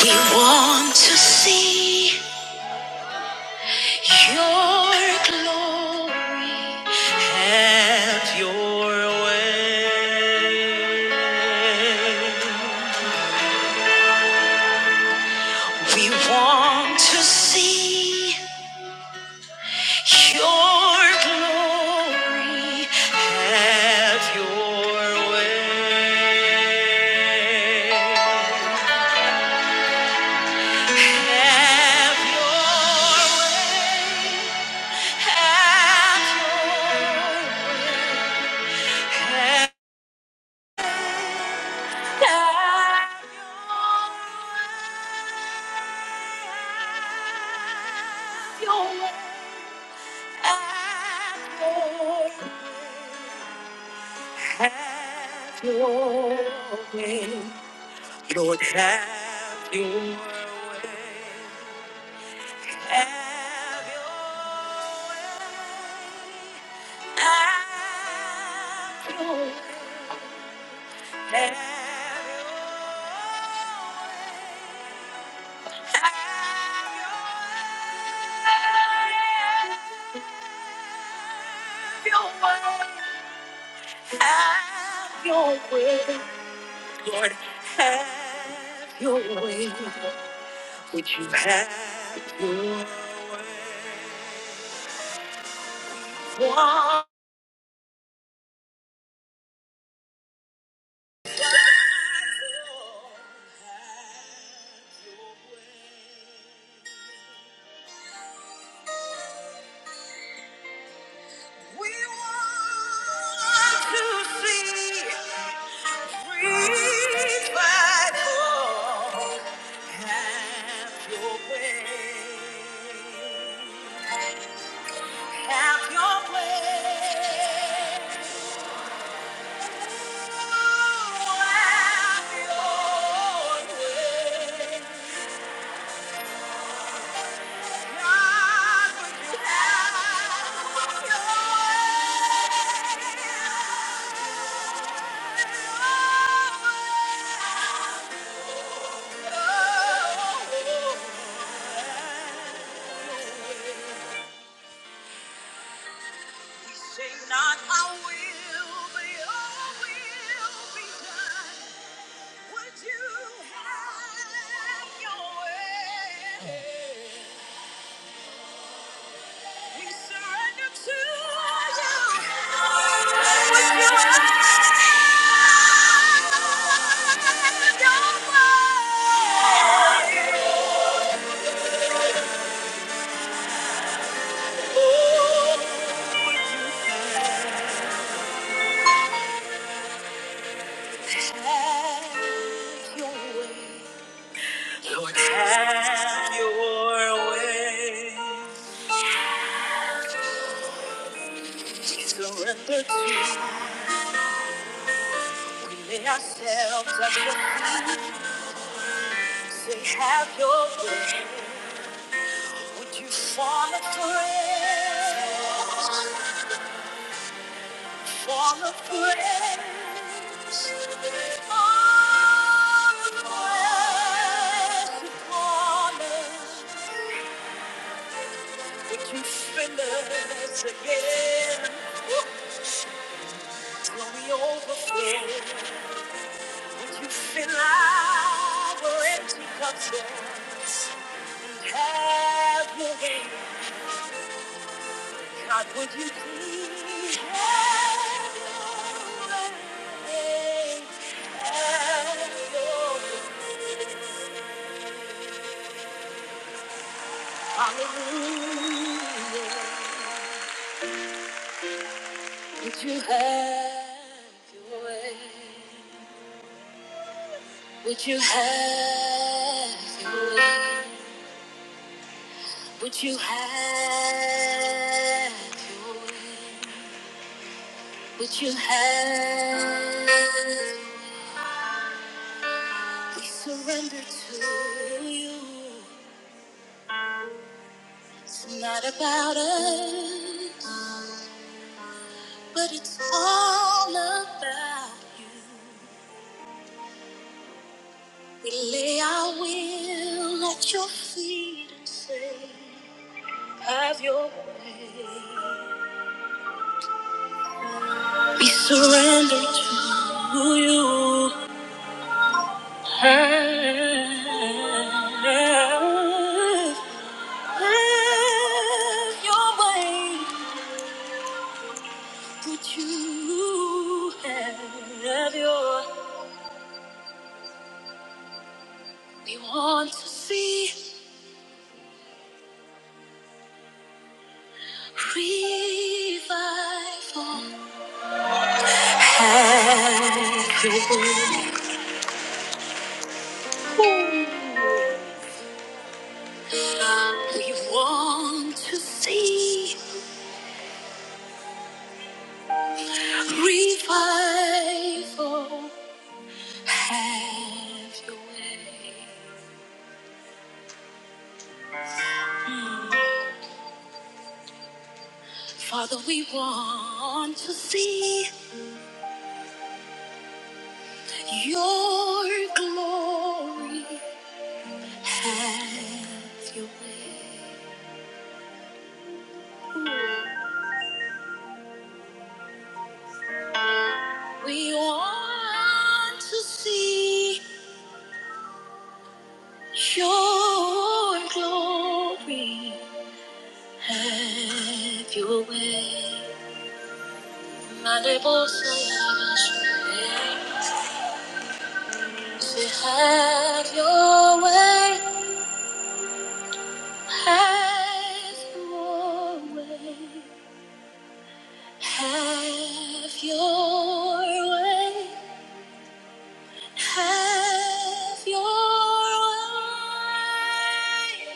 We want to see your glory. Have your way. We want to see your glory. Have your way. Have your way. Have your way. Lord, have your way. Have your way. Have your way. Have have have have your your your your way, way, way, way, Lord, have your way. Would you have your way? We want to see revival. Have your way. Have your way. Would you have your way? We surrender to you. Lord, have your way. We surrender to you. We lay ourselves at your feet. Say, have your way. Would you fall afresh? All the praise, all the praise, honor, that you fill us again. Till we overflow, would you fill our empty cups and have your way? God, would you please have your way? Have your way. Hallelujah. Would you have your way? Would you have your way? Would you have your way? Would you have? We surrender to you. It's not about us, but it's all about you. We lay our will at your feet and say. Have your way. We surrender to you. Have, have your way. Would you have your We want to see revival. Have your way. We want to see. Revival, have your way. Father, we want to see your glory. Have your way. We want to see your glory. Have your way. Mandibles, have your way. Say, have your way. Have your way. Have your way. Have your way.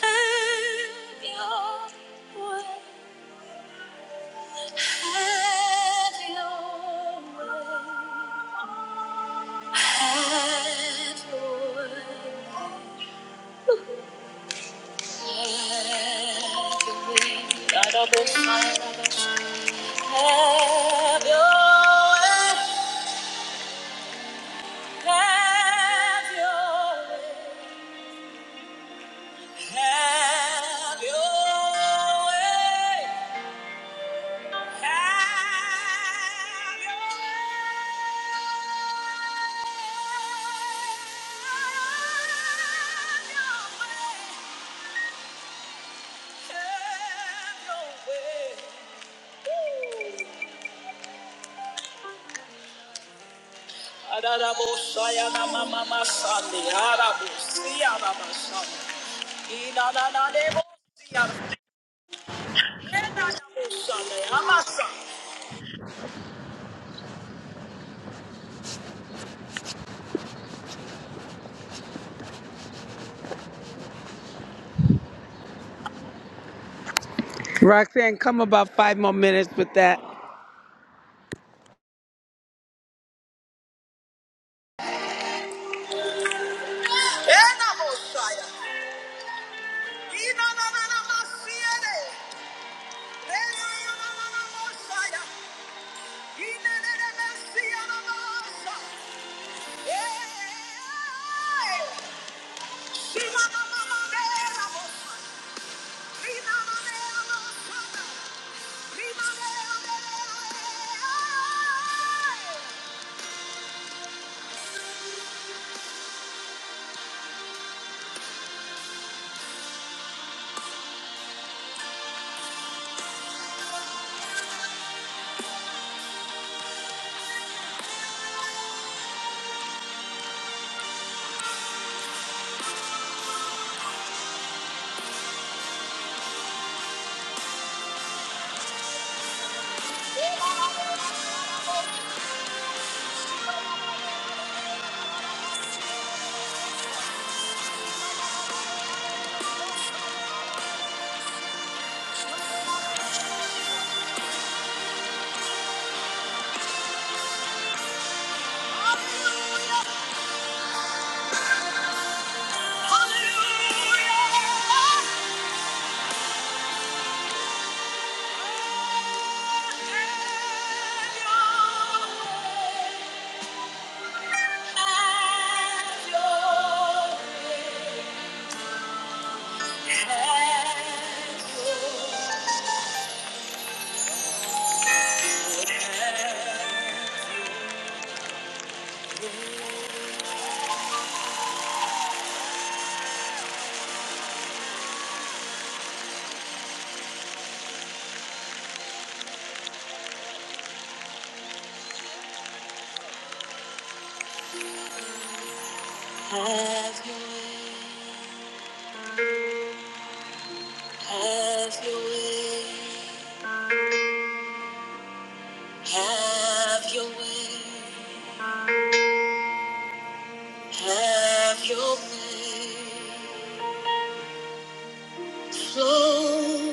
Have your way. Have your way. Have your way. Have your way. Have your way. Have your way. Have your way. Have your way. Arabo Sayana Mama Masani, Arabo Siara Masani, Inanana Debo Siara, Enanabo Sane, Amasa. Roxanne, come about five more minutes with that. Ena Mosaya. Ina na na na masiere. Ena na na na na Mosaya. Ina na na na sia na masa. Eh. Shima na na na na na mosa. Rima na na na na mosa. Rima na na na na na. Eh. Ena na na na na na mosa. Hallelujah. Hallelujah. Have your way. Flow,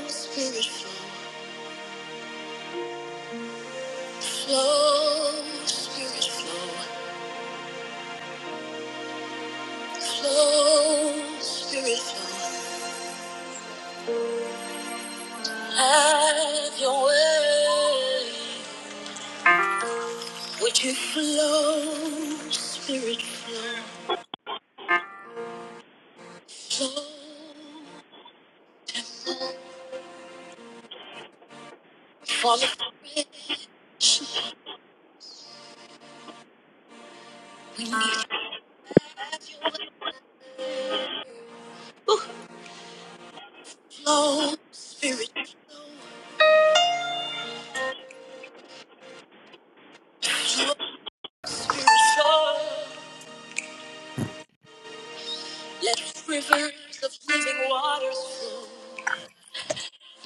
spirit, flow, flow, spirit, flow, flow, spirit, flow. Have your way. Would you flow, spirit flow? Fall afraid, flow, spirit flow. Flow, spirit flow. Let rivers of living waters flow.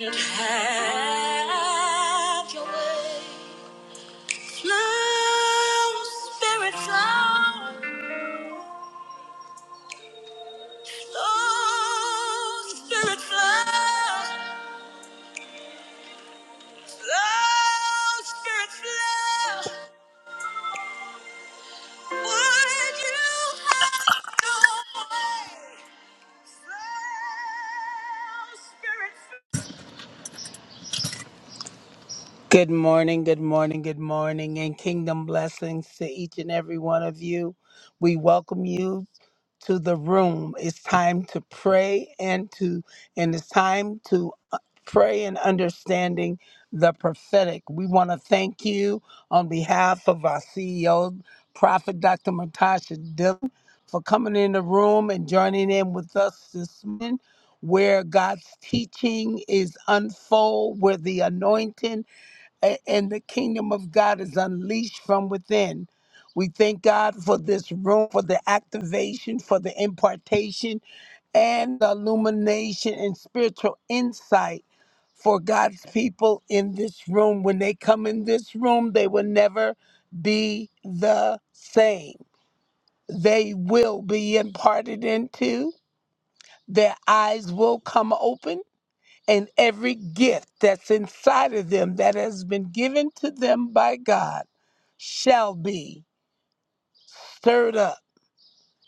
And have your way. Flow, spirit flow. Flow, spirit flow. Flow, spirit flow. Would you have your way? Slow spirit Good morning, good morning, good morning, and kingdom blessings to each and every one of you. We welcome you to the room. It's time to pray and to and it's time to uh, pray and understanding the prophetic. We want to thank you on behalf of our CEO, Prophet Dr. Matasha Dillon, for coming in the room and joining in with us this morning. Where God's teaching is unfold, where the anointing a- and the kingdom of God is unleashed from within. We thank God for this room, for the activation, for the impartation, and the illumination and spiritual insight for God's people in this room. When they come in this room, they will never be the same. They will be imparted into, their eyes will come open and every gift that's inside of them that has been given to them by God shall be stirred up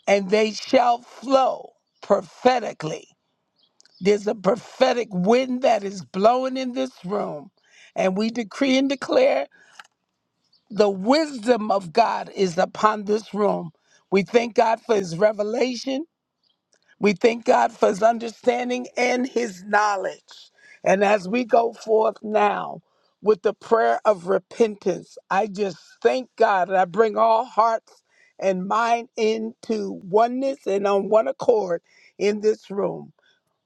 and they shall flow prophetically. There's a prophetic wind that is blowing in this room, and we decree and declare the wisdom of God is upon this room. We thank God for his revelation. We thank God for his understanding and his knowledge. And as we go forth now with the prayer of repentance, I just thank God and I bring all hearts and mind into oneness and on one accord in this room.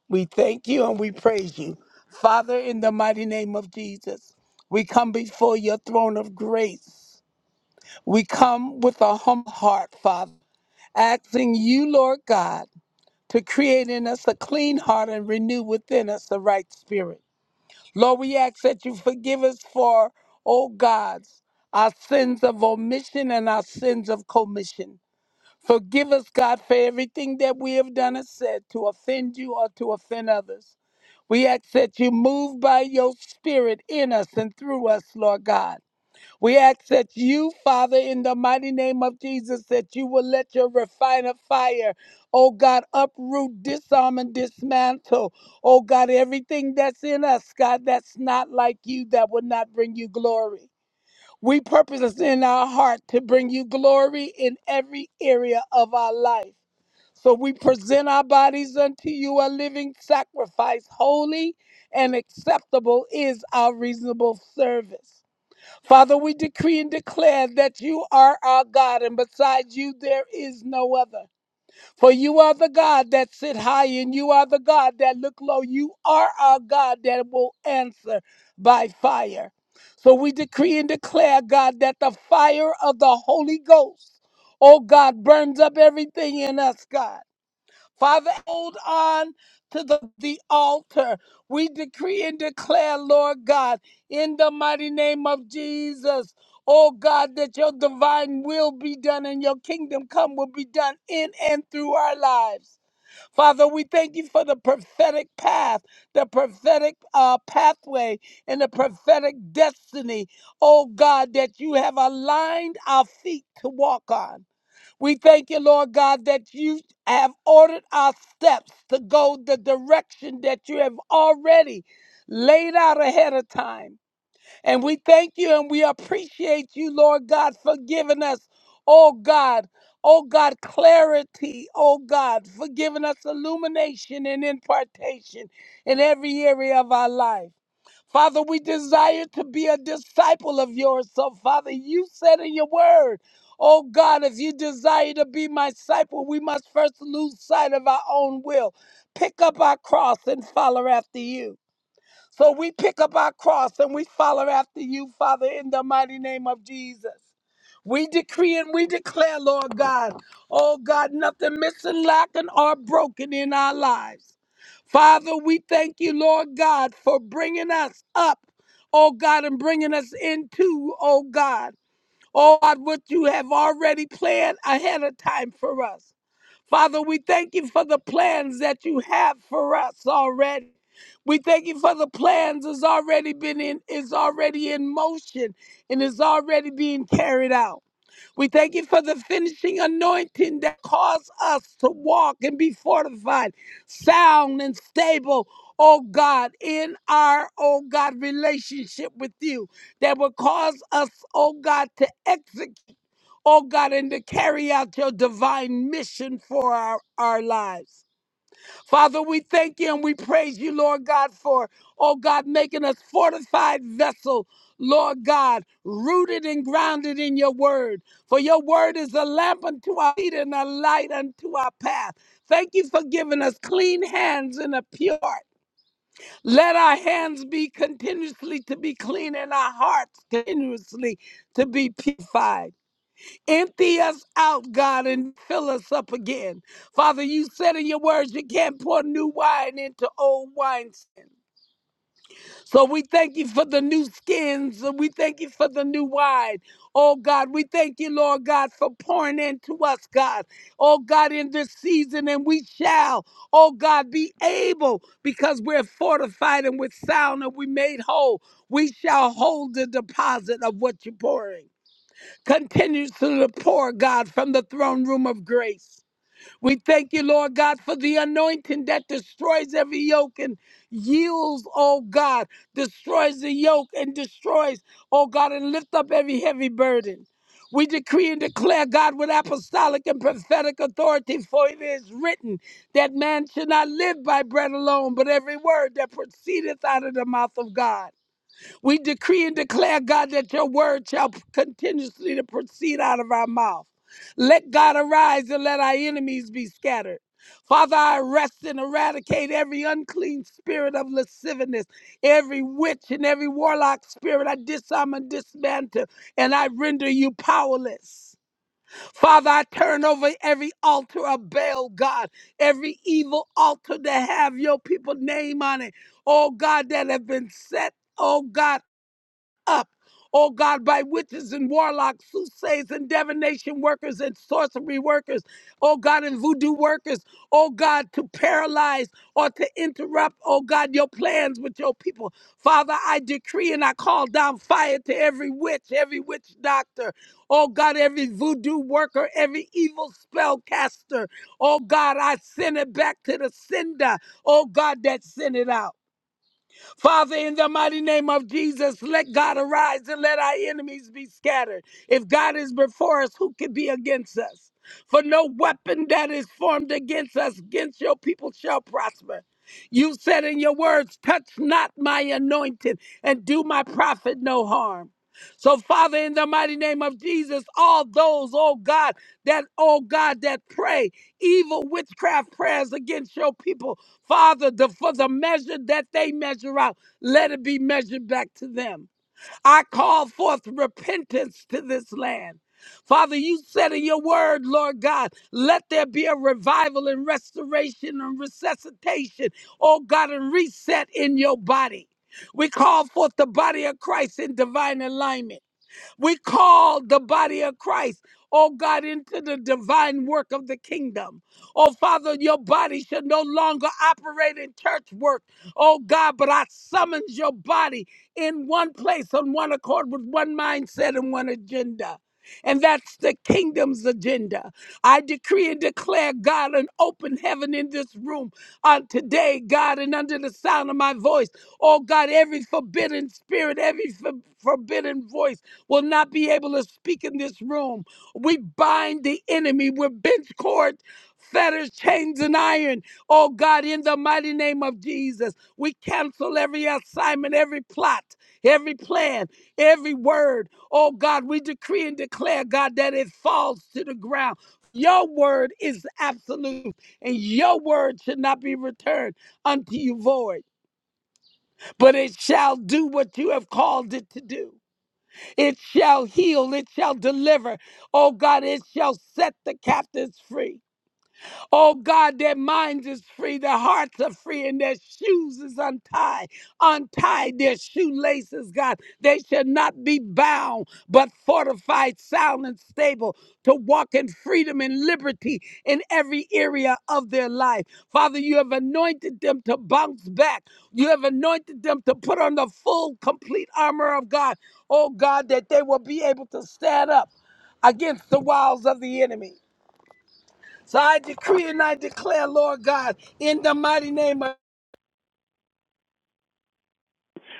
We thank you and we praise you. Father, in the mighty name of Jesus, we come before your throne of grace. We come with a humble heart, Father, asking you, Lord God to create in us a clean heart and renew within us a right spirit. Lord, we ask that you forgive us for, oh God, our sins of omission and our sins of commission. Forgive us, God, for everything that we have done and said to offend you or to offend others. We ask that you move by your spirit in us and through us, Lord God we ask that you, Father, in the mighty name of Jesus, that you will let your refiner fire, oh God, uproot, disarm, and dismantle, oh God, everything that's in us, God, that's not like you, that will not bring you glory. We purpose in our heart to bring you glory in every area of our life. So we present our bodies unto you a living sacrifice, holy and acceptable is our reasonable service. Father, we decree and declare that you are our God, and besides you there is no other. For you are the God that sit high, and you are the God that look low. You are our God that will answer by fire. So we decree and declare, God, that the fire of the Holy Ghost, oh God, burns up everything in us, God. Father, hold on to the, the altar. We decree and declare, Lord God, in the mighty name of Jesus, oh God, that your divine will be done and your kingdom come will be done in and through our lives. Father, we thank you for the prophetic path, the prophetic uh, pathway, and the prophetic destiny, oh God, that you have aligned our feet to walk on. We thank you, Lord God, that you have ordered our steps to go the direction that you have already laid out ahead of time. And we thank you and we appreciate you, Lord God, for giving us, oh God, oh God, clarity, oh God, for giving us illumination and impartation in every area of our life. Father, we desire to be a disciple of yours. So, Father, you said in your word, Oh God, if you desire to be my disciple, we must first lose sight of our own will, pick up our cross, and follow after you. So we pick up our cross and we follow after you, Father, in the mighty name of Jesus. We decree and we declare, Lord God, oh God, nothing missing, lacking, or broken in our lives. Father, we thank you, Lord God, for bringing us up, oh God, and bringing us into, oh God, oh God, what you have already planned ahead of time for us. Father, we thank you for the plans that you have for us already. We thank you for the plans that's already been in, is already in motion and is already being carried out. We thank you for the finishing anointing that caused us to walk and be fortified, sound and stable, oh God, in our, oh God, relationship with you that will cause us, oh God, to execute oh God, and to carry out your divine mission for our, our lives. Father, we thank you and we praise you, Lord God, for, oh God, making us fortified vessel, Lord God, rooted and grounded in your word. For your word is a lamp unto our feet and a light unto our path. Thank you for giving us clean hands and a pure heart. Let our hands be continuously to be clean and our hearts continuously to be purified. Empty us out, God, and fill us up again. Father, you said in your words you can't pour new wine into old wineskins. So we thank you for the new skins and we thank you for the new wine. Oh God, we thank you, Lord God, for pouring into us, God. Oh God, in this season, and we shall, oh God, be able because we're fortified and with sound and we made whole. We shall hold the deposit of what you're pouring continues to pour, God, from the throne room of grace. We thank you, Lord God, for the anointing that destroys every yoke and yields, oh God, destroys the yoke and destroys, oh God, and lift up every heavy burden. We decree and declare, God, with apostolic and prophetic authority, for it is written that man should not live by bread alone, but every word that proceedeth out of the mouth of God. We decree and declare, God, that your word shall continuously to proceed out of our mouth. Let God arise and let our enemies be scattered. Father, I arrest and eradicate every unclean spirit of lasciviousness, every witch and every warlock spirit. I disarm and dismantle, and I render you powerless. Father, I turn over every altar of Baal, God, every evil altar that have your people name on it. Oh God, that have been set. Oh God up, oh God, by witches and warlocks, soothsayers and divination workers and sorcery workers, oh God, and voodoo workers, oh God, to paralyze or to interrupt, oh God, your plans with your people. Father, I decree and I call down fire to every witch, every witch doctor, oh God, every voodoo worker, every evil spell caster, oh God, I send it back to the sender, oh God, that sent it out. Father, in the mighty name of Jesus, let God arise and let our enemies be scattered. If God is before us, who can be against us? For no weapon that is formed against us, against your people, shall prosper. You said in your words, touch not my anointed and do my prophet no harm. So, Father, in the mighty name of Jesus, all those, oh God, that, oh God, that pray evil witchcraft prayers against your people, Father, the, for the measure that they measure out, let it be measured back to them. I call forth repentance to this land. Father, you said in your word, Lord God, let there be a revival and restoration and resuscitation, oh God, and reset in your body. We call forth the body of Christ in divine alignment. We call the body of Christ, oh God, into the divine work of the kingdom. Oh Father, your body should no longer operate in church work, oh God, but I summons your body in one place, on one accord, with one mindset and one agenda. And that's the kingdom's agenda. I decree and declare, God, an open heaven in this room on today, God, and under the sound of my voice. Oh, God, every forbidden spirit, every for- forbidden voice will not be able to speak in this room. We bind the enemy with bench cords, fetters, chains, and iron. Oh God, in the mighty name of Jesus, we cancel every assignment, every plot, every plan, every word. Oh God, we decree and declare, God, that it falls to the ground. Your word is absolute, and your word should not be returned unto you void, but it shall do what you have called it to do. It shall heal. It shall deliver. Oh God, it shall set the captives free. Oh God, their minds is free, their hearts are free, and their shoes is untied. Untie their shoelaces, God. They shall not be bound, but fortified, sound, and stable to walk in freedom and liberty in every area of their life. Father, you have anointed them to bounce back. You have anointed them to put on the full, complete armor of God. Oh God, that they will be able to stand up against the wiles of the enemy. So I decree and I declare, Lord God, in the mighty name of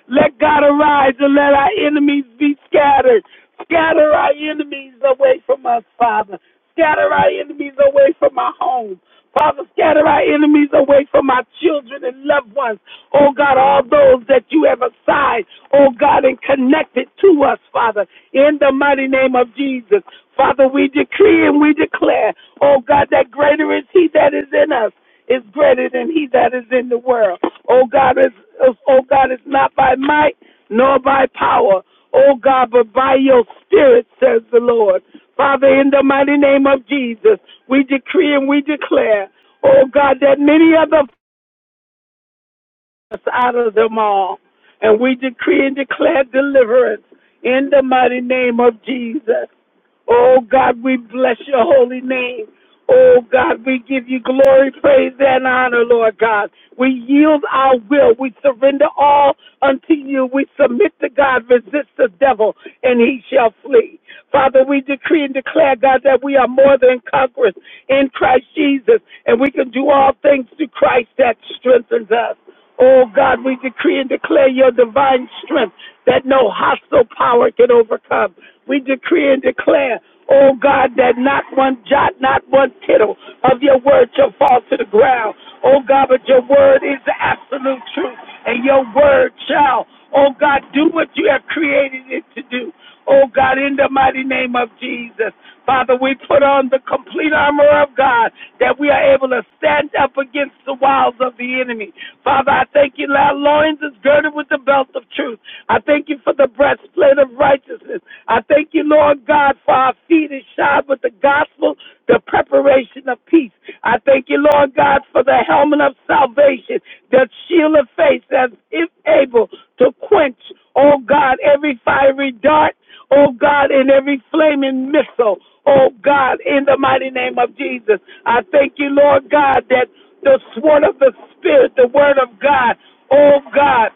Let God arise and let our enemies be scattered. Scatter our enemies away from us, Father. Scatter our enemies away from our home. Father, scatter our enemies away from our children and loved ones. Oh God, all those that you have assigned, oh God, and connected to us, Father, in the mighty name of Jesus. Father, we decree and we declare, oh God, that greater is He that is in us is greater than He that is in the world. Oh God, it's, oh God, it's not by might nor by power, oh God, but by your spirit, says the Lord. Father, in the mighty name of Jesus, we decree and we declare, oh God, that many other us out of them all. And we decree and declare deliverance in the mighty name of Jesus. Oh God, we bless your holy name. Oh God, we give you glory, praise, and honor, Lord God. We yield our will. We surrender all unto you. We submit to God, resist the devil, and he shall flee. Father, we decree and declare, God, that we are more than conquerors in Christ Jesus, and we can do all things through Christ that strengthens us. Oh God, we decree and declare your divine strength that no hostile power can overcome. We decree and declare, oh God, that not one jot, not one tittle of your word shall fall to the ground. Oh God, but your word is the absolute truth, and your word shall, oh God, do what you have created it to do. Oh God, in the mighty name of Jesus. Father, we put on the complete armor of God that we are able to stand up against the wiles of the enemy. Father, I thank you that our loins is girded with the belt of truth. I thank you for the breastplate of righteousness. I thank you, Lord God, for our feet is shod with the gospel, the preparation of peace peace. I thank you, Lord God, for the helmet of salvation, the shield of faith that's able to quench, oh God, every fiery dart, oh God, and every flaming missile, oh God, in the mighty name of Jesus. I thank you, Lord God, that the sword of the Spirit, the word of God, oh God,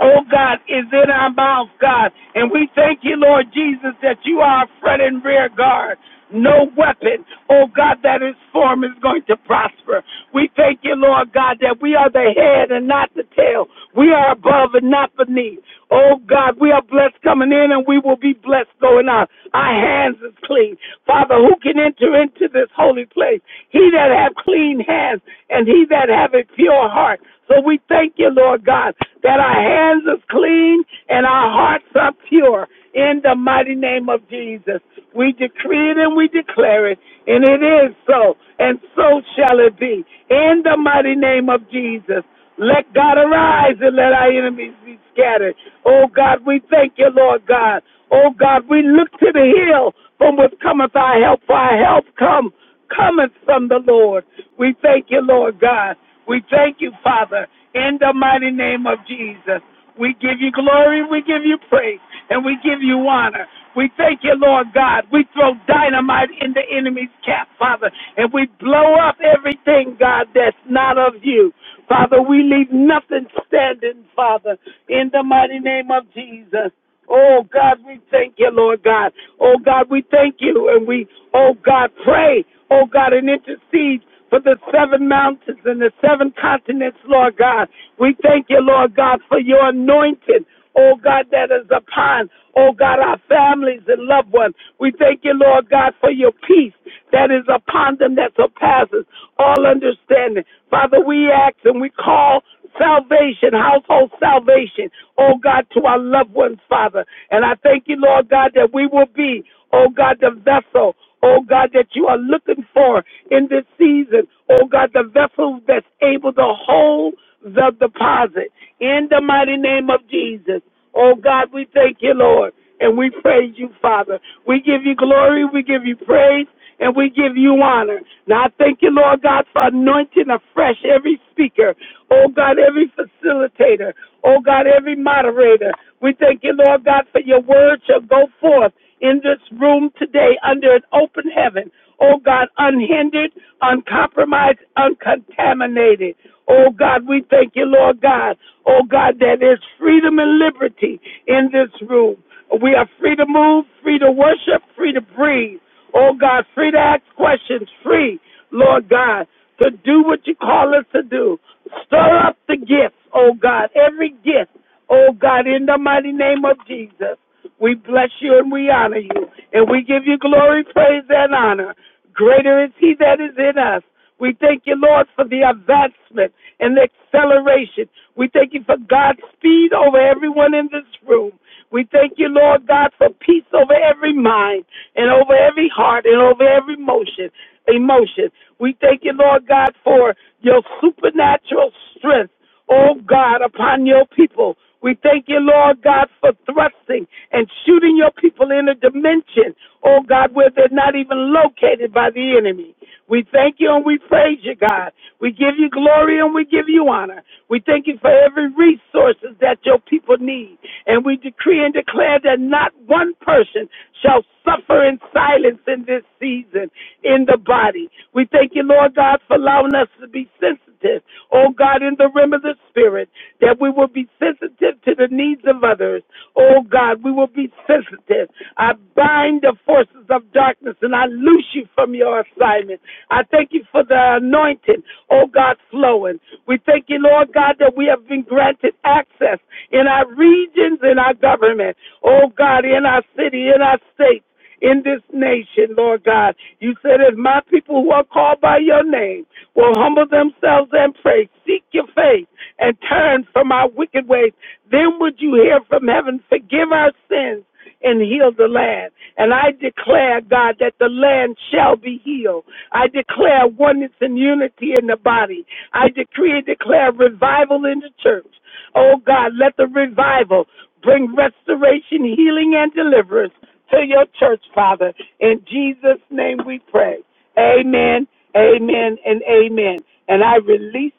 oh God, is in our mouth, God. And we thank you, Lord Jesus, that you are our front and rear guard. No weapon, oh God, that is formed is going to prosper. We thank you, Lord God, that we are the head and not the tail. We are above and not beneath. Oh God, we are blessed coming in and we will be blessed going out. Our hands is clean. Father, who can enter into this holy place? He that have clean hands and he that have a pure heart. So we thank you, Lord God, that our hands is clean and our hearts are pure in the mighty name of Jesus. We decree it and we declare it, and it is so, and so shall it be in the mighty name of Jesus. Let God arise and let our enemies be scattered. Oh God, we thank you, Lord God. Oh God, we look to the hill from which cometh our help, for our help come cometh from the Lord. We thank you, Lord God. We thank you, Father, in the mighty name of Jesus. We give you glory, we give you praise, and we give you honor. We thank you, Lord God. We throw dynamite in the enemy's cap, Father, and we blow up everything, God, that's not of you. Father, we leave nothing standing, Father, in the mighty name of Jesus. Oh God, we thank you, Lord God. Oh God, we thank you, and we, oh God, pray, oh God, and intercede for the seven mountains and the seven continents, Lord God. We thank you, Lord God, for your anointing, oh God, that is upon, oh God, our families and loved ones. We thank you, Lord God, for your peace that is upon them that surpasses all understanding. Father, we ask and we call salvation, household salvation, oh God, to our loved ones, Father. And I thank you, Lord God, that we will be, oh God, the vessel oh God, that you are looking for in this season. Oh God, the vessel that's able to hold the deposit. In the mighty name of Jesus. Oh God, we thank you, Lord, and we praise you, Father. We give you glory, we give you praise, and we give you honor. Now I thank you, Lord God, for anointing afresh every speaker. Oh God, every facilitator. Oh God, every moderator. We thank you, Lord God, for your word shall go forth in this room today under an open heaven. Oh God, unhindered, uncompromised, uncontaminated. Oh God, we thank you, Lord God. Oh God, that is freedom and liberty in this room. We are free to move, free to worship, free to breathe. Oh God, free to ask questions, free, Lord God, to do what you call us to do. Stir up the gifts, oh God, every gift, oh God, in the mighty name of Jesus. We bless you and we honor you, and we give you glory, praise, and honor. Greater is He that is in us. We thank you, Lord, for the advancement and the acceleration. We thank you for God's speed over everyone in this room. We thank you, Lord God, for peace over every mind and over every heart and over every emotion. emotion. We thank you, Lord God, for your supernatural strength, oh God, upon your people. We thank you, Lord God, for thrusting and shooting your people in a dimension, oh God, where they're not even located by the enemy. We thank you and we praise you, God. We give you glory and we give you honor. We thank you for every resources that your people need. And we decree and declare that not one person shall suffer in silence in this season in the body. We thank you, Lord God, for allowing us to be sensitive, oh God, in the realm of the spirit, that we will be sensitive to the needs of others. Oh God, we will be sensitive. I bind the forces of darkness and I loose you from your assignment. I thank you for the anointing, oh God, flowing. We thank you, Lord God, that we have been granted access in our regions, in our government, oh God, in our city, in our states in this nation, Lord God. You said, if my people who are called by your name will humble themselves and pray, seek your face, and turn from our wicked ways, then would you hear from heaven, forgive our sins, and heal the land. And I declare, God, that the land shall be healed. I declare oneness and unity in the body. I decree and declare revival in the church. Oh, God, let the revival bring restoration, healing, and deliverance to your church, Father. In Jesus' name we pray. Amen, amen, and amen. And I release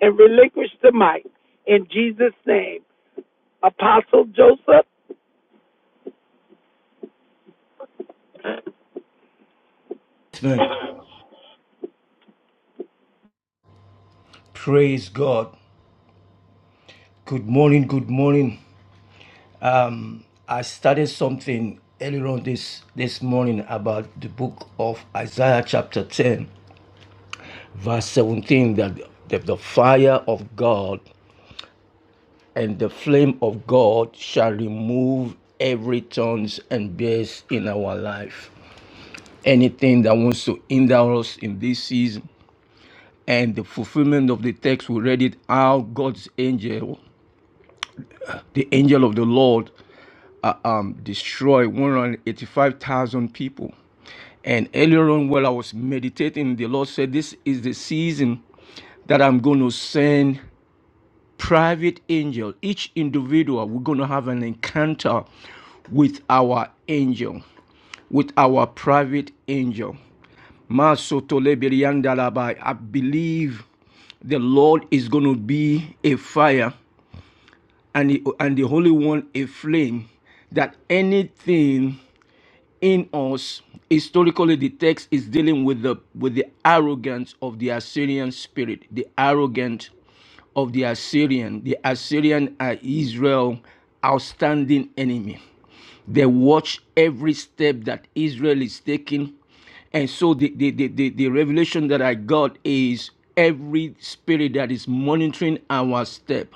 and relinquish the mic in Jesus' name. Apostle Joseph. Man, Praise God. Good morning. Good morning. I started something earlier on this this morning about the book of Isaiah chapter 10, verse 17, that the, the fire of God and the flame of God shall remove every thorns and bears in our life. Anything that wants to hinder us in this season. And the fulfillment of the text, we read it how God's angel the angel of the Lord uh, um, destroyed 185,000 people. And earlier on, while I was meditating, the Lord said, This is the season that I'm going to send private angel. Each individual, we're going to have an encounter with our angel, with our private angel. Masotolebiriandalaba. I believe the Lord is going to be a fire and the, and the Holy One a flame that anything in us historically the text is dealing with the with the arrogance of the assyrian spirit the arrogant of the assyrian the assyrian are israel outstanding enemy they watch every step that israel is taking and so the the, the, the, the revelation that i got is every spirit that is monitoring our step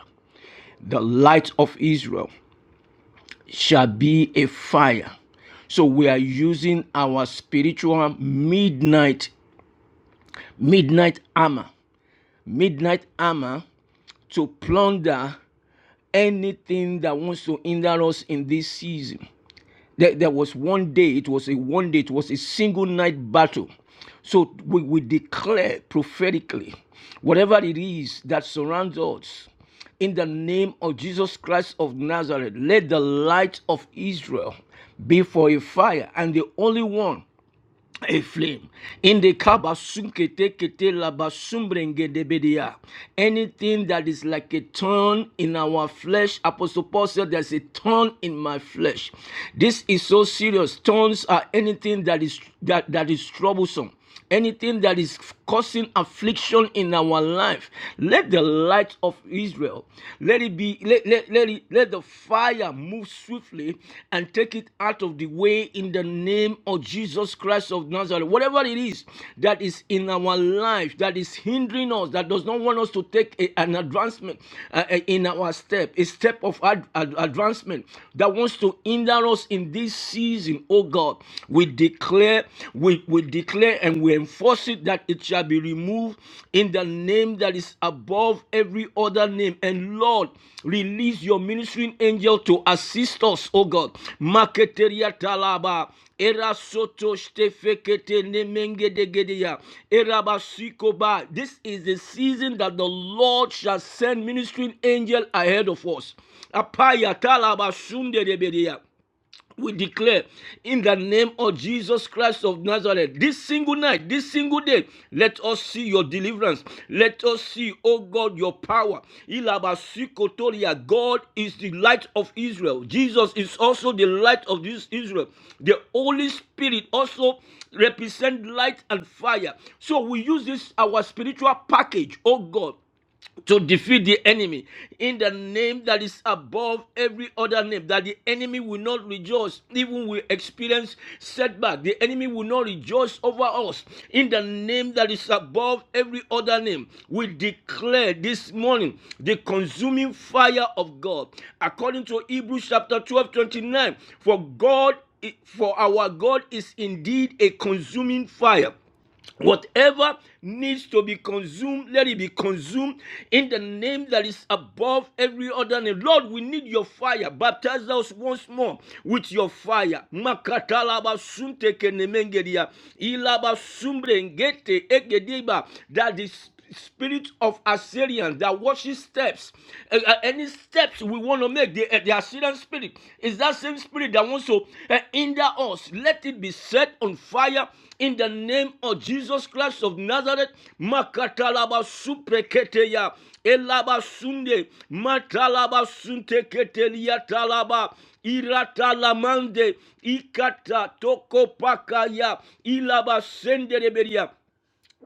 the light of israel shall be a fire. So we are using our spiritual midnight, midnight armor, midnight armor to plunder anything that wants to hinder us in this season. There, there was one day, it was a one day, it was a single night battle. So we, we declare prophetically whatever it is that surrounds us in the name of Jesus Christ of Nazareth. Let the light of Israel be for a fire, and the only one a flame. In the kabasunkete kete labasumbrengedebedia. Anything that is like a thorn in our flesh, Apostle Paul said, There's a thorn in my flesh. This is so serious. Thorns are anything that is that, that is troublesome. Anything that is causing affliction in our life. Let the light of Israel, let it be, let, let, let, it, let the fire move swiftly and take it out of the way in the name of Jesus Christ of Nazareth. Whatever it is that is in our life that is hindering us, that does not want us to take a- an advancement uh, uh, in our step, a step of ad- ad- advancement that wants to hinder us in this season, oh God, we declare declare, we, we declare and we enforce it that it shall be removed in the name that is above every other name. And Lord, release your ministering angel to assist us, oh God. Maketeria talaba. Era soto shtefekete nemengedegedeya. Era basikoba. This is the season that the Lord shall send ministering angel ahead of us. Apaya talaba sundedebedeya we declare in the name of Jesus Christ of Nazareth, this single night, this single day, let us see your deliverance. Let us see, oh God, your power. Ilabasikotoria, God is the light of Israel. Jesus is also the light of this Israel. The Holy Spirit also represent light and fire. So we use this our spiritual package, oh God to defeat the enemy in the name that is above every other name that the enemy will not rejoice even we experience setback the enemy will not rejoice over us in the name that is above every other name we declare this morning the consuming fire of god according to hebrews chapter 12 29. for god for our god is indeed a consuming fire Whatever needs to be consumed, let it be consumed in the name that is above every other name. Lord, we need your fire. Baptize us once more with your fire. Makatalaba sunte kenemengeria. Ilaba sumbrengete egediba. That is spirit of Assyrians, that watches steps. Uh, uh, any steps we want to make, the, uh, the Assyrian spirit is that same spirit that wants to uh, hinder us. Let it be set on fire in the name of Jesus Christ of Nazareth. Makatalaba supreketeya. Elaba sunde. Matalaba sunteketelia talaba. Iratalamande. Ikata tokopakaya. Ilaba sendereberia.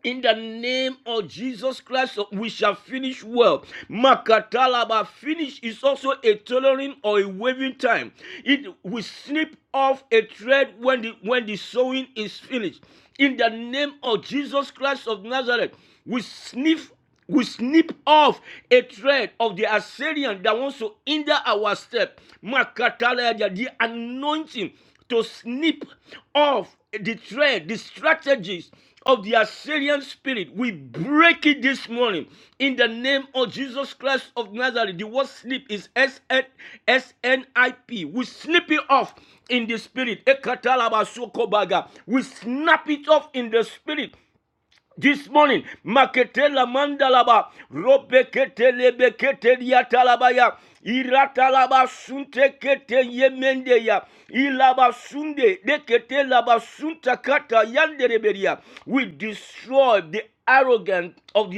In the name of Jesus Christ, we shall finish well. Makatalaba, finish is also a tailoring or a waving time. It will snip off a thread when the when the sewing is finished. In the name of Jesus Christ of Nazareth, we sniff we snip off a thread of the Assyrian that wants to hinder our step. Makatalaya, The anointing to snip off the thread, the strategies of the Assyrian spirit. We break it this morning in the name of Jesus Christ of Nazareth. The word snip is S-N- S-N-I-P. We snip it off in the spirit. Ekatalaba sokobaga. We snap it off in the spirit this morning maketela mandalaba robeketelebeketeliatalabaya iratalaba suntekete yemendeya ilaba sunde deketelaba suntakata yandereberia we destroy the arrogance of the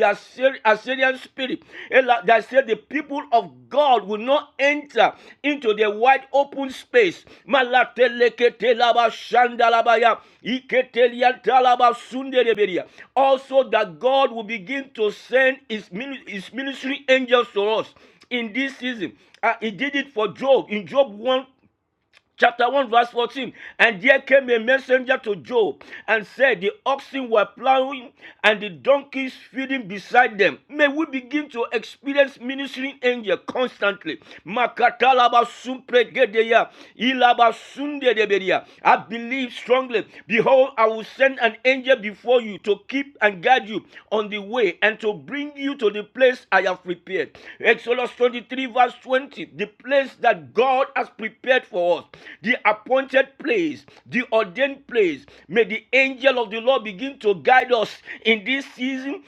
Assyrian spirit. The said the people of God will not enter into the wide open space. Also, that God will begin to send his his ministry angels to us in this season. Uh, he did it for Job in Job 1 Chapter 1, verse 14. And there came a messenger to Job and said, The oxen were plowing and the donkeys feeding beside them. May we begin to experience ministering angel constantly. Makatalaba sumpregedeya, ilaba sundedebedia. I believe strongly. Behold, I will send an angel before before you, to keep and guide you on the way, and to bring you to the place I have prepared. Exodus 23, verse 20, the place that God has prepared for us, the appointed place, the ordained place. May the angel of the Lord begin to guide us in this season.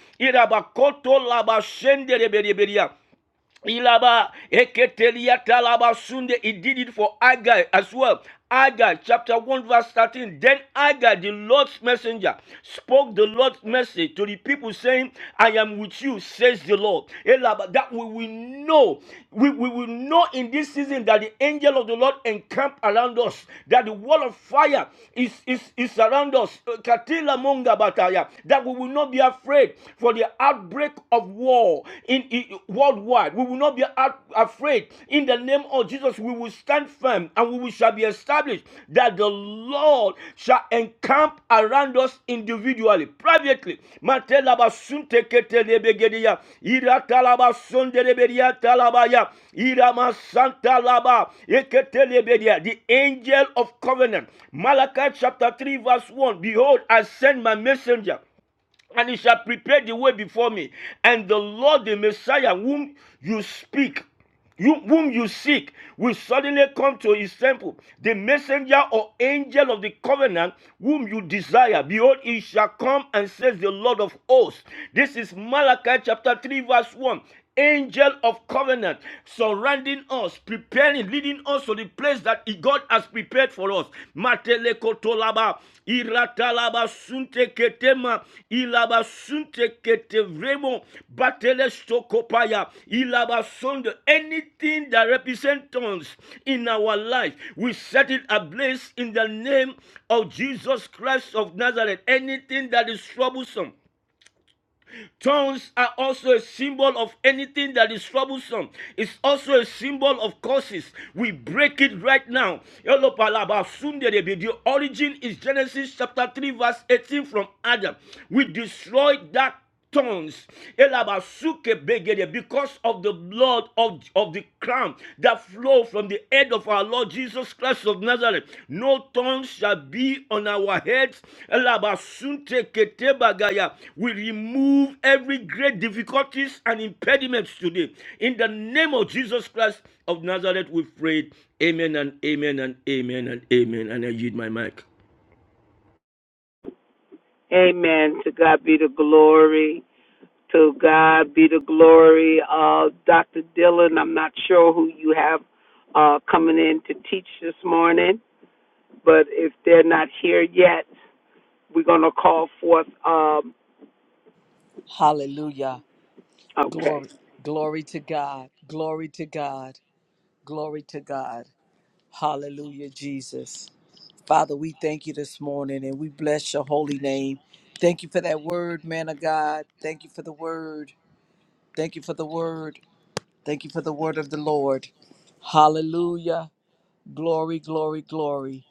Ilaba eketelia talaba sunde. He did it for Agai as well. Agai chapter 1 verse 13. Then Agai, the Lord's messenger, spoke the Lord's message to the people saying, I am with you, says the Lord. Elaba, that we will know. We, we will know in this season that the angel of the Lord encamp around us, that the wall of fire is, is, is around us. Katila monga bataya. That we will not be afraid for the outbreak outbreak of war in, in- worldwide. We will not be out- afraid. In the name of Jesus, we will stand firm and we will- shall be established that the Lord shall encamp around us individually, privately. The angel of covenant. Malachi chapter 3, verse 1. Behold, I send my messenger and he shall prepare the way before me. And the Lord, the Messiah, whom you speak, you, whom you seek, will suddenly come to his temple. The messenger or angel of the covenant, whom you desire, behold, he shall come and says the Lord of hosts. This is Malachi chapter 3, verse 1 angel of covenant surrounding us, preparing, leading us to the place that God has prepared for us. Matelekotolaba, iratalaba, sunteketema, ilaba, sunteketevremo, batelestokopaya, ilaba, sonde. Anything that represents us in our life, we set it ablaze in the name of Jesus Christ of Nazareth. Anything that is troublesome Tongues are also a symbol of anything that is troublesome. It's also a symbol of curses. We break it right now. Elopalaba sunderebe. The origin is Genesis chapter 3, verse 18 from Adam. We destroyed that tongues Elabasukebegede, because of the blood of, of the crown that flow from the head of our Lord Jesus Christ of Nazareth. No tongue shall be on our heads. Elabasunte ketebagaya. We remove every great difficulties and impediments today. In the name of Jesus Christ of Nazareth, we pray. Amen and amen and amen and amen. And I yield my mic. Amen. To God be the glory. To God be the glory. Uh, Dr. Dillon, I'm not sure who you have uh, coming in to teach this morning, but if they're not here yet, we're going to call forth. Um, Hallelujah. okay. Glory. Glory to God. Glory to God. Glory to God. Hallelujah, Jesus. Father, we thank you this morning and we bless your holy name. Thank you for that word, man of God. Thank you for the word. Thank you for the word. Thank you for the word of the Lord. Hallelujah. Glory, glory, glory.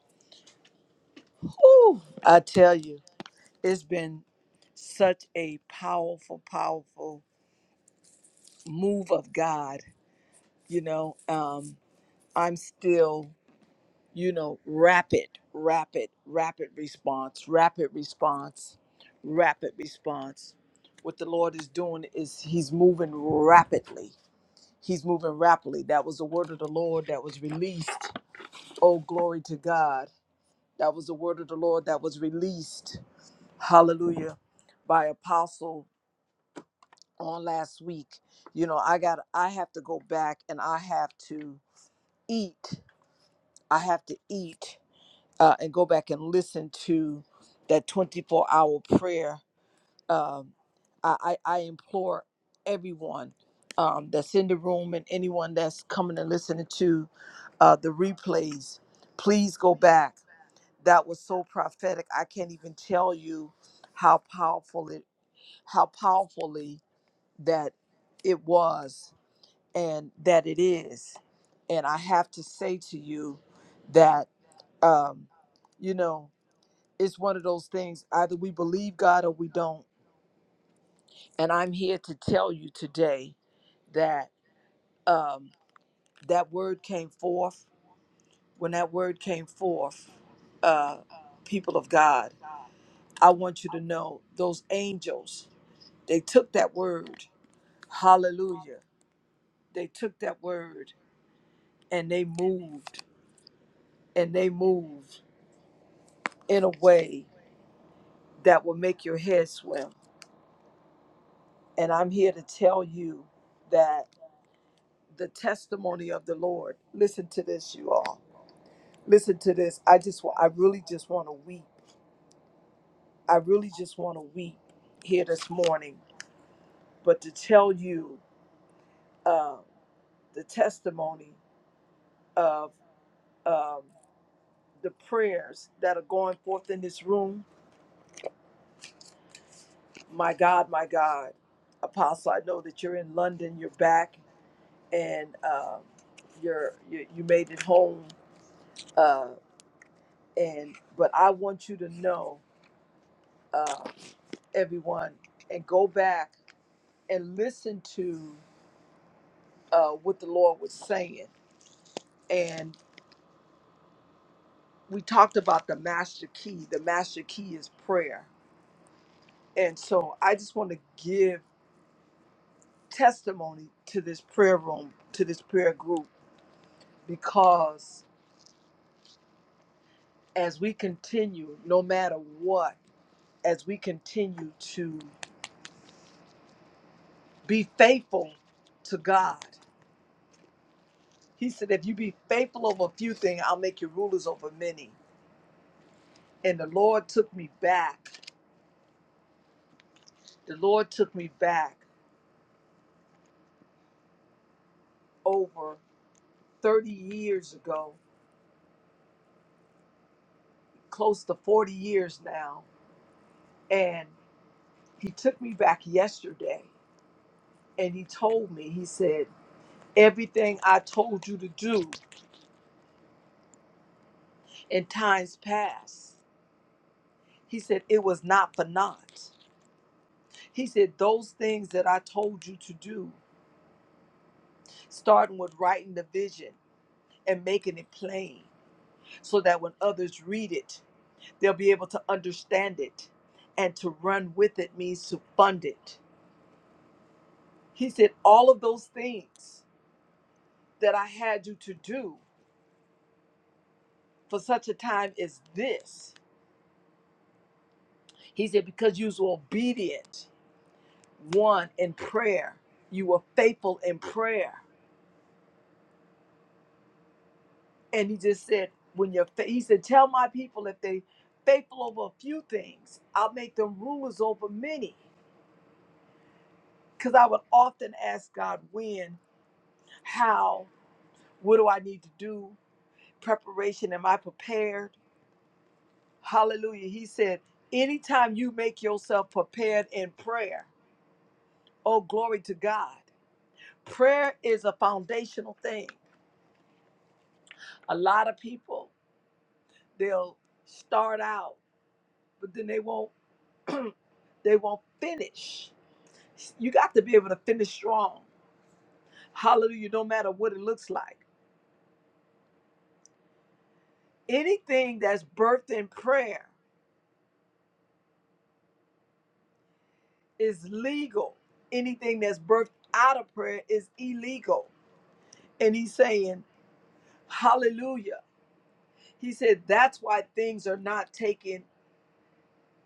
Whew, I tell you, it's been such a powerful, powerful move of God, you know. Um, I'm still, you know, rapid, rapid, rapid response, rapid response, rapid response. What the Lord is doing is He's moving rapidly. He's moving rapidly. That was the word of the Lord that was released. Oh, glory to God. That was the word of the Lord that was released. Hallelujah. By Apostle on last week. You know, I got I have to go back and I have to eat. I have to eat uh, and go back and listen to that 24 hour prayer. Um, I, I, I implore everyone um, that's in the room and anyone that's coming and listening to uh, the replays, please go back. That was so prophetic. I can't even tell you how powerful it, how powerfully that it was and that it is. And I have to say to you that, um, you know, it's one of those things either we believe God or we don't. And I'm here to tell you today that um, that word came forth. When that word came forth, uh, people of God, I want you to know those angels, they took that word. Hallelujah. They took that word and they moved and they moved in a way that will make your head swim. And I'm here to tell you that. the testimony of the Lord. Listen to this, you all. Listen to this. I just, wa- I really just want to weep. I really just want to weep here this morning. But to tell you uh, the testimony of um, the prayers that are going forth in this room, my God, my God, Apostle, I know that you're in London. You're back, and um you're you, you made it home. Uh, and but I want you to know. uh, everyone and go back and listen to uh, what the Lord was saying. And we talked about the master key. The master key is prayer. And so I just want to give testimony to this prayer room, to this prayer group, because as we continue, no matter what, as we continue to be faithful to God, He said, If you be faithful over a few things, I'll make you rulers over many and the Lord took me back The Lord took me back over 30 years ago, close to 40 years now. And He took me back yesterday and He told me, He said, Everything I told you to do in times past, He said, it was not for naught. He said, Those things that I told you to do, starting with writing the vision and making it plain so that when others read it, They'll be able to understand it. And to run with it means to fund it. He said, All of those things that I had you to do for such a time as this. He said, Because you was obedient, one in prayer, you were faithful in prayer. And he just said, When you're, fa-, he said, Tell my people if they faithful over a few things, I'll make them rulers over many. Because I would often ask God, When, how, what do I need to do? preparation am i prepared hallelujah he said anytime you make yourself prepared in prayer oh glory to god prayer is a foundational thing a lot of people they'll start out but then they won't they won't finish you got to be able to finish strong hallelujah no matter what it looks like anything that's birthed in prayer is legal anything that's birthed out of prayer is illegal And he's saying, Hallelujah. He said, That's why things are not taking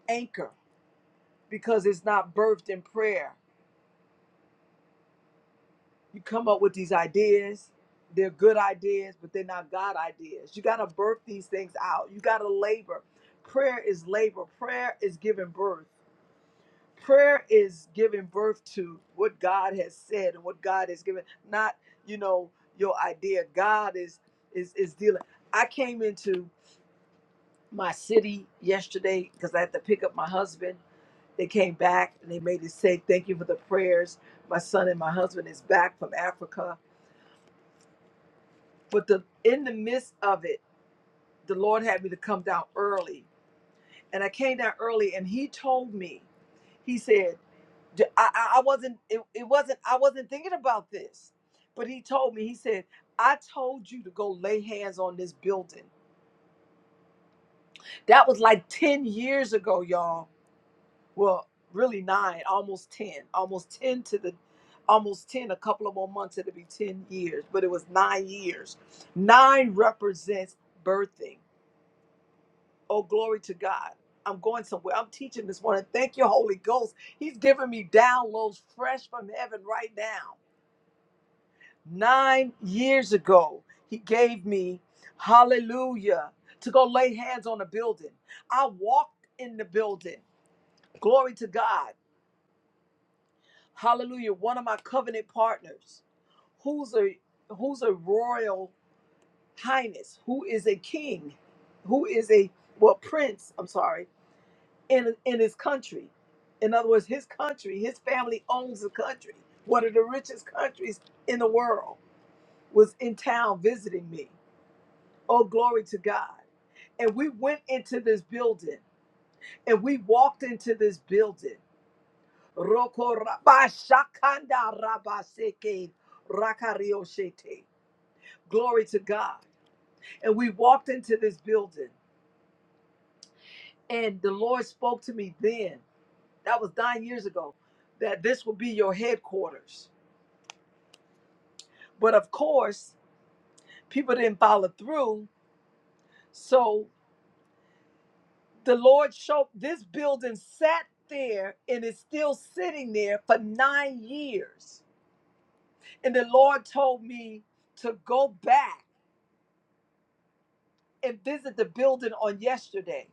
anchor because it's not birthed in prayer. You come up with these ideas, they're good ideas, but they're not God ideas. You got to birth these things out. You got to labor. Prayer is labor, prayer is giving birth. Prayer is giving birth to what God has said and what God has given, not, you know, your idea. God is is is dealing. I came into my city yesterday because I had to pick up my husband. They came back and they made it say, "Thank you for the prayers." My son and my husband is back from Africa, but the in the midst of it, the Lord had me to come down early, and I came down early, and He told me, He said, d- I, I- I wasn't it, it wasn't I wasn't thinking about this. But he told me, he said, I told you to go lay hands on this building. That was like 10 years ago, y'all. well really nine almost 10 almost 10 to the almost 10 a couple of more months it'll be 10 years but it was nine years nine represents birthing oh glory to god i'm going somewhere i'm teaching this morning thank you holy ghost he's giving me downloads fresh from heaven right now nine years ago he gave me hallelujah to go lay hands on a building i walked in the building glory to god Hallelujah. One of my covenant partners, who's a who's a royal highness, who is a king, who is a well prince, I'm sorry, in in his country. In other words, his country, his family owns the country. One of the richest countries in the world was in town visiting me. Oh, glory to God. And we went into this building and we walked into this building. Roko rabashakanda rabaseke rakarioshete. Glory to God. And we walked into this building, and the Lord spoke to me then, that was nine years ago, that this will be your headquarters. But of course, people didn't follow through. So the Lord showed this building sat there and is still sitting there for nine years. And the Lord told me to go back and visit the building on yesterday.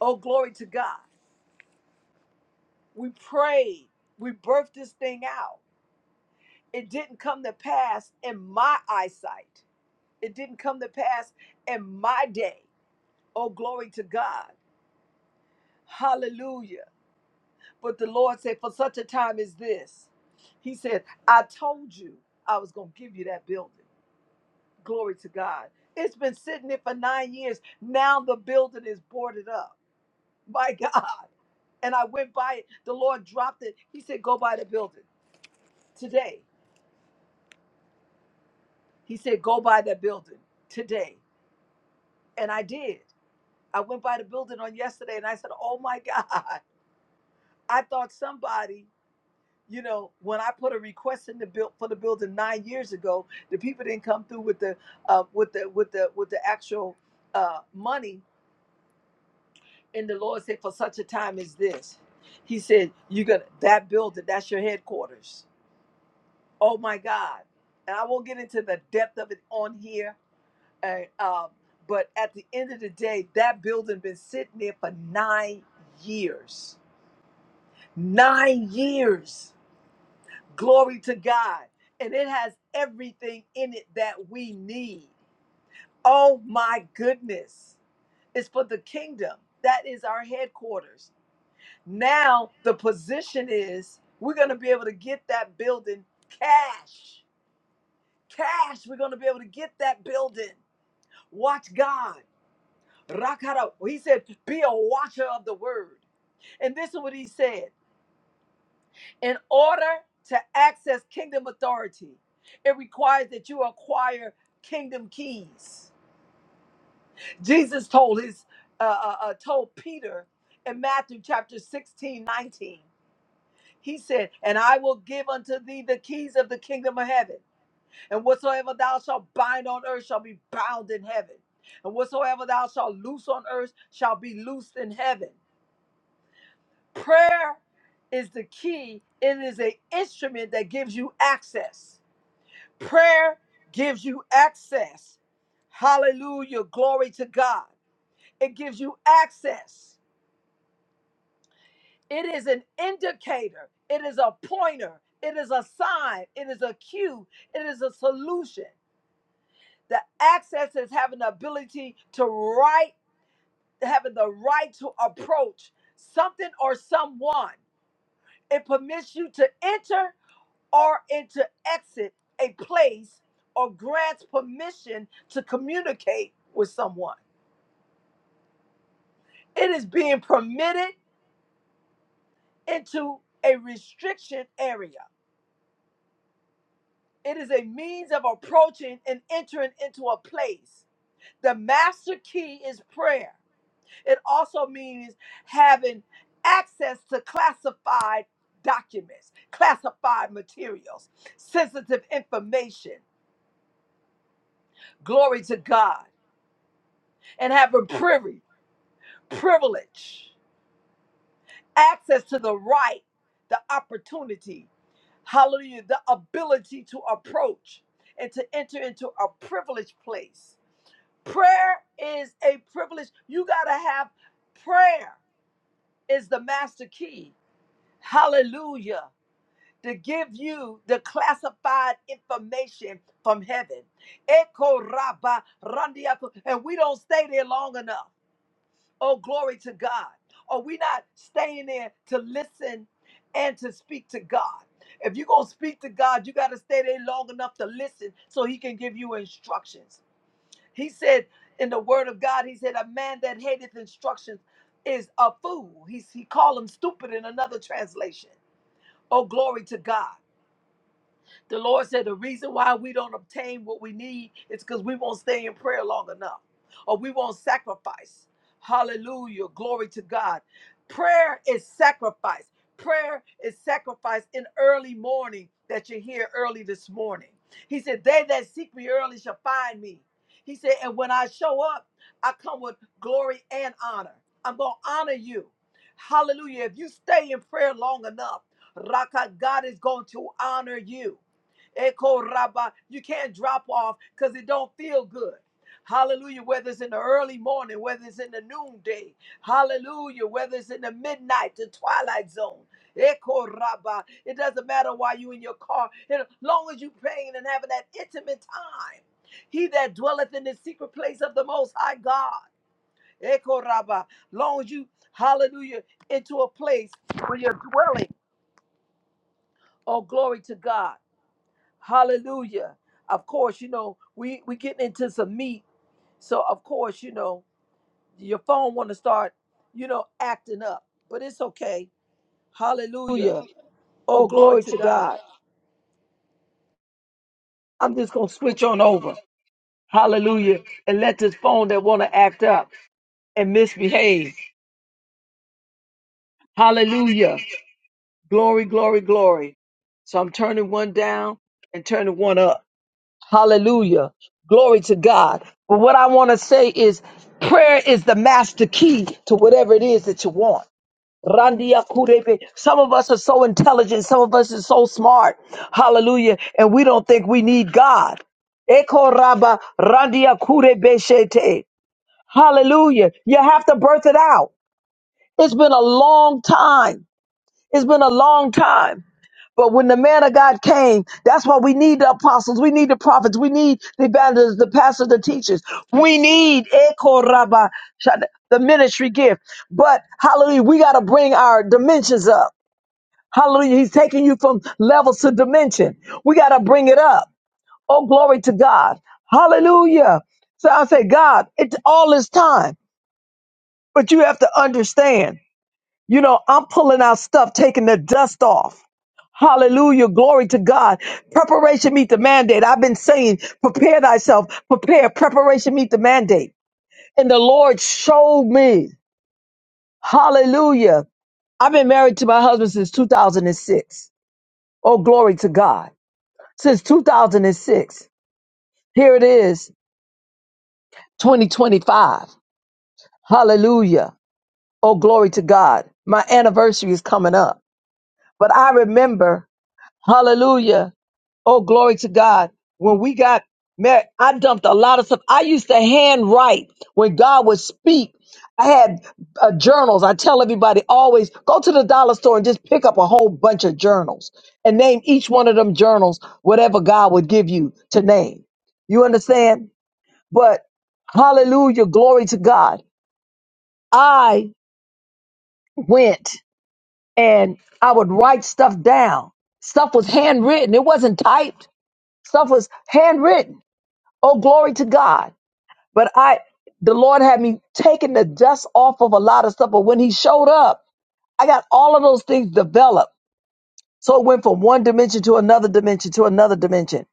Oh, glory to God. We prayed. We birthed this thing out. It didn't come to pass in my eyesight. It didn't come to pass in my day. Oh, glory to God. Hallelujah. But the Lord said, for such a time as this, He said, I told you I was going to give you that building. Glory to God. It's been sitting there for nine years. Now the building is boarded up. My God. and I went by it. The Lord dropped it. He said, Go by the building today. He said, Go by the building today. And I did. I went by the building on yesterday and I said, Oh my God. I thought somebody, you know, when I put a request in the build for the building nine years ago, the people didn't come through with the uh, with the with the with the actual uh, money. And the Lord said, For such a time as this, He said, You're gonna that building, that's your headquarters Oh my God. And I won't get into the depth of it on here. And, um, but at the end of the day, that building been sitting there for nine years. Nine years. Glory to God. And it has everything in it that we need. Oh my goodness. It's for the kingdom. That is our headquarters. Now the position is we're going to be able to get that building cash cash. We're going to be able to get that building. Watch God. Rakara. He said, be a watcher of the word. And this is what he said. In order to access kingdom authority, it requires that you acquire kingdom keys. Jesus told his uh, uh, uh, told Peter in Matthew chapter 16:19. He said, And I will give unto thee the keys of the kingdom of heaven. And whatsoever thou shalt bind on earth shall be bound in heaven. And whatsoever thou shalt loose on earth shall be loosed in heaven. Prayer is the key, it is an instrument that gives you access. Prayer gives you access. Hallelujah. Glory to God. It gives you access. It is an indicator, it is a pointer, it is a sign, it is a cue, it is a solution. The access is having the ability to right, having the right to approach something or someone. It permits you to enter or and to exit a place or grants permission to communicate with someone. It is being permitted into a restriction area. It is a means of approaching and entering into a place. The master key is prayer. It also means having access to classified documents, classified materials, sensitive information. Glory to God. And having privy, privilege, access to the right, the opportunity, hallelujah, the ability to approach and to enter into a privileged place. Prayer is a privilege. You got to have prayer is the master key. Hallelujah. to give you the classified information from heaven. Eko raba randiako. And we don't stay there long enough. Oh, glory to God. Are we not staying there to listen and to speak to God? If you're going to speak to God, you got to stay there long enough to listen so he can give you instructions. He said in the word of God, he said, a man that hateth instructions is a fool. He's, he called him stupid in another translation. Oh, glory to God. The Lord said the reason why we don't obtain what we need is because we won't stay in prayer long enough or we won't sacrifice. Hallelujah. Glory to God. Prayer is sacrifice. Prayer is sacrifice in early morning that you're here early this morning. He said, They that seek me early shall find me. He said, And when I show up, I come with glory and honor. I'm going to honor you. Hallelujah. If you stay in prayer long enough, Raka, God is going to honor you. Echo Rabba. You can't drop off because it don't feel good. Hallelujah. Whether it's in the early morning, whether it's in the noonday. Hallelujah. Whether it's in the midnight, the twilight zone. Echo Rabba. It doesn't matter why you in your car. As long as you praying and having that intimate time. He that dwelleth in the secret place of the most high God. Echo Rabba. Long as you, hallelujah, into a place where you're dwelling. Oh, glory to God. Hallelujah. Of course, you know, we we getting into some meat. So of course, you know, your phone want to start, you know, acting up. But it's okay. Hallelujah. Hallelujah. Oh, Oh, glory glory to to God. God. I'm just going to switch on over. Hallelujah. And let this phone that want to act up and misbehave. Hallelujah. Glory, glory, glory. So I'm turning one down and turning one up. Hallelujah. Glory to God. But what I want to say is prayer is the master key to whatever it is that you want. Randia Kurebe. Some of us are so intelligent. Some of us are so smart. Hallelujah. And we don't think we need God. Eko Raba Randia Kurebe Shete. Hallelujah. You have to birth it out. It's been a long time. It's been a long time. But when the man of God came, that's why we need the apostles, we need the prophets, we need the evangelists, the pastors, the teachers. We need Eko Raba Shana- the ministry gift. But hallelujah, we got to bring our dimensions up. Hallelujah. He's taking you from levels to dimension. We got to bring it up. Oh, glory to God. Hallelujah. So I say, God, it's all is time, but you have to understand, you know, I'm pulling out stuff, taking the dust off. Hallelujah. Glory to God. Preparation meet the mandate. I've been saying, prepare thyself, prepare, preparation meet the mandate. And the Lord showed me. Hallelujah. I've been married to my husband since 2006. Oh, glory to God. since 2006. Here it is, 2025. Hallelujah. Oh, glory to God. My anniversary is coming up. But I remember, hallelujah. Oh, glory to God. When we got married, I dumped a lot of stuff. I used to handwrite when God would speak. I had uh, journals. I tell everybody always go to the dollar store and just pick up a whole bunch of journals and name each one of them journals whatever God would give you to name. You understand? But hallelujah, glory to God. I went and I would write stuff down. Stuff was handwritten. It wasn't typed. Stuff was handwritten. Oh, glory to God. But I, the Lord had me taking the dust off of a lot of stuff. But when he showed up, I got all of those things developed. So it went from one dimension to another dimension to another dimension.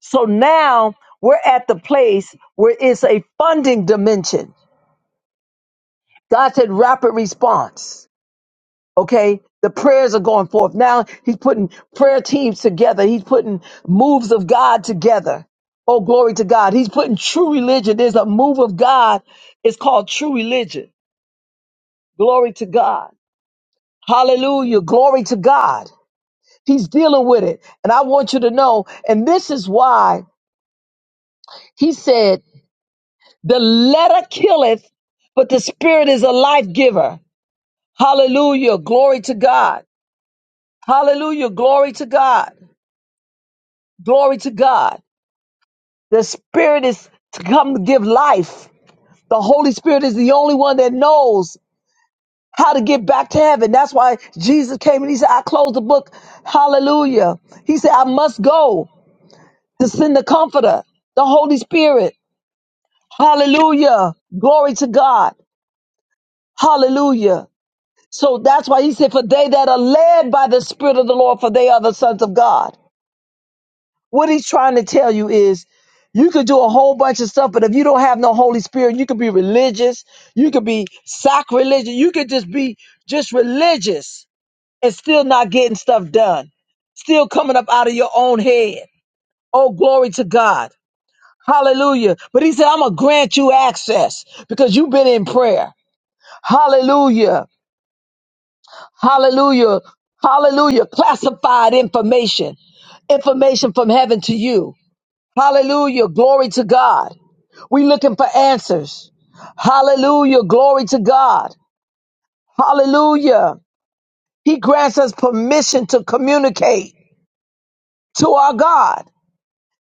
So now we're at the place where it's a funding dimension. God said rapid response. Okay. The prayers are going forth. Now he's putting prayer teams together. He's putting moves of God together. Oh, glory to God. He's putting true religion. There's a move of God. It's called true religion. Glory to God. Hallelujah. Glory to God. He's dealing with it. And I want you to know, and this is why he said, the letter killeth, but the spirit is a life giver. Hallelujah. Glory to God. Hallelujah. Glory to God. Glory to God. The Spirit is to come to give life. The Holy Spirit is the only one that knows how to get back to heaven. That's why Jesus came and he said, I close the book. Hallelujah. He said, I must go to send the comforter, the Holy Spirit. Hallelujah. Glory to God. Hallelujah. So that's why he said, For they that are led by the Spirit of the Lord, for they are the sons of God. What he's trying to tell you is you could do a whole bunch of stuff, but if you don't have no Holy Spirit, you could be religious, you could be sacrilegious, you could just be just religious and still not getting stuff done, still coming up out of your own head. Oh, glory to God. Hallelujah. But he said, I'm going to grant you access because you've been in prayer. Hallelujah. Hallelujah. Hallelujah. Classified information, information from heaven to you. Hallelujah. Glory to God. We looking for answers. Hallelujah. Glory to God. Hallelujah. He grants us permission to communicate to our God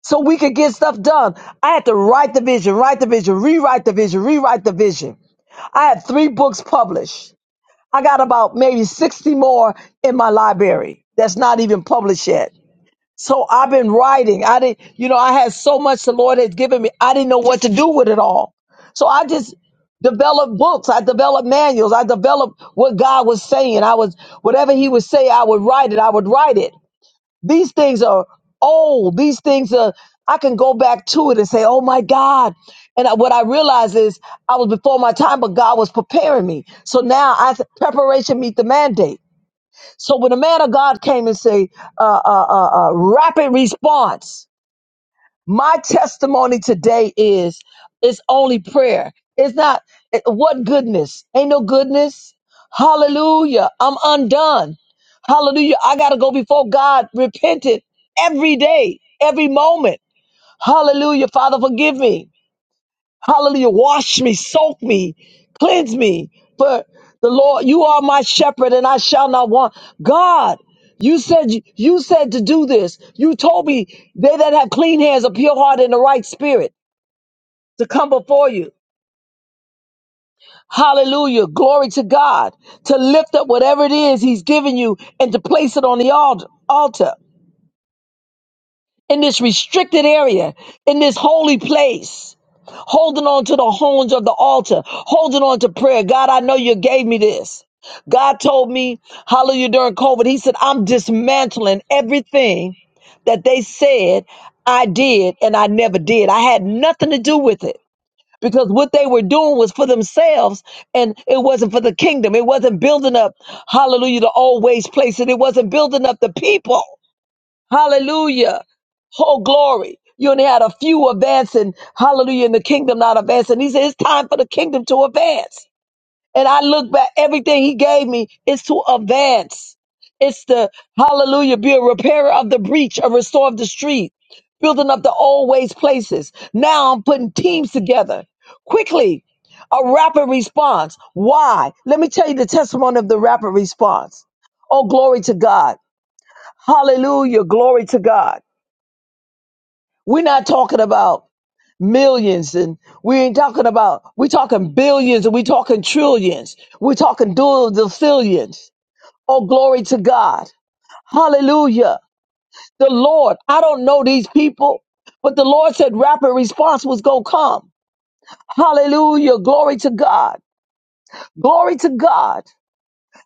so we can get stuff done. I had to write the vision, write the vision, rewrite the vision, rewrite the vision. I had three books published. I got about maybe 60 more in my library that's not even published yet. So I've been writing. I didn't, you know, I had so much the Lord had given me. I didn't know what to do with it all. So I just developed books. I developed manuals. I developed what God was saying. I was, whatever He would say, I would write it. I would write it. These things are old. These things are, I can go back to it and say, oh my God. And I- what I realized is I was before my time, but God was preparing me. So now I, preparation meet the mandate. So when the man of God came and say, uh, uh, uh, uh, rapid response, my testimony today is, it's only prayer. It's not, it- what goodness? Ain't no goodness. Hallelujah. I'm undone. Hallelujah. I got to go before God repentant every day, every moment. Hallelujah. Father, forgive me. Hallelujah. Wash me, soak me, cleanse me. For the Lord, you are my shepherd and I shall not want. God, you said, you said to do this. You told me they that have clean hands, a pure heart and a right spirit to come before you. Hallelujah. Glory to God to lift up whatever it is he's given you and to place it on the alt- altar in this restricted area, in this holy place. holding on to the horns of the altar, holding on to prayer. God, I know you gave me this. God told me, hallelujah, during COVID, He said, I'm dismantling everything that they said I did and I never did. I had nothing to do with it because what they were doing was for themselves and it wasn't for the kingdom. It wasn't building up, hallelujah, the always place and it wasn't building up the people. Hallelujah. Oh, glory. You only had a few advancing, hallelujah, in the kingdom not advancing. He said, it's time for the kingdom to advance. And I look back, everything he gave me is to advance. It's the, hallelujah, be a repairer of the breach, a restorer of the street, building up the always places. Now I'm putting teams together quickly, a rapid response. Why? Let me tell you the testimony of the rapid response. Oh, glory to God. Hallelujah. Glory to God. We're not talking about millions and we ain't talking about we talking billions and we talking trillions we talking dual zillions oh glory to god hallelujah the lord i don't know these people but the lord said rapid response was gonna come hallelujah glory to god glory to god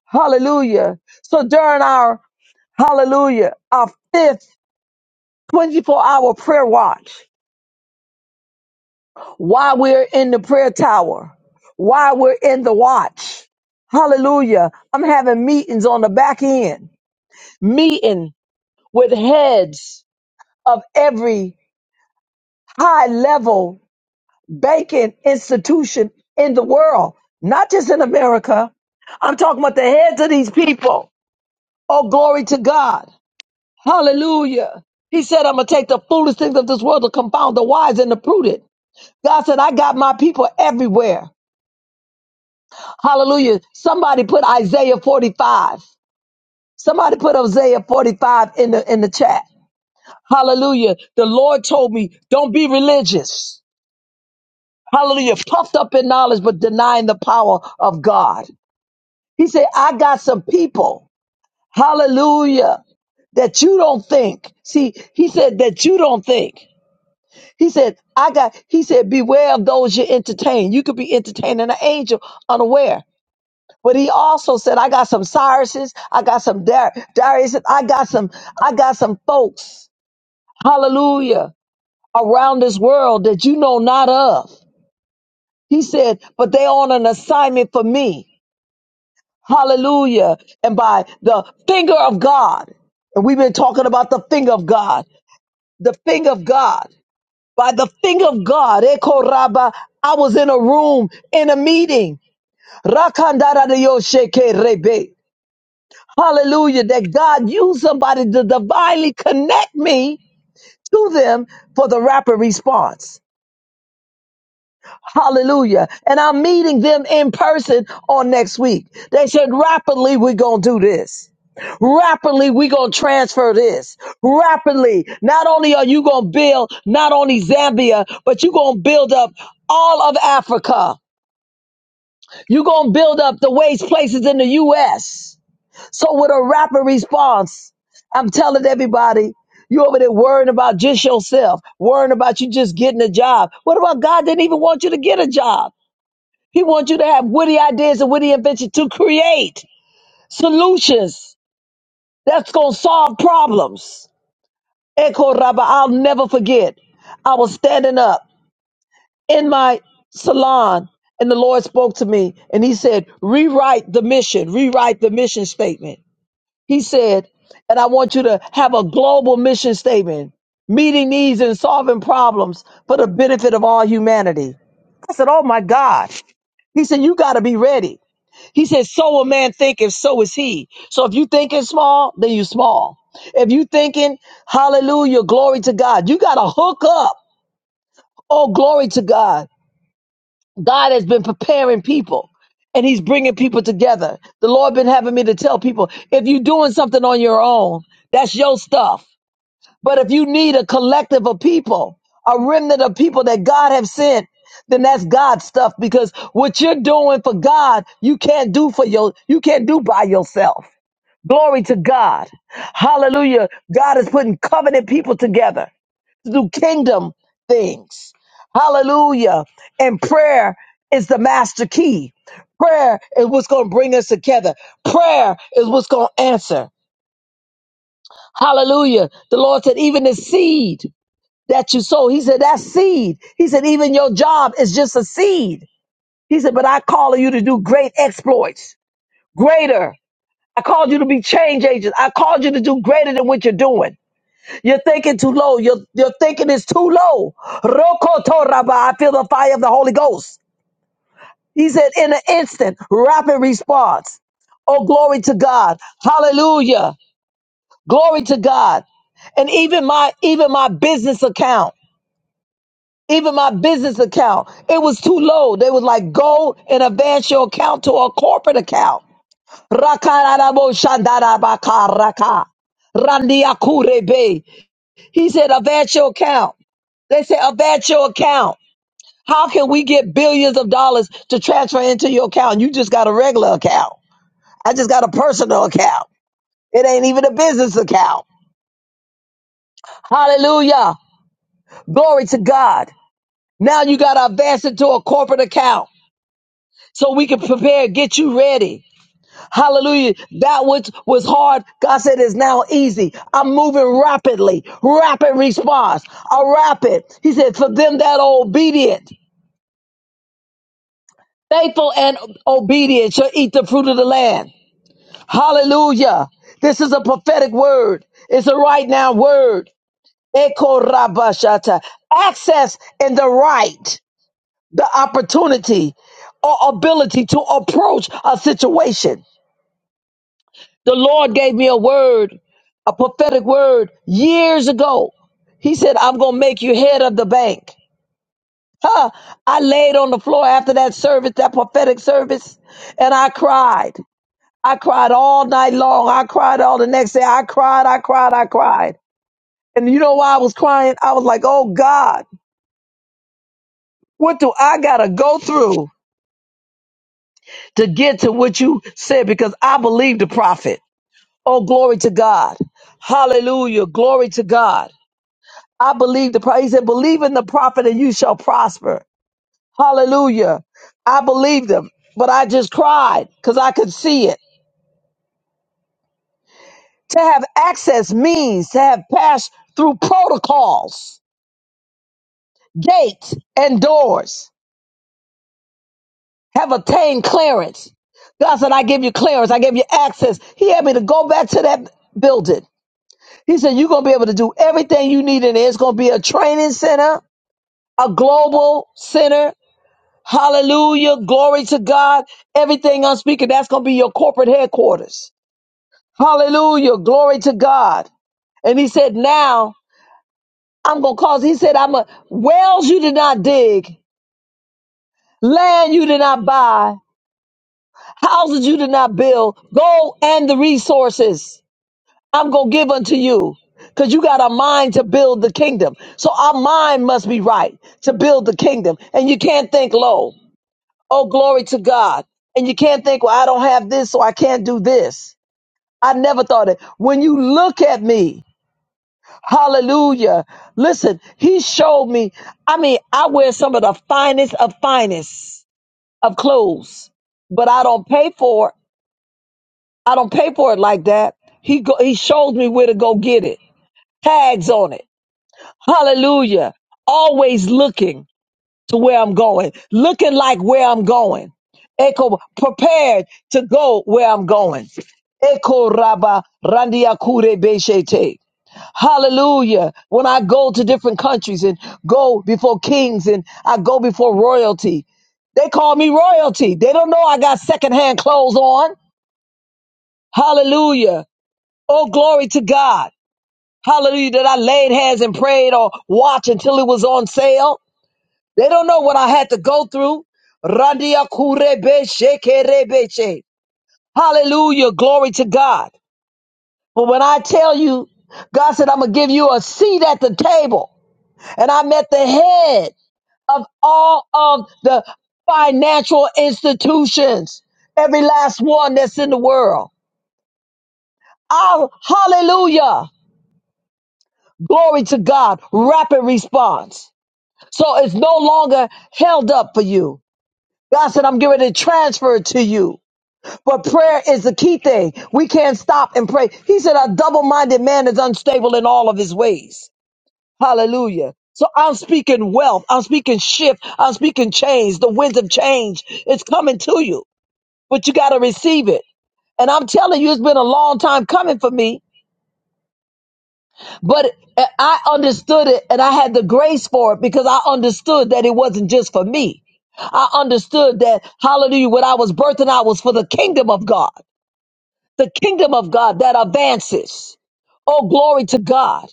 hallelujah so during our hallelujah our fifth 24 hour prayer watch why we're in the prayer tower, why we're in the watch. Hallelujah. I'm having meetings on the back end, meeting with heads of every high level banking institution in the world, not just in America. I'm talking about the heads of these people. Oh, glory to God. Hallelujah. He said, I'm going to take the foolish things of this world to confound the wise and the prudent. God said, I got my people everywhere. Hallelujah. Somebody put Isaiah 45. Somebody put Isaiah 45 in the in the chat. Hallelujah. The Lord told me, don't be religious. Hallelujah. Puffed up in knowledge, but denying the power of God. He said, I got some people. Hallelujah. That you don't think. See, he said that you don't think. He said, I got, he said, beware of those you entertain. You could be entertaining an angel unaware. But he also said, I got some Cyruses, I got some Dar- Darius, I got some, I got some folks, hallelujah, around this world that you know not of. He said, but they on an assignment for me. Hallelujah. And by the finger of God, and we've been talking about the finger of God, the finger of God, by the finger of God, Eko Rabba, I was in a room, in a meeting. Rakandara de Yosheke Rebe. Hallelujah. That God used somebody to divinely connect me to them for the rapid response. Hallelujah. And I'm meeting them in person on next week. They said, rapidly, we're going to do this. Rapidly, we're going to transfer this. Rapidly, not only are you going to build not only Zambia, but you're going to build up all of Africa. You're going to build up the waste places in the U.S. So with a rapid response, I'm telling everybody, you over there worrying about just yourself, worrying about you just getting a job. What about God didn't even want you to get a job? He wants you to have witty ideas and witty inventions to create solutions that's going to solve problems. Echo Rabba, I'll never forget. I was standing up in my salon and the Lord spoke to me and he said, rewrite the mission, rewrite the mission statement. He said, and I want you to have a global mission statement, meeting needs and solving problems for the benefit of all humanity. I said, Oh my God. He said, You got to be ready. He said, So a man thinketh, so is he. So if you thinking small, then you small. If you thinking, hallelujah, glory to God, you got to hook up. Oh, glory to God. God has been preparing people and he's bringing people together. The Lord been having me to tell people, if you're doing something on your own, that's your stuff. But if you need a collective of people, a remnant of people that God have sent, then that's God's stuff because what you're doing for God, you can't do for your, you can't do by yourself. Glory to God. Hallelujah. God is putting covenant people together do kingdom things. Hallelujah. And prayer is the master key. Prayer is what's going to bring us together. Prayer is what's going to answer. Hallelujah. The Lord said, even the seed that you sow, He said, that seed. He said, even your job is just a seed. He said, but I call you to do great exploits, greater. I called you to be change agents. I called you to do greater than what you're doing. You're thinking too low. Your, your thinking is too low. Rokoto Rabba. I feel the fire of the Holy Ghost. He said, in an instant, rapid response. Oh, glory to God. Hallelujah. Glory to God. And even my even my business account, even my business account, it was too low. They was like, go and advance your account to a corporate account. Rakarabo shandarabaka raka. Randiakurebe. He said, advance your account. They say, about your account. How can we get billions of dollars to transfer into your account? You just got a regular account. I just got a personal account. It ain't even a business account. Hallelujah. Glory to God. Now you got to advance into a corporate account so we can prepare, get you ready. Hallelujah. That which was hard, God said is now easy. I'm moving rapidly. Rapid response. A rapid. He said, for them that are obedient. Faithful and obedient shall eat the fruit of the land. Hallelujah. This is a prophetic word. It's a right now word. Eko rabashata. Access and the right, the opportunity or ability to approach a situation. The Lord gave me a word, a prophetic word years ago. He said, I'm going to make you head of the bank. Huh. I laid on the floor after that service, that prophetic service, and I cried. I cried all night long. I cried all the next day. I cried, I cried, I cried. And you know why I was crying? I was like, oh God, what do I gotta go through to get to what you said? Because I believe the prophet. Oh, glory to God. Hallelujah. Glory to God. I believe the prophet. He said, believe in the prophet and you shall prosper. Hallelujah. I believed him, but I just cried because I could see it. To have access means to have passed through protocols gates and doors have attained clearance. God said, I give you clearance. I give you access. He had me to go back to that building. He said, You're going to be able to do everything you need in there. It's going to be a training center, a global center. Hallelujah. Glory to God. Everything I'm speaking, that's going to be your corporate headquarters. Hallelujah. Glory to God. And he said, Now I'm going to cause, he said, I'm a wells you did not dig, land you did not buy. Houses you did not build, gold and the resources I'm going to give unto you. Because you got a mind to build the kingdom. So our mind must be right to build the kingdom. And you can't think low. Oh, glory to God. And you can't think, well, I don't have this, so I can't do this. I never thought it. When you look at me, hallelujah. Listen, he showed me. I mean, I wear some of the finest of finest of clothes, but I don't pay for it. I don't pay for it like that. He go, he shows me where to go get it. Tags on it. Hallelujah. Always looking to where I'm going. Looking like where I'm going. Echo prepared to go where I'm going. Echo raba randia kure beshete. Hallelujah. When I go to different countries and go before kings and I go before royalty, they call me royalty. They don't know I got secondhand clothes on. Hallelujah. Oh, glory to God. Hallelujah. That I laid hands and prayed or watched until it was on sale. They don't know what I had to go through. Randia kurebe shekerebeche. Hallelujah. Glory to God. But when I tell you, God said, I'm going to give you a seat at the table. And I met the head of all of the financial institutions, every last one that's in the world. Oh, hallelujah. Glory to God. Rapid response. So it's no longer held up for you. God said, I'm giving it transfer to you. But prayer is the key thing. We can't stop and pray. He said, a double minded man is unstable in all of his ways. Hallelujah. So I'm speaking wealth. I'm speaking shift. I'm speaking change. The winds of change. It's coming to you, but you got to receive it. And I'm telling you, it's been a long time coming for me But uh, I understood it and I had the grace for it because I understood that it wasn't just for me. I understood that, hallelujah, what I was birthing out was for the kingdom of God, the kingdom of God that advances. Oh, glory to God.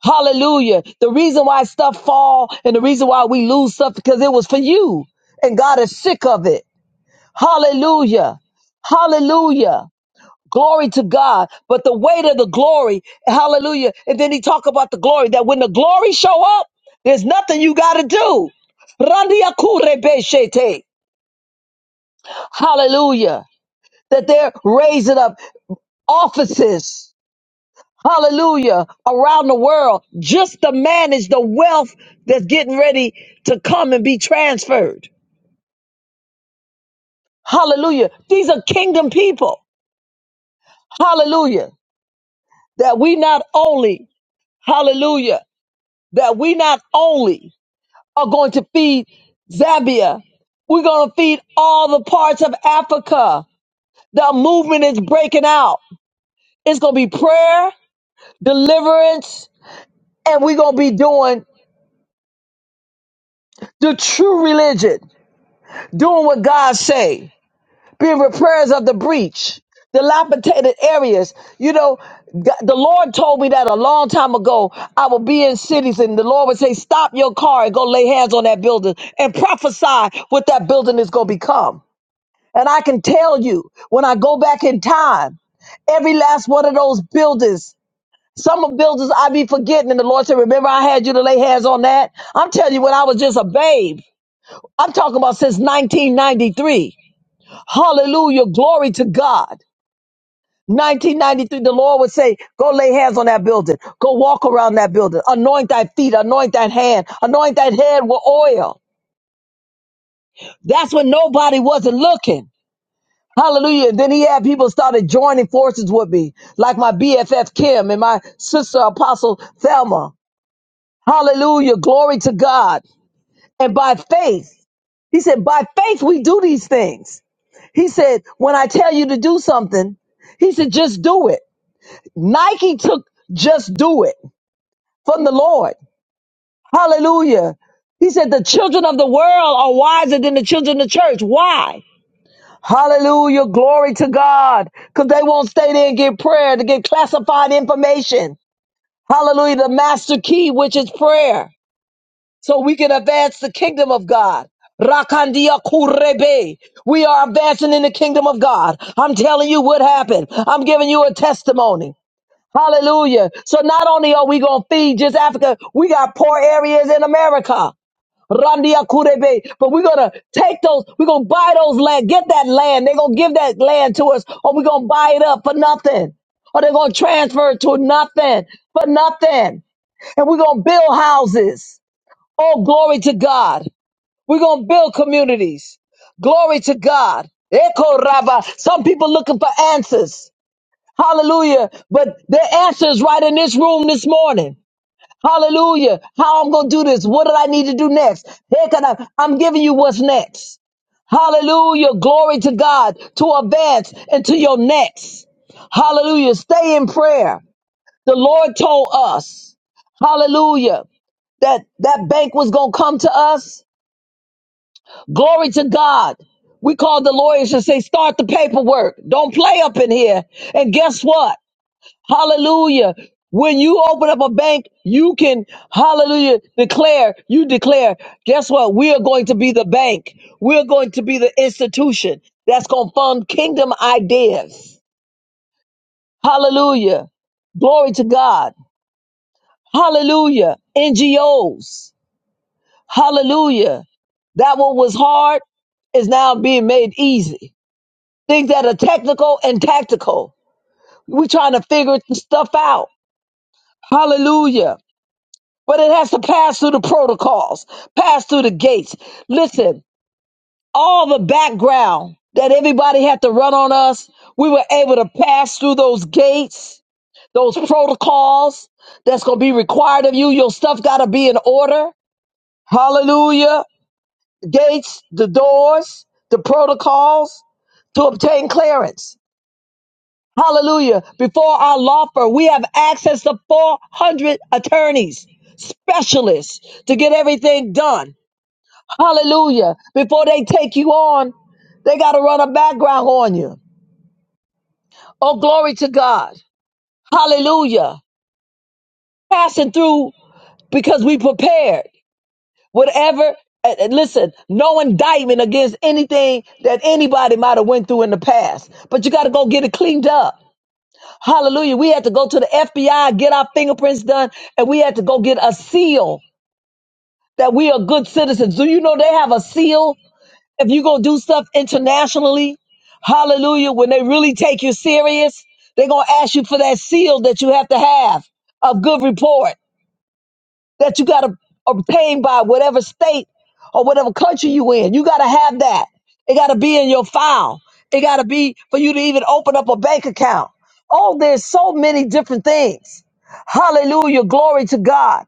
Hallelujah. The reason why stuff fall and the reason why we lose stuff because it was for you and God is sick of it. Hallelujah. Hallelujah. Glory to God. But the weight of the glory, hallelujah. And then he talk about the glory, that when the glory show up, there's nothing you got to do. Randiakurebeshete. Hallelujah. That they're raising up offices. Hallelujah. Around the world just to manage the wealth that's getting ready to come and be transferred. Hallelujah. These are kingdom people. Hallelujah. That we not only, hallelujah, that we not only are going to feed Zambia. We're going to feed all the parts of Africa. The movement is breaking out. It's going to be prayer, deliverance, and we're going to be doing the true religion, doing what God say, being repairers of the breach, dilapidated areas. You know, G- the Lord told me that a long time ago. I would be in cities and the Lord would say, stop your car and go lay hands on that building and prophesy what that building is going to become. And I can tell you when I go back in time, every last one of those buildings, some of buildings I be forgetting. And the Lord said, Remember, I had you to lay hands on that. I'm telling you, when I was just a babe, I'm talking about since 1993. Hallelujah. Glory to God. 1993, the Lord would say, Go lay hands on that building. Go walk around that building. Anoint thy feet, anoint thy hand, anoint thy head with oil. That's when nobody wasn't looking. Hallelujah. And Then he had people started joining forces with me, like my BFF Kim and my sister Apostle Thelma. Hallelujah. Glory to God. And by faith, he said, by faith, we do these things. He said, when I tell you to do something, he said, just do it. Nike took just do it from the Lord. Hallelujah. He said, the children of the world are wiser than the children of the church. Why? Hallelujah. Glory to God. Because they won't stay there and get prayer to get classified information. Hallelujah. The master key, which is prayer. So we can advance the kingdom of God. Rakandia kurebe. We are advancing in the kingdom of God. I'm telling you what happened. I'm giving you a testimony. Hallelujah. So not only are we going to feed just Africa, we got poor areas in America. Randia Kurebe. But we're gonna take those, we're gonna buy those land, get that land. They're gonna give that land to us, or we're gonna buy it up for nothing. Or they're gonna transfer it to nothing for nothing. And we're gonna build houses. Oh, glory to God. We're gonna build communities. Glory to God. Echo Rabba. Some people looking for answers. Hallelujah. But their answer is right in this room this morning. Hallelujah. How I'm going to do this. What do I need to do next? Heck, and I- I'm giving you what's next. Hallelujah. Glory to God to advance into your next. Hallelujah. Stay in prayer. The Lord told us, hallelujah, that that bank was going to come to us. Glory to God. We called the lawyers and say, start the paperwork. Don't play up in here. And guess what? Hallelujah. When you open up a bank, you can, hallelujah, declare, you declare, guess what? We are going to be the bank. We're going to be the institution that's going to fund kingdom ideas. Hallelujah. Glory to God. Hallelujah. NGOs. Hallelujah. That what was hard is now being made easy. Things that are technical and tactical. We're trying to figure stuff out. Hallelujah but it has to pass through the protocols, pass through the gates. Listen, all the background that everybody had to run on us, we were able to pass through those gates, those protocols that's going to be required of you. Your stuff got to be in order. Hallelujah. Gates, the doors, the protocols to obtain clearance. Hallelujah. Before our law firm, we have access to 400 attorneys, specialists to get everything done. Hallelujah. Before they take you on, they got to run a background on you. Oh, glory to God. Hallelujah. Passing through because we prepared. Whatever, and- and listen, no indictment against anything that anybody might have went through in the past. But you got to go get it cleaned up. Hallelujah. We had to go to the FBI, get our fingerprints done, and we had to go get a seal that we are good citizens. Do you know they have a seal if you gonna do stuff internationally, hallelujah, when they really take you serious, they're gonna ask you for that seal that you have to have of good report that you gotta obtain by whatever state or whatever country you in. You gotta have that. It gotta be in your file. It gotta be for you to even open up a bank account. Oh, there's so many different things. Hallelujah. Glory to God.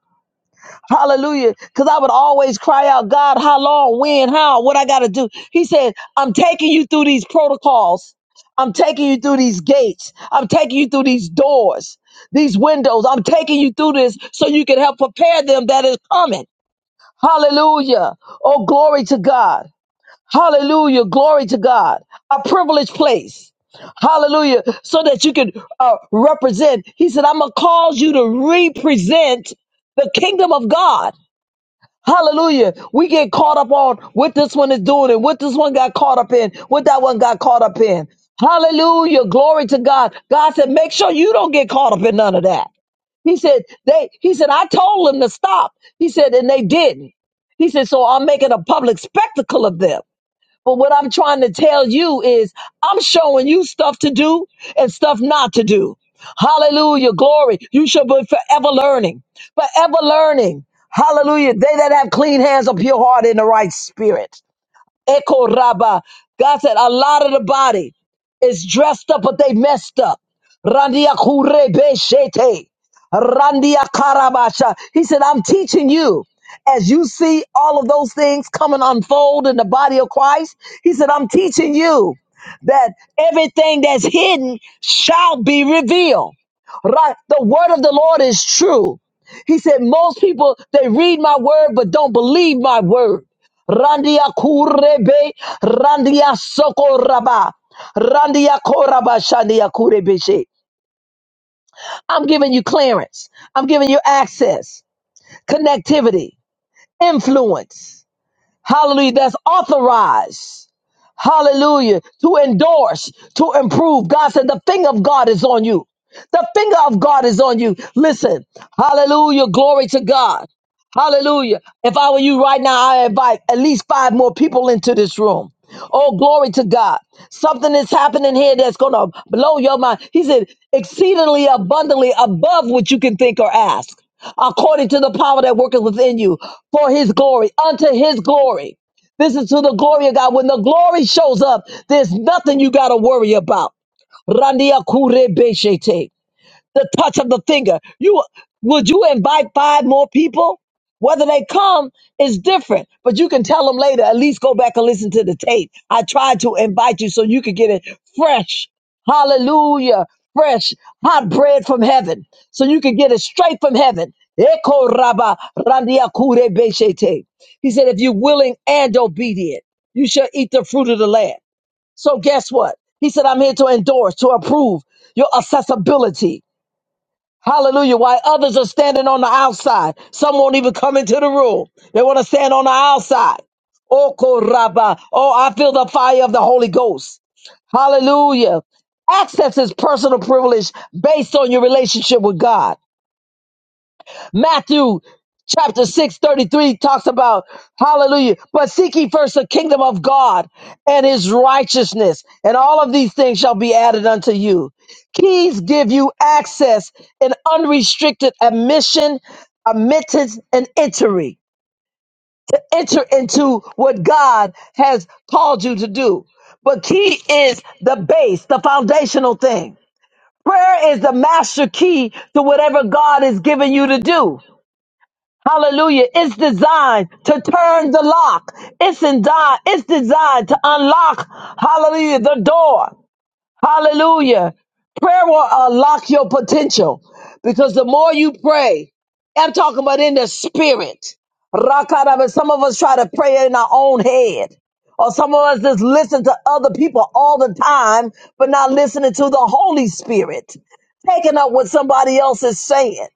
Hallelujah. Because I would always cry out, God, how long, when, how, what I got to do. He said, I'm taking you through these protocols. I'm taking you through these gates. I'm taking you through these doors, these windows. I'm taking you through this so you can help prepare them that is coming. Hallelujah. Oh, glory to God. Hallelujah. Glory to God. A privileged place. Hallelujah. So that you can uh, represent. He said, I'm going to cause you to represent the kingdom of God. Hallelujah. We get caught up on what this one is doing and what this one got caught up in, what that one got caught up in. Hallelujah. Glory to God. God said, make sure you don't get caught up in none of that. He said, they, he said, I told them to stop. He said, and they didn't. He said, so I'm making a public spectacle of them. But what I'm trying to tell you is I'm showing you stuff to do and stuff not to do. Hallelujah. Glory. You shall be forever learning, forever learning. Hallelujah. They that have clean hands, a pure heart, and the right spirit. Eko Rabba. God said a lot of the body is dressed up, but they messed up. Randia kurebe shete. Randia karabasha. He said, I'm teaching you. As you see all of those things coming unfold in the body of Christ, he said, I'm teaching you that everything that's hidden shall be revealed. Right? The word of the Lord is true. He said, most people, they read my word, but don't believe my word. Randia kurebe, randia sokoraba, randia koraba, shandia kurebeshe. I'm giving you clearance. I'm giving you access, connectivity, influence. Hallelujah. That's authorized. Hallelujah. To endorse, to improve. God said, the finger of God is on you. The finger of God is on you. Listen. Hallelujah. Glory to God. Hallelujah. If I were you right now, I invite at least five more people into this room. Oh, glory to God. Something is happening here that's going to blow your mind. He said, exceedingly abundantly above what you can think or ask, according to the power that worketh within you for his glory, unto his glory. This is to the glory of God. When the glory shows up, there's nothing you got to worry about. Randia kure beshete the touch of the finger. You would you invite five more people? Whether they come is different, but you can tell them later. At least go back and listen to the tape. I tried to invite you so you could get it fresh. Hallelujah. Fresh hot bread from heaven. So you could get it straight from heaven. Eko raba randia kure beshete. He said, if you're willing and obedient, you shall eat the fruit of the land. So guess what? He said, I'm here to endorse, to approve your accessibility. Hallelujah. While others are standing on the outside, some won't even come into the room. They want to stand on the outside. Oh, Koraba. Oh, I feel the fire of the Holy Ghost. Hallelujah. Access is personal privilege based on your relationship with God. Matthew chapter 6 33 talks about, hallelujah, but seek ye first the kingdom of God and his righteousness, and all of these things shall be added unto you. Keys give you access and unrestricted admission, admittance, and entry. Enter into what God has called you to do. But key is the base, the foundational thing. Prayer is the master key to whatever God is giving you to do. Hallelujah. It's designed to turn the lock. It's in di- it's designed to unlock, hallelujah, the door. Hallelujah. Prayer will unlock your potential because the more you pray, I'm talking about in the spirit. Rakaraba, Some of us try to pray in our own head, or some of us just listen to other people all the time, but not listening to the Holy Spirit, taking up what somebody else is saying.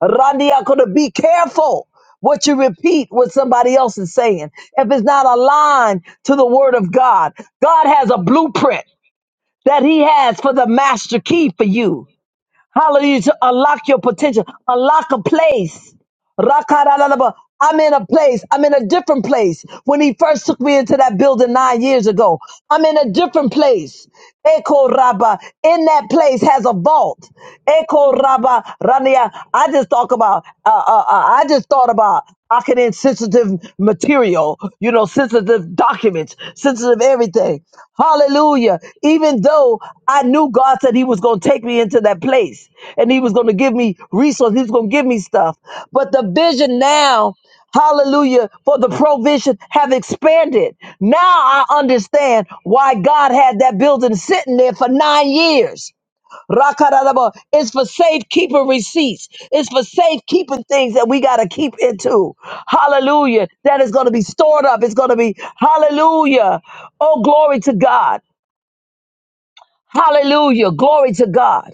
Randy, I could have- be careful what you repeat, what somebody else is saying. If it's not aligned to the word of God, God has a blueprint that he has for the master key for you. Hallelujah. To unlock your potential, unlock a place. Rakaralalaba. I'm in a place. I'm in a different place. When he first took me into that building nine years ago, I'm in a different place. Eko Rabba. In that place has a vault. Eko Rabba Rania. I just talk about. Uh, uh, uh, I just thought about. Marketing sensitive material, you know, sensitive documents, sensitive everything. Hallelujah. Even though I knew God said He was going to take me into that place and He was going to give me resources, He was going to give me stuff. But the vision now, hallelujah, for the provision have expanded. Now I understand why God had that building sitting there for nine years. Rakadadaba. It's for safekeeping receipts. It's for safekeeping things that we got to keep into. Hallelujah. That is going to be stored up. It's going to be, hallelujah. Oh, glory to God. Hallelujah. Glory to God.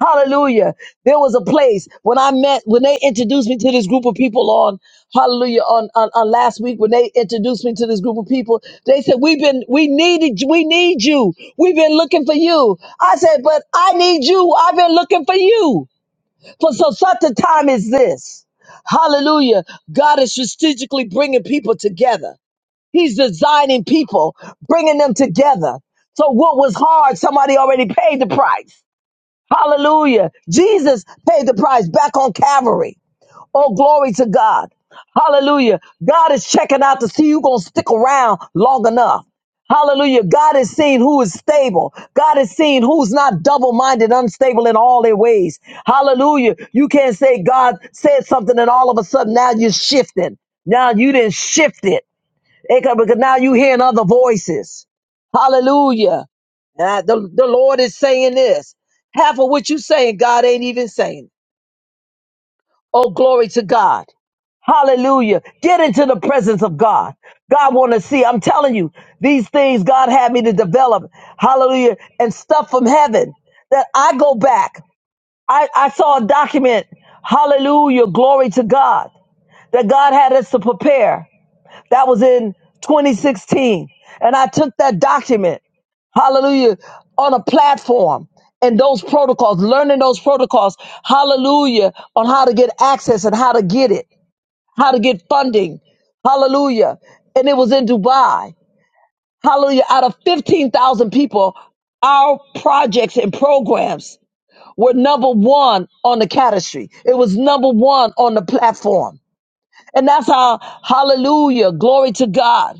Hallelujah. There was a place when I met, when they introduced me to this group of people on, hallelujah, on, on, on last week, when they introduced me to this group of people, they said, we've been, we needed, we need you. We've been looking for you. I said, but I need you. I've been looking for you. For so such a time as this. Hallelujah. God is strategically bringing people together. He's designing people, bringing them together. So what was hard, somebody already paid the price. Hallelujah. Jesus paid the price back on Calvary. Oh, glory to God. Hallelujah. God is checking out to see who's going to stick around long enough. Hallelujah. God is seeing who is stable. God is seeing who's not double minded, unstable in all their ways. Hallelujah. You can't say God said something and all of a sudden now you're shifting. Now you didn't shift it. Eh, 'cause- Because now you hearing other voices. Hallelujah. Uh, the, the Lord is saying this. Half of what you saying, God ain't even saying. Oh, glory to God. Hallelujah. Get into the presence of God. God want to see. I'm telling you, these things God had me to develop. Hallelujah. And stuff from heaven that I go back. I, I saw a document. Hallelujah. Glory to God that God had us to prepare. That was in 2016. And I took that document hallelujah, on a platform and those protocols, learning those protocols, hallelujah, on how to get access and how to get it, how to get funding, hallelujah. And it was in Dubai, hallelujah. Out of 15,000 people, our projects and programs were number one on the category. It was number one on the platform. And that's how, hallelujah, glory to God.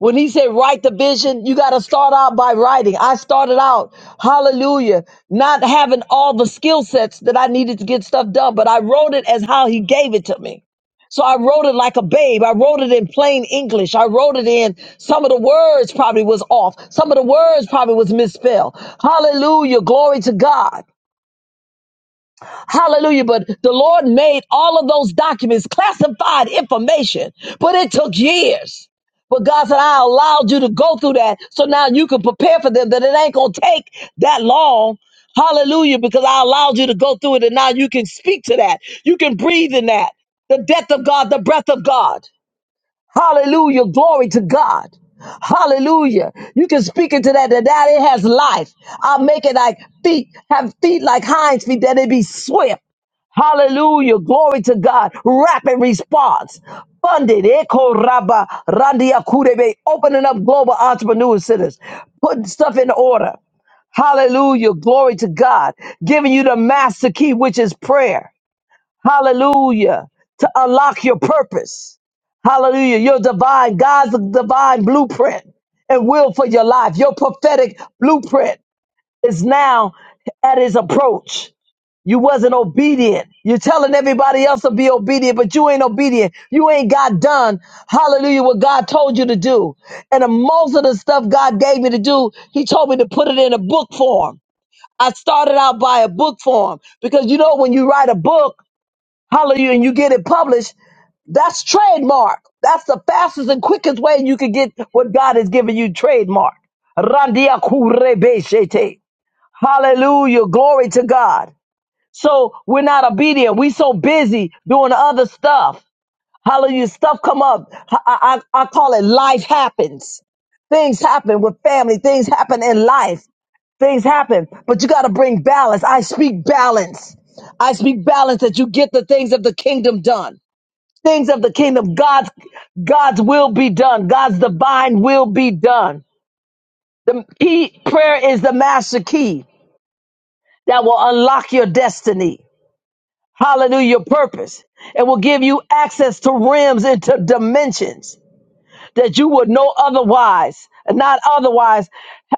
When he said write the vision, you got to start out by writing. I started out, hallelujah, not having all the skill sets that I needed to get stuff done, but I wrote it as how he gave it to me. So I wrote it like a babe. I wrote it in plain English. I wrote it in some of the words probably was off. Some of the words probably was misspelled. Hallelujah. Glory to God. Hallelujah. But the Lord made all of those documents classified information, but it took years. But God said, I allowed you to go through that so now you can prepare for them that it ain't going to take that long. Hallelujah. Because I allowed you to go through it and now you can speak to that. You can breathe in that. The death of God, the breath of God. Hallelujah. Glory to God. Hallelujah. You can speak into that, that, that it has life. I'll make it like feet, have feet like hinds feet, that it be swift. Hallelujah. Glory to God. Rapid response. Funded. Echo Rabba Randia Kurebe. Opening up global entrepreneur centers. Putting stuff in order. Hallelujah. Glory to God. Giving you the master key, which is prayer. Hallelujah. To unlock your purpose. Hallelujah. Your divine, God's divine blueprint and will for your life. Your prophetic blueprint is now at his approach. You wasn't obedient. You're telling everybody else to be obedient, but you ain't obedient. You ain't got done. Hallelujah. What God told you to do. And the most of the stuff God gave me to do, he told me to put it in a book form. I started out by a book form because you know, when you write a book, hallelujah, and you get it published, that's trademark. That's the fastest and quickest way you can get what God has given you trademark. Randia kurebeshete. Hallelujah. Glory to God. So we're not obedient. We so busy doing other stuff. Hallelujah. Stuff come up. I, I, I call it life happens. Things happen with family. Things happen in life. Things happen, but you got to bring balance. I speak balance. I speak balance that you get the things of the kingdom done. Things of the kingdom. God's, God's will be done. God's divine will be done. The key prayer is the master key that will unlock your destiny. Hallelujah, your purpose. It will give you access to rims and to dimensions that you would no otherwise, not otherwise,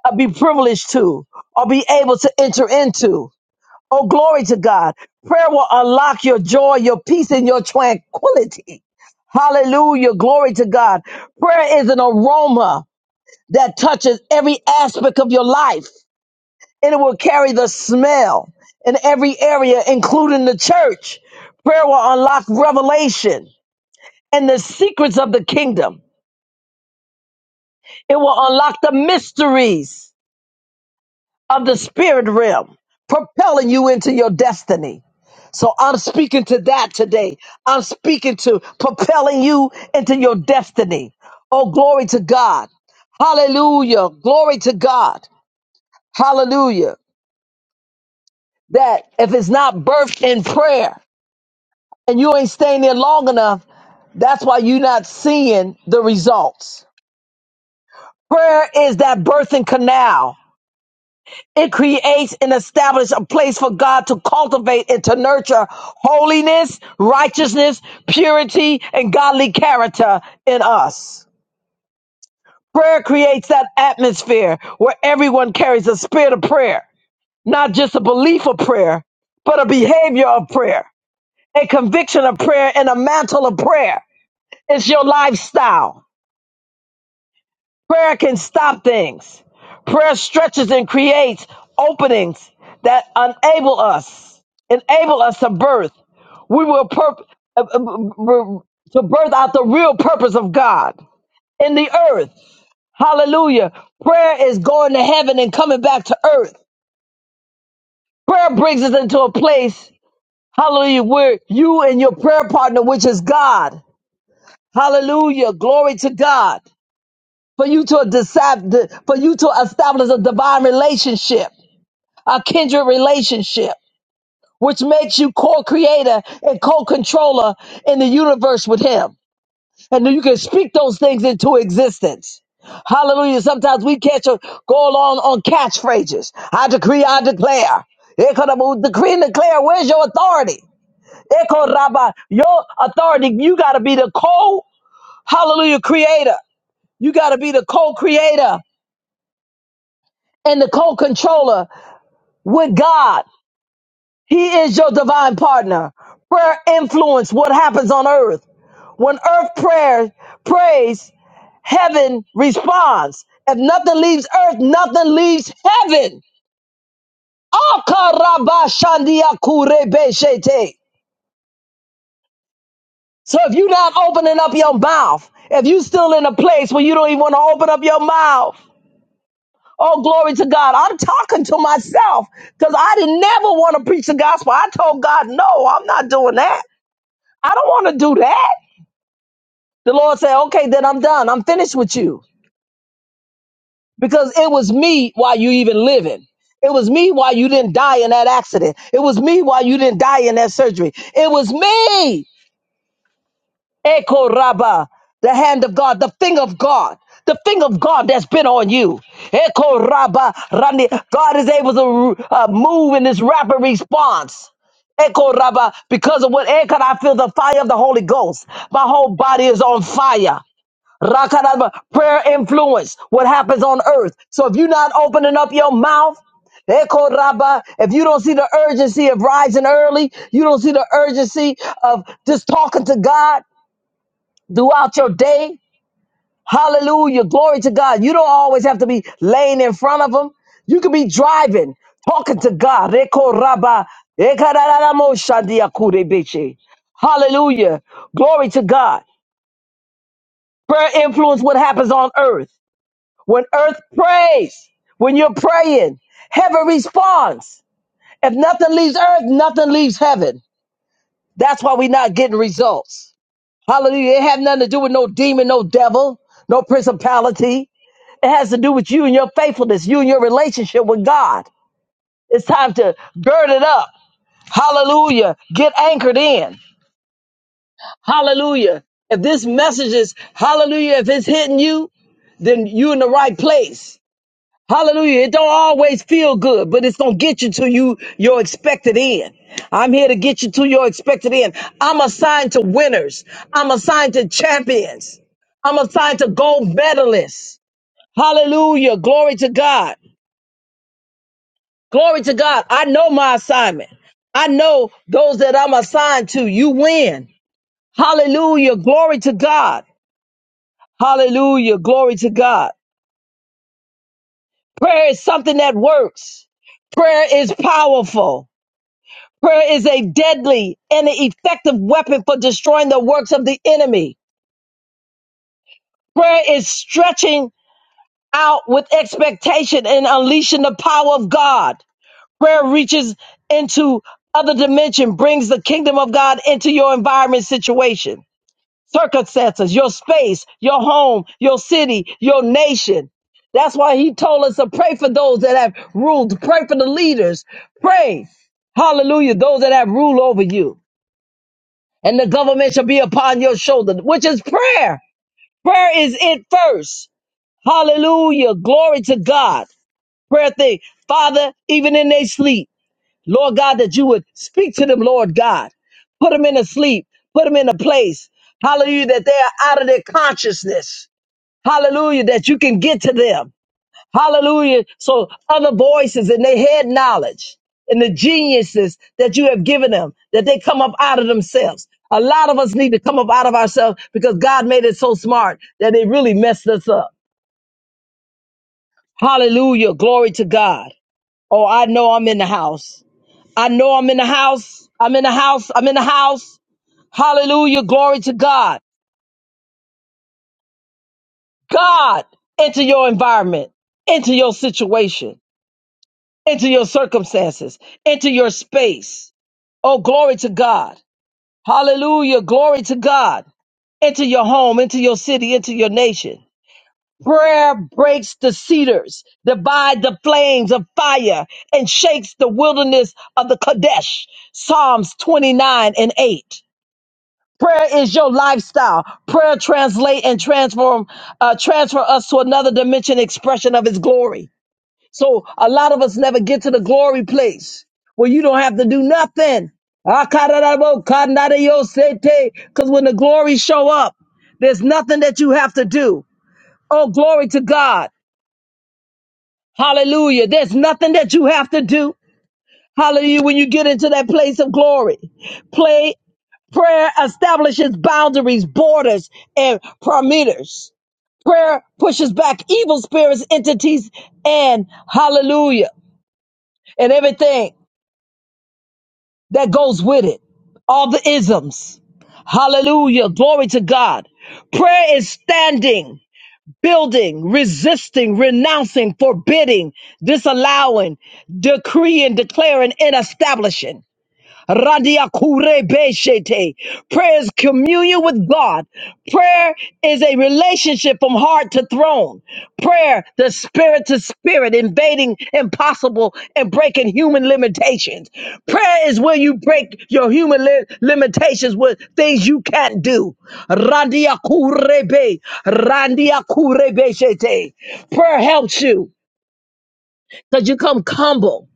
uh, be privileged to or be able to enter into. Oh, glory to God. Prayer will unlock your joy, your peace, and your tranquility. Hallelujah. Glory to God. Prayer is an aroma that touches every aspect of your life and it will carry the smell in every area, including the church. Prayer will unlock revelation and the secrets of the kingdom. It will unlock the mysteries of the spirit realm, propelling you into your destiny. So I'm speaking to that today. I'm speaking to propelling you into your destiny. Oh, glory to God. Hallelujah. Glory to God. Hallelujah. That if it's not birthed in prayer, and you ain't staying there long enough, that's why you're not seeing the results. Prayer is that birthing canal. It creates and establishes a place for God to cultivate and to nurture holiness, righteousness, purity, and godly character in us. Prayer creates that atmosphere where everyone carries a spirit of prayer, not just a belief of prayer, but a behavior of prayer, a conviction of prayer, and a mantle of prayer. It's your lifestyle. Prayer can stop things. Prayer stretches and creates openings that enable us, enable us to birth. We will purp uh, uh, uh, to birth out the real purpose of God in the earth. Hallelujah. Prayer is going to heaven and coming back to earth. Prayer brings us into a place, hallelujah, where you and your prayer partner, which is God, hallelujah, glory to God. for you to decide, for you to establish a divine relationship, a kindred relationship, which makes you co-creator and co-controller in the universe with Him, and then you can speak those things into existence. Hallelujah! Sometimes we catch a, go along on catchphrases. I decree, I declare. Ekarabu, Decree and declare. Where's your authority? Eko your authority. You got to be the co. Hallelujah, creator. You got to be the co-creator and the co-controller with God. He is your divine partner. Prayer influences what happens on earth. When earth prayer prays, heaven responds. If nothing leaves earth, nothing leaves heaven. Akarabashandiakurebeshete. So if you're not opening up your mouth, if you still in a place where you don't even want to open up your mouth, Oh, glory to God. I'm talking to myself because I didn't never want to preach the gospel. I told God, no, I'm not doing that. I don't want to do that. The Lord said, okay, then I'm done. I'm finished with you because it was me while you even living. It was me why you didn't die in that accident. It was me why you didn't die in that surgery. It was me. Echo Rabba, the hand of God, the finger of God, the finger of God that's been on you. Echo Rabba, Rani. God is able to uh, move in this rapid response. Echo Rabba, because of what Echo, I feel the fire of the Holy Ghost. My whole body is on fire. Rakaraba, prayer influence, what happens on earth. So if you're not opening up your mouth, Echo Rabba, if you don't see the urgency of rising early, you don't see the urgency of just talking to God, throughout your day. Hallelujah. Glory to God. You don't always have to be laying in front of them. You can be driving, talking to God. Reko raba, ekarararamo shandia kurebeche. Hallelujah. Glory to God. Prayer influence what happens on earth. When earth prays, when you're praying, heaven responds. If nothing leaves earth, nothing leaves heaven. That's why we're not getting results. Hallelujah. It had nothing to do with no demon, no devil, no principality. It has to do with you and your faithfulness, you and your relationship with God. It's time to gird it up. Hallelujah. Get anchored in. Hallelujah. If this message is hallelujah, if it's hitting you, then you're in the right place. Hallelujah. It don't always feel good, but it's gonna get you to you your expected end. I'm here to get you to your expected end. I'm assigned to winners. I'm assigned to champions. I'm assigned to gold medalists. Hallelujah. Glory to God. Glory to God. I know my assignment. I know those that I'm assigned to. You win. Hallelujah. Glory to God. Hallelujah. Glory to God. Prayer is something that works. Prayer is powerful. Prayer is a deadly and an effective weapon for destroying the works of the enemy. Prayer is stretching out with expectation and unleashing the power of God. Prayer reaches into other dimension, brings the kingdom of God into your environment situation, circumstances, your space, your home, your city, your nation. That's why he told us to pray for those that have ruled, pray for the leaders, pray. Hallelujah. Those that have rule over you and the government shall be upon your shoulder, which is prayer. Prayer is it first. Hallelujah. Glory to God. Prayer thing. Father, even in their sleep. Lord God, that you would speak to them, Lord God. Put them in a sleep. Put them in a place. Hallelujah, that they are out of their consciousness. Hallelujah, that you can get to them. Hallelujah. So other voices in their head knowledge and the geniuses that you have given them, that they come up out of themselves. A lot of us need to come up out of ourselves because God made it so smart that it really messed us up. Hallelujah. Glory to God. Oh, I know I'm in the house. I know I'm in the house. I'm in the house. I'm in the house. Hallelujah. Glory to God. God, enter your environment, into your situation, into your circumstances, into your space. Oh, glory to God. Hallelujah. Glory to God. Into your home, into your city, into your nation. Prayer breaks the cedars, divide the flames of fire, and shakes the wilderness of the Kadesh. Psalms 29 and 8. Prayer is your lifestyle. Prayer translate and transform, uh, transfer us to another dimension expression of his glory. So a lot of us never get to the glory place where you don't have to do nothing. Because when the glory show up, there's nothing that you have to do. Oh, glory to God. Hallelujah. There's nothing that you have to do. Hallelujah. When you get into that place of glory, play. Prayer establishes boundaries, borders, and parameters. Prayer pushes back evil spirits, entities, and hallelujah, and everything that goes with it. All the isms. Hallelujah. Glory to God. Prayer is standing, building, resisting, renouncing, forbidding, disallowing, decreeing, declaring, and establishing. Radia kure beshete. Prayer is communion with God. Prayer is a relationship from heart to throne. Prayer, the spirit to spirit, invading impossible and breaking human limitations. Prayer is where you break your human li- limitations with things you can't do. Radia kurebe, randia kurebe shete. Prayer helps you because you come humble.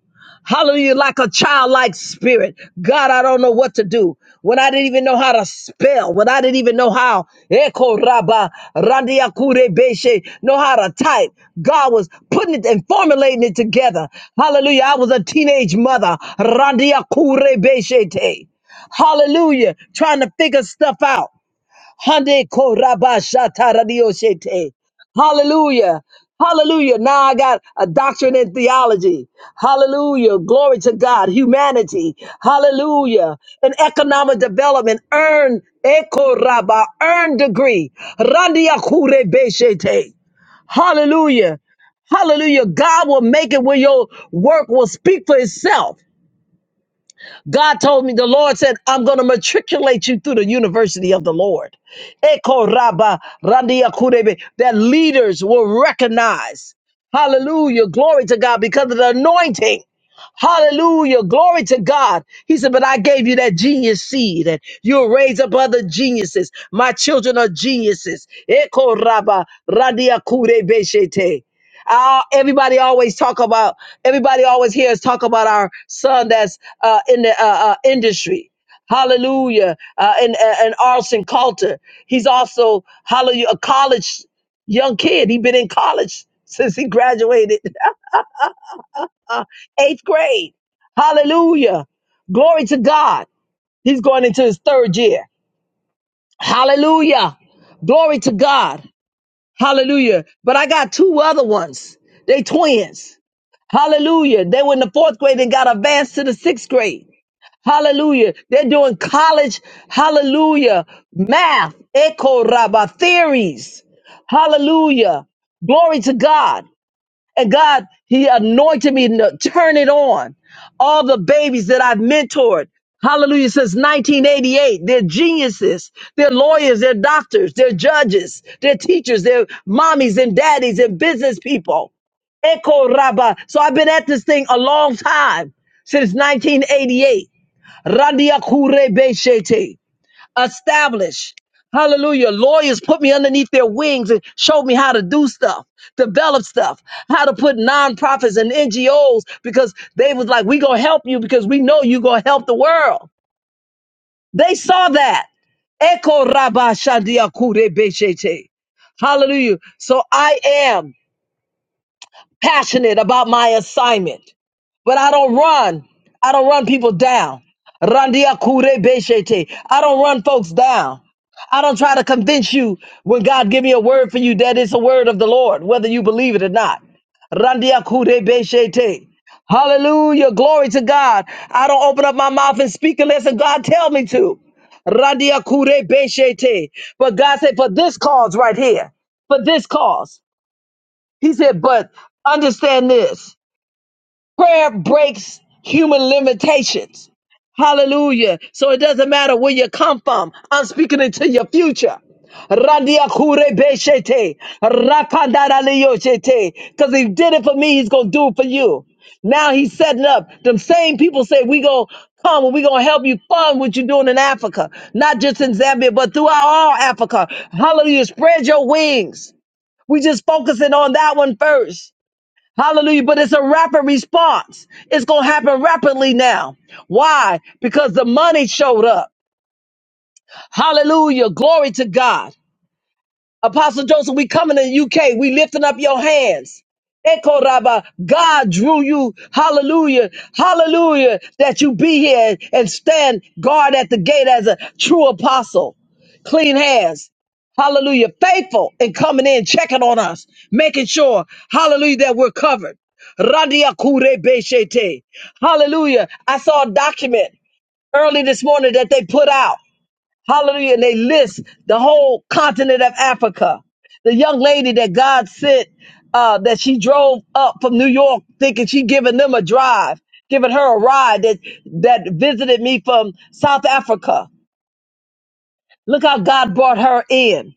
Hallelujah, like a childlike spirit. God, I don't know what to do. When I didn't even know how to spell, when I didn't even know how, Eko Raba, Randiakure Beshe, know how to type. God was putting it and formulating it together. Hallelujah. I was a teenage mother. Randiakure Beshe. Te. Hallelujah. Trying to figure stuff out. Hande korabashataradiosete. Hallelujah. Hallelujah. Now I got a doctrine in theology. Hallelujah. Glory to God. Humanity. Hallelujah. And economic development. Earn ekoraba. Earn degree. Randiakurebeshete. Hallelujah. Hallelujah. God will make it where your work will speak for itself. God told me, the Lord said, I'm going to matriculate you through the university of the Lord. Eko raba randia kurebe, That leaders will recognize. Hallelujah. Glory to God because of the anointing. Hallelujah. Glory to God. He said, But I gave you that genius seed, and you'll raise up other geniuses. My children are geniuses. Eko raba randia kurebe shete. Uh, everybody always talk about. Everybody always hears talk about our son that's uh, in the uh, uh, industry. Hallelujah. Uh, and and and Arson Coulter. He's also hallelujah a college young kid. He been in college since he graduated uh, eighth grade. Hallelujah. Glory to God. He's going into his third year. Hallelujah. Glory to God. Hallelujah. But I got two other ones. They twins. Hallelujah. They were in the fourth grade and got advanced to the sixth grade. Hallelujah. They're doing college, hallelujah, math, echo rabba theories. Hallelujah. Glory to God. And God, He anointed me to turn it on. All the babies that I've mentored, hallelujah, since 1988, they're geniuses, they're lawyers, they're doctors, they're judges, they're teachers, they're mommies and daddies and business people. Echo Rabba. So I've been at this thing a long time, since 1988. Randia Kure Beshete establish. Hallelujah. Lawyers put me underneath their wings and showed me how to do stuff, develop stuff, how to put nonprofits and NGOs because they was like, we gonna help you because we know you gonna help the world. They saw that. Eko raba shandia kure beshete. Hallelujah. So I am passionate about my assignment. But I don't run. I don't run people down. Randia kure beshete. I don't run folks down. I don't try to convince you when God give me a word for you that it's a word of the Lord, whether you believe it or not. Randia kure beshete. Hallelujah. Glory to God. I don't open up my mouth and speak unless if God tell me to. Randia kure beshete. But God said, for this cause right here, for this cause. He said, but understand this prayer breaks human limitations. Hallelujah. So it doesn't matter where you come from. I'm speaking into your future. Randia kure beshete. Rakandara liyoshete. Because he did it for me, he's going to do it for you. Now he's setting up. Them same people say, we going to come and we going to help you fund what you're doing in Africa. Not just in Zambia, but throughout all Africa. Hallelujah. Spread your wings. We just focusing on that one first. Hallelujah. But it's a rapid response. It's going to happen rapidly now. Why? Because the money showed up. Hallelujah. Glory to God. Apostle Joseph, we coming to the UK. We lifting up your hands. Echo Rabba, God drew you, hallelujah, hallelujah, that you be here and stand guard at the gate as a true apostle. Clean hands, hallelujah, faithful in coming in, checking on us, making sure, hallelujah, that we're covered. Radia Kure Beshete. Hallelujah. I saw a document early this morning that they put out. Hallelujah. And they list the whole continent of Africa. The young lady that God sent, uh, that she drove up from New York thinking she giving them a drive, giving her a ride that, that visited me from South Africa. Look how God brought her in.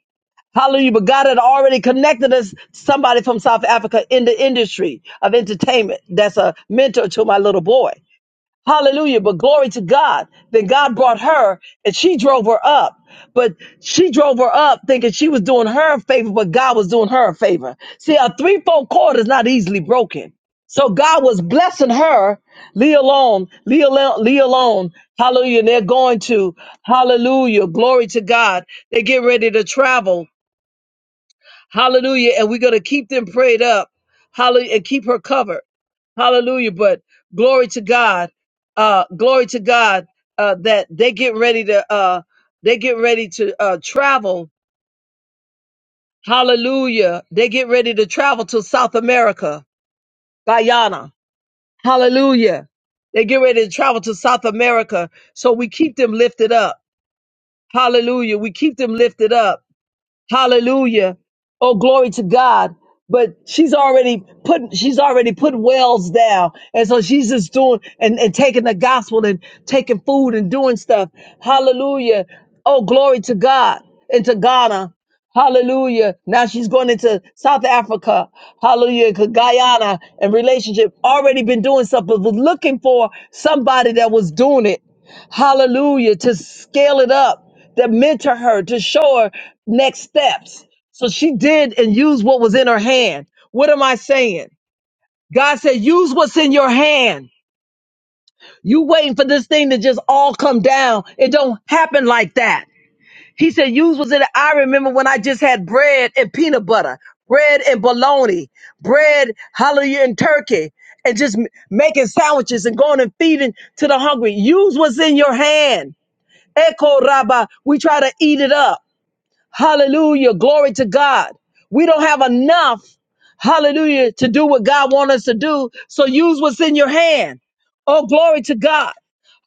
Hallelujah. But God had already connected us to somebody from South Africa in the industry of entertainment. That's a mentor to my little boy. Hallelujah. But glory to God. Then God brought her and she drove her up. But she drove her up thinking she was doing her a favor, but God was doing her a favor. See, a threefold cord is not easily broken. So God was blessing her. Leave alone, leave alone, leave alone. Hallelujah. And they're going to, hallelujah, glory to God. They get ready to travel. Hallelujah. And we're going to keep them prayed up. Hallelujah. And keep her covered. Hallelujah. But glory to God. Uh, glory to God uh, that they get ready to uh, they get ready to uh, travel. Hallelujah. They get ready to travel to South America, Guyana. Hallelujah. They get ready to travel to South America. So we keep them lifted up. Hallelujah. We keep them lifted up. Hallelujah. Oh, glory to God. But she's already put, she's already put wells down. And so she's just doing and, and taking the gospel and taking food and doing stuff. Hallelujah. Oh, glory to God. Into Ghana. Hallelujah. Now she's going into South Africa. Hallelujah. to Guyana and relationship. Already been doing stuff, but was looking for somebody that was doing it. Hallelujah. To scale it up, to mentor her, to show her next steps. So she did and used what was in her hand. What am I saying? God said, use what's in your hand. You waiting for this thing to just all come down. It don't happen like that. He said, use what's in it. I remember when I just had bread and peanut butter, bread and bologna, bread, hallelujah, and turkey, and just m- making sandwiches and going and feeding to the hungry. Use what's in your hand. Echo Rabba, we try to eat it up. Hallelujah. Glory to God. We don't have enough. Hallelujah. To do what God wants us to do. So use what's in your hand. Oh, glory to God.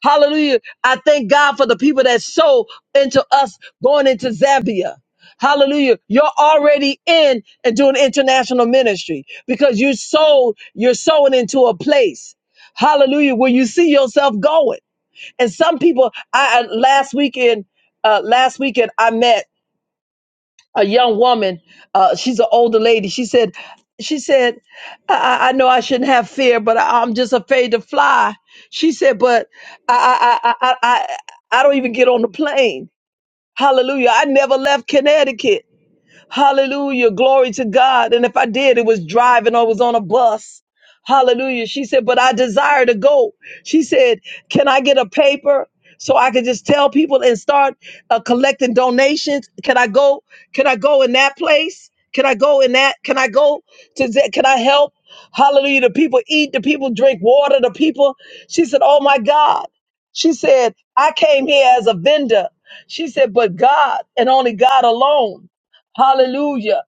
Hallelujah. I thank God for the people that sow into us going into Zambia. Hallelujah. You're already in and doing international ministry because you sold, you're sowing into a place. Hallelujah. Where you see yourself going. And some people, I I- last weekend, uh, last weekend I met a young woman. Uh, she's an older lady. She said, she said, I, I I know I shouldn't have fear, but I, I'm just afraid to fly. She said, but I, I, I, I, I I don't even get on the plane. Hallelujah. I never left Connecticut. Hallelujah. Glory to God. And if I did, it was driving or was on a bus. Hallelujah. She said, but I desire to go. She said, can I get a paper so I can just tell people and start uh, collecting donations? Can I go? Can I go in that place? Can I go in that? Can I go to that? Can I help? Hallelujah. The people eat, the people drink water, the people. She said, oh my God. She said, I came here as a vendor. She said, but God and only God alone. Hallelujah.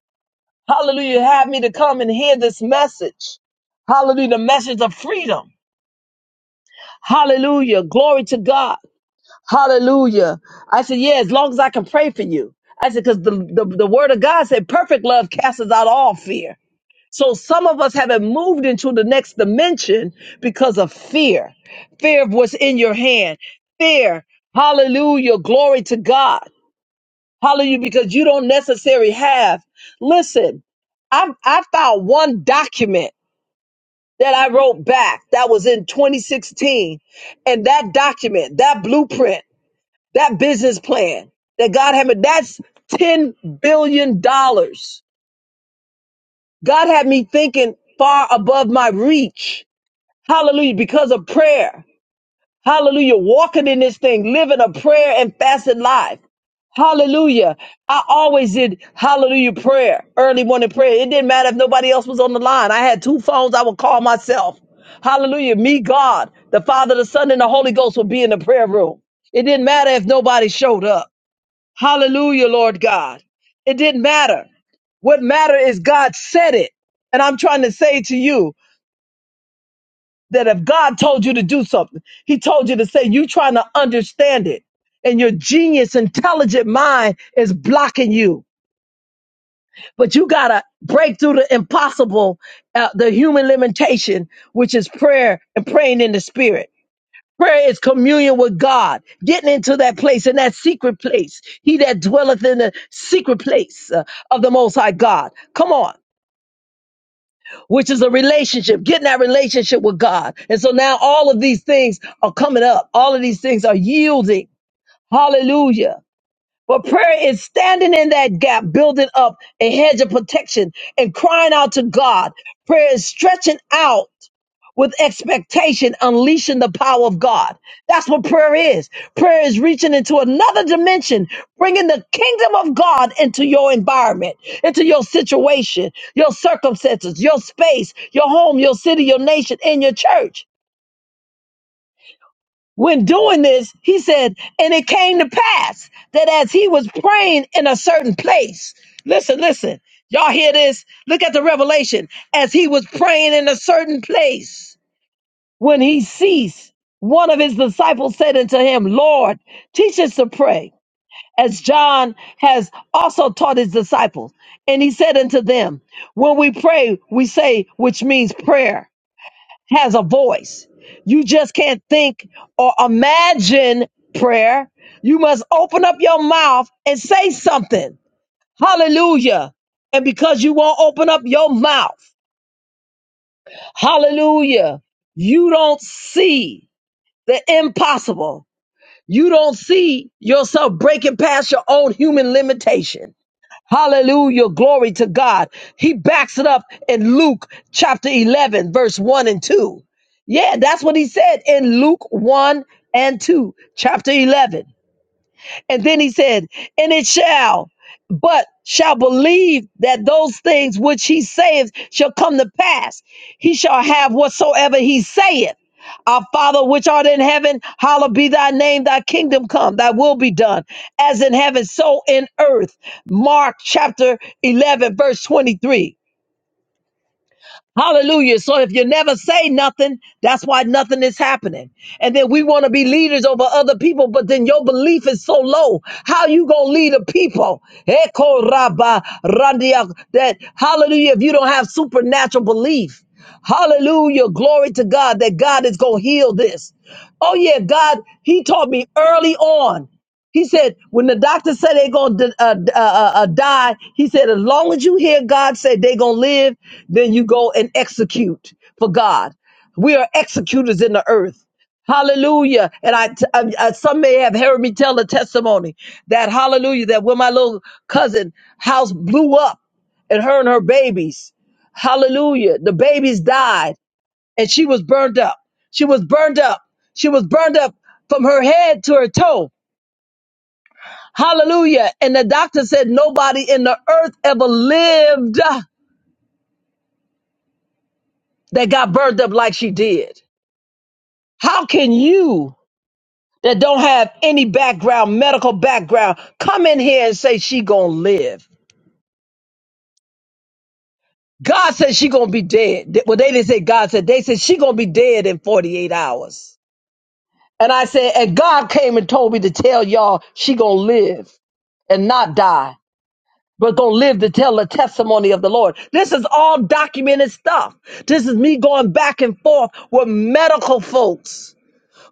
Hallelujah. Have me to come and hear this message. Hallelujah. The message of freedom. Hallelujah. Glory to God. Hallelujah. I said, yeah, as long as I can pray for you. I said, because the, the, the word of God said perfect love casts out all fear. So some of us haven't moved into the next dimension because of fear. Fear of what's in your hand. Fear. Hallelujah. Glory to God. Hallelujah, because you don't necessarily have. Listen, I, I found one document that I wrote back that was in 2016. And that document, that blueprint, that business plan that God had me, that's $10 billion. dollars. God had me thinking far above my reach. Hallelujah, because of prayer. Hallelujah, walking in this thing, living a prayer and fasted life. Hallelujah. I always did hallelujah prayer, early morning prayer. It didn't matter if nobody else was on the line. I had two phones I would call myself. Hallelujah. Me, God, the Father, the Son, and the Holy Ghost would be in the prayer room. It didn't matter if nobody showed up. Hallelujah, Lord God. It didn't matter. What mattered is God said it. And I'm trying to say to you that if God told you to do something, He told you to say, you trying to understand it. And your genius, intelligent mind is blocking you. but you gotta break through the impossible, uh, the human limitation, which is prayer and praying in the spirit. Prayer is communion with God, getting into that place, in that secret place. He that dwelleth in the secret place uh, of the Most High God. Come on, which is a relationship, getting that relationship with God. And so now all of these things are coming up. All of these things are yielding. Hallelujah but prayer is standing in that gap, building up a hedge of protection and crying out to God. Prayer is stretching out with expectation, unleashing the power of God. That's what prayer is. Prayer is reaching into another dimension, bringing the kingdom of God into your environment, into your situation, your circumstances, your space, your home, your city, your nation, and your church when doing this, he said, and it came to pass that as he was praying in a certain place, listen, listen, y'all hear this? Look at the revelation. As he was praying in a certain place, when he ceased, one of his disciples said unto him, Lord, teach us to pray, as John has also taught his disciples. And he said unto them, When we pray, we say, which means prayer has a voice. You just can't think or imagine prayer. You must open up your mouth and say something. Hallelujah. And because you won't open up your mouth, hallelujah, you don't see the impossible. You don't see yourself breaking past your own human limitation. Hallelujah. Glory to God. He backs it up in Luke chapter 11, verse 1 and 2. Yeah, that's what he said in Luke 1 and 2, chapter 11. And then he said, and it shall, but shall believe that those things which he saith shall come to pass. He shall have whatsoever he saith. Our Father which art in heaven, hallowed be thy name, thy kingdom come, thy will be done, as in heaven, so in earth. Mark chapter 11, verse 23. Hallelujah. So if you never say nothing, that's why nothing is happening. And then we want to be leaders over other people, but then your belief is so low. How you gonna lead a people? Eko raba randia- That hallelujah, if you don't have supernatural belief. Hallelujah. Glory to God that God is gonna heal this. Oh, yeah, God, He taught me early on. He said, when the doctor said they're going to uh, uh, uh, uh, die, he said, as long as you hear God say they're going to live, then you go and execute for God. We are executors in the earth. Hallelujah. And I, t- I- I- some may have heard me tell the testimony that hallelujah, that when my little cousin house blew up and her and her babies, hallelujah, the babies died and she was burned up. She was burned up. She was burned up from her head to her toe Hallelujah. And the doctor said nobody in the earth ever lived that got burned up like she did. How can you that don't have any background, medical background, come in here and say she gonna live? God said she gonna be dead. Th- Well, they didn't say God said. They said she gonna be dead in 48 hours. And I said, and God came and told me to tell y'all she gonna live and not die. but gonna live to tell the testimony of the Lord. This is all documented stuff. This is me going back and forth with medical folks.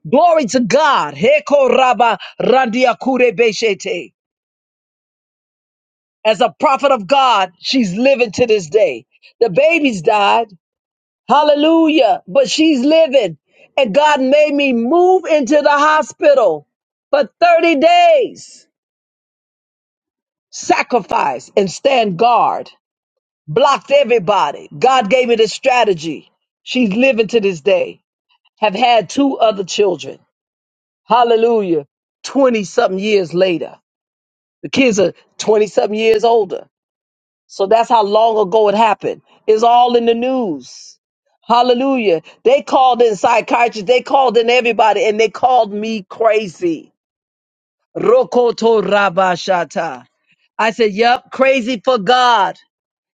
Glory to God. Heko raba randia kure beshete. As a prophet of God, she's living to this day. The baby's died. Hallelujah. But she's living. And God made me move into the hospital for 30 days, sacrifice and stand guard. blocked everybody. God gave me this strategy. She's living to this day. Have had two other children. Hallelujah. 20 something years later. The kids are 20 something years older. So that's how long ago it happened. It's all in the news. Hallelujah. They called in psychiatrists, they called in everybody, and they called me crazy. Rokoto Rabashata. I said, Yep, crazy for God.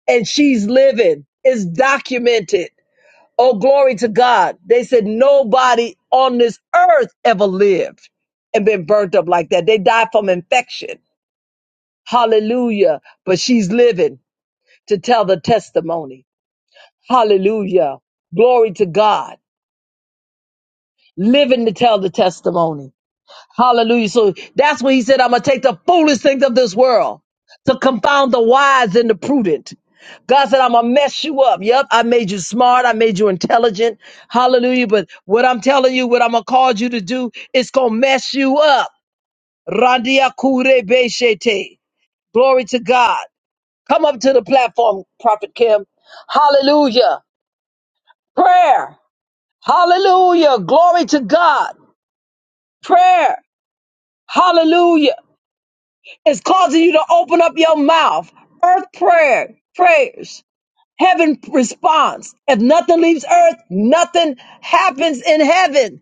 And she's living. It's documented. Oh, glory to God. They said nobody on this earth ever lived and been burnt up like that. They died from infection. Hallelujah. But she's living to tell the testimony. Hallelujah. Glory to God. Living to tell the testimony. Hallelujah. So that's when he said, I'm going to take the foolish things of this world to confound the wise and the prudent. God said, I'm going to mess you up. Yep, I made you smart. I made you intelligent. Hallelujah. But what I'm telling you, what I'm going to cause you to do, it's going to mess you up. Randia kure beshete. Glory to God. Come up to the platform, Prophet Kim. Hallelujah. Prayer. Hallelujah. Glory to God. Prayer. Hallelujah. is causing you to open up your mouth. Earth prayer, prayers, heaven response. If nothing leaves earth, nothing happens in heaven.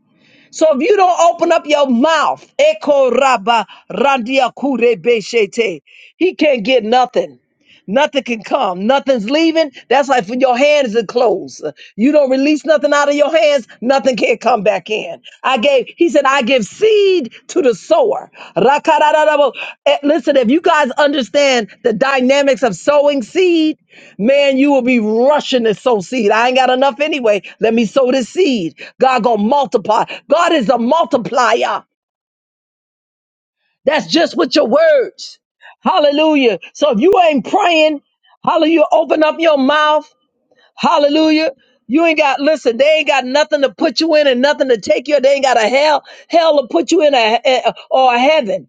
So if you don't open up your mouth, Eko Raba Randia Kure Beshete, he can't get nothing. Nothing can come. Nothing's leaving. That's like when your hands are closed. You don't release nothing out of your hands, nothing can come back in. I gave, he said, I give seed to the sower. Rakararabo. Eh, Listen, if you guys understand the dynamics of sowing seed, man, you will be rushing to sow seed. I ain't got enough anyway. Let me sow this seed. God gonna multiply. God is a multiplier. That's just with your words. Hallelujah. So if you ain't praying, hallelujah, open up your mouth. Hallelujah. You ain't got, listen, they ain't got nothing to put you in and nothing to take you. They ain't got a hell, hell to put you in a, a- or a heaven.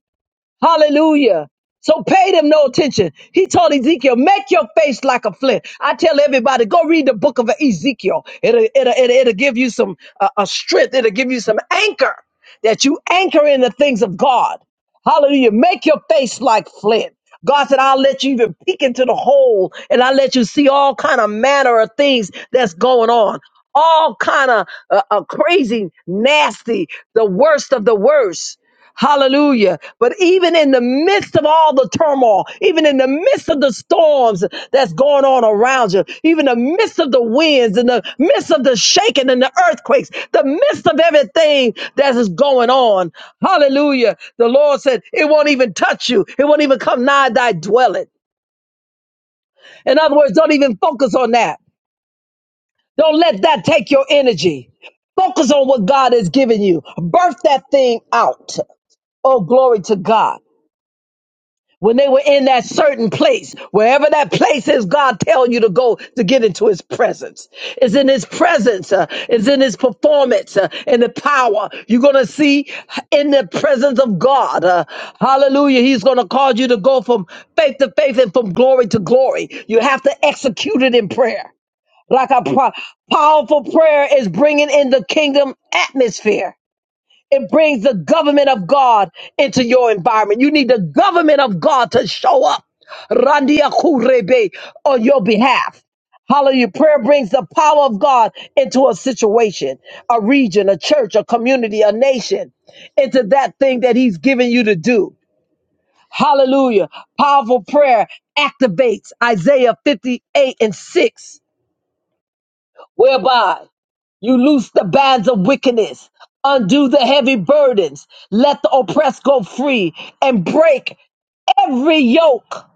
Hallelujah. So pay them no attention. He told Ezekiel, make your face like a flint. I tell everybody, go read the book of Ezekiel. It'll, it'll, it'll, it'll give you some uh, a strength. It'll give you some anchor that you anchor in the things of God. Hallelujah. Make your face like flint. God said, I'll let you even peek into the hole and I'll let you see all kind of manner of things that's going on. All kind of uh, uh, crazy, nasty, the worst of the worst. Hallelujah. But even in the midst of all the turmoil, even in the midst of the storms that's going on around you, even the midst of the winds and the midst of the shaking and the earthquakes, the midst of everything that is going on, hallelujah. The Lord said, It won't even touch you, it won't even come nigh thy dwelling. In other words, don't even focus on that. Don't let that take your energy. Focus on what God has given you. Birth that thing out. Oh, glory to God. when they were in that certain place, wherever that place is, God tell you to go to get into His presence. It's in His presence. Uh, it's in His performance uh, and the power. You're gonna see in the presence of God. uh, hallelujah! He's gonna cause you to go from faith to faith and from glory to glory. You have to execute it in prayer. Like a pro- powerful prayer is bringing in the kingdom atmosphere. It brings the government of God into your environment. You need the government of God to show up Randia Kurebe, on your behalf. Hallelujah. Prayer brings the power of God into a situation, a region, a church, a community, a nation, into that thing that He's given you to do. Hallelujah. Powerful prayer activates Isaiah 58 and 6, whereby you loose the bands of wickedness, undo the heavy burdens, let the oppressed go free, and break every yoke.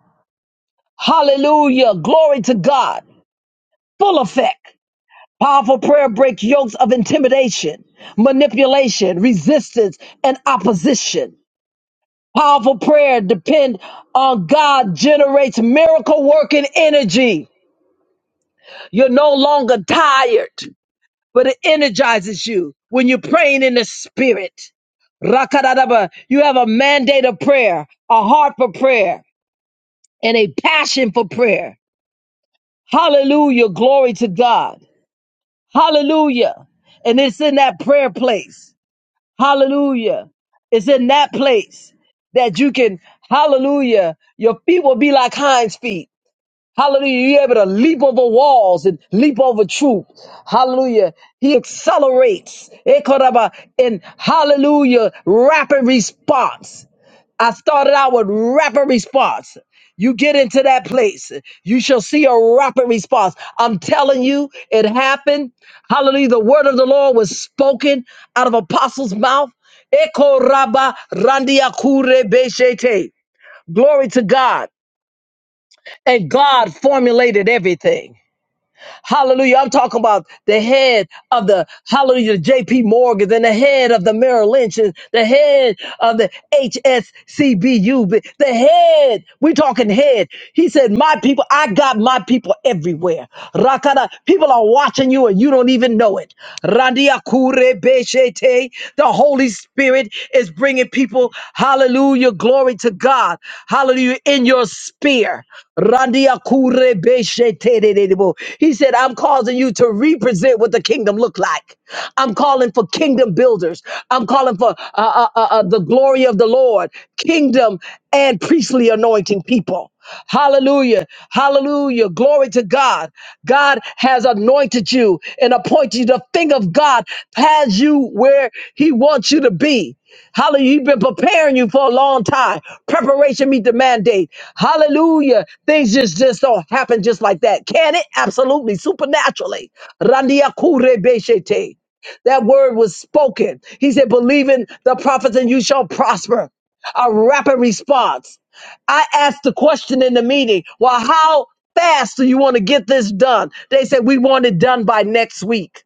Hallelujah. Glory to God. Full effect. Powerful prayer breaks yokes of intimidation, manipulation, resistance, and opposition. Powerful prayer depend on God generates miracle working energy. You're no longer tired. but it energizes you when you're praying in the spirit. Rakadadaba, you have a mandate of prayer, a heart for prayer, and a passion for prayer. Hallelujah. Glory to God. Hallelujah. And it's in that prayer place. Hallelujah. It's in that place that you can, hallelujah, your feet will be like hinds feet Hallelujah. You're able to leap over walls and leap over truth. Hallelujah. He accelerates. Ekoraba, In hallelujah, rapid response. I started out with rapid response. You get into that place, you shall see a rapid response. I'm telling you, it happened. Hallelujah. The word of the Lord was spoken out of apostles' mouth. Ekoraba, randiakure beshete. Glory to God. And God formulated everything. Hallelujah. I'm talking about the head of the, hallelujah, JP Morgan and the head of the Merrill Lynch and the head of the HSCBU, but the head. We're talking head. He said, my people, I got my people everywhere. Rakada, people are watching you and you don't even know it. Randia kure beshete. The Holy Spirit. Spirit is bringing people, hallelujah, glory to God, hallelujah, in your spear. Randia kure beshe te de de de bo. He said, I'm causing you to represent what the kingdom look like. I'm calling for kingdom builders. I'm calling for uh, uh, uh, uh, the glory of the Lord, kingdom and priestly anointing people. Hallelujah. Hallelujah. Glory to God. God has anointed you and appointed you. The thing of God has you where He wants you to be. Hallelujah. He's been preparing you for a long time. Preparation meet the mandate. Hallelujah. Things just, just don't happen just like that. Can it? Absolutely. Supernaturally. Randia kure beshete. That word was spoken. He said, believe in the prophets and you shall prosper. A rapid response. I asked the question in the meeting, well, how fast do you want to get this done? They said, we want it done by next week.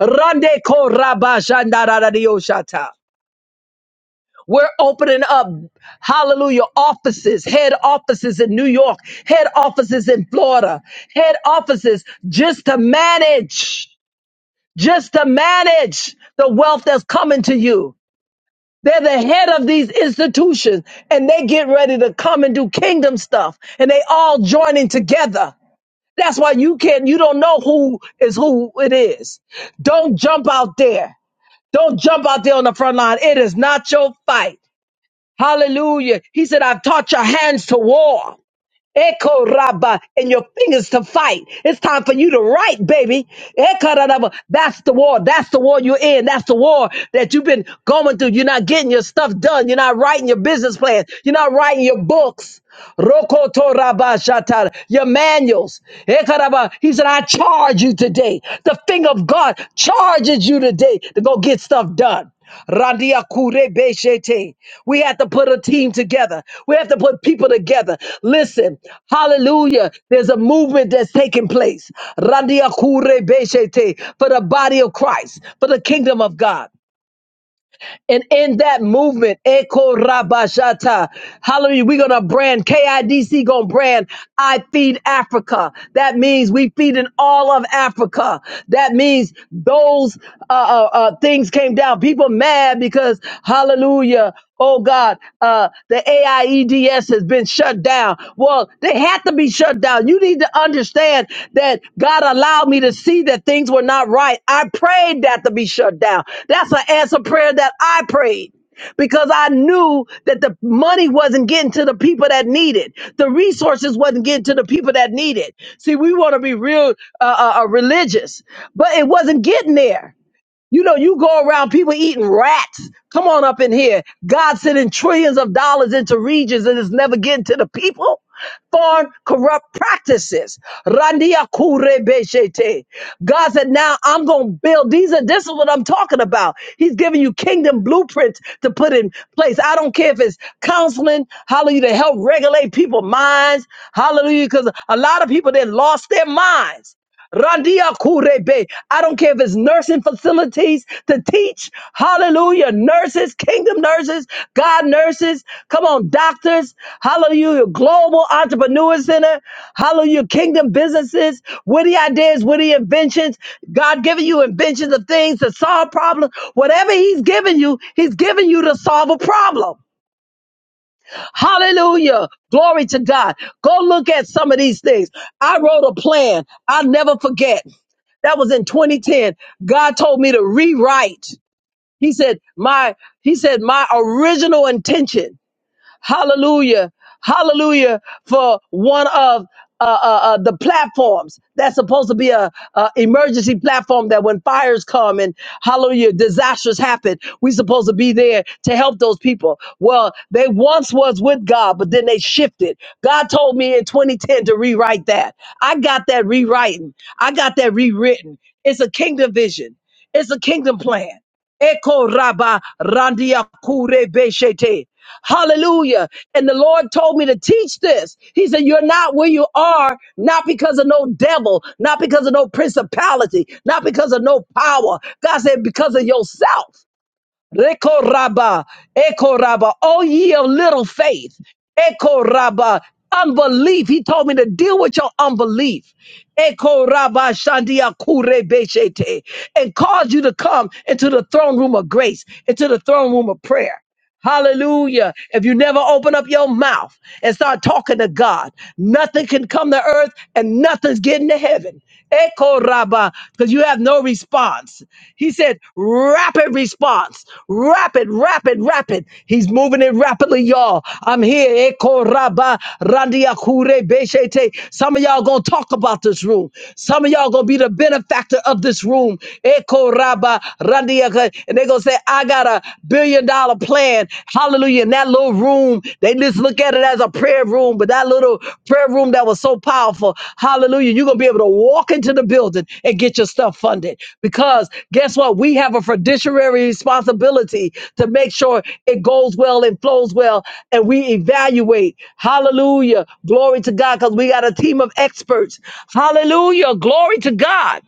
Rande ko raba shanda da da dio shata. We're opening up, hallelujah, offices, head offices in New York, head offices in Florida, head offices just to manage, just to manage the wealth that's coming to you. They're the head of these institutions and they get ready to come and do kingdom stuff and they all joining together. That's why you can't, you don't know who is who it is. Don't jump out there. Don't jump out there on the front line. It is not your fight. Hallelujah. He said, I've taught your hands to war. Echo Rabba and your fingers to fight. It's time for you to write, baby. Echo Rabba. That's the war. That's the war you're in. That's the war that you've been going through. You're not getting your stuff done. You're not writing your business plans. You're not writing your books. Rokoto Rabba Shatara. Your manuals. Echo Rabba. He said, I charge you today. The finger of God charges you today to go get stuff done. Randia kure beshete. We have to put a team together. We have to put people together. Listen, hallelujah. There's a movement that's taking place. Randia kure beshete. For the body of Christ, for the kingdom of God. And in that movement, Eko Rabashata, hallelujah, we're going to brand, KIDC going to brand, I feed Africa. That means we feed in all of Africa. That means those uh, uh, uh, things came down. People mad because, hallelujah, oh God, uh, the AIEDS has been shut down. Well, they had had to be shut down. You need to understand that God allowed me to see that things were not right. I prayed that to be shut down. That's an answer prayer that I prayed because I knew that the money wasn't getting to the people that need it. The resources wasn't getting to the people that need it. See, we want to be real uh, uh, uh, religious, but it wasn't getting there. You know, you go around people eating rats. Come on up in here. God sending trillions of dollars into regions and it's never getting to the people. Foreign corrupt practices. Randia kure beshete. God said, now I'm going to build. These are, this is what I'm talking about. He's giving you kingdom blueprints to put in place. I don't care if it's counseling, hallelujah, to help regulate people's minds. Hallelujah. Cause a lot of people that lost their minds. Randia Kurebe. I don't care if it's nursing facilities to teach. Hallelujah. Nurses, kingdom nurses, God nurses. Come on, doctors. Hallelujah. Global Entrepreneur Center. Hallelujah. Kingdom businesses. Witty ideas, witty inventions. God giving you inventions of things to solve problems. Whatever He's giving you, He's giving you to solve a problem. Hallelujah. Glory to God. Go look at some of these things. I wrote a plan. I'll never forget. That was in 2010. God told me to rewrite. He said, my, he said, my original intention. Hallelujah. Hallelujah for one of uh, uh, uh, the platforms that's supposed to be a, a emergency platform that when fires come and hallelujah disasters happen we supposed to be there to help those people well they once was with god but then they shifted god told me in 2010 to rewrite that i got that rewriting i got that rewritten it's a kingdom vision it's a kingdom plan Eko raba randia kure beshete. Hallelujah. And the Lord told me to teach this. He said, You're not where you are, not because of no devil, not because of no principality, not because of no power. God said, Because of yourself. Rekoraba, Ekoraba, all ye of little faith. Ekoraba, unbelief. He told me to deal with your unbelief. Ekoraba shandia kure beshete, and cause you to come into the throne room of grace, into the throne room of prayer. Hallelujah. If you never open up your mouth and start talking to God, nothing can come to earth and nothing's getting to heaven. Echo Rabba, because you have no response. He said, rapid response, rapid, rapid, rapid. He's moving it rapidly, y'all. I'm here. Echo Rabba, Randia Kure Beshete. Some of y'all gonna talk about this room. Some of y'all gonna be the benefactor of this room. Echo Rabba, and they're going to say, I got a billion dollar plan. Hallelujah. In that little room, they just look at it as a prayer room, but that little prayer room that was so powerful, hallelujah, you're going to be able to walk into the building and get your stuff funded. Because guess what? We have a fiduciary responsibility to make sure it goes well and flows well. And we evaluate, hallelujah, glory to God, because we got a team of experts. Hallelujah, glory to God.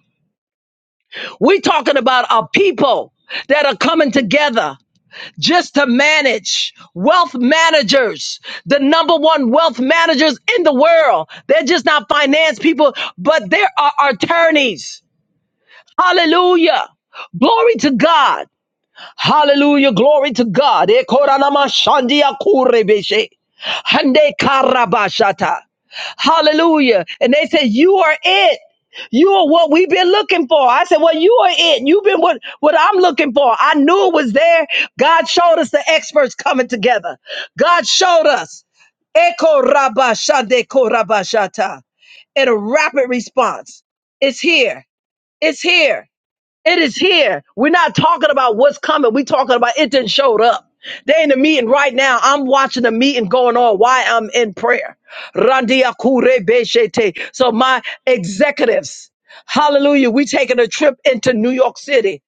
We're talking about a people that are coming together just to manage wealth managers, the number one wealth managers in the world. They're just not finance people, but they are attorneys. Hallelujah. Glory to God. Hallelujah. Glory to God. Eh, koranama shandia kurebeshe. Hande karabashata. Hallelujah. And they said, You are it. You are what we've been looking for. I said, Well, you are it. You've been what, what I'm looking for. I knew it was there. God showed us the experts coming together. God showed us. Eko rabashade korabashata. In a rapid response. It's here. It's here. It is here. We're not talking about what's coming. We're talking about it didn't showed up. They in the meeting right now. I'm watching the meeting going on Why I'm in prayer. Randia kure beshete. So my executives, hallelujah, we taking a trip into New York City.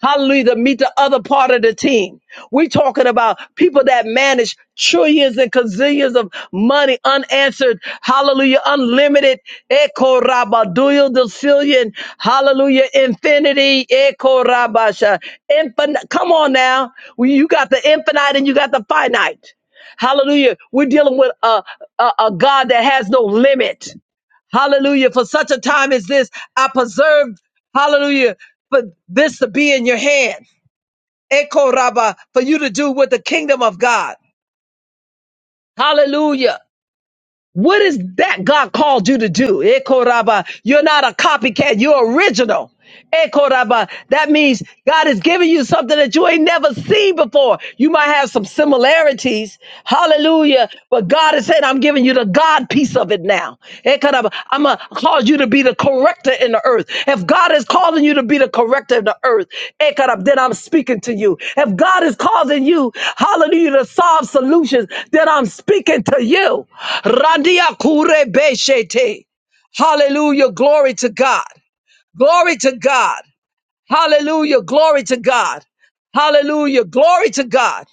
Hallelujah. To meet the other part of the team. We're talking about people that manage trillions and gazillions of money unanswered. Hallelujah. Unlimited. Echo rabaduyo decillion. Hallelujah. Infinity. Echo rabasha. Infin- Come on now. We- You got the infinite and you got the finite. Hallelujah. We're dealing with a, a, a God that has no limit. Hallelujah. For such a time as this, I preserved, hallelujah, for this to be in your hand. Echo Rabbah, for you to do with the kingdom of God. Hallelujah. What is that God called you to do? Echo Rabbah, you're not a copycat, you're original. Echo Rabbah, that means God is giving you something that you ain't never seen before. You might have some similarities. Hallelujah. But God is saying, I'm giving you the God piece of it now down. Ekaraba, I'm going to cause you to be the corrector in the earth. If God is calling you to be the corrector in the earth, ekarab, then I'm speaking to you. If God is causing you, hallelujah, to solve solutions, then I'm speaking to you. Randia kure beshete. Hallelujah. Glory to God. Glory to God. Hallelujah. Glory to God. Hallelujah. Glory to God.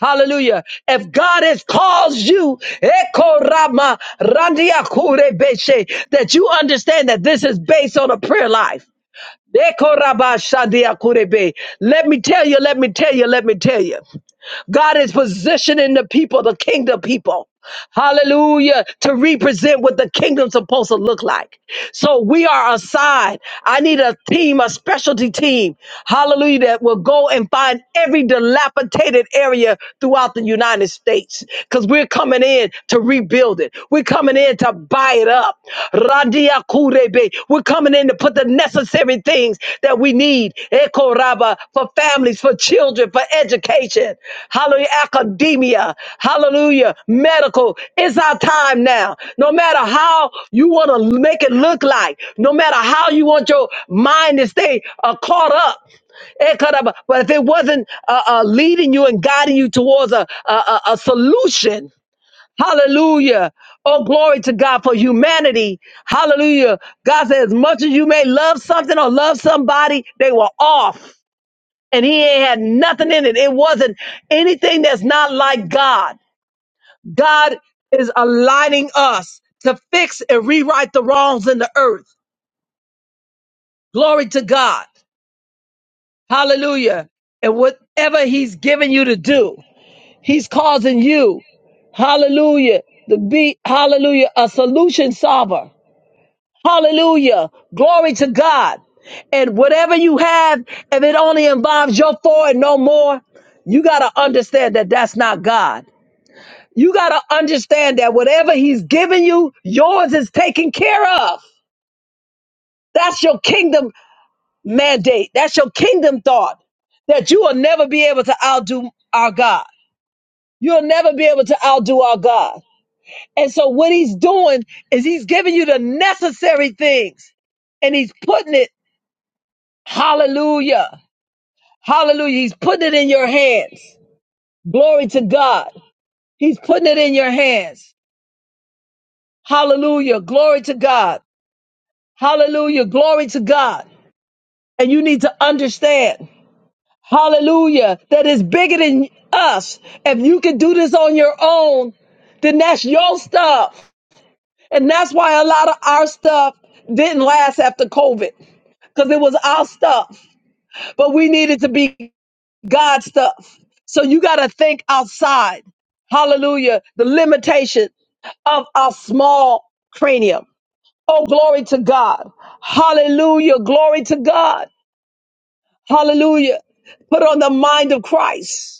Hallelujah. If God has caused you, Eko Rama Randia Kure Beshe, that you understand that this is based on a prayer life. Eko Rabba Shandia Kure Be. Let me tell you, let me tell you, let me tell you. God is positioning the people, the kingdom people, hallelujah, to represent what the kingdom's supposed to look like. So we are assigned. I need a team, a specialty team, hallelujah, that will go and find every dilapidated area throughout the United States because we're coming in to rebuild it. We're coming in to buy it up up. Radia kurebe. We're coming in to put the necessary things that we need. Eko raba for families, for children, for education. Hallelujah. Academia. Hallelujah. Medical. It's our time now. No matter how you want to make it look like, no matter how you want your mind to stay uh, caught up. Eh, karaba. But if it wasn't uh, uh, leading you and guiding you towards a, a, a a solution, Hallelujah. Oh, glory to God for humanity. Hallelujah. God said, as much as you may love something or love somebody, they were off. And he ain't had nothing in it. It wasn't anything that's not like God. God is aligning us to fix and rewrite the wrongs in the earth. Glory to God. Hallelujah. And whatever he's given you to do, he's causing you hallelujah, to be, hallelujah, a solution solver. Hallelujah. Glory to God. And whatever you have, if it only involves your four and no more, you got to understand that that's not God. You got to understand that whatever He's given you, yours is taken care of. That's your kingdom mandate. That's your kingdom thought that you will never be able to outdo our God. You'll never be able to outdo our God. And so, what He's doing is He's giving you the necessary things and He's putting it Hallelujah. Hallelujah. He's putting it in your hands. Glory to God. He's putting it in your hands. Hallelujah. Glory to God. Hallelujah. Glory to God. And you need to understand, hallelujah, that it's bigger than us. If you can do this on your own, then that's your stuff. And that's why a lot of our stuff didn't last after COVID because it was our stuff. But we needed to be God stuff. So you got to think outside. Hallelujah. The limitation of our small cranium. Oh, glory to God. Hallelujah. Glory to God. Hallelujah. Put on the mind of Christ.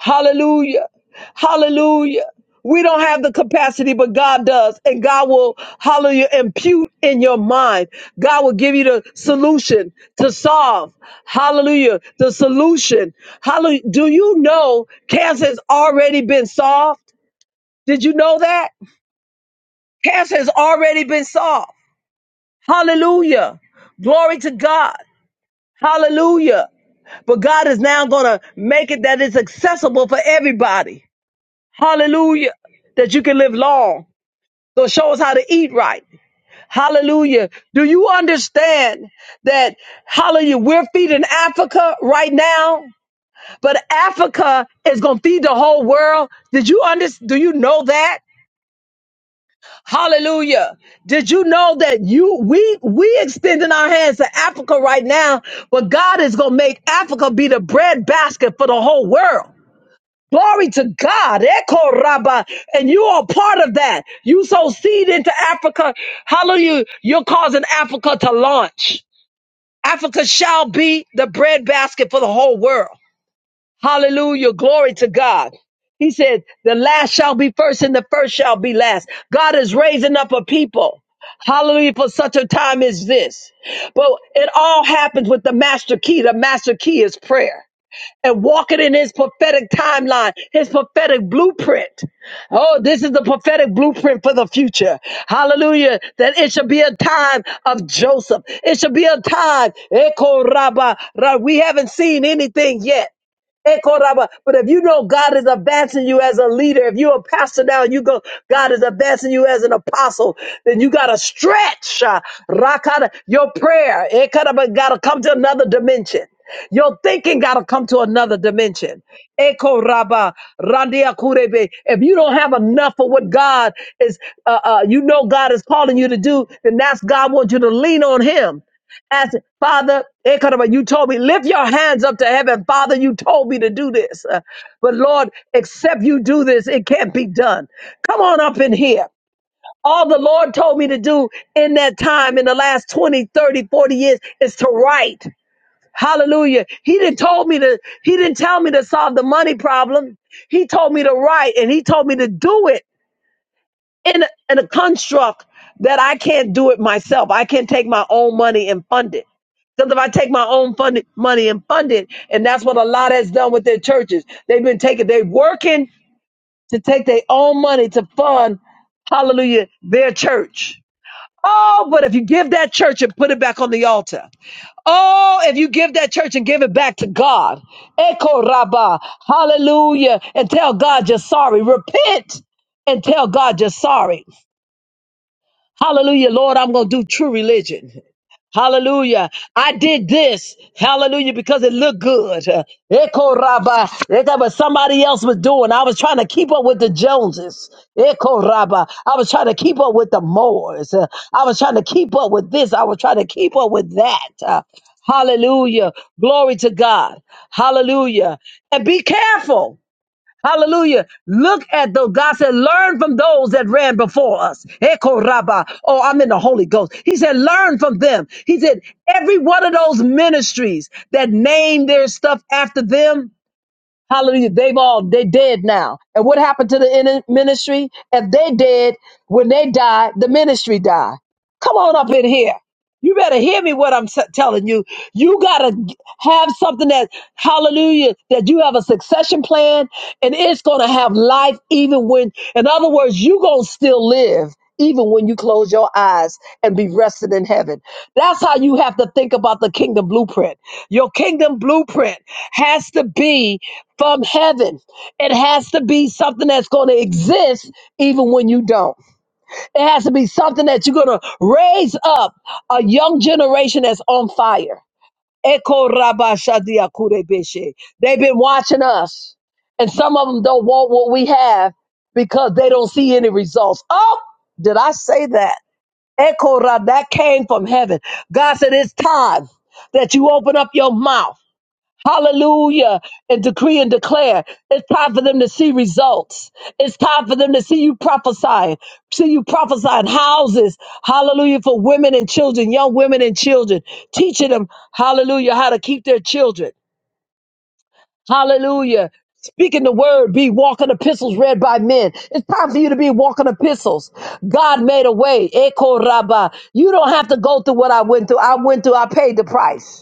Hallelujah. Hallelujah. We don't have the capacity, but God does. And God will, hallelujah, impute in your mind. God will give you the solution to solve. Hallelujah. The solution. Hallelujah. Do you know cancer has already been solved? Did you know that? Cancer has already been solved. Hallelujah. Glory to God. Hallelujah. But God is now going to make it that it's accessible for everybody. Hallelujah. That you can live long. So it shows how to eat right. Hallelujah. Do you understand that, hallelujah, we're feeding Africa right now, but Africa is going to feed the whole world? Did you understand? Do you know that? Hallelujah. Did you know that you we we extending our hands to Africa right now, but God is going to make Africa be the bread basket for the whole world. Glory to God. Echo Rabba. And you are part of that. You sow seed into Africa. Hallelujah. You're causing Africa to launch. Africa shall be the breadbasket for the whole world. Hallelujah. Glory to God. He said, the last shall be first and the first shall be last. God is raising up a people. Hallelujah for such a time as this. But it all happens with the master key. The master key is prayer and walking in his prophetic timeline, his prophetic blueprint. Oh, this is the prophetic blueprint for the future. Hallelujah. That it should be a time of Joseph. It should be a time. Eko raba ra- We haven't seen anything yet. Ekoraba. But if you know God is advancing you as a leader, if you're a pastor now, you go, God is advancing you as an apostle, then you gotta stretch uh, rakata, your prayer. Ekoraba gotta come to another dimension. Your thinking gotta come to another dimension. Eko randia kurebe. If you don't have enough for what God is, uh, uh, you know God is calling you to do, then that's God wants you to lean on Him. Ask Father, it you told me, lift your hands up to heaven. Father, you told me to do this. Uh, But Lord, except you do this, it can't be done. Come on up in here. All the Lord told me to do in that time, in the last 20, 30, forty years, is to write. Hallelujah. He didn't told me to, he didn't tell me to solve the money problem. He told me to write and he told me to do it in a, in a construct that I can't do it myself. I can't take my own money and fund it. Because if I take my own fund, money and fund it, and that's what a lot has done with their churches. They've been taking, they are working to take their own money to fund, hallelujah, their church. Oh, but if you give that church and put it back on the altar. Oh, if you give that church and give it back to God. Echo Rabbah, hallelujah, and tell God you're sorry. Repent and tell God you're sorry. Hallelujah, Lord, I'm going to do true religion. Hallelujah. I did this. Hallelujah. Because it looked good. Uh, Echo Rabba. That was somebody else was doing. I was trying to keep up with the Joneses. Echo Rabba. I was trying to keep up with the Moors. Uh, I was trying to keep up with this. I was trying to keep up with that. Uh, hallelujah. Glory to God. Hallelujah. And be careful. Hallelujah. Look at those. God said, learn from those that ran before us. Eko rabba. Oh, I'm in the Holy Ghost. He said, learn from them. He said, every one of those ministries that named their stuff after them, hallelujah, they've all, they dead now. And what happened to the in- ministry? If they dead, when they die, the ministry die. Come on up in here. You better hear me what I'm s- telling you. You got to have something that, hallelujah, that you have a succession plan and it's going to have life even when, in other words, you going to still live even when you close your eyes and be rested in heaven. That's how you have to think about the kingdom blueprint. Your kingdom blueprint has to be from heaven, it has to be something that's going to exist even when you don't. It has to be something that you're going to raise up a young generation that's on fire. Eko raba shadia kure beshe. They've been watching us, and some of them don't want what we have because they don't see any results. Oh, did I say that? Eko rab, that came from heaven. God said, It's time that you open up your mouth. Hallelujah. And decree and declare. It's time for them to see results. It's time for them to see you prophesying, see you prophesying houses. Hallelujah. For women and children, young women and children, teaching them, hallelujah, how to keep their children. Hallelujah. Speaking the word, be walking epistles read by men. It's time for you to be walking epistles. God made a way. Eko raba. You don't have to go through what I went through. I went through, I paid the price.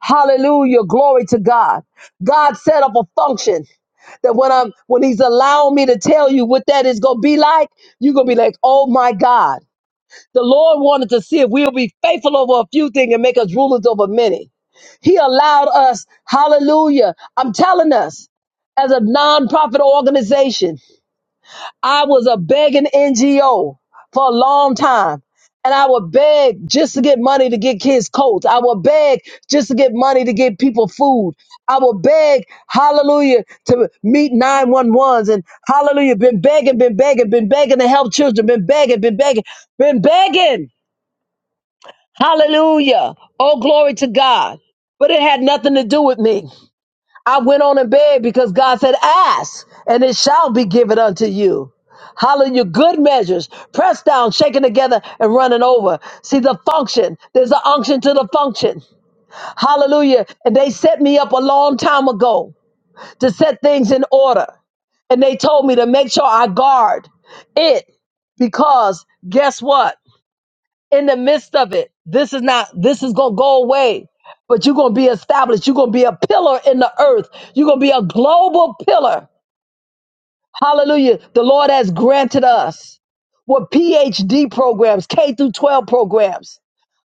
Hallelujah. Glory to God. God set up a function that when I'm when he's allowing me to tell you what that is gonna be like, you're gonna be like, oh my God. The Lord wanted to see if we'll be faithful over a few things and make us rulers over many. He allowed us, hallelujah. I'm telling us, as a nonprofit organization. I was a begging NGO for a long time. And I would beg just to get money to get kids coats. I would beg just to get money to get people food. I would beg, hallelujah, to meet nine one ones, and hallelujah, been begging, been begging, been begging to help children, been begging, been begging, been begging. Hallelujah. Oh, glory to God. But it had nothing to do with me. I went on in bed because God said, Ask, and it shall be given unto you. Hallelujah. Good measures, pressed down, shaken together, and running over. See the function. There's an unction to the function. Hallelujah. And they set me up a long time ago to set things in order. And they told me to make sure I guard it because guess what? in the midst of it. This is not, this is going to go away, but you're going to be established. You're going to be a pillar in the earth. You're going to be a global pillar. Hallelujah. The Lord has granted us with PhD programs, K through 12 programs.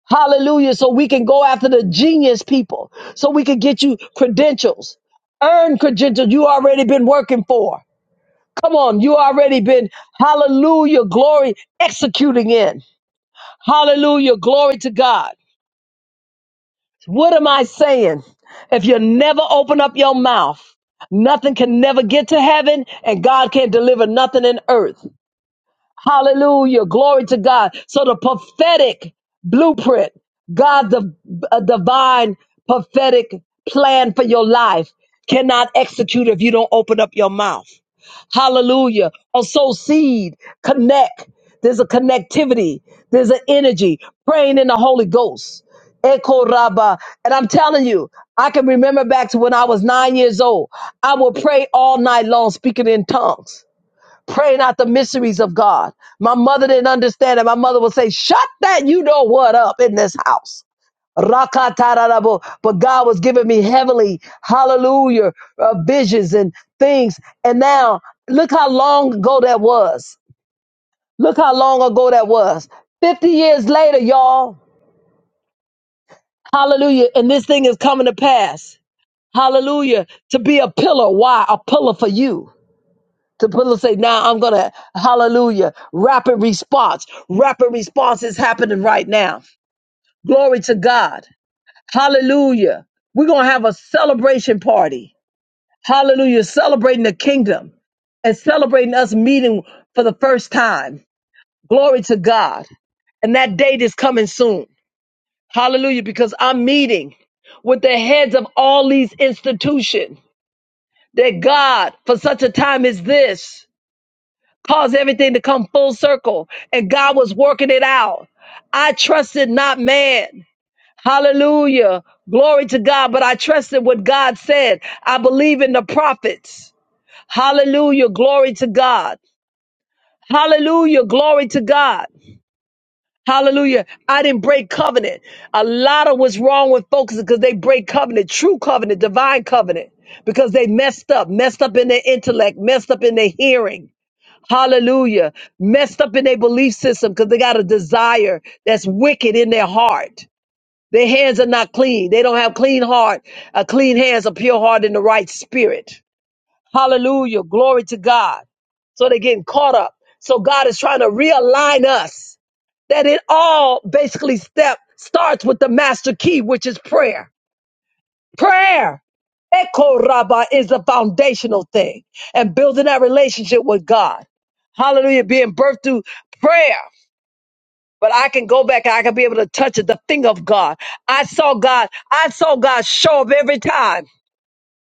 Hallelujah. So we can go after the genius people, so we can get you credentials, earn credentials you already been working for. Come on, you already been, hallelujah, glory, executing in. Hallelujah, glory to God. What am I saying? If you never open up your mouth, nothing can never get to heaven and God can't deliver nothing in earth. Hallelujah. Glory to God. So the prophetic blueprint, God, the a divine prophetic plan for your life cannot execute if you don't open up your mouth. Hallelujah. Or sow seed, connect. There's a connectivity, there's an energy, praying in the Holy Ghost. Echo Rabba. And I'm telling you, I can remember back to when I was nine years old. I would pray all night long, speaking in tongues, praying out the mysteries of God. My mother didn't understand it. My mother would say, Shut that you know what up in this house. Rakatarabo. But God was giving me heavenly, hallelujah, uh, visions and things. And now, look how long ago that was. Look how long ago that was. 50 years later, y'all, hallelujah. And this thing is coming to pass. Hallelujah. To be a pillar. Why? A pillar for you. To pillar say, now I'm going to, hallelujah, rapid response. Rapid response is happening right now. Glory to God. Hallelujah. We're going to have a celebration party. Hallelujah. Celebrating the kingdom and celebrating us meeting for the first time. Glory to God. And that date is coming soon. Hallelujah. Because I'm meeting with the heads of all these institutions that God, for such a time as this, caused everything to come full circle and God was working it out. I trusted not man. Hallelujah. Glory to God. But I trusted what God said. I believe in the prophets. Hallelujah. Glory to God. Hallelujah. Glory to God. Hallelujah. I didn't break covenant. A lot of what's wrong with folks is because they break covenant, true covenant, divine covenant, because they messed up, messed up in their intellect, messed up in their hearing. Hallelujah. Messed up in their belief system because they got a desire that's wicked in their heart. Their hands are not clean. They don't have clean heart, a clean hands, a pure heart, and the right spirit. Hallelujah. Glory to God. So they're getting caught up. So God is trying to realign us that it all basically step starts with the master key, which is prayer. Prayer. Echo Rabbah is a foundational thing and building that relationship with God. Hallelujah. Being birthed through prayer. But I can go back and I can be able to touch it, the finger of God. I saw God. I saw God show up every time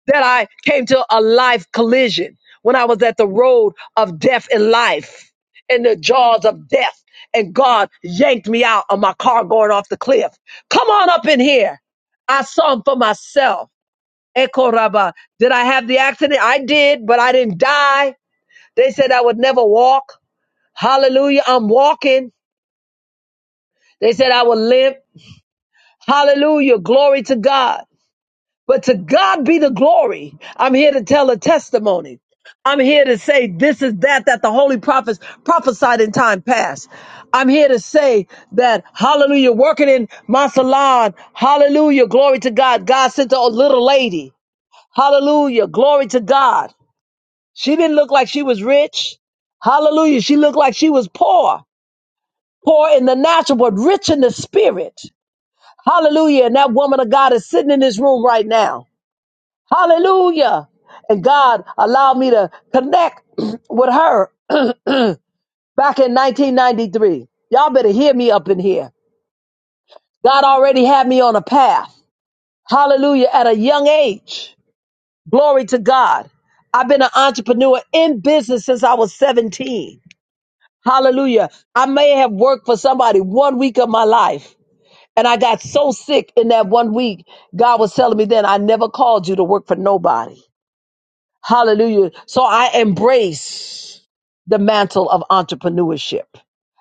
that I came to a life collision when I was at the road of death and life in the jaws of death. And God yanked me out of my car going off the cliff. Come on up in here. I saw him for myself. Ekoraba. Did I have the accident? I did, but I didn't die. They said I would never walk. Hallelujah. I'm walking. They said I would limp. Hallelujah. Glory to God. But to God be the glory. I'm here to tell a testimony. I'm here to say this is that that the holy prophets prophesied in time past. I'm here to say that hallelujah, working in my salon, hallelujah, glory to God. God sent a little lady. Hallelujah, glory to God. She didn't look like she was rich. Hallelujah. She looked like she was poor, poor in the natural, but rich in the spirit. Hallelujah. And that woman of God is sitting in this room right now. Hallelujah. And God allowed me to connect with her back in 1993. Y'all better hear me up in here. God already had me on a path. Hallelujah. At a young age. Glory to God. I've been an entrepreneur in business since I was 17. Hallelujah. I may have worked for somebody one week of my life. And I got so sick in that one week. God was telling me then, I never called you to work for nobody. Hallelujah. So I embrace the mantle of entrepreneurship.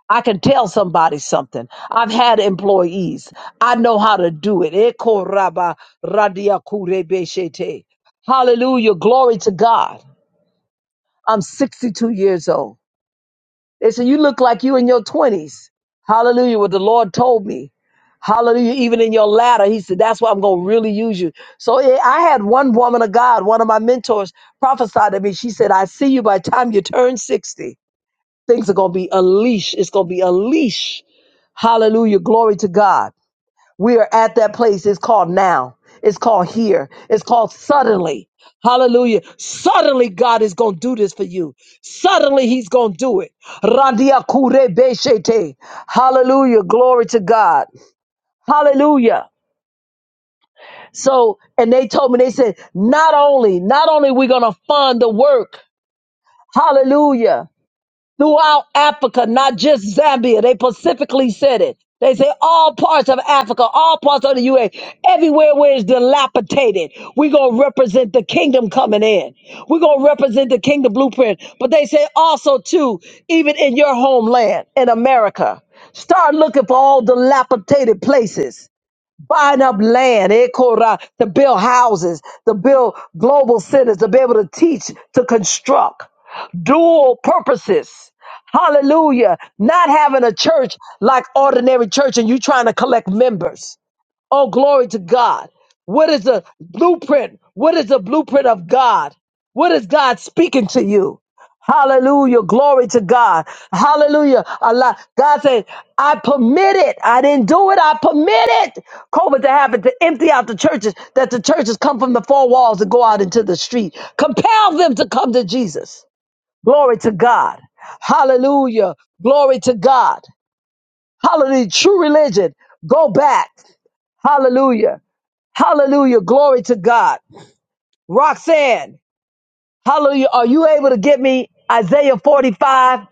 I can tell somebody something. I've had employees. I know how to do it. Eko raba radia kure beshete. Hallelujah. Glory to God. I'm 62 years old. They said, You look like you in your 20s. Hallelujah. What the Lord told me. Hallelujah. Even in your ladder, he said, that's why I'm going to really use you. So eh, I had one woman of God, one of my mentors prophesied to me. She said, I see you by the time you turn 60. Things are going to be unleashed. It's going to be a leash. Hallelujah. Glory to God. We are at that place. It's called now. It's called here. It's called suddenly. Hallelujah. Suddenly God is going to do this for you. Suddenly he's going to do it. Randia kure beshete. Hallelujah. Glory to God. Hallelujah. So, and they told me, they said, not only, not only we going to fund the work, hallelujah, throughout Africa, not just Zambia. They specifically said it. They say all parts of Africa, all parts of the UA, everywhere where it's dilapidated, we're going to represent the kingdom coming in. We're going to represent the kingdom blueprint. But they say also, too, even in your homeland, in America, start looking for all dilapidated places buying up land, eh, Korah, to build houses, to build global centers, to be able to teach, to construct dual purposes. Hallelujah. Not having a church like ordinary church and you trying to collect members. Oh, glory to God. What is the blueprint? What is the blueprint of God? What is God speaking to you? Hallelujah. Glory to God. Hallelujah. Allah. God said, I permit it. I didn't do it. I permit it. COVID to happen to empty out the churches, that the churches come from the four walls and go out into the street. Compel them to come to Jesus. Glory to God. Hallelujah. Glory to God. Hallelujah. True religion. Go back. Hallelujah. Hallelujah. Glory to God. Roxanne, hallelujah. Are you able to get me Isaiah 45?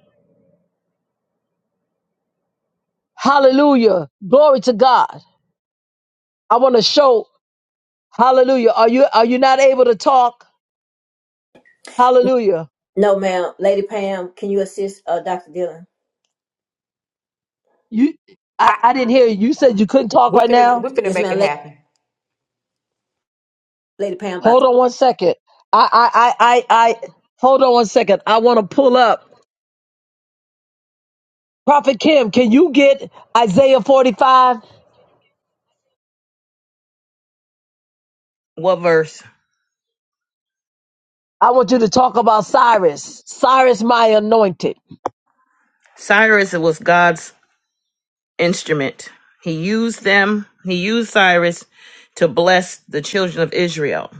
Hallelujah. Glory to God. I want to show hallelujah. Are you are you not able to talk? Hallelujah. No, ma'am. Lady Pam, can you assist uh, Dr. Dillon? You I, I didn't hear you. You said you couldn't talk We're right finna, now. we're finna Yes, make ma'am. it Lady, happen. Lady Pam, about Hold the on one second. I I I I, I hold on one second. I want to pull up. Prophet Kim, can you get Isaiah 45? What verse? I want you to talk about Cyrus. Cyrus my anointed. Cyrus was God's instrument. He used them, he used Cyrus to bless the children of Israel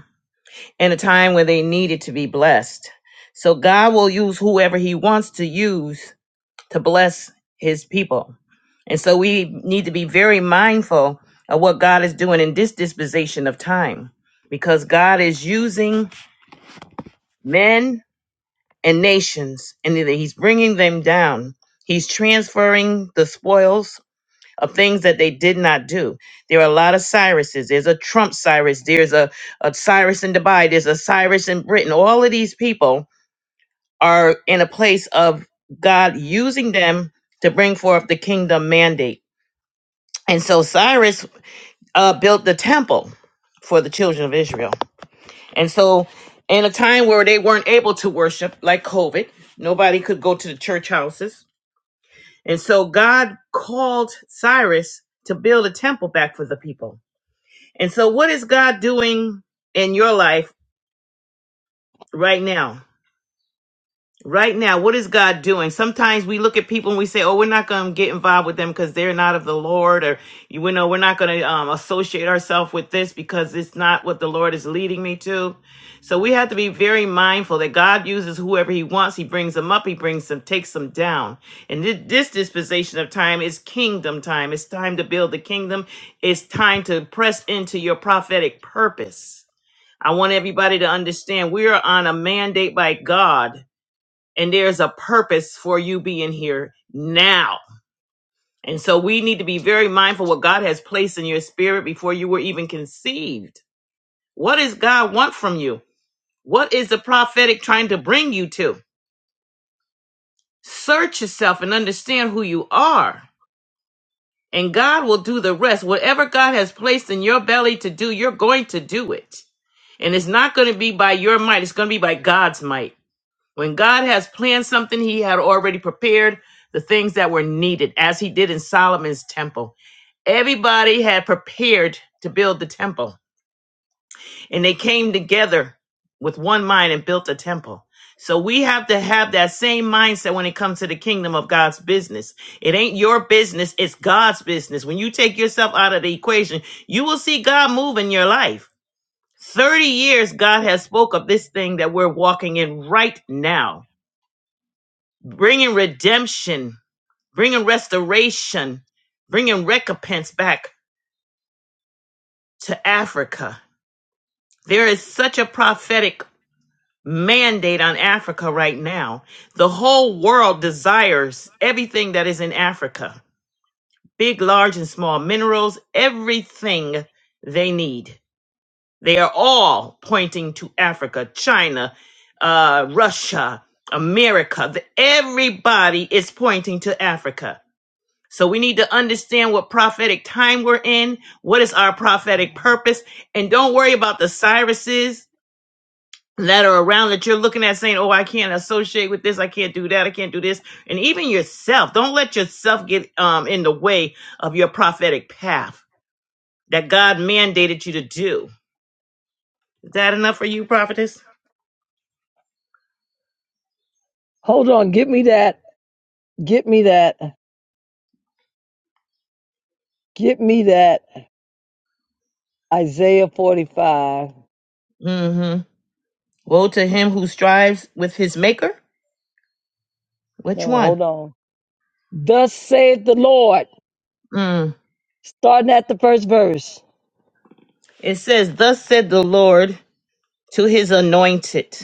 in a time when they needed to be blessed. So God will use whoever he wants to use to bless his people. And so we need to be very mindful of what God is doing in this dispensation of time because God is using men and nations, and that he's bringing them down. He's transferring the spoils of things that they did not do. There are a lot of Cyruses. There's a Trump Cyrus. There's a, a Cyrus in Dubai. There's a Cyrus in Britain. All of these people are in a place of God using them to bring forth the kingdom mandate. And so Cyrus uh, built the temple for the children of Israel and so, in a time where they weren't able to worship, like COVID, nobody could go to the church houses. And so, God called Cyrus to build a temple back for the people. And so, what is God doing in your life right now? Right now, what is God doing? Sometimes we look at people and we say, "Oh, we're not going to get involved with them because they're not of the Lord," or you know, we're not going to um, associate ourselves with this because it's not what the Lord is leading me to. So we have to be very mindful that God uses whoever He wants. He brings them up. He brings them, takes them down. And thi- this dispensation of time is kingdom time. It's time to build the kingdom. It's time to press into your prophetic purpose. I want everybody to understand we are on a mandate by God and there's a purpose for you being here now. And so we need to be very mindful what God has placed in your spirit before you were even conceived. What does God want from you? What is the prophetic trying to bring you to? Search yourself and understand who you are. And God will do the rest. Whatever God has placed in your belly to do, you're going to do it. And it's not going to be by your might, it's going to be by God's might. When God has planned something, he had already prepared the things that were needed, as he did in Solomon's temple. Everybody had prepared to build the temple, and they came together with one mind and built the temple. So we have to have that same mindset when it comes to the kingdom of God's business. It ain't your business, it's God's business. When you take yourself out of the equation, you will see God move in your life. 30 years God has spoke of this thing that we're walking in right now bringing redemption, bringing restoration, bringing recompense back to Africa. There is such a prophetic mandate on Africa right now. The whole world desires everything that is in Africa big, large, and small minerals, everything they need. They are all pointing to Africa, China, uh, Russia, America. The- Everybody is pointing to Africa So we need to understand what prophetic time we're in, what is our prophetic purpose, and don't worry about the Cyruses that are around that you're looking at saying, "Oh, I can't associate with this. I can't do that. I can't do this." And even yourself, don't let yourself get um, in the way of your prophetic path that God mandated you to do. Is that enough for you, prophetess? Hold on. Get me that. Get me that. Get me that. Isaiah 45. Mm-hmm. Woe to him who strives with his maker. No, Which one? hold on. Thus saith the Lord, Mm. starting at the first verse. It says, Thus said the Lord to his anointed,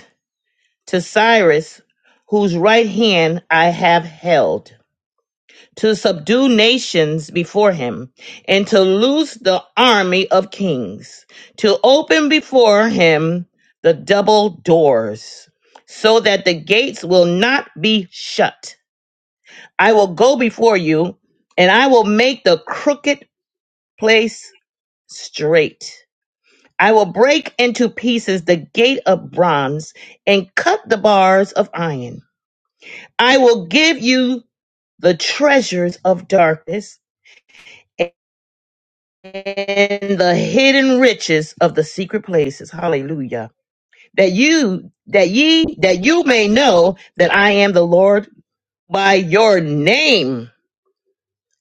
to Cyrus, whose right hand I have held, to subdue nations before him, and to loose the army of kings, to open before him the double doors, so that the gates will not be shut. I will go before you, and I will make the crooked place straight. I will break into pieces the gate of bronze and cut the bars of iron. I will give you the treasures of darkness and the hidden riches of the secret places. Hallelujah. That you that ye that you may know that I am the Lord by your name.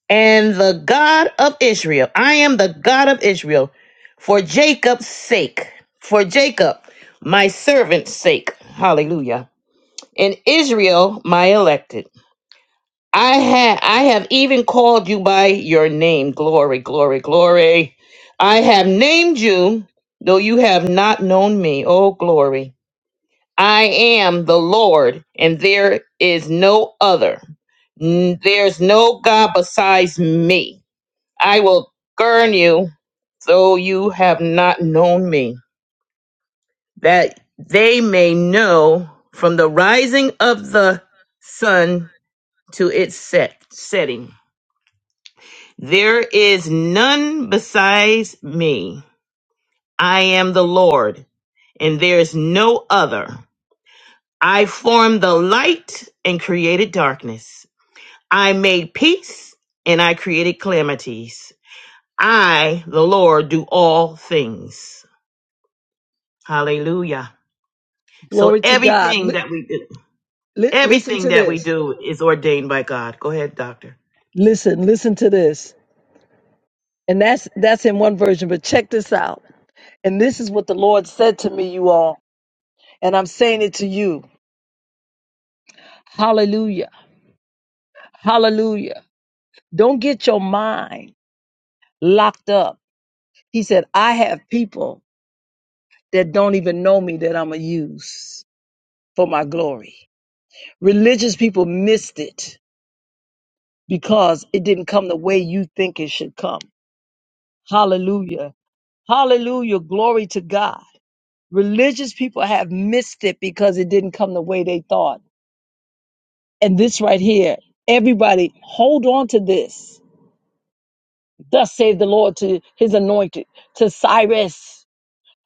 and the God of Israel. I am the God of Israel for Jacob's sake, for Jacob, my servant's sake. Hallelujah. And Israel, my elected. I have I have even called you by your name. Glory, glory, glory. I have named you, though you have not known me. Oh glory. I am the Lord, and there is no other. N- There's no God besides me. I will burn you, though you have not known me, that they may know from the rising of the sun to its set, setting. There is none besides me. I am the Lord, and there is no other. I formed the light and created darkness. I made peace and I created calamities. I, the Lord, do all things. Hallelujah. So Glory to God. everything Li- that we do, li- listen everything to that we this. do is ordained by God. Go ahead, doctor. Listen, listen to this. And that's that's in one version, but check this out. And this is what the Lord said to me, you all. And I'm saying it to you. Hallelujah. Hallelujah. Don't get your mind locked up. He said, I have people that don't even know me that I'm going to use for my glory. Religious people missed it because it didn't come the way you think it should come. Hallelujah. Hallelujah. Glory to God. Religious people have missed it because it didn't come the way they thought. And this right here, everybody hold on to this. Thus save the Lord to his anointed, to Cyrus,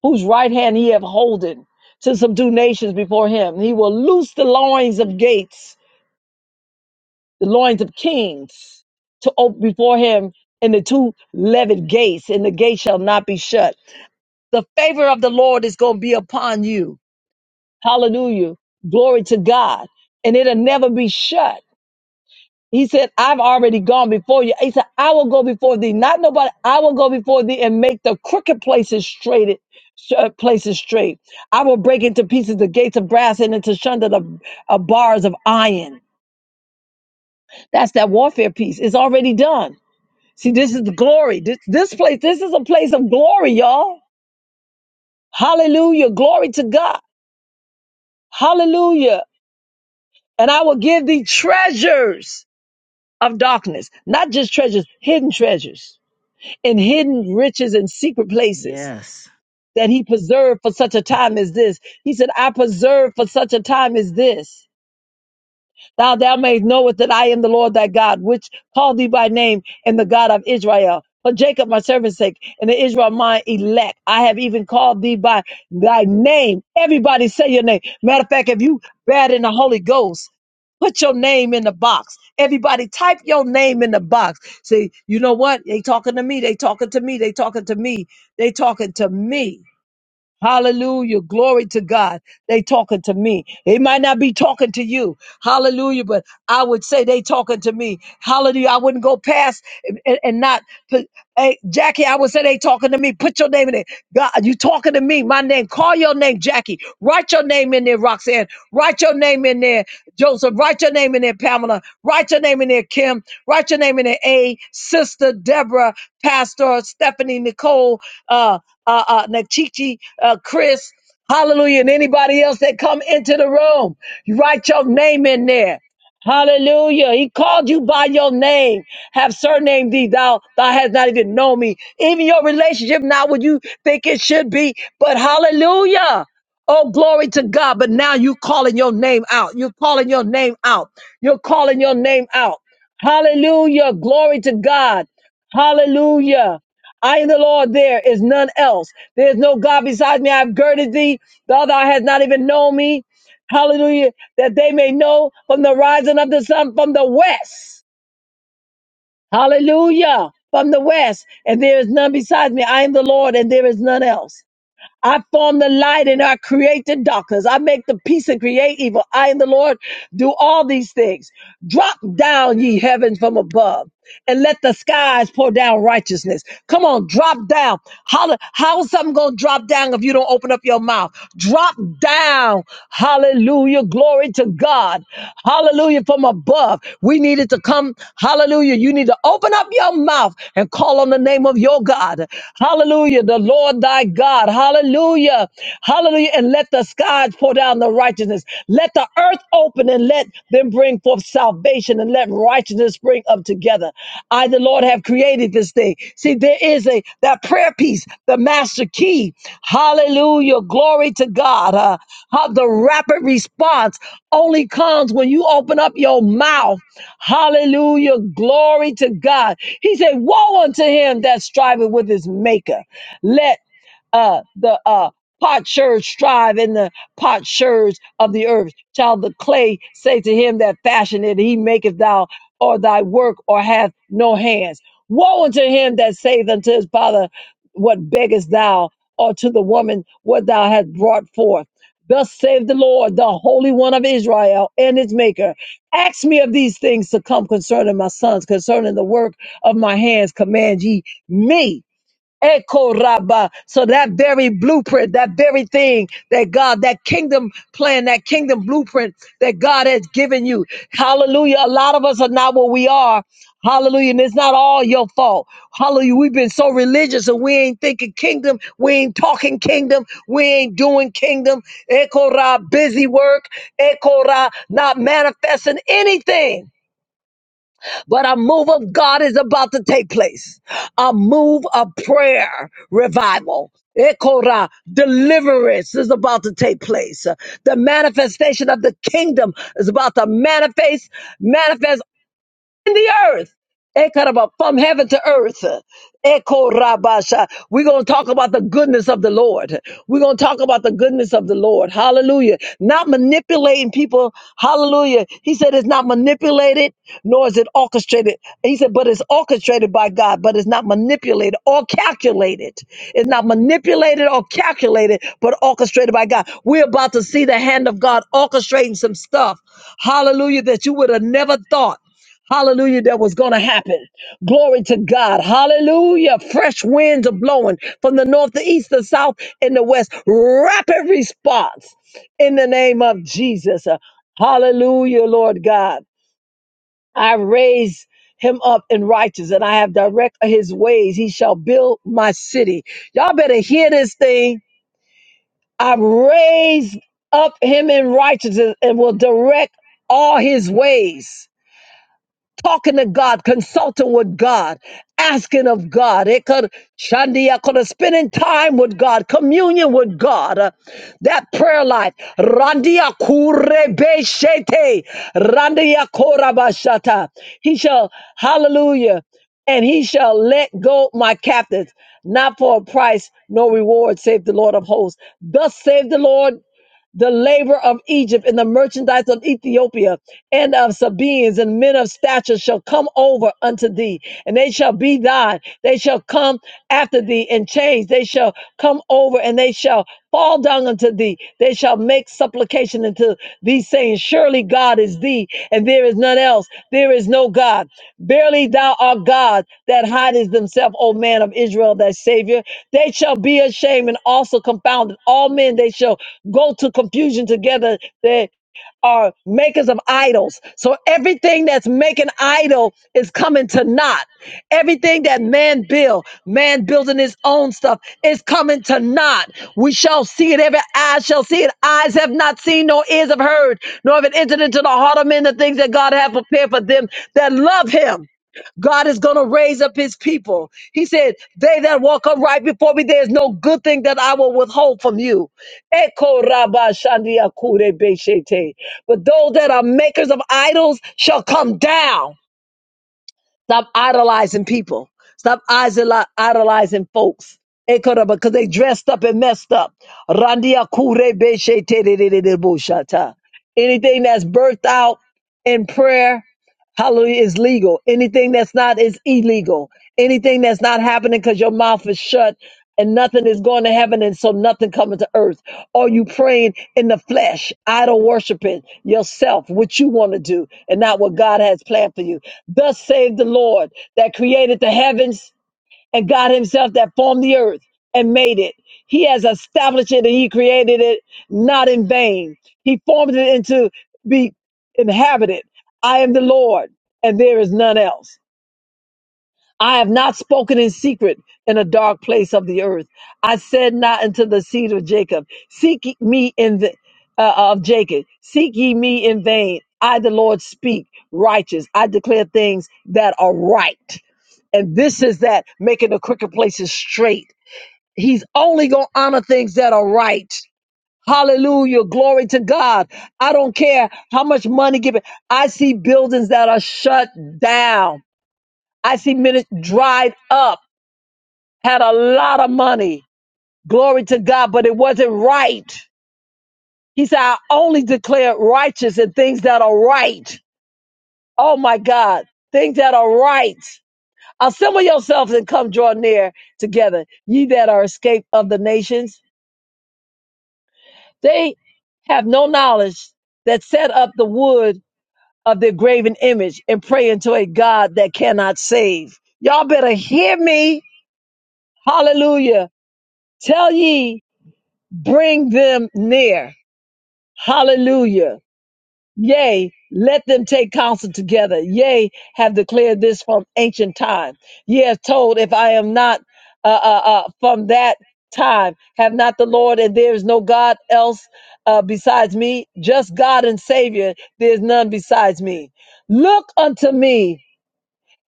whose right hand he have holden, to subdue nations before him. He will loose the loins of gates the loins of kings to open before him and the two levied gates, and the gate shall not be shut. The favor of the Lord is going to be upon you. Hallelujah. Glory to God. And it'll never be shut. He said, I've already gone before you. He said, I will go before thee. Not nobody. I will go before thee and make the crooked places straight. uh, Places straight. I will break into pieces the gates of brass and into sunder the uh, bars of iron. That's that warfare piece. It's already done. See, this is the glory. This this place, this is a place of glory, y'all. Hallelujah. Glory to God. Hallelujah. And I will give thee treasures of darkness, not just treasures, hidden treasures and hidden riches and secret places Yes. that he preserved for such a time as this. He said, I preserved for such a time as this. Thou thou mayest knowest that I am the Lord thy God, which called thee by name, and the God of Israel. For Jacob my servant's sake, and the Israel my elect, I have even called thee by thy name. Everybody say your name. Matter of fact, if you bad in the Holy Ghost, put your name in the box. Everybody type your name in the box. Say, you know what? They talking to me. They talking to me. They talking to me. They talking to me. Hallelujah. Glory to God. They talking to me. They might not be talking to you. Hallelujah. But I would say they talking to me. Hallelujah. I wouldn't go past and, and- and not put, hey, Jackie, I would say they talking to me. Put your name in it. God, you talking to me. My name. Call your name, Jackie. Write your name in there, Roxanne. Write your name in there, Joseph. Write your name in there, Pamela. Write your name in there, Kim. Write your name in there, A, Sister Deborah, Pastor Stephanie, Nicole. uh, uh, uh, Nachichi, uh, Chris, hallelujah, and anybody else that come into the room. You write your name in there. Hallelujah. He called you by your name. Have surnamed thee, thou thou hast not even known me. Even your relationship not what you think it should be, but hallelujah. Oh, glory to God. But now you calling your name out. You're calling your name out. You're calling your name out. Hallelujah. Glory to God. Hallelujah. I am the Lord, there is none else. There is no God besides me. I have girded thee. The other eye has not even known me. Hallelujah. That they may know from the rising of the sun from the west. Hallelujah. From the west. And there is none besides me. I am the Lord, and there is none else. I form the light and I create the darkness. I make the peace and create evil. I and the Lord do all these things. Drop down, ye heavens from above, and let the skies pour down righteousness. Come on, drop down. Holla- how is something going to drop down if you don't open up your mouth? Drop down. Hallelujah. Glory to God. Hallelujah. From above. We needed to come. Hallelujah. You need to open up your mouth and call on the name of your your God. Hallelujah. The Lord thy God. Hallelujah. Hallelujah. And let the skies pour down the righteousness. Let the earth open and let them bring forth salvation and let righteousness spring up together. I, the Lord, have created this thing. See, there is a that prayer piece, the master key. Hallelujah. Glory to God. Uh, how the rapid response only comes when you open up your mouth Hallelujah. Glory to God. He said, Woe unto him that striveth with his maker. Let uh, the uh, potsherds strive in the potsherds of the earth. Shall the clay say to him that fashioned it, He maketh thou or thy work or hath no hands? Woe unto him that saith unto his father, What beggest thou? Or to the woman, What thou hast brought forth? Thus saith the Lord, the Holy One of Israel and its Maker. Ask me of these things to come concerning my sons, concerning the work of my hands, command ye me. Echo Rabba. So that very blueprint, that very thing that God, that kingdom plan, that kingdom blueprint that God has given you. Hallelujah. A lot of us are not what we are. Hallelujah. And it's not all your fault. Hallelujah. We've been so religious and we ain't thinking kingdom. We ain't talking kingdom. We ain't doing kingdom. Echo Ra, busy work. Echo Ra, not manifesting anything. But a move of God is about to take place. A move of prayer revival. Ekora, deliverance is about to take place. The manifestation of the kingdom is about to manifest, manifest in the earth. Ekaraba, From heaven to earth. Ekorabasha. We're going to talk about the goodness of the Lord. We're going to talk about the goodness of the Lord. Hallelujah. Not manipulating people. Hallelujah. He said it's not manipulated, nor is it orchestrated. He said, but it's orchestrated by God, but it's not manipulated or calculated. It's not manipulated or calculated, but orchestrated by God. We're about to see the hand of God orchestrating some stuff. Hallelujah. That you would have never thought. Hallelujah, that was going to happen. Glory to God. Hallelujah. Fresh winds are blowing from the north, the east, the south, and the west. Rapid response in the name of Jesus. Uh, Hallelujah, Lord God. I raise him up in righteous and I have direct his ways. He shall build my city. Y'all better hear this thing. I raise up him in righteousness and will direct all his ways talking to God, consulting with God, asking of God. It could Shandia could have spending time with God, communion with God. uh, that prayer life. Randia kurebeshete. Randia korabashata. He shall, hallelujah, and he shall let go my captives, not for a price, no reward, save the Lord of hosts. Thus save the Lord the labor of Egypt and the merchandise of Ethiopia and of Sabeans and men of stature shall come over unto thee, and they shall be thine. They shall come after thee in chains. They shall come over and they shall fall down unto thee. They shall make supplication supplication unto thee, saying, Surely God is thee, and there is none else. There is no God. Verily thou art God that hidest himself, O man of Israel, thy Savior. They shall be ashamed and also confounded. All men they shall go to confusion together. They are makers of idols. So everything that's making idol is coming to naught. Everything that man build, man building his own stuff is coming to naught. We shall see it. Every eye shall see it. Eyes have not seen, nor ears have heard, nor have it entered into the heart of men the things that God hath prepared for them that love him. God is going to raise up his people. He said, They that walk upright before me, there is no good thing that I will withhold from you. Eko raba shandia kure beshete. But those that are makers of idols shall come down. Stop idolizing people. Stop isol- idolizing folks. Eko raba, Because they dressed up and messed up. Randia kure beshete de de de de bo shata. Anything that's birthed out in prayer Hallelujah is legal. Anything that's not is illegal. Anything that's not happening because your mouth is shut and nothing is going to heaven and so nothing coming to earth. Or you praying in the flesh, idol worshiping yourself, what you want to do and not what God has planned for you. Thus save the Lord that created the heavens and God Himself that formed the earth and made it. He has established it and He created it not in vain. He formed it into be inhabited. I am the Lord, and there is none else. I have not spoken in secret in a dark place of the earth. I said not unto the seed of Jacob, Seek ye me in the uh, of Jacob, seek ye me in vain. I, the Lord, speak righteous. I declare things that are right. And this is that making the crooked places straight. He's only going to honor things that are right. Hallelujah. Glory to God. I don't care how much money given. I see buildings that are shut down. I see minutes dried up, had a lot of money. Glory to God, but it wasn't right. He said, I only declare righteous and things that are right. Oh my God. Things that are right. Assemble yourselves and come draw near together, ye that are escaped of the nations. They have no knowledge that set up the wood of their graven image and pray unto a God that cannot save. Y'all better hear me. Hallelujah. Tell ye, bring them near. Hallelujah. Yea, let them take counsel together. Yea, have declared this from ancient time. Ye have told, if I am not uh, uh, uh, from that time, have not the Lord, and there is no God else uh, besides me, just God and Savior, there is none besides me. Look unto me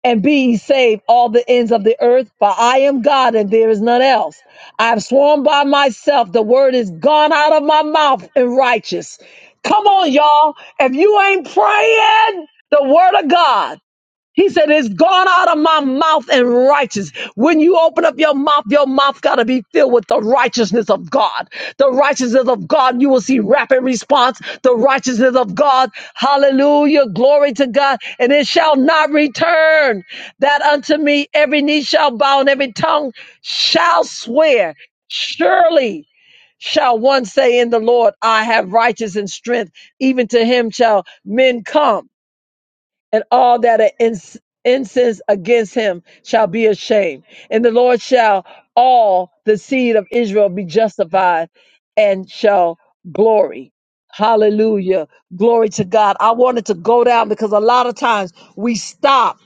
and be ye saved all the ends of the earth for i am god and there is none else i have sworn by myself the word is gone out of my mouth and righteous come on y'all if you ain't praying the word of god he said, It's gone out of my mouth and righteous. When you open up your mouth, your mouth got to be filled with the righteousness of God. The righteousness of God, you will see rapid response. The righteousness of God, hallelujah, glory to God. And it shall not return that unto me every knee shall bow and every tongue shall swear. Surely shall one say in the Lord, I have righteous and strength. Even to him shall men come and all that are ins- incense against him shall be ashamed. And the Lord shall all the seed of Israel be justified and shall glory. Hallelujah. Glory to God. I wanted to go down because a lot of times we stop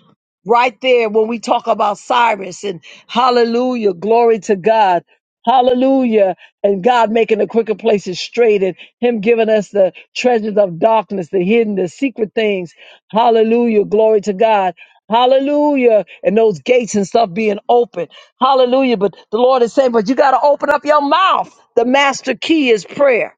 right there when we talk about Cyrus and hallelujah, glory to God. Hallelujah. And God making the quicker places straight and Him giving us the treasures of darkness, the hidden, the secret things. Hallelujah. Glory to God. Hallelujah. And those gates and stuff being open. Hallelujah. But the Lord is saying, but you got to open up your mouth. The master key is prayer.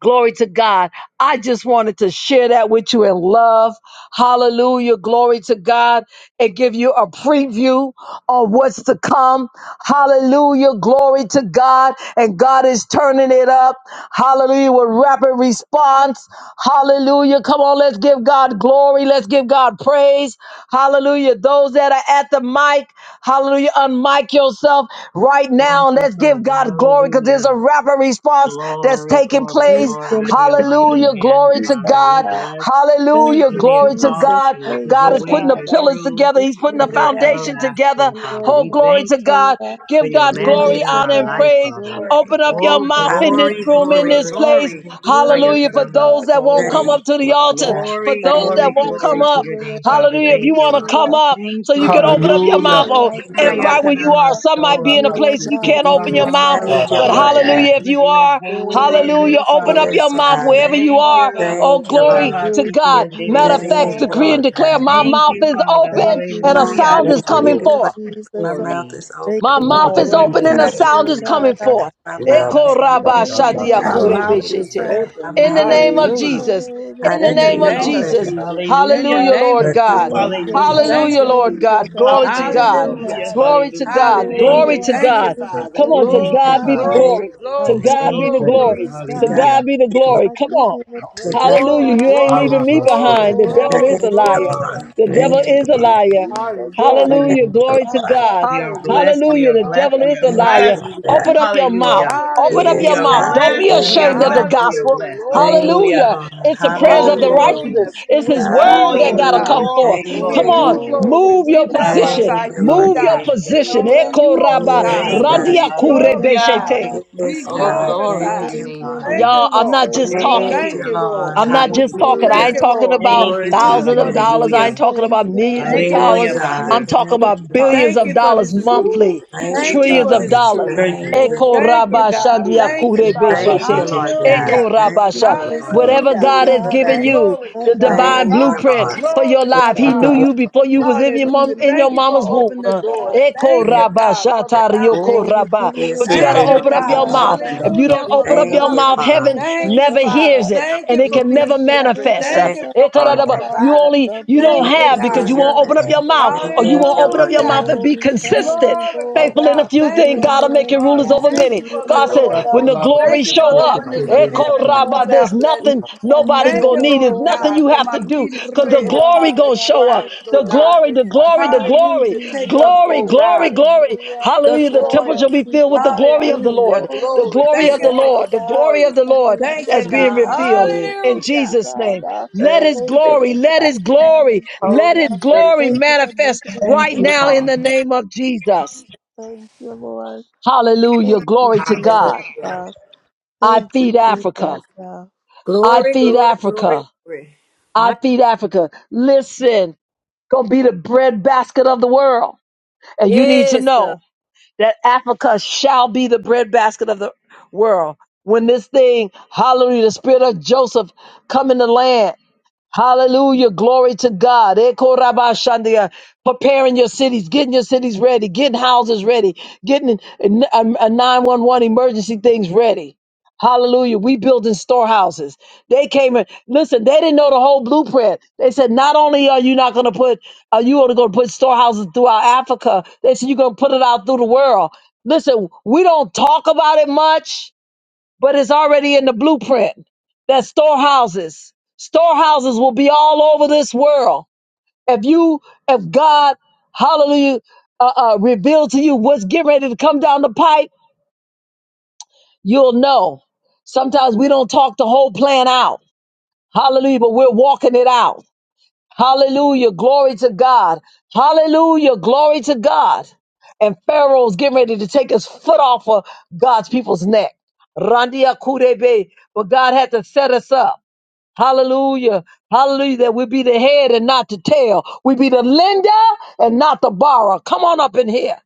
Glory to God. I just wanted to share that with you in love. Hallelujah. Glory to God. And give you a preview on what's to come. Hallelujah. Glory to God. And God is turning it up. Hallelujah. With rapid response. Hallelujah. Come on, let's give God glory. Let's give God praise. Hallelujah. Those that are at the mic, hallelujah, unmic yourself right now. Thank and you, Let's give Father. God glory because there's Hallelujah. a rapid response that's Glory, taking glory, place. Thank you, glory Lord. for your Thank mighty Hallelujah. hand, Glory you, to Jesus. Father. We God. God. bless. Thank Hallelujah. And you, we Glory to exalt Jesus. God. you Thank because God you, your is putting ways the God. are pillars true together. Glory He's putting and the they're to foundation together. everlasting, Father. Oh, We glory thank to you God. God. for Give your God Glory mandate glory, on to honor, our and God. life, praise. Father. Glory. Open up your Oh, The mouth in blood this Hallelujah. of glory, room, in glory, Jesus. this Glory. God. place. glory. Thank you. Glory Hallelujah. For to Hayatanama those God. that won't Glory soul. come Thank you, up to the Lord to altar, God. God. for Glory, those Thank, that glory, won't Savior, come glory to up, your deliverer, name, I Father. hallelujah, if Thank you praise want you. to you. come uh, up Thank so you, you can open Savior, Father. up your mouth Hallelujah. deliverer, or I thank you, and praise Lord right where God. you you. are, Hayatanama uh, some might be in soul. a You are place you God. can't You are open You your are mouth, God. marvelous. Thank you, but You You are are Lord God. hallelujah, if God. excellent. you You are are, Oh, holy I and you're hallelujah, worship, open I up sovereign, your Yes, worship mouth Father. you, God. wherever O you Thank are. God. I, you. Oh, Thank you, I glory Lord. Rabba to Siti God. worship you, Matter O of Thank fact, and you, God. I decree and Lord declare God. my thank Thank Thank mouth you. you, is you, Father. Thank open thank you, you, and a God. My, I Hallelujah. sound Jesus. is Thank you, decree Thank coming and you, Lord. forth. declare my Jesus. I mouth Glory, is thank open. My The you for the mouth mouth is is glory, wealth open and open, a I Lord. glory, decree sound transfer, is glory, and God. coming Father. I declare forth. my thank mouth Yeah, Eko is Rabba you ta, for raba Sisi ta, the ta, and shadia wealth ta, I My Dede ba, kure transfer, decree yeah. mouth and Sisi. is beshete. God. declare my open. We In mouth the is bless name you, of open. Thank you Hallelujah. Father. for the Jesus. I In the And In the we name decree of and name exalt declare of overcoming you. Jesus. joy. Jesus. In the Hallelujah, Hallelujah. name Lord Thank in of the you, God. Jesus. Father. Thank name of you, Jesus. Hallelujah. God. Thank Hallelujah, you, Lord Thank Jesus. you, God. God. Glory to Thank God. you, Hallelujah. Hallelujah. Jesus. God. In I- Glory to Hallelujah. God. Thank Hallelujah. Glory Oh, you, to I Thank give you, Father. God. you the Father. Come on, to praise, Thank you, Glory, God the be God. the Father. I name of glory, glory. I To Jesus. glory, give you God be Thank the the you, glory. Thank you. Father. glory. praise, To To God, God. I Hallelujah. God be the be glory. glory. I Come give on. you the to For praise, God, Hallelujah. glory. Glory, You God. ain't I- glory, Allah, leaving me ba, si, Thank glory, ki, you, behind. The ki, Oh, devil glory, is a thank you, liar. Father. glory. Lord. Rabba Jesus, The Jesus, Sisi devil Thank you, and is a Lord. Dede Jesus, liar. Sisi. Jesus, God. Hallelujah. Ida, Thank Hallelujah. ma, you, Glory to My si, Lord. God, God. We my are God, Hallelujah. blessed. my We Hallelujah. are The blessed. devil God. We is a are Thank you, liar. blessed. Lord. Hallelujah. God. Open You're up a your mouth. Hallelujah. wonderful Open up We your Yes, are Hallelujah, mouth. God. Don't blessed. be hallelujah, We Thank are ashamed you, of the Savior. Lord. blessed. We are gospel. hallelujah. blessed. Lord, we Thank you, Hallelujah. thank Hallelujah. you. Lord. It's the You're a prayers Oh, of the Hallelujah. glory. wonderful righteousness. Hallelujah. We It's his Savior. praise you, word All that Lord your got to God. come Hallelujah. forth. Thank glory, We Come glory, you, give on. you God. glory. Oh, glory. Move your We wonderful Rabbi Thank position. magnify you, Savior, speaking what you, on Lord Move their your God. day. God. a position. Savior. Only Eko you, oh raba God, Ida, Yes, Thank ba, Wonderful God. you. be randia ba, ba, kure Savior, Hallelujah. God. ba, glorified. beshete. ba, ba, Be Yes, ta, la, Oh, ba. Wonderful God. glory to glorified. Thank your you, name, Savior, Lord. And Father. Thank you, y'all, wonderful I'm Lord. not Thank just Savior. Thank talking. Thank you, you. you, Lord. Lord. I'm not Wonderful just Hallelujah. talking. I Thank Hallelujah. ain't Savior, you, talking Lord. about God. Thank Glory you, Thank to you Father. thousands of for your this name. dollars. I truth. ain't Wonderful Hallelujah. talking about millions Savior. of Thank you for Yes, dollars. Hallelujah, this God. truth. I'm Father. talking Thank Jesus, about you, Lord. billions Thank of Jesus, you for dollars this Jesus, truth. monthly, Thank Jesus, you, Thank you trillions for God. of this Jesus. dollars. truth. Thank you, Thank you Lord. Eko for Thank Oh, you, the God, rabasha I God. decision. Thank thank you, yakure Ida, you. Father. ba, Thank si, beshete. you, ki, Lord ki, ki, God. Eko Thank Hallelujah. you, Thank ki, rabasha. ta, you, la, Jesus. Lord. ba, ya. Thank Whatever you, Hallelujah. Holy God is has your God. given I name. you, Glory to the Thank you God. for divine Thank Huh? you, bringing me blueprint Lord. home, for your Glory oh So, life. to ya, He God. ta, knew God. la, Uh, you ba, before you was Thank in your ba. you, mom Hallelujah. in Jesus. your Thank you for mama's Thank womb. opening the Uh, you, God. doors. Eko Thank you, Thank God, rabasha for the tarioko Oh, foundation. we you, raba. give you the yes, But Si, you ki, gotta Thank God. ri, you, ya, open praise, up Holy ta, your God. is la, ba, mouth. your God. Uh, ta, If name. you ta, la, don't Hallelujah We for open the ba, give up you ya. Thank your you, covering. mouth, the praise, heaven Father. Thank oh you, never God. Father. hears Uh, Thank you, it Lord Thank and you We it for give can God. being you never the shepherd. manifest. Uh, Thank Thank you praise, you, for Eko Lord being oh raba- God. God. Uh, You provider. only The you blood don't Thank Holy you, have because God. prevail, you is won't your the open up blood your name. your mouth prevail. or you Uh, Thank won't you, open up Lord your God. Hallelujah. mouth and Oh, be we crown consistent. you, Glory to Lord. Lord Faithful Uh, in a God. God. few Thank You things, you are God for will the Lord make God. Lord you Lord rulers funds. God. over Jesus, Thank many. you you for are the God said, doors Ta, Lord. Uh, when ta, the la, open. ba, We si, glory Thank you ki, for show ki, the crown ki, up, you, Lord ki, windows God. of King ri, of ya, Echo ta, heaven ya. Kings. Rabba, pouring Uh, there's out We nothing blessings. crown you, nobody's Thank you, Lord gonna of need. There's Lord Lord. nothing God, you for have my to do feet is because the tread glory upon the gonna show up. ground, oh The God. glory, the glory, the glory, Hallelujah. We Take use up, the glory, oh river glory, God, to glory. you. the Hallelujah. The temple shall spoils. be Almighty filled with the God, uh, glory of the Hallelujah. Lord, the Glory. Almighty We glory Thank of you the for say- the Lord, God, the uh, glory spoils. of the Lord Thank you, that's everlasting we being God. Father, we revealed say in thank Hallelujah. you, Jesus' name. God. uh, Let his Thank Thank you, you Lord glory, for such let God. his a time glory, as this. let Holy his uh, is your name. glory Thank you for manifest making us Thank right you, about now in me. Father. the name of Jesus. Thank you, Lord. Hallelujah. Thank you, Glory to Jesus. God. Hallelujah. uh, I Thank feed you, Africa. Jesus. uh. Glory. I feed Africa. I My, feed Africa. Listen, gonna be the breadbasket of the world. And you need to know that Africa shall be the breadbasket of the world. When this thing, hallelujah, the spirit of Joseph come in the land, Hallelujah. Glory to God. Eko rabba shandia. Preparing your cities, getting your cities ready, getting houses ready, getting a, a, 911 emergency things ready. Hallelujah. We building storehouses. They came in. Listen, they didn't know the whole blueprint. They said, not only are you not going to put, are you only going to put storehouses throughout Africa? They said, you're going to put it out through the world. Listen, we don't talk about it much but it's already in the blueprint that storehouses, storehouses will be all over this world. If you, if God, hallelujah, uh, uh, reveal to you what's getting ready to come down the pipe, you'll know. Sometimes we don't talk the whole plan out. Hallelujah, but we're walking it out. Hallelujah. Glory to God. Hallelujah. Glory to God. And Pharaoh's getting ready to take his foot off of God's people's neck. Randia Kurebe. But God had to set us up. Hallelujah. Hallelujah. That we be the head and not the tail. We be the lender and not the borrower. Come on up in here.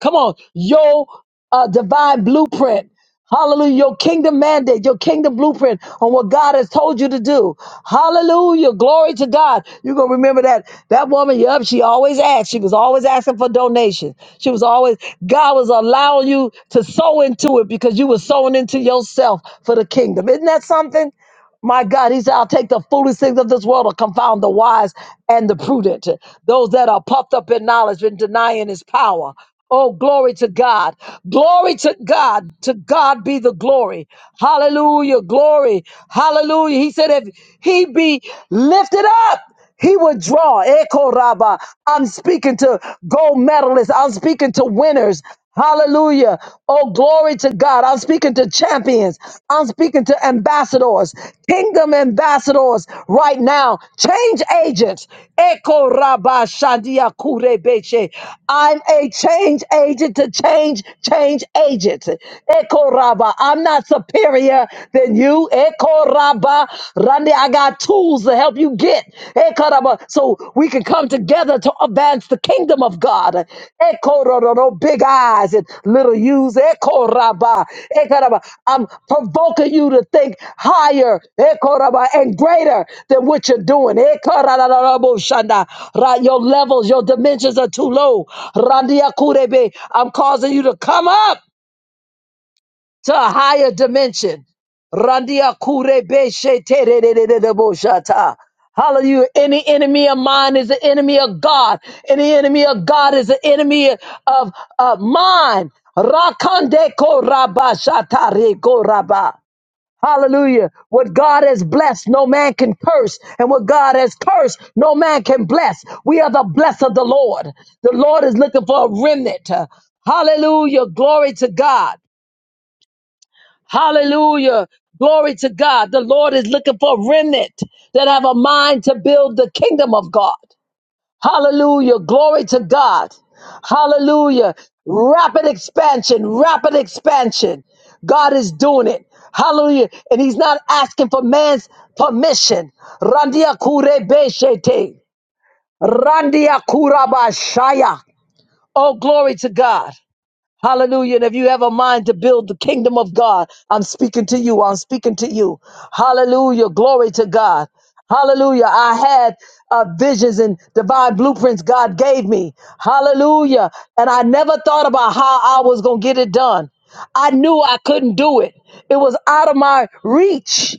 Come on. Your uh, divine blueprint. Hallelujah. Your kingdom mandate, your kingdom blueprint on what God has told you to do. Hallelujah. Glory to God. You're going to remember that. That woman, yep, she always asked. She was always asking for donations. She was always, God was allowing you to sow into it because you were sowing into yourself for the kingdom. Isn't that something? My God, he said, I'll take the foolish things of this world to confound the wise and the prudent, those that are puffed up in knowledge and denying his power. Oh, glory to God. Glory to God. To God be the glory. Hallelujah. Glory. Hallelujah. He said, if he be lifted up, he would draw. Eko Rabba. I'm speaking to gold medalists. I'm speaking to winners. Hallelujah. Oh, glory to God. I'm speaking to champions. I'm speaking to ambassadors, kingdom ambassadors right now. Change agents. Eko Rabba Shandia Kure Beche. I'm a change agent to change, change agents. Eko Rabba. I'm not superior than you. Eko raba Randy, I got tools to help you get. Eko raba, So we can come together to advance the kingdom of God. Eko ro- ro- ro, Big eyes and little U's. Eko raba, Eko raba, I'm provoking you to think higher Eko raba, and greater than what you're doing. Eko ra- ra- ra- ra- bo- shanda. Ra- Your levels, your dimensions are too low. Randy Akurebe, I'm causing you to come up to a higher dimension. Randia kure beshe te re re re re re bo shata. Hallelujah. Any enemy of mine is an enemy of God. Any enemy of God is an enemy of, of mine. Rakande ko raba shata re ko raba. Hallelujah. What God has blessed, no man can curse. And what God has cursed, no man can bless. We are the blessed of the Lord. The Lord is looking for a remnant. Hallelujah. Glory to God. Hallelujah. Glory to God. The Lord is looking for a remnant that have a mind to build the kingdom of God. Hallelujah. Glory to God. Hallelujah. Rapid expansion, rapid expansion. God is doing it. Hallelujah. And he's not asking for man's permission. Randia kure beshete. Randia kurabashaya. Oh, glory to God. Hallelujah. And if you have a mind to build the kingdom of God, I'm speaking to you. I'm speaking to you. Hallelujah. Glory to God. Hallelujah. I had uh, visions and divine blueprints God gave me. Hallelujah. And I never thought about how I was going to get it done. I knew I couldn't do it, it was out of my reach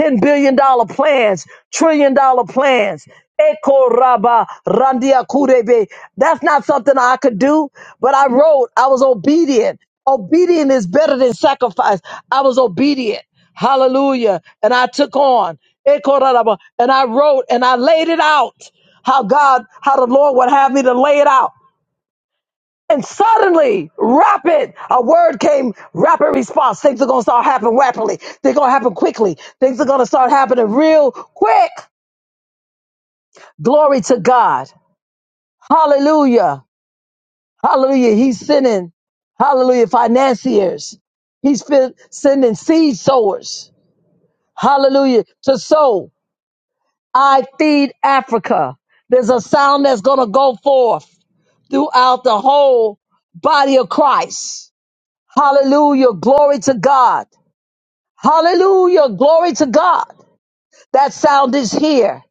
ten billion dollar plans, trillion dollar plans. Eko raba randia kurebe. That's not something I could do, but I wrote. I was obedient. Obedient is better than sacrifice. I was obedient. Hallelujah. And I took on. Eko raba. And I wrote and I laid it out how God, how the Lord would have me to lay it out. And suddenly, rapid, a word came, rapid response. Things are going to start happening rapidly. They're going to happen quickly. Things are going to start happening real quick. Glory to God. Hallelujah. Hallelujah. He's sending, hallelujah, financiers. He's fi- sending seed sowers. Hallelujah. To sow. I feed Africa. There's a sound that's going to go forth throughout the whole body of Christ. Hallelujah. Glory to God. Hallelujah. Glory to God. That sound is here.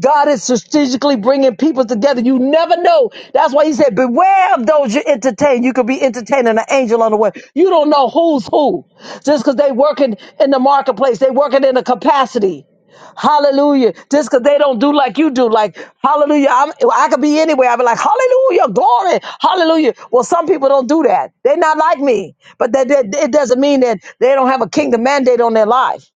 God is strategically bringing people together. You never know. That's why he said, beware of those you entertain. You could be entertaining an angel on the way. You don't know who's who. Just because they working in the marketplace, they working in a capacity. Hallelujah. Just because they don't do like you do. Like, hallelujah. I'm, I could be anywhere. I'd be like, hallelujah, glory, hallelujah. Well, some people don't do that. They're not like me. But that, that- it doesn't mean that they don't have a kingdom mandate on their life.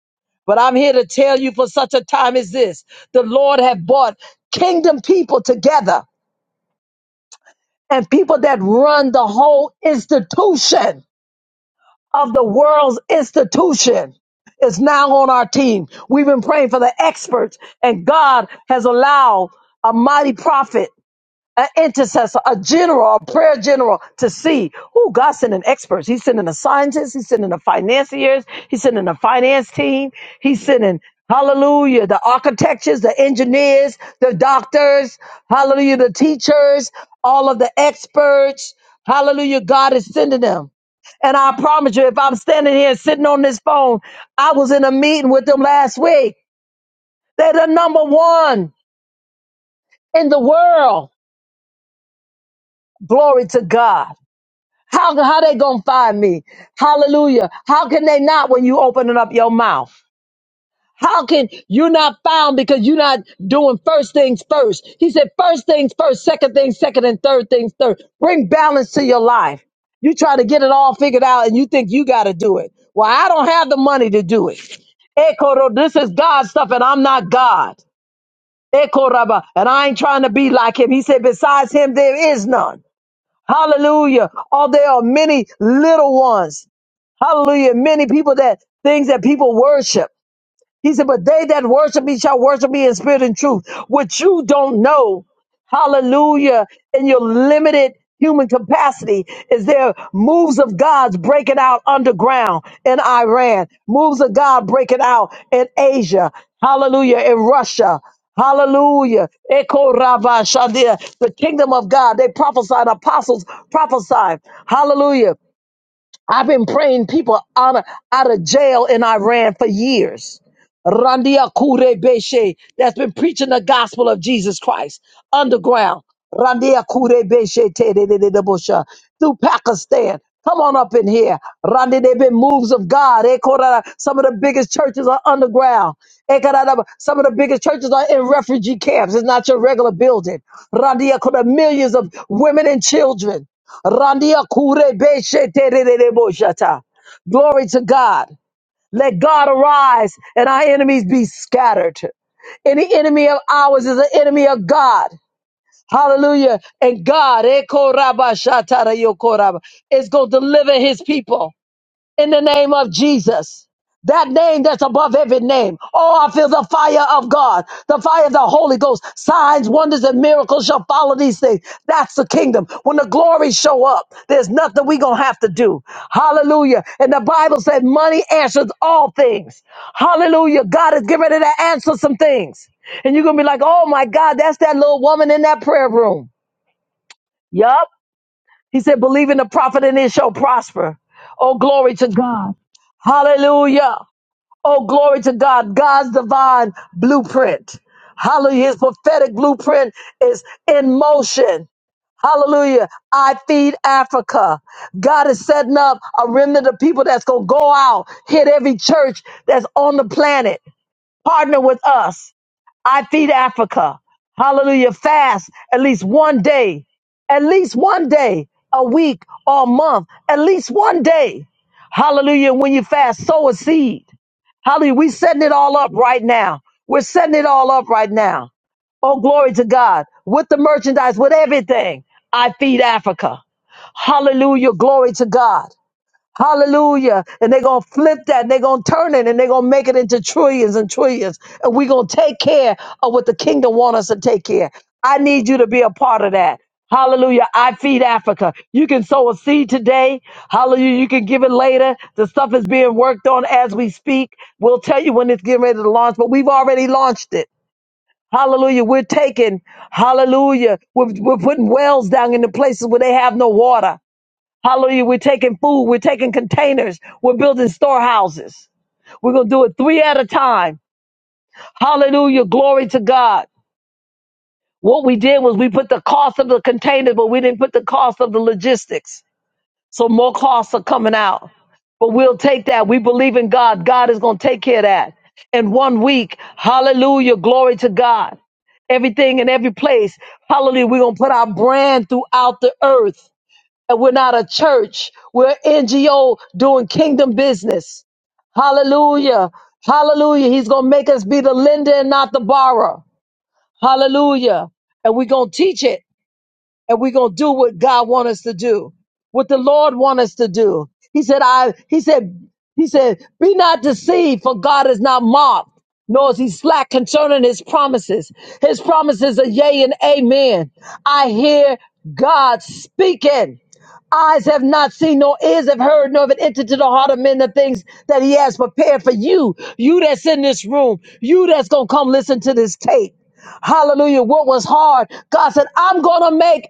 But I'm here to tell you for such a time as this, the Lord had brought kingdom people together and people that run the whole institution of the world's institution is now on our team. We've been praying for the experts and God has allowed a mighty prophet an intercessor, a general, a prayer general to see who God's sending experts. He's sending a scientist, he's sending the financiers, he's sending a finance team, he's sending Hallelujah, the architects, the engineers, the doctors, hallelujah, the teachers, all of the experts, hallelujah, God is sending them. And I promise you, if I'm standing here sitting on this phone, I was in a meeting with them last week. They're the number one in the world. Glory to God. How, how they gonna find me? Hallelujah. How can they not when you opening up your mouth? How can you not found because you're not doing first things first? He said, first things first, second things second, and third things third. Bring balance to your life. You try to get it all figured out and you think you got to do it. Well, I don't have the money to do it. Ekoro, this is God's stuff and I'm not God. Ekoraba, and I ain't trying to be like him. He said, besides him, there is none. Hallelujah. Oh, there are many little ones. Hallelujah. Many people that things that people worship. He said, But they that worship me shall worship me in spirit and truth, What you don't know. Hallelujah. In your limited human capacity, is there moves of God's breaking out underground in Iran, moves of God breaking out in Asia, hallelujah, in Russia. Hallelujah. Eko rabba shadia. The kingdom of God. They prophesied, apostles prophesied. Hallelujah. I've been praying people out of, out of jail in Iran for years. Randia Kure Beshe, that's been preaching the gospel of Jesus Christ underground. Randia Kure Beshe Te De De De De Bosha, through Pakistan. Come on up in here. Randy, they've been moves of God. Eh, Korara, Some of the biggest churches are underground. Eh, Korara, Some of the biggest churches are in refugee camps. It's not your regular building. Randia Kure, millions of women and children. Randia Kure Beshe Te De De De Bosha Ta. Glory to God. Let God arise and our enemies be scattered. Any enemy of ours is an enemy of God. Hallelujah. And God eh, koraba shatara yo koraba, is going to deliver his people in the name of Jesus. That name that's above every name. Oh, I feel the fire of God, the fire of the Holy Ghost. Signs, wonders, and miracles shall follow these things. That's the kingdom. When the glories show up, there's nothing we gonna have to do. Hallelujah. And the Bible said money answers all things. Hallelujah. God is getting ready to answer some things. And you're gonna be like, oh my God, that's that little woman in that prayer room. Yup. He said, believe in the prophet and it shall prosper. Oh, glory to God. Hallelujah. Oh, glory to God. God's divine blueprint. Hallelujah. His prophetic blueprint is in motion. Hallelujah. I feed Africa. God is setting up a remnant of people that's going to go out, hit every church that's on the planet, partner with us. I feed Africa. Hallelujah. Fast at least one day, at least one day a week or a month, at least one day. Hallelujah. When you fast, sow a seed. Hallelujah. We're setting it all up right now. We're setting it all up right now. Oh, glory to God. With the merchandise, with everything, I feed Africa. Hallelujah. Glory to God. Hallelujah. And they're going to flip that and they're going to turn it and they're going to make it into trillions and trillions. And we're going to take care of what the kingdom wants us to take care. I need you to be a part of that. Hallelujah. I feed Africa. You can sow a seed today. Hallelujah. You can give it later. The stuff is being worked on as we speak. We'll tell you when it's getting ready to launch, but we've already launched it. Hallelujah. We're taking, hallelujah. We're, we're putting wells down in the places where they have no water. Hallelujah. We're taking food. We're taking containers. We're building storehouses. We're going to do it three at a time. Hallelujah. Glory to God. What we did was we put the cost of the containers, but we didn't put the cost of the logistics. So more costs are coming out. But we'll take that. We believe in God. God is going to take care of that. In one week, hallelujah. Glory to God. Everything in every place. Hallelujah. We're going to put our brand throughout the earth. that we're not a church. We're NGO doing kingdom business. Hallelujah. Hallelujah. He's going to make us be the lender and not the borrower. Hallelujah. And we're going to teach it and we're gonna do what God want us to do, what the Lord want us to do. He said, I he said, he said, be not deceived, for God is not mocked, nor is he slack concerning his promises. His promises are yea and amen. I hear God speaking. Eyes have not seen, nor ears have heard, nor have it entered to the heart of men the things that he has prepared for you. You that's in this room, you that's gonna come listen to this tape. Hallelujah. What was hard, God said, I'm going to make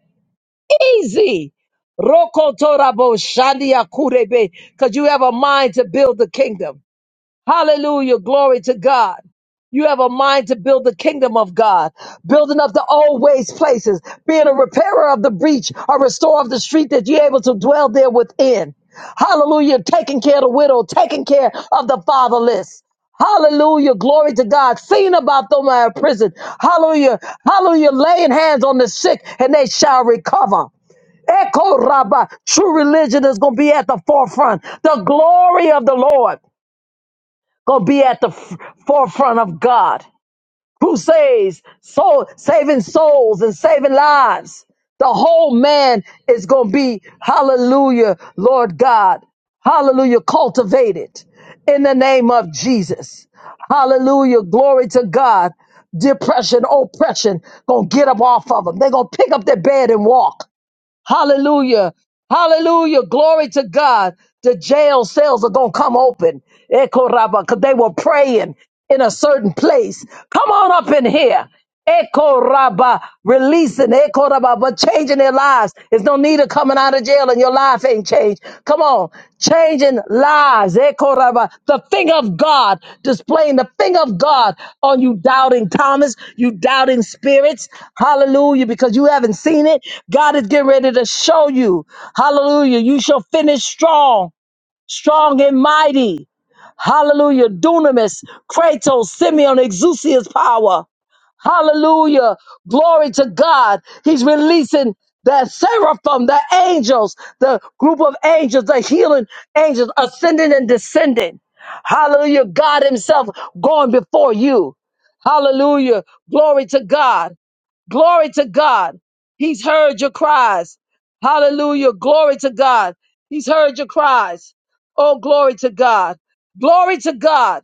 easy. Rokotorabo shandia kurebe, Because you have a mind to build the kingdom. Hallelujah. Glory to God. You have a mind to build the kingdom of God, building up the old ways places, being a repairer of the breach, a restorer of the street that you're able to dwell there within. Hallelujah. Taking care of the widow, taking care of the fatherless. Hallelujah. Glory to God. Seeing about them out of prison. Hallelujah. Hallelujah. Laying hands on the sick and they shall recover. Echo Rabba. True religion is going to be at the forefront. The glory of the Lord going to be at the f- forefront of God. Crusades, soul, saving souls and saving lives. The whole man is going to be, hallelujah, Lord God. Hallelujah, cultivated in the name of Jesus. Hallelujah, glory to God. Depression, oppression, gonna get up off of them. They're gonna pick up their bed and walk. Hallelujah. Hallelujah. Glory to God. The jail cells are going to come open. Eko raba, Because they were praying in a certain place. Come on up in here. Eko raba, Releasing. Eko raba, But changing their lives. There's no need of coming out of jail in your life life ain't changed. Come on, changing lives. Eh, Koraba. The finger of God, displaying the finger of God on you doubting Thomas, you doubting spirits. Hallelujah, because you haven't seen it. God is getting ready to show you. Hallelujah, you shall finish strong, strong and mighty. Hallelujah, dunamis, kratos, Simeon, exousia's power. Hallelujah. Glory to God. He's releasing the seraphim, the angels, the group of angels, the healing angels ascending and descending. Hallelujah. God Himself going before you. Hallelujah. Glory to God. Glory to God. He's heard your cries. Hallelujah. Glory to God. He's heard your cries. Oh, glory to God. Glory to God.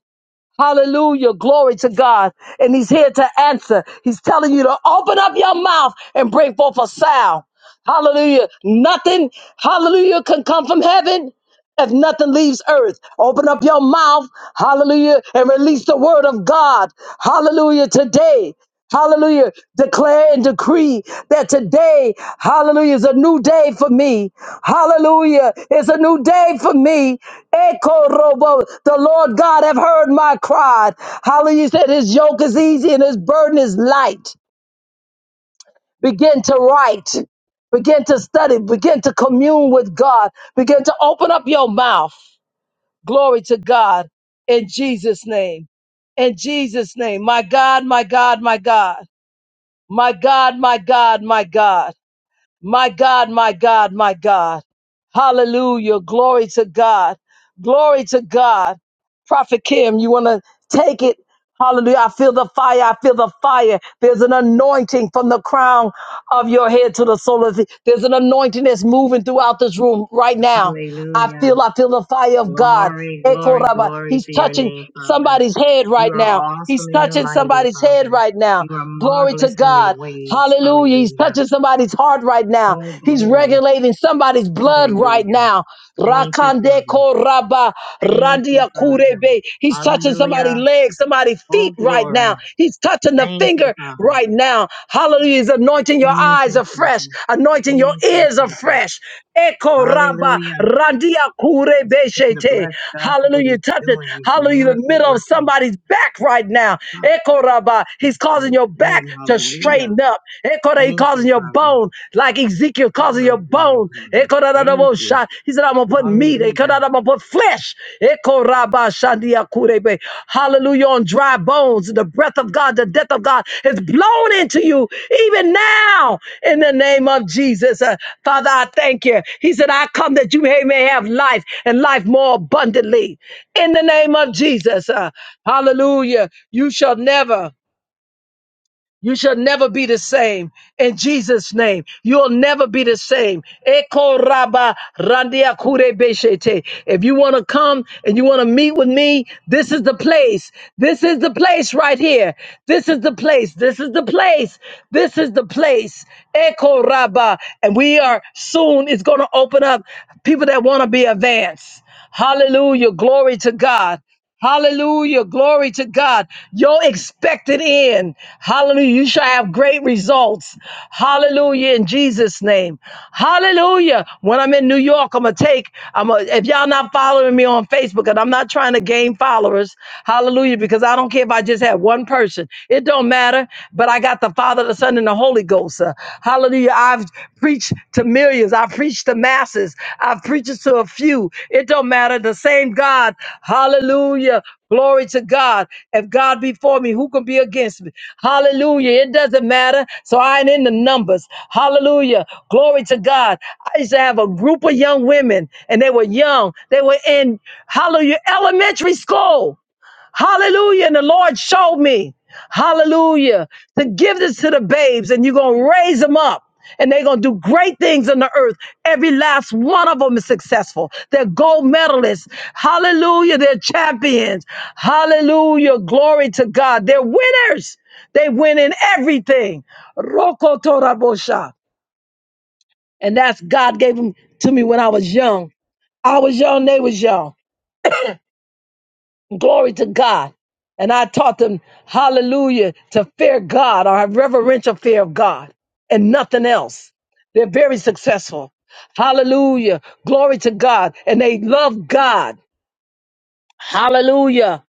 Hallelujah. Glory to God. And he's here to answer. He's telling you to open up your mouth and bring forth a sound. Hallelujah. Nothing, hallelujah, can come from heaven if nothing leaves earth. Open up your mouth, hallelujah, and release the word of God, hallelujah, today. Hallelujah. Declare and decree that today, hallelujah, is a new day for me. Hallelujah. It's a new day for me. Echo robo. The Lord God have heard my cry. Hallelujah. He said his yoke is easy and his burden is light. Begin to write. Begin to study. Begin to commune with God. Begin to open up your mouth. Glory to God in Jesus' name. In Jesus' name. My God, my God, my God. My God, my God, my God. My God, my God, my God. Hallelujah. Glory to God. Glory to God. Prophet Kim, you want to take it? Hallelujah. I feel the fire. I feel the fire. There's an anointing from the crown of your head to the sole of the. There's an anointing that's moving throughout this room right now. I Hallelujah. feel, I feel the fire of God. Glory, Eko glory, raba. glory He's to your touching name, Father. somebody's head You right are now. awesome He's and you're touching mighty, somebody's head Father. right now. You are Glory to marvelous in your God. ways. Hallelujah. He's Hallelujah. touching somebody's heart right now. Oh, He's glory. regulating somebody's blood right Hallelujah. now. Thank you, Rakande Father. Raba Thank you, Randia Father. Kurebe. He's touching somebody's Hallelujah. legs, somebody's Oh, feet right glory. now. He's touching the Thank you, finger Father. right now. Hallelujah. He's anointing your Thank eyes you, afresh, Jesus. anointing your Thank you, ears Jesus. afresh. Eko Raba Hallelujah. Randia Let's Kurebe begin to Shete. bless God for what Hallelujah. he's Touch it. doing. He's Hallelujah. The miracle middle of working somebody's back right now. Eko Raba. He's in causing this your back room. to Hallelujah. straighten up. Eko Raba, He's Thank causing you, your Father. bone like Ezekiel causing your Glory, glory, bone. glory. Thank you. Ekorarabosha. He said, I'm going to put meat. Hallelujah. Ekorarabosha. I'm going to put flesh. Ekorabashandiakurebe. Hallelujah. On dry bones, the breath of God, the death of God is blown into you even now in the name of Jesus. Uh, Father, I thank you. He said, I come that you may may have life and life more abundantly in the name of Jesus. Uh, hallelujah. You shall never. You shall never be the same in Jesus' name. You'll never be the same. Eko raba randia kure beshete. If you want to come and you want to meet with me, this is the place. This is the place right here. This is the place. This is the place. This is the place. Eko raba. And we are soon, it's going to open up people that want to be advanced. Hallelujah. Glory to God. Hallelujah. Glory to God. Your expected end. Hallelujah. You shall have great results. Hallelujah. In Jesus' name. Hallelujah. When I'm in New York, I'm gonna take, I'm gonna, if y'all not following me on Facebook, and I'm not trying to gain followers, hallelujah, because I don't care if I just have one person. It don't matter. But I got the Father, the Son, and the Holy Ghost. Uh, hallelujah. I've preached to millions. I've preached to masses. I've preached to a few. It don't matter. The same God. Hallelujah. Glory to God. If God be for me, who can be against me? Hallelujah. It doesn't matter. So I ain't in the numbers. Hallelujah. Glory to God. I used to have a group of young women, and they were young. They were in, hallelujah, elementary school. Hallelujah. And the Lord showed me, hallelujah, to give this to the babes and you're going to raise them up. And they're going to do great things on the earth. Every last one of them is successful. They're gold medalists. Hallelujah. They're champions. Hallelujah. Glory to God. They're winners. They win in everything. Roko Torabosha. And that's God gave them to me when I was young. I was young, they was young. Glory to God. And I taught them, hallelujah, to fear God or have reverential fear of God and nothing else. They're very successful. Hallelujah. Glory to God. And they love God. Hallelujah.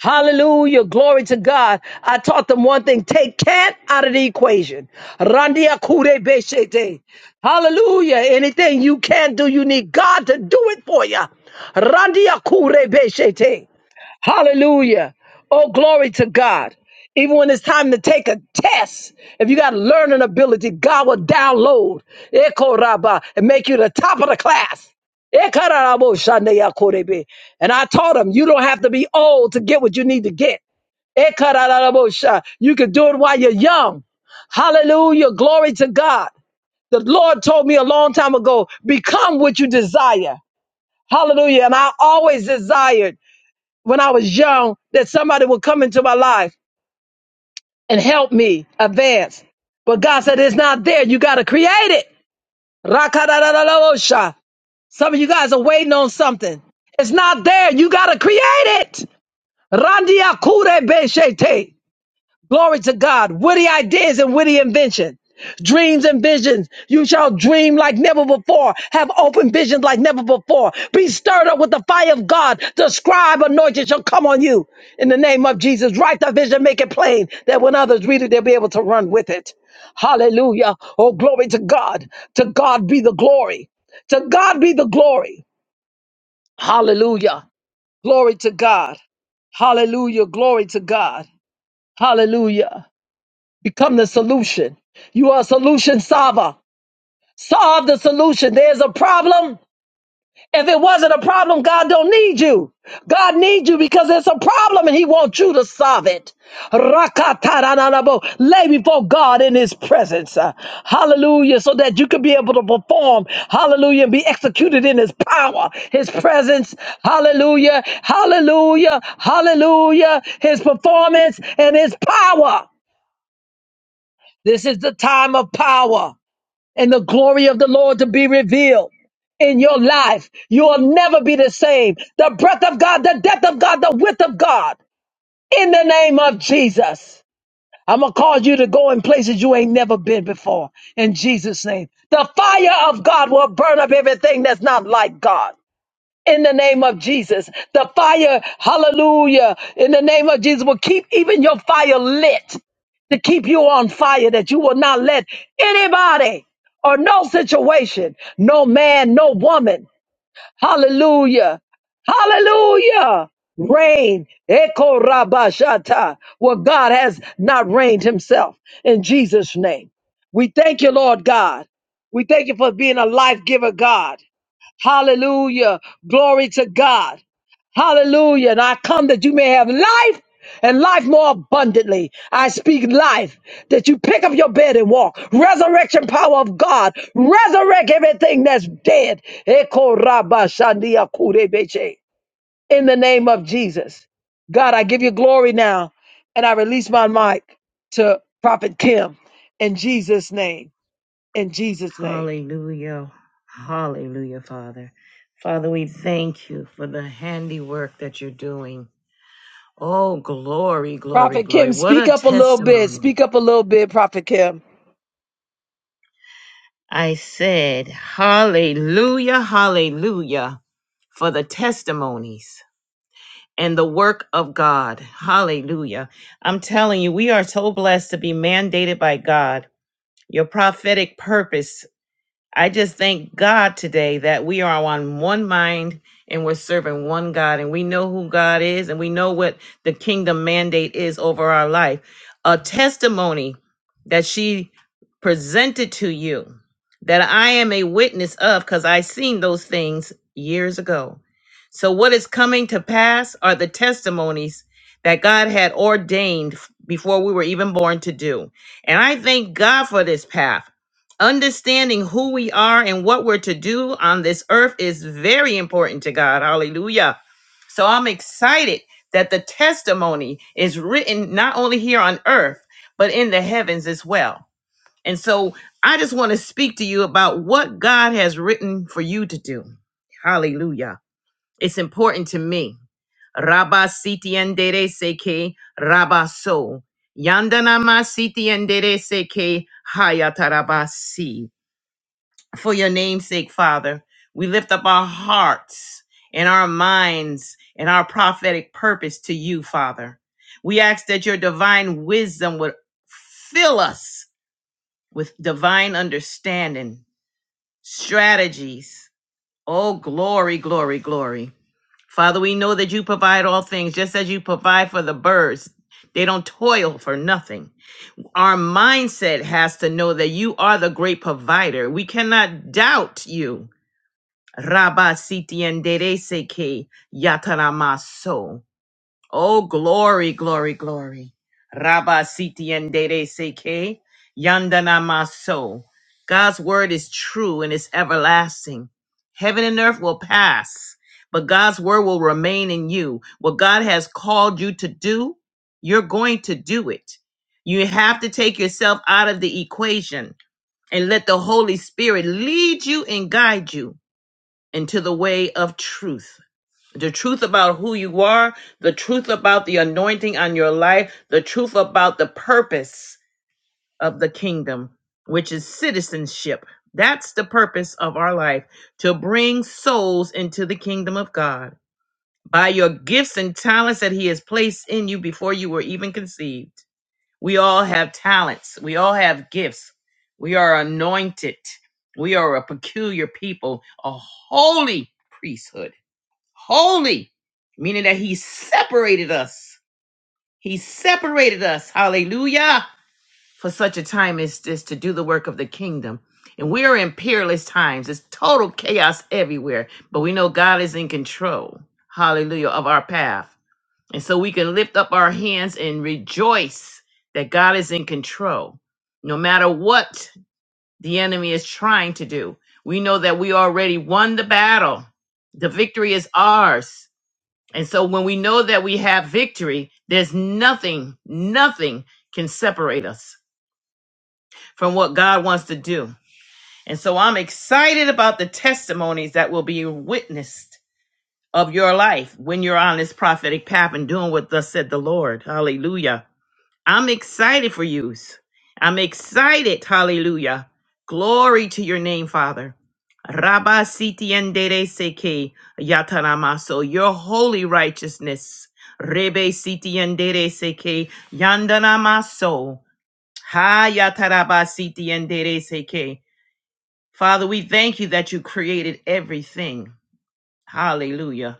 Hallelujah. Glory to God. I taught them one thing. Take cat out of the equation. Randia kure beshete. Hallelujah. Anything you can do, you need God to do it for you. Randia kure beshete. Hallelujah. Oh, glory to God. Even when it's time to take a test, if you got learning ability, God will download Eko Rabba, and make you the top of the class. Eka Rabo Shande Yakorebe. And I taught him, you don't have to be old to get what you need to get. Eka Rabo Sha. You can do it while you're young. Hallelujah. Glory to God. The Lord told me a long time ago, become what you desire. Hallelujah. And I always desired when I was young that somebody would come into my life and help me advance. But God said it's not there. You got to create it. Rakadadadadosha. Some of you guys are waiting on something. It's not there. You got to create it. Randia kure beshete. Glory to God. Witty ideas and witty invention. Dreams and visions. You shall dream like never before. Have open visions like never before. Be stirred up with the fire of God. The scribe anointing shall come on you in the name of Jesus. Write the vision, make it plain that when others read it, they'll be able to run with it. Hallelujah. Oh, glory to God. To God be the glory. To God be the glory. Hallelujah. Glory to God. Hallelujah. Glory to God. Hallelujah. Become the solution. You are a solution solver. Solve the solution. There's a problem. If it wasn't a problem, God don't need you. God needs you because it's a problem and He wants you to solve it. Rakataranabo. Lay before God in His presence. Uh, Hallelujah. So that you can be able to perform. Hallelujah. And be executed in His power, His presence. Hallelujah. Hallelujah. Hallelujah. His performance and His power. This is the time of power and the glory of the Lord to be revealed in your life. You will never be the same. The breath of God, the depth of God, the width of God, in the name of Jesus. I'm going to cause you to go in places you ain't never been before in Jesus' name. The fire of God will burn up everything that's not like God in the name of Jesus. The fire, hallelujah, in the name of Jesus will keep even your fire lit to keep you on fire that you will not let anybody or no situation, no man, no woman, hallelujah, hallelujah, reign. Eko rabashata, where God has not reigned himself in Jesus' name. We thank you, Lord God. We thank you for being a life giver, God. Hallelujah. Glory to God. Hallelujah. And I come that you may have life and life more abundantly. I speak life that you pick up your bed and walk. Resurrection power of God. Resurrect everything that's dead. Eko raba shandia kurebeche. In the name of Jesus. God, I give you glory now. And I release my mic to Prophet Kim in Jesus' name. In Jesus' name. Hallelujah. Hallelujah, Father. Father, we thank you for the handiwork that you're doing. Oh, glory, glory, Prophet glory. Kim, What a speak up a little bit. testimony. Speak up a little bit, Prophet Kim. I said, Hallelujah, hallelujah, for the testimonies and the work of God. Hallelujah. I'm telling you, we are so blessed to be mandated by God. Your prophetic purpose I just thank God today that we are on one mind and we're serving one God and we know who God is and we know what the kingdom mandate is over our life. A testimony that she presented to you that I am a witness of because I seen those things years ago. So, what is coming to pass are the testimonies that God had ordained before we were even born to do. And I thank God for this path. Understanding who we are and what we're to do on this earth is very important to God. Hallelujah. So I'm excited that the testimony is written not only here on earth, but in the heavens as well. And so I just want to speak to you about what God has written for you to do. Hallelujah. It's important to me. Rabba sitiendere seke rabaso. Yandanama sitiendere seke hayatarabasi for your namesake, Father. We lift up our hearts and our minds and our prophetic purpose to you, Father. We ask that your divine wisdom would fill us with divine understanding, strategies. Oh, glory, glory, glory. Father, we know that you provide all things just as you provide for the birds. They don't toil for nothing. Our mindset has to know that you are the great provider. We cannot doubt you. Rabba sitiendereseke yataramaso. Oh, glory, glory, glory. Rabba sitiendereseke yandanamaso. God's word is true and it's everlasting. Heaven and earth will pass, but God's word will remain in you. What God has called you to do, you're going to do it. You have to take yourself out of the equation and let the Holy Spirit lead you and guide you into the way of truth. The truth about who you are, the truth about the anointing on your life, the truth about the purpose of the kingdom, which is citizenship. That's the purpose of our life to bring souls into the kingdom of God by your gifts and talents that He has placed in you before you were even conceived. We all have talents, we all have gifts, we are anointed, we are a peculiar people, a holy priesthood holy, meaning that he separated us. He separated us, hallelujah, for such a time as this to do the work of the kingdom. And we are in peerless times. It's total chaos everywhere, but we know God is in control, hallelujah, of our path. And so we can lift up our hands and rejoice that God is in control. No matter what the enemy is trying to do, we know that we already won the battle. The victory is ours and so when we know that we have victory, there's nothing, nothing can separate us from what God wants to do. And so I'm excited about the testimonies that will be witnessed of your life when you're on this prophetic path and doing what thus said the Lord. Hallelujah. I'm excited for you. I'm excited. Hallelujah. Glory to your name, Father. Rabba sitiendere seke yataramaso. Your holy righteousness. Rebe sitiendere seke yandanamaso. Ha yataraba sitiendere seke. Father, we thank you that you created everything. Hallelujah.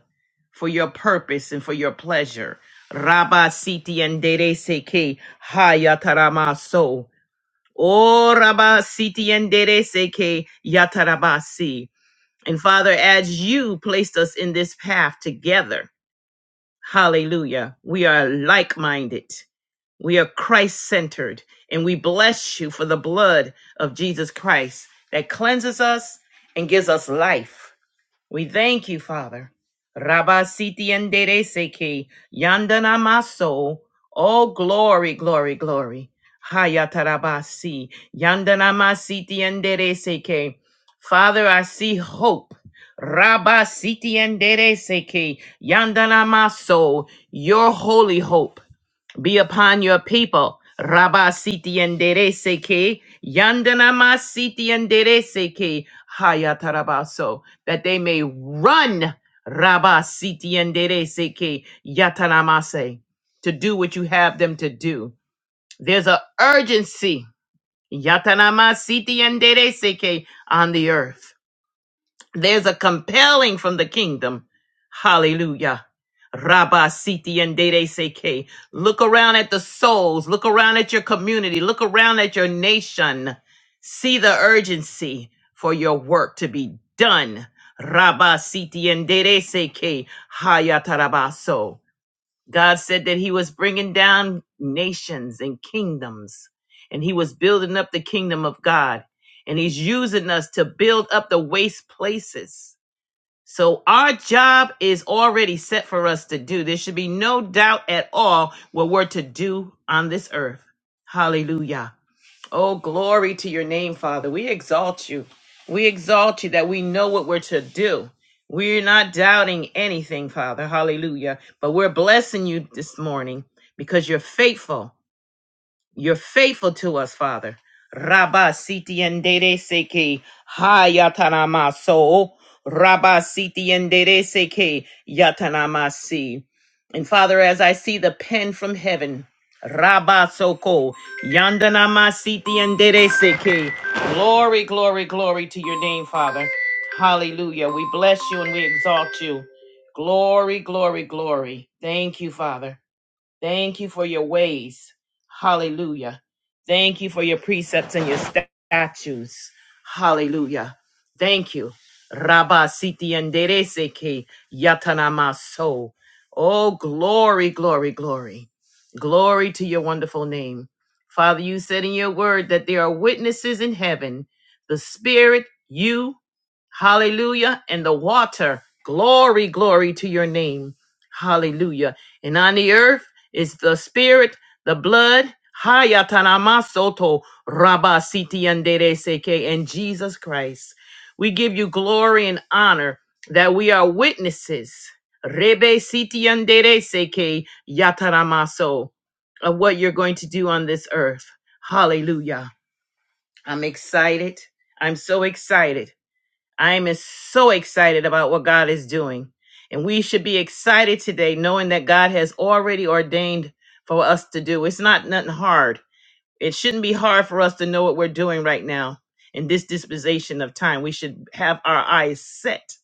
For your purpose and for your pleasure. Rabba siti endere seke hayataramaso. Oh, Rabba siti endere seke yatarabasi. And Father, as you placed us in this path together, hallelujah, we are like minded. We are Christ centered. And we bless you for the blood of Jesus Christ that cleanses us and gives us life. We thank you, Father. Rabasiti endereseke yandana maso. Oh, glory, glory, glory. Hayatarabasi yandana masiti endereseke. Father, I see hope. Rabasiti endereseke yandana maso. Your holy hope be upon your people. Rabba siti endereseke, yandana masiti endereseke, hayatarabaso, that they may run Rabba siti endereseke, yatanamase, to do what you have them to do. There's an urgency, yatanama siti endereseke, on the earth. There's a compelling from the kingdom. Hallelujah. Rabba Siti and Dede Seke. Look around at the souls. Look around at your community. Look around at your nation. See the urgency for your work to be done. Rabba Siti and Dede Seke. Hayatarabaso. God said that he was bringing down nations and kingdoms, and he was building up the kingdom of God. And he's using us to build up the waste places. So our job is already set for us to do. There should be no doubt at all what we're to do on this earth. Hallelujah. Oh, glory to your name, Father. We exalt you. We exalt you that we know what we're to do. We're not doubting anything, Father. Hallelujah. But we're blessing you this morning because you're faithful. You're faithful to us, Father. Rabba siti endere seke hayatanama so. Rabba siti endere seke yatanama si. And Father, as I see the pen from heaven, Rabba soko yandanama siti endere seke. Glory, glory, glory to your name, Father. Hallelujah. We bless you and we exalt you. Glory, glory, glory. Thank you, Father. Thank you for your ways. Hallelujah. Thank you for your precepts and your statutes. Hallelujah. Thank you. Rabba siti enderece que yatanamaso. Oh, glory, glory, glory. Glory to your wonderful name. Father, you said in your word that there are witnesses in heaven, the Spirit, you, hallelujah, and the water. Glory, glory to your name. Hallelujah. And on the earth, it's the spirit, the blood, Hayatanamasoto Rabasitiandere Seke, and Jesus Christ. We give you glory and honor that we are witnesses. Rebe Sitiandere Seke Yataramaso of what you're going to do on this earth. Hallelujah. I'm excited. I'm so excited. I'm is so excited about what God is doing. And we should be excited today knowing that God has already ordained for us to do. It's not nothing hard. It shouldn't be hard for us to know what we're doing right now in this dispensation of time. We should have our eyes set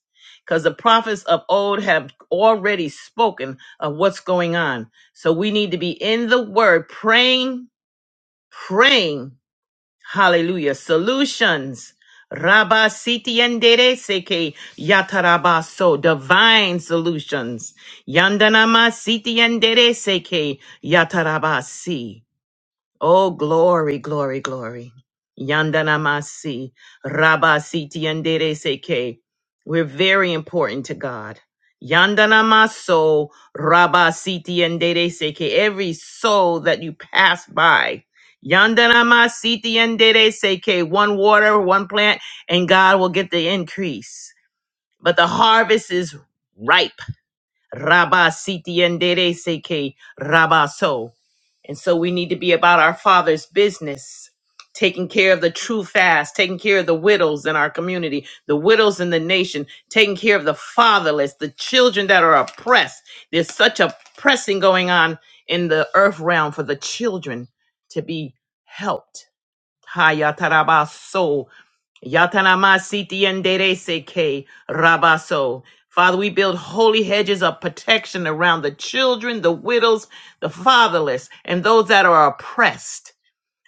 because the prophets of old have already spoken of what's going on. So we need to be in the word, praying, praying Hallelujah. Solutions. Rabba siti yendere seke yatarabaso. Divine solutions. Yandanama siti yendere seke yatarabasi. Oh, glory, glory, glory. Yandanamasi, Rabasiti Yandere Seke. We're very important to God. Yandanamaso, Rabasiti Yandere Seke. Every soul that you pass by. Yandanamasiti Yandere Seke. One water, one plant, and God will get the increase. But the harvest is ripe. Rabba siti endere seke rabaso. And so we need to be about our Father's business, taking care of the true fast, taking care of the widows in our community, the widows in the nation, taking care of the fatherless, the children that are oppressed. There's such a pressing going on in the earth realm for the children to be helped. Hayatarabaso Yatanamasiti enderezeke rabaso. Father, we build holy hedges of protection around the children, the widows, the fatherless, and those that are oppressed.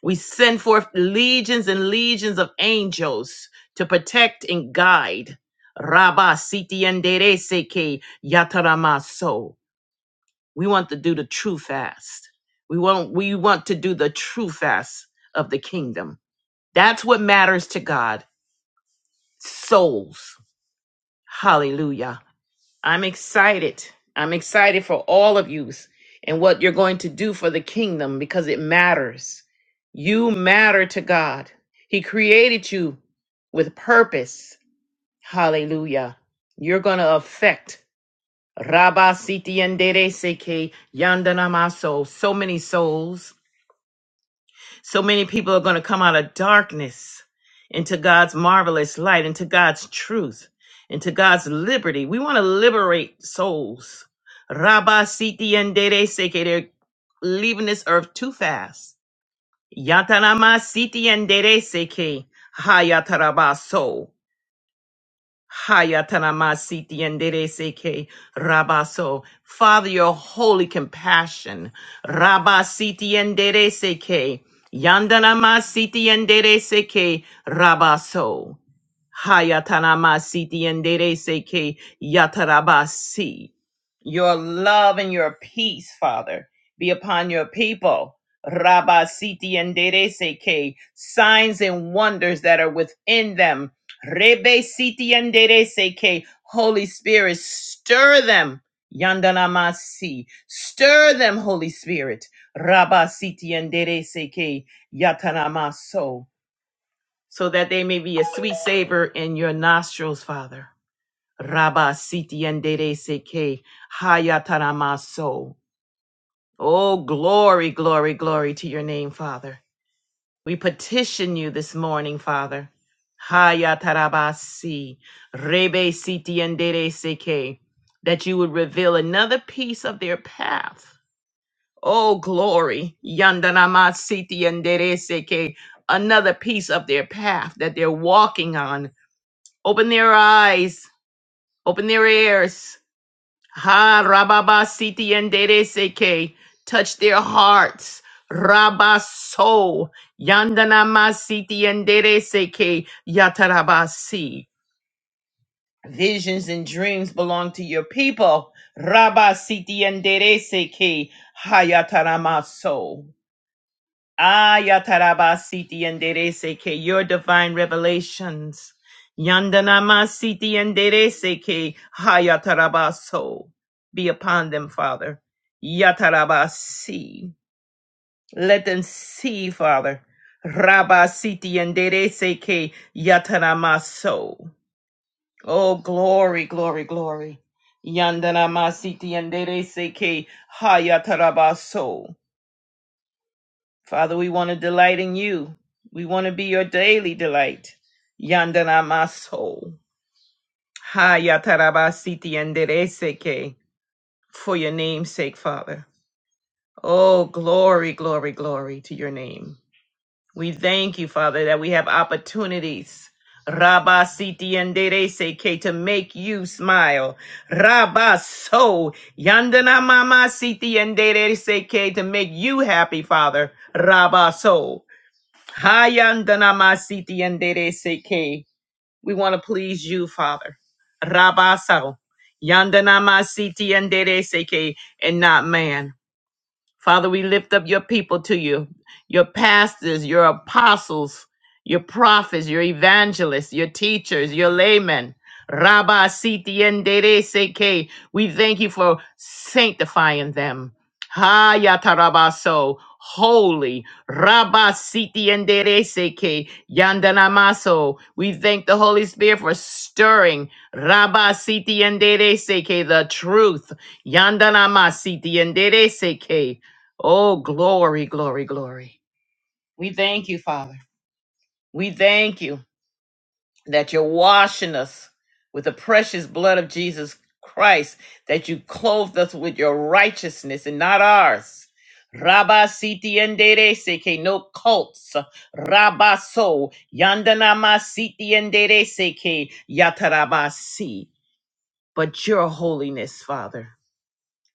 We send forth legions and legions of angels to protect and guide. Rabba siti enderezeke yataramaso. We want to do the true fast. We want, we want to do the true fast of the kingdom. That's what matters to God. Souls Hallelujah. I'm excited. I'm excited for all of you and what you're going to do for the kingdom because it matters. You matter to God. He created you with purpose. Hallelujah. You're going to affect Rabba Siti and Seke Yandanamaso, so many souls so many people are going to come out of darkness into God's marvelous light, into God's truth, into God's liberty. We want to liberate souls. Rabba siti and dere seke. They're leaving this earth too fast. Yatarama siti and dere seke. Hayatarabaso. Hayatanamasiti enderezeke rabaso. Father, your holy compassion. Rabasiti enderezeke. Yandanamasiti enderezeke rabaso. Hayatanamasiti and Dereseke Yatarabasi. Your love and your peace, Father, be upon your people. Rabasiti and Dereseke, signs and wonders that are within them. Rebesiti and Dereseke, Holy Spirit, stir them. Yandanamasi, stir them, Holy Spirit. Rabasiti and Dereseke Yatanamaso so that they may be a sweet savor in your nostrils, Father. Rabba siti endere seke hayataramaso. Oh, glory, glory, glory to your name, Father. We petition you this morning, Father. Hayatarabasi, rebe siti endere seke, that you would reveal another piece of their path. Oh, glory, yandanama siti endere seke, another piece of their path that they're walking on Open their eyes, open their ears. Ha rababa siti yandere seke. Touch their hearts. Rabba so yandanama siti yandere seke yatarabasi. Visions and dreams belong to your people. Rabba siti yandere seke hayataramaso. Ayatarabasiti and Dereseke, your divine revelations. Yandanamasiti and Dereseke, Hayatarabaso. Be upon them, Father. Yatarabasi. Let them see, Father. Rabasiti and Dereseke, Yataramaso. Oh, glory, glory, glory. Yandanamasiti and Dereseke, Hayatarabaso. Father, we want to delight in you. We want to be your daily delight. Yandana maso. Ha yatarabasiti yandereseke. For your name's sake, Father. Oh, glory, glory, glory to your name. We thank you, Father, that we have opportunities. Rabba siti yandereseke to make you smile. Rabba so yandana mama siti yandereseke to make you happy, Father. Rabba so. Hayandanamasiti yandereseke. We want to please you, Father. Rabasao. Yandanamasiti yandereseke, and not man. Father, we lift up your people to you, your pastors, your apostles, your prophets, your evangelists, your teachers, your laymen. Rabba Sitiendere Seke. We thank you for sanctifying them. Hayatarabaso, holy. Rabba Sitiendere Seke. Yandanamaso. We thank the Holy Spirit for stirring. Rabba Sitiendere Seke, the truth. Yandanama Sitiendere Seke. Oh, glory, glory, glory. We thank you, Father. We thank you that you're washing us with the precious blood of Jesus Christ, that you clothed us with your righteousness and not ours. Rabba siti endere seke no cults. Rabba so yandanama siti endere seke yatarabasi. But your holiness, Father.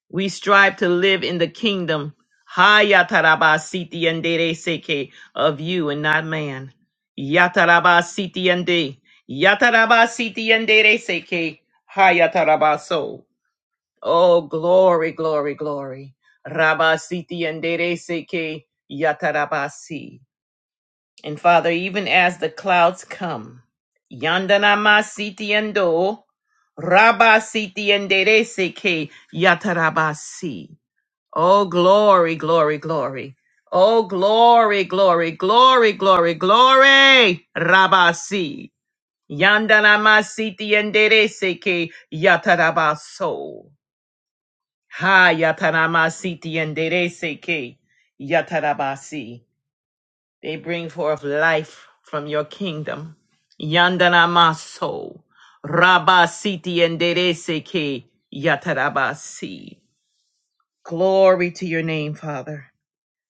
We strive to live in the kingdom Hayatarabasiti and seke of you and not man. Yatarabasiti and Yatarabasiti and seke Hayatarabaso. Oh glory, glory, glory. Rabasiti and seke Yatarabasi. And Father, even as the clouds come, Yandanamasiti and Do Rabasiti and seke Yatarabasi Oh, glory, glory, glory. Oh, glory, glory, glory, glory, glory. Rabasi. Yandanamasiti endereseke yatarabaso. Ha yatanamasiti endereseke yatarabasi. They bring forth life from your kingdom. Yandanamaso. Rabasiti endereseke yatarabasi. Glory to your name, Father.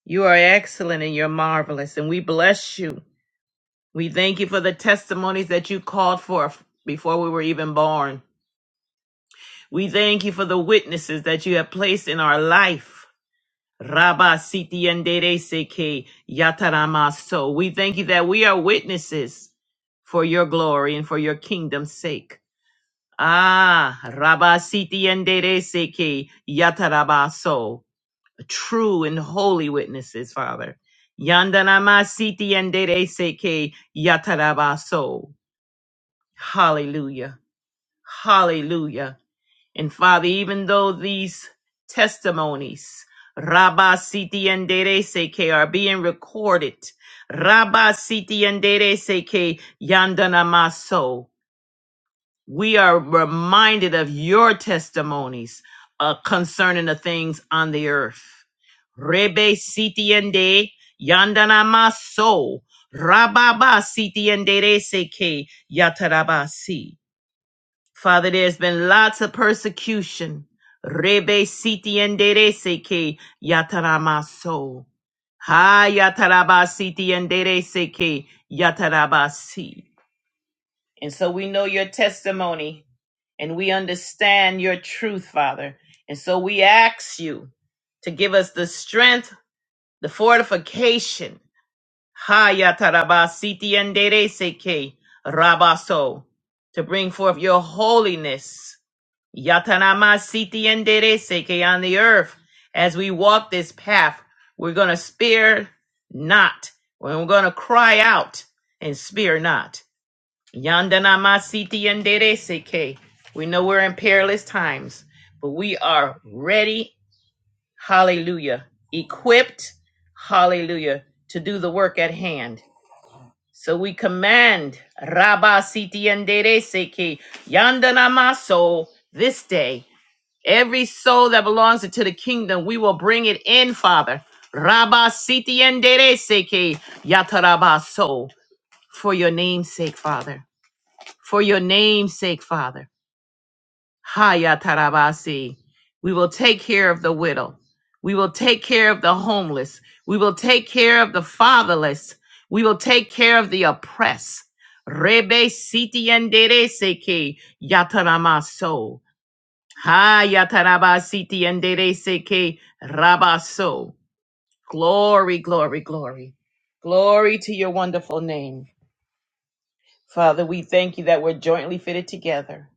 You are excellent and you're marvelous, and we bless you. We thank you for the testimonies that you called forth before we were even born. We thank you for the witnesses that you have placed in our life. Rabba Siti Yandere Seke Yataramaso. We thank you that we are witnesses for your glory and for your kingdom's sake. Ah, Rabba Siti Yandere Seke Yatarabaso. true and holy witnesses, Father. Yandanamasiti yandereseke yatarabaso. Hallelujah. Hallelujah. And Father, even though these testimonies, Rabba Siti yandereseke, are being recorded, Rabba Siti yandereseke yandanamaso we are reminded of your testimonies uh, concerning the things on the earth. Rebe sitiende yandana maso rababa sitiende reseke yatarabasi. Father, there's been lots of persecution. Rebe sitiende reseke yataramaso. Ha yatarabasi tiende reseke yatarabasi. And so we know your testimony and we understand your truth, Father. And so we ask you to give us the strength, the fortification, Ha yatarabasiti endereseke rabaso, to bring forth your holiness, yatanamasiti endereseke on the earth. As we walk this path, we're going to spare not, and we're going to cry out and spare not. Yandana masiti yandere seke. We know we're in perilous times, but we are ready, hallelujah, equipped, hallelujah, to do the work at hand. So we command Rabba siti yandere seke, yandana maso this day. Every soul that belongs to the kingdom, we will bring it in, Father. Rabba siti yandere seke, yatarabaso, for your name's sake, Father for your name's sake, Father. Haya Tarabasi. We will take care of the widow. We will take care of the homeless. We will take care of the fatherless. We will take care of the oppressed. Rebe siti endere seke yataramaso. Ha yataraba siti endere seke rabaso. Glory, glory, glory. Glory to your wonderful name. Father, we thank you that we're jointly fitted together.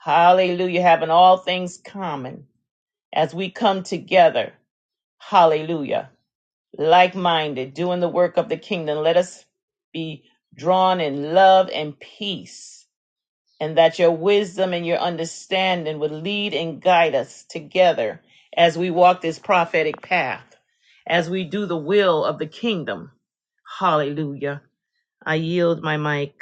Hallelujah, having all things common as we come together. Hallelujah. Like minded, doing the work of the kingdom. Let us be drawn in love and peace, and that your wisdom and your understanding would lead and guide us together as we walk this prophetic path, as we do the will of the kingdom. Hallelujah. I yield my mic.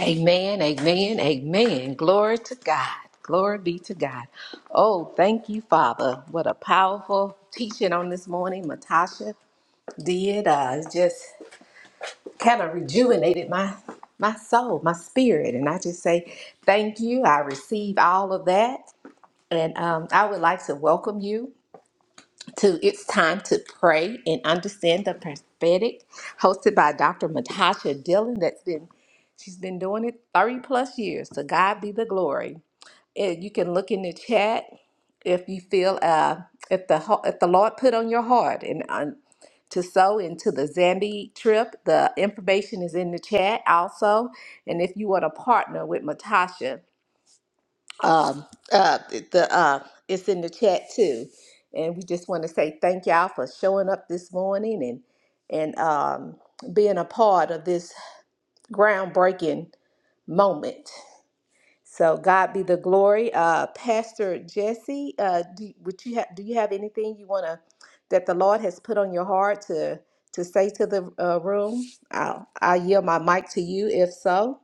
Amen, amen, amen. Glory to God. Glory be to God. Oh, thank you, Father. What a powerful teaching on this morning, Matasha did. Uh, it just kind of rejuvenated my my soul, my spirit, and I just say thank you. I receive all of that, and um, I would like to welcome you. to It's Time to Pray and Understand the Prophetic, hosted by Dr. Matasha Dillon. That's been, she's been doing it 30 plus years. To God be the glory. And you can look in the chat if you feel, uh, if the ho- if the Lord put on your heart and um, to sow into the Zambi trip, the information is in the chat also. And if you want to partner with Matasha, um, uh, the uh, it's in the chat too, and we just want to say thank y'all for showing up this morning and and um, being a part of this groundbreaking moment. So God be the glory. Uh, Pastor Jesse, uh, do, would you have do you have anything you want to that the Lord has put on your heart to to say to the uh, room? I'll, I'll yield my mic to you if so.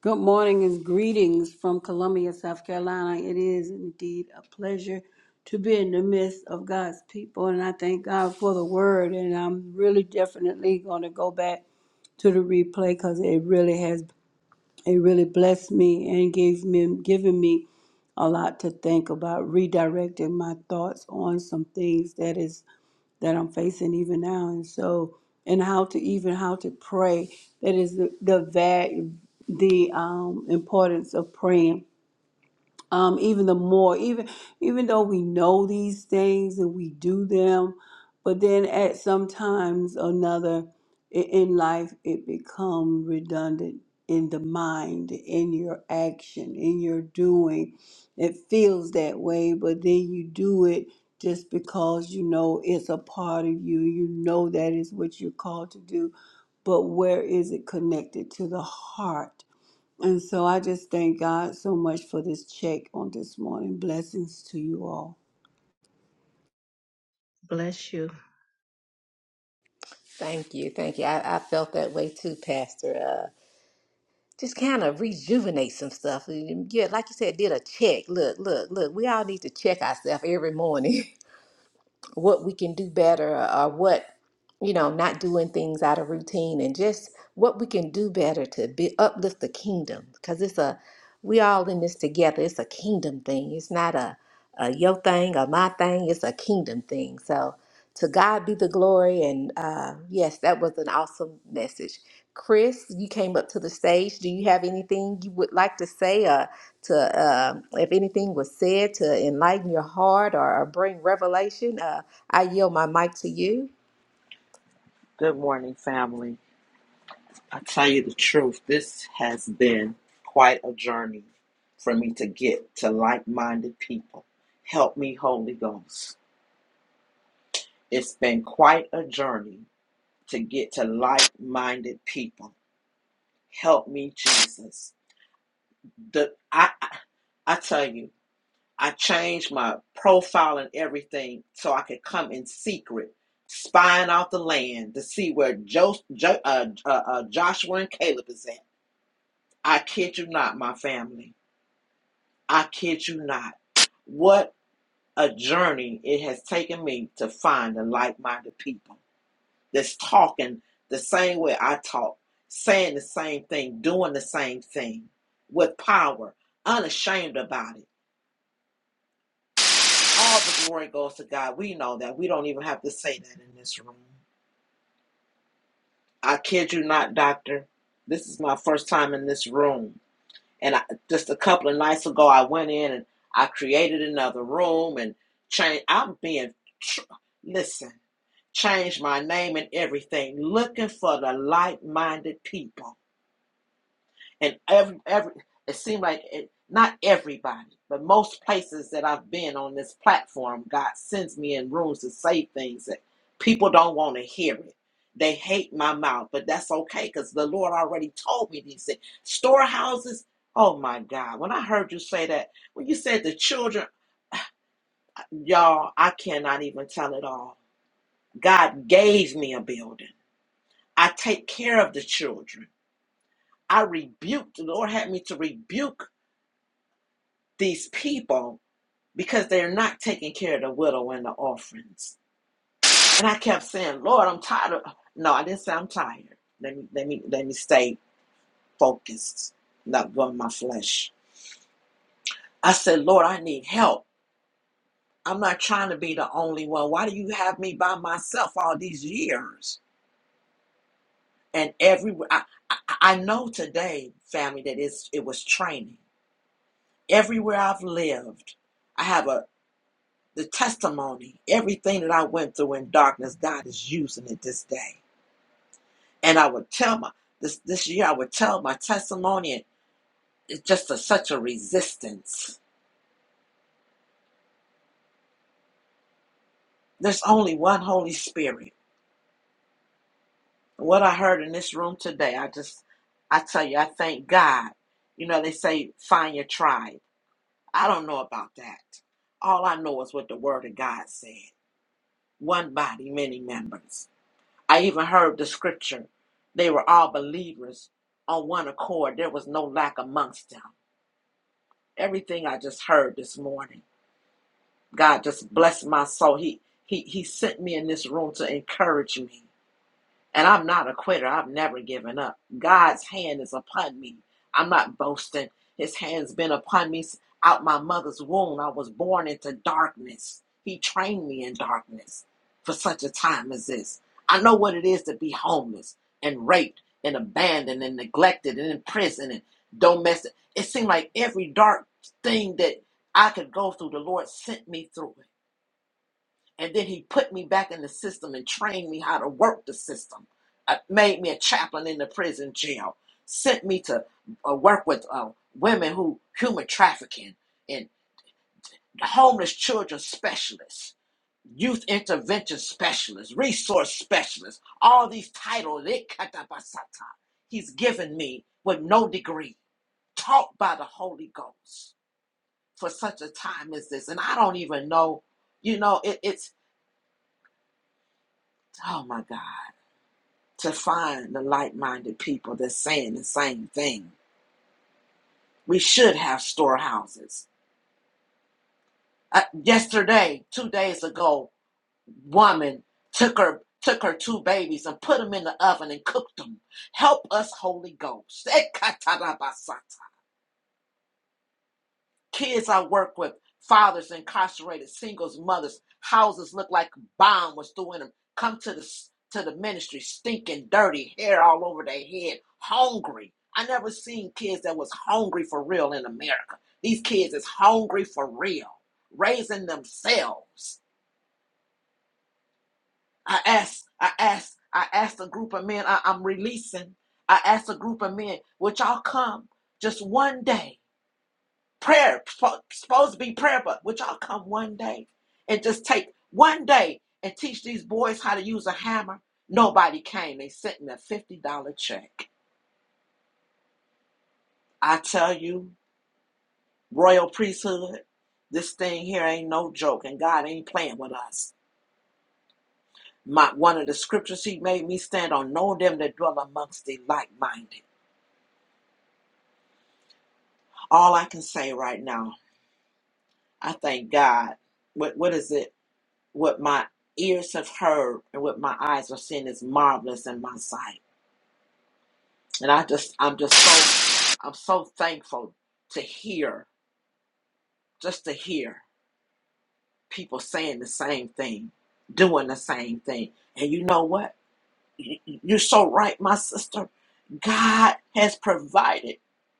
Good morning and greetings from Columbia, South Carolina. It is indeed a pleasure to be in the midst of God's people, and I thank God for the word. And I'm really definitely going to go back to the replay because it really has it really blessed me and gave me given me a lot to think about, redirecting my thoughts on some things that is that I'm facing even now. And so, and how to even how to pray. That is the the va- the um, importance of praying um, even the more even even though we know these things and we do them but then at some times or another i- in life it becomes redundant in the mind in your action in your doing it feels that way but then you do it just because you know it's a part of you you know that is what you're called to do but where is it connected to the heart and so I just thank God so much for this check on this morning. Blessings to you all. Bless you. Thank you, thank you. I, I felt that way too, Pastor. uh, just kind of rejuvenate some stuff. And Yeah, like you said, did a check. Look, look, look. We all need to check ourselves every morning. what we can do better or what you know not doing things out of routine and just what we can do better to be uplift the kingdom because it's a we all in this together it's a kingdom thing it's not a, a your thing or my thing it's a kingdom thing so to god be the glory and uh, yes that was an awesome message chris you came up to the stage do you have anything you would like to say to uh, if anything was said to enlighten your heart or, or bring revelation, uh, I yield my mic to you. Good morning, family. I tell you the truth, this has been quite a journey for me to get to like minded people. Help me, Holy Ghost. It's been quite a journey to get to like minded people. Help me, Jesus. The, I, I I tell you, I changed my profile and everything so I could come in secret, spying out the land to see where jo, jo, uh, uh, uh, Joshua and Caleb is at I kid you not, my family. I kid you not. What a journey it has taken me to find the like minded people that's talking the same way I talk, saying the same thing, doing the same thing with power, unashamed about it. All the glory goes to God. We know that. We don't even have to say that in this room. I kid you not, Doctor. This is my first time in this room. and I, just a couple of nights ago i went in and i created another room and changed i'm being tr- listen changed my name and everything looking for the like-minded people and every every it seemed like it, not everybody but most places that i've been on this platform god sends me in rooms to say things that people don't want to hear it they hate my mouth but that's okay because the lord already told me these things storehouses oh my god when i heard you say that when you said the children y'all i cannot even tell it all god gave me a building i take care of the children i rebuked the lord had me to rebuke these people because they're not taking care of the widow and the orphans. And I kept saying, Lord, I'm tired of no, I didn't say I'm tired. Let me let me let me stay focused, not going my flesh. I said, Lord, I need help. I'm not trying to be the only one. Why do you have me by myself all these years? And everywhere I, I, I know today, family, that it's, it was training. Everywhere I've lived, I have a. the testimony, everything that I went through in darkness, God is using it this day. And I would tell my this this year I would tell my testimony and it's just a, such a resistance. There's only one Holy Spirit. What I heard in this room today, I just I tell you, I thank God. You know, they say find your tribe. I don't know about that. All I know is what the word of God said. One body, many members. I even heard the scripture. They were all believers on one accord. There was no lack amongst them. Everything I just heard this morning. God just blessed my soul. He he he sent me in this room to encourage me. And I'm not a quitter. I've never given up. God's hand is upon me. I'm not boasting. His hand's been upon me out my mother's womb. I was born into darkness. He trained me in darkness for such a time as this. I know what it is to be homeless and raped and abandoned and neglected and in prison and domestic. It seemed like every dark thing that I could go through, the Lord sent me through it and then he put me back in the system and trained me how to work the system. Uh, made me a chaplain in the prison jail. Sent me to uh, work with uh, women who human trafficking and homeless children specialists, youth intervention specialists, resource specialists. All these titles, they katabasata. He's given me with no degree, taught by the Holy Ghost for such a time as this. And I don't even know, you know, it, it's oh my God. to find the like minded people that's saying the same thing. We should have storehouses. Uh, yesterday, two days ago, woman took her took her two babies and put them in the oven and cooked them. Help us, Holy Ghost. kids I work with, fathers incarcerated, singles, mothers, houses look like bomb was thrown in them. Come to the to the ministry, stinking, dirty, hair all over their head, hungry. I never seen kids that was hungry for real in America. These kids is hungry for real, raising themselves. I asked, I asked, I asked a group of men I, I'm releasing. I asked a group of men, would y'all come just one day prayer supposed to be prayer but would y'all come one day and just take one day and teach these boys how to use a hammer nobody came they sent me a $50 check i tell you royal priesthood this thing here ain't no joke and god ain't playing with us my one of the scriptures he made me stand on know them that dwell amongst the like-minded all i can say right now i thank god what what is it what my ears have heard and what my eyes have seen is marvelous in my sight. And I just, I'm just so, I'm so thankful to hear, just to hear people saying the same thing, doing the same thing. And you know what? You- You're so right, my sister. God has provided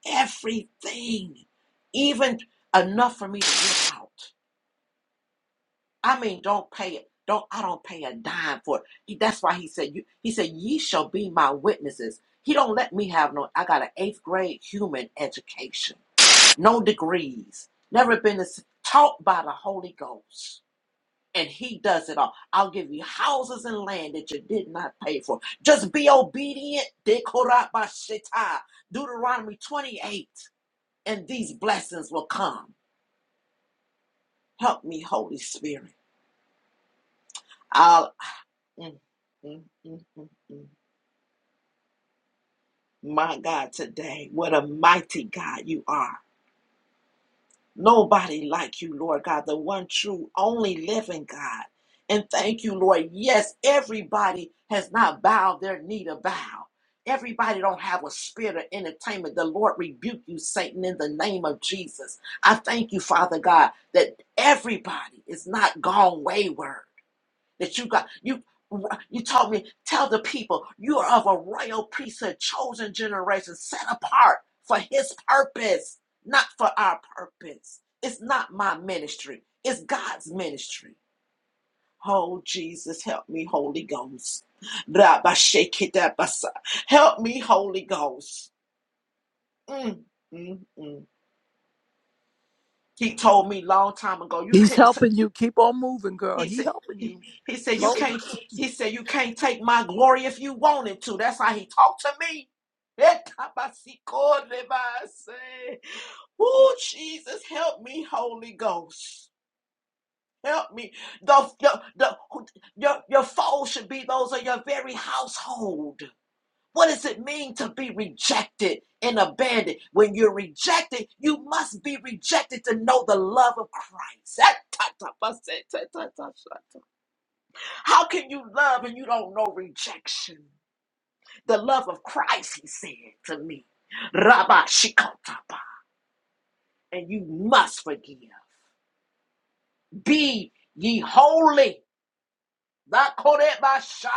everything, even enough for me to get out. I mean, don't pay it. Don't I don't pay a dime for it. He, that's why he said you he said, Ye shall be my witnesses. He don't let me have no I got an eighth grade human education. No degrees. Never been as- taught by the Holy Ghost. And he does it all. I'll give you houses and land that you did not pay for. Just be obedient. Dekorat Deuteronomy 28. And these blessings will come. Help me, Holy Spirit. Mm, mm, mm, mm, mm. My God, today, what a mighty God you are. Nobody like you, Lord God, the one true, only living God. And thank you, Lord. Yes, everybody has not bowed their knee to bow. Everybody don't have a spirit of entertainment. The Lord rebuke you, Satan, in the name of Jesus. I thank you, Father God, that everybody is not gone wayward. that you got you you told me tell the people you are of a royal priesthood chosen generation set apart for his purpose not for our purpose it's not my ministry it's god's ministry oh jesus help me holy ghost help me holy ghost Mm, mm, mm. he told me long time ago you He's couldn't helping you. Keep on moving, girl. He He said, helping he, you. he said, you Slow. can't, he said, you can't take my glory if you wanted to. That's how he talked to me. Oh, Jesus, help me, Holy Ghost. Help me. The, the, the, your, your foes should be those of your very household. What does it mean to be rejected and abandoned? When you're rejected, you must be rejected to know the love of Christ. How can you love and you don't know rejection? The love of Christ, he said to me. Rabba Shikotaba. And you must forgive. Be ye holy. Not Korebasha.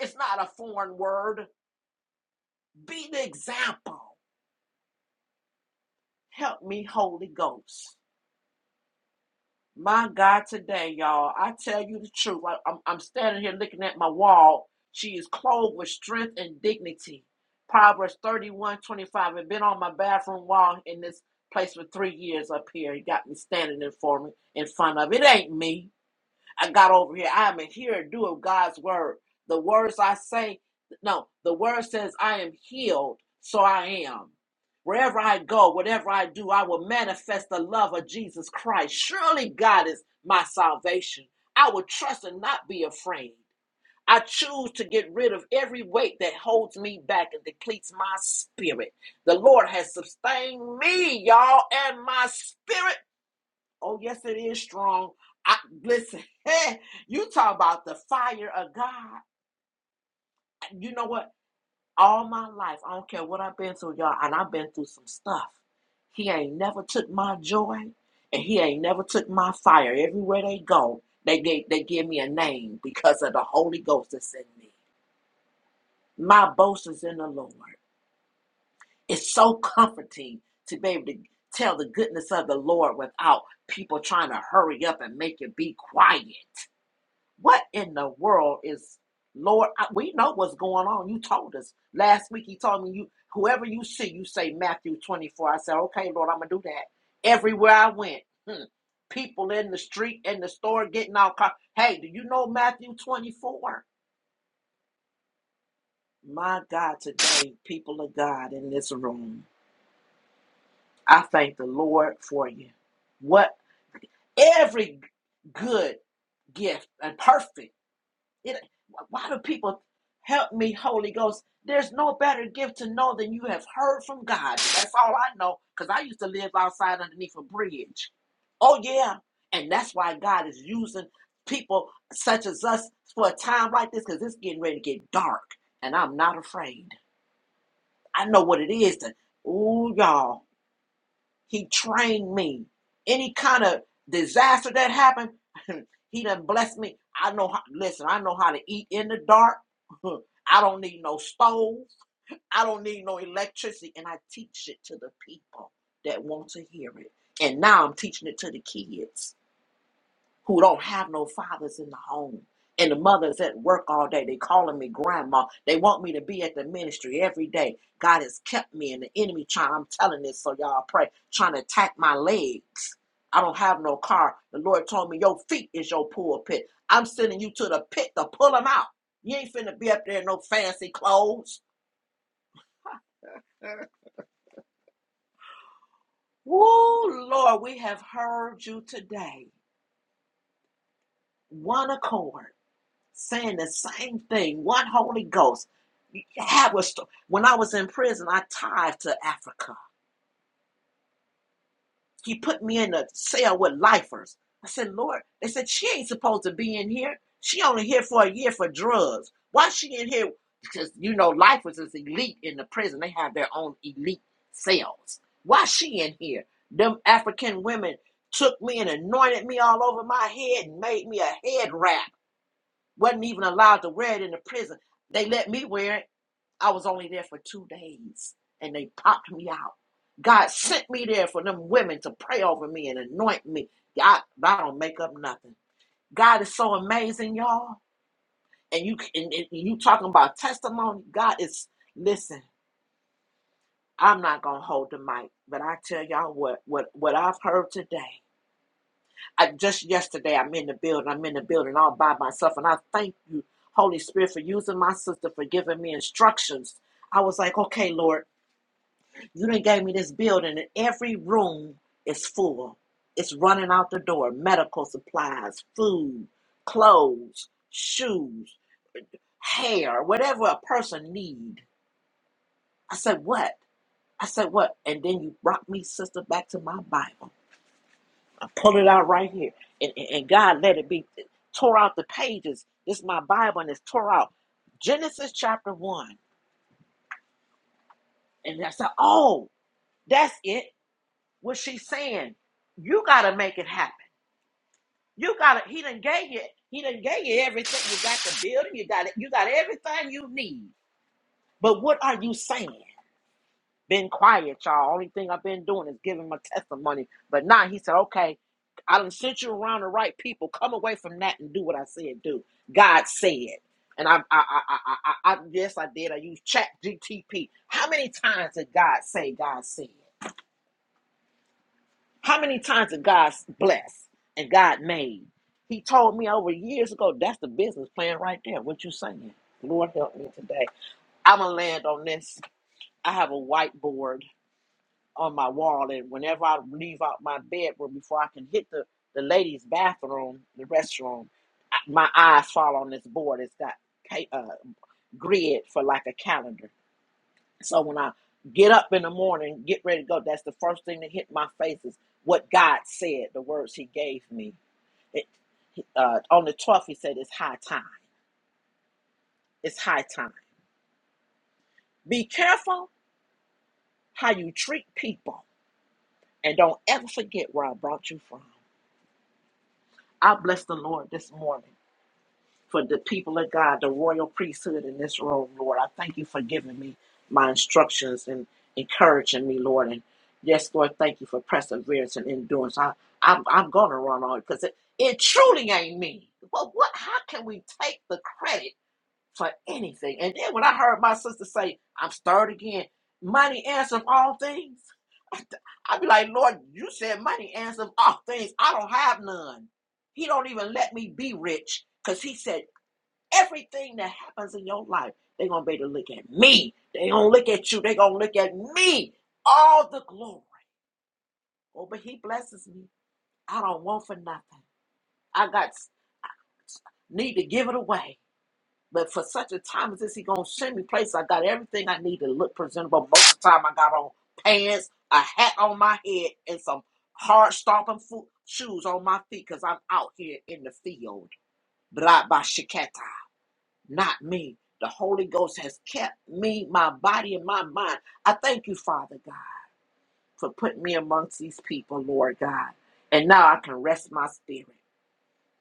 It's not a foreign word. Be the example. Help me, Holy Ghost. My God, today, y'all, I tell you the truth. I, am I'm I'm standing here looking at my wall. She is clothed with strength and dignity. Proverbs 31 25. I've been on my bathroom wall in this place for three years up here. It got me standing in for me in front of it. It Ain't me. I got over here. I am a hearer, and doer of God's word. The words I say, no, the word says, I am healed, so I am. Wherever I go, whatever I do, I will manifest the love of Jesus Christ. Surely God is my salvation. I will trust and not be afraid. I choose to get rid of every weight that holds me back and depletes my spirit. The Lord has sustained me, y'all, and my spirit Oh, yes, it is strong. I listen, you talk about the fire of God. You know what? All my life, I don't care what I've been through, y'all, and I've been through some stuff. He ain't never took my joy and he ain't never took my fire. Everywhere they go, they gave they give me a name because of the Holy Ghost that's in me. My boast is in the Lord. It's so comforting to be able to tell the goodness of the Lord without people trying to hurry up and make it be quiet. What in the world is Lord? I, we know what's going on. You told us last week. He told me you whoever you see, you say Matthew twenty four. I said, okay, Lord, I'm gonna do that. Everywhere I went, hmm, people in the street, in the store, getting out. Car- hey, do you know Matthew twenty four? My God, today, people of God in this room, I thank the Lord for you. What every good gift and perfect. It, why do people help me, Holy Ghost? There's no better gift to know than you have heard from God. That's all I know because I used to live outside underneath a bridge. Oh, yeah. And that's why God is using people such as us for a time like this because it's getting ready to get dark. And I'm not afraid. I know what it is to, ooh, y'all. He trained me. Any kind of disaster that happened, he done blessed me. I know how, listen, I know how to eat in the dark. I don't need no stove. I don't need no electricity. And I teach it to the people that want to hear it. And now I'm teaching it to the kids who don't have no fathers in the home. And the mothers at work all day. They calling me grandma. They want me to be at the ministry every day. God has kept me and the enemy trying. I'm telling this so y'all pray. Trying to attack my legs. I don't have no car. The Lord told me your feet is your pulpit. I'm sending you to the pit to pull them out. You ain't finna be up there in no fancy clothes. Woo, Lord, we have heard you today. One accord. saying the same thing. One Holy Ghost. Have a sto- when I was in prison, I tithed to Africa. He put me in a cell with lifers. I said, Lord, they said she ain't supposed to be in here. She only here for a year for drugs. Why she in here? Because you know, lifers is elite in the prison. They have their own elite cells. Why she in here? Them African women took me and anointed me all over my head and made me a head wrap. Wasn't even allowed to wear it in the prison. They let me wear it. I was only there for two days and they popped me out. God sent me there for them women to pray over me and anoint me. I, I don't make up nothing. God is so amazing, y'all. And you and, and you talking about testimony. God is listen. I'm not gonna hold the mic, but I tell y'all what what what I've heard today. I, just yesterday, I'm in the building. I'm in the building all by myself, and I thank you, Holy Spirit, for using my sister for giving me instructions. I was like, okay, Lord, you done gave me this building, and every room is full. It's running out the door. Medical supplies, food, clothes, shoes, hair, whatever a person need. I said, what? I said, what? And then you brought me, sister, back to my Bible. pull it out right here. And, and, and God let it be tore out the pages. This is my Bible and it's tore out. Genesis chapter one. And I said, Oh, that's it. What she's saying. You gotta make it happen. You gotta he done gave you he done gave you everything. You got the building, you got it, you got everything you need. But what are you saying? Been quiet, y'all. Only thing I've been doing is giving my testimony. But now he said, okay, I done sent you around the right people. Come away from that and do what I said do. God said. And I, I, I, I, I, I yes, I did. I used Chat GTP. How many times did God say God said? How many times did God bless and God made? He told me over years ago, that's the business plan right there. What you saying? Lord help me today. I'm going to land on this. I have a whiteboard on my wall. And whenever I leave out my bedroom, before I can hit the, the ladies' bathroom, the restroom, my eyes fall on this board. It's got ca- uh, grid for like a calendar. So when I get up in the morning, get ready to go, that's the first thing that hit my face is what God said, the words He gave me. It, uh, on the 12th, He said, It's high time. It's high time. Be careful how you treat people. And don't ever forget where I brought you from. I bless the Lord this morning. for the people of God, the royal priesthood in this room, Lord. I thank you for giving me my instructions and encouraging me, Lord. And yes, Lord, thank you for perseverance and endurance. I, I'm, I'm going to run on it because it it truly ain't me. But what? How can we take the credit for anything? And then when I heard my sister say, "I'm stirred again," money answers all things. I'd be like, Lord, you said money answers all things. I don't have none. He don't even let me be rich because he said Everything that happens in your life, they're going to be able to look at me. they going to look at you. they going to look at me. All the glory. Oh, but he blesses me. I don't want for nothing. I got need to give it away. But for such a time as this, he going to send me places. I got everything I need to look presentable. Most of the time, I got on pants, a hat on my head, and some hard stomping foot shoes on my feet because I'm out here in the field. Blah, blah, shikata. not me. The Holy Ghost has kept me, my body, and my mind. I thank you, Father God, for putting me amongst these people, Lord God. And now I can rest my spirit.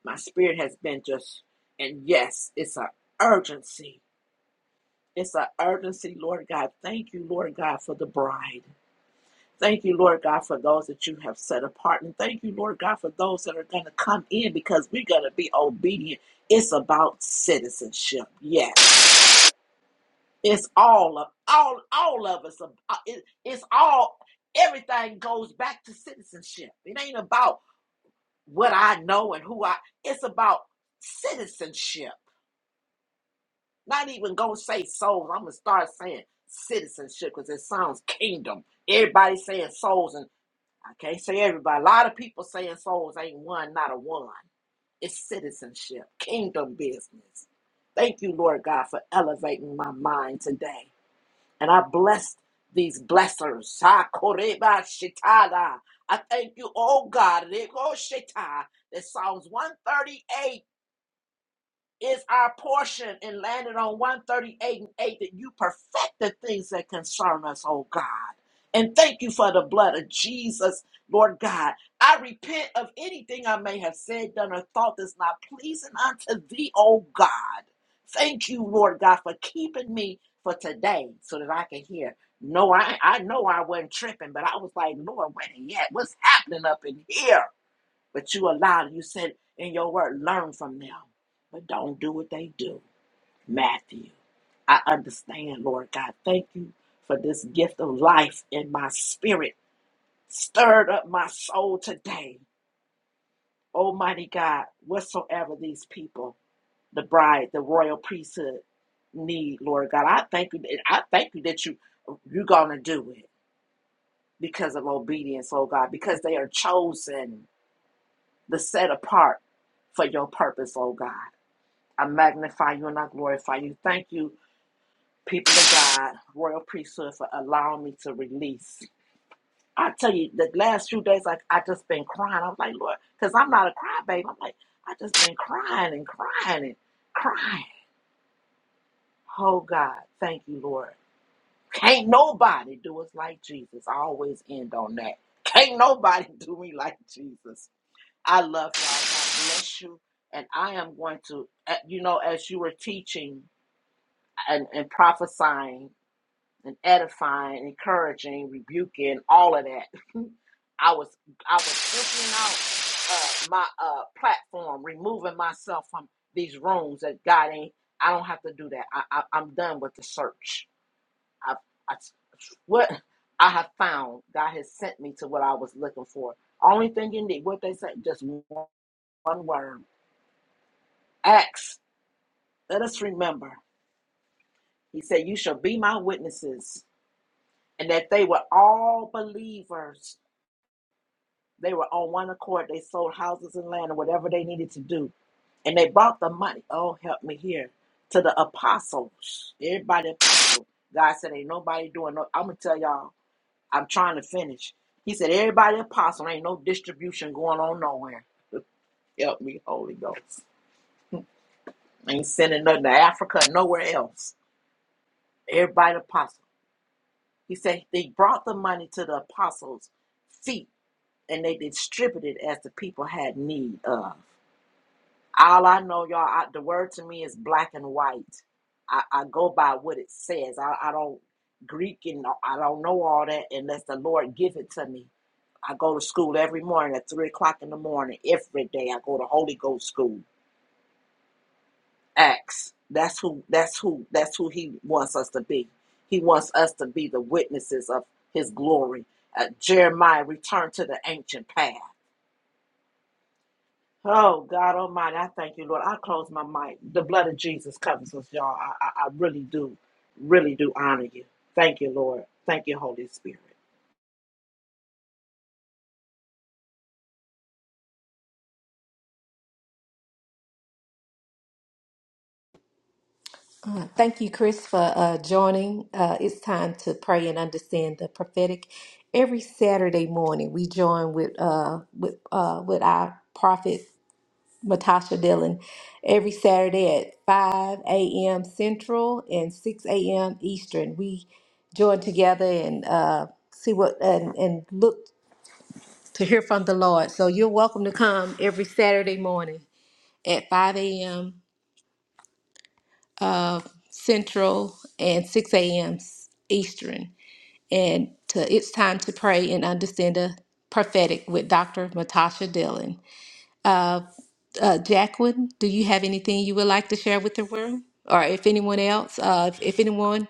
My spirit has been just, and yes, it's an urgency. It's an urgency, Lord God. Thank you, Lord God, for the bride. Thank you, Lord God, for those that you have set apart. And thank you, Lord God, for those that are going to come in because we're going to be obedient. It's about citizenship. Yes. It's all of all all of us. uh, it- It's all everything goes back to citizenship. It ain't about what I know and who I. It's about citizenship. Not even gonna say souls. I'm gonna start saying citizenship because it sounds kingdom. Everybody saying souls, and I can't say everybody. A lot of people saying souls ain't one, not a one. It's citizenship, kingdom business. Thank you, Lord God, for elevating my mind today. And I bless these blessers. Ha, koreba shitada. I thank you, oh God, rego shita, that Psalms 138 is our portion and landed on 138 and 8 that you perfect the things that concern us, oh God. And thank you for the blood of Jesus, Lord God. I repent of anything I may have said, done, or thought that's not pleasing unto thee, oh God. Thank you, Lord God, for keeping me for today so that I can hear. No, I, I know I wasn't tripping, but I was like, Lord, wait a yet. What's happening up in here? But you allowed, you said in your word, learn from them, but don't do what they do. Matthew, I understand, Lord God. Thank you for this gift of life in my spirit. Stirred up my soul today. Almighty God, whatsoever these people, the bride, the royal priesthood need, Lord God, I thank you. I thank you that you you're gonna do it because of obedience, oh God, because they are chosen, the set apart for your purpose, oh God. I magnify you and I glorify you. Thank you, people of God, royal priesthood, for allowing me to release. I tell you, the last few days, like I just been crying. I'm like, Lord, because I'm not a crybaby. I'm like, I just been crying and crying and crying. Oh God, thank you, Lord. Can't nobody do us like Jesus. I always end on that. Can't nobody do me like Jesus. I love y'all. God bless you. And I am going to, uh, you know, as you were teaching, and, and prophesying and edifying, encouraging, rebuking, all of that. I was I was pushing out uh, my uh, platform, removing myself from these rooms that God ain't. I don't have to do that. I, I I'm done with the search. I, I what I have found, God has sent me to what I was looking for. Only thing you need, what they say, just one one word. Acts. Let us remember. He said, "You shall be my witnesses." and that they were all believers. They were on one accord. They sold houses and land or whatever they needed to do. And they brought the money. Oh, help me here. To the apostles. Everybody apostle. God said, Ain't nobody doing no. I'm gonna tell y'all, I'm trying to finish. He said, Everybody apostle, ain't no distribution going on nowhere. Help me, Holy Ghost. Ain't sending nothing to Africa, nowhere else. Everybody apostle. He said they brought the money to the apostles' feet and they distributed as the people had need of. All I know, y'all, I, the word to me is black and white. I, I go by what it says. I, I don't Greek and I don't know all that unless the Lord give it to me. I go to school every morning at three o'clock in the morning. Every day I go to Holy Ghost school. Acts. That's who. That's who. That's who He wants us to be. He wants us to be the witnesses of His glory. Uh, Jeremiah, return to the ancient path. Oh, God Almighty, I thank you, Lord. I close my mic. The blood of Jesus covers us, y'all. I, I, I really do, really do honor you. Thank you, Lord. Thank you, Holy Spirit. Uh, Thank you, Chris, for uh, joining. Uh, it's time to pray and understand the prophetic. Every Saturday morning, we join with uh, with uh, with our prophet Matasha Dillon every Saturday at 5 a.m. Central and 6 a.m. Eastern. We join together and uh, see what and, and look. to hear from the Lord. So you're welcome to come every Saturday morning at 5 a.m. Central and 6 a.m. Eastern. And to It's Time to Pray and Understand the Prophetic with Dr. Matasha Dillon. Uh, Jacqueline, do you have anything you would like to share with the room? Or if anyone else, uh, if, if anyone?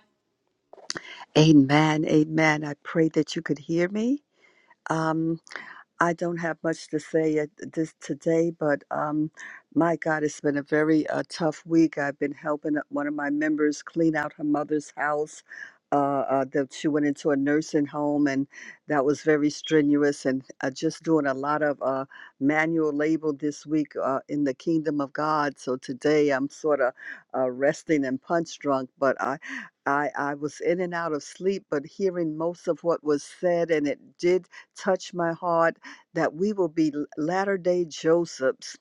Amen. Amen. I pray that you could hear me. Um. I don't have much to say at this today, but um, my God, it's been a very uh, tough week. I've been helping one of my members clean out her mother's house. Uh, uh, that she went into a nursing home, and that was very strenuous. And uh, just doing a lot of uh, manual labor this week uh, in the kingdom of God. So today I'm sort of uh, resting and punch drunk, but I, I, I was in and out of sleep. But hearing most of what was said, and it did touch my heart that we will be latter day Josephs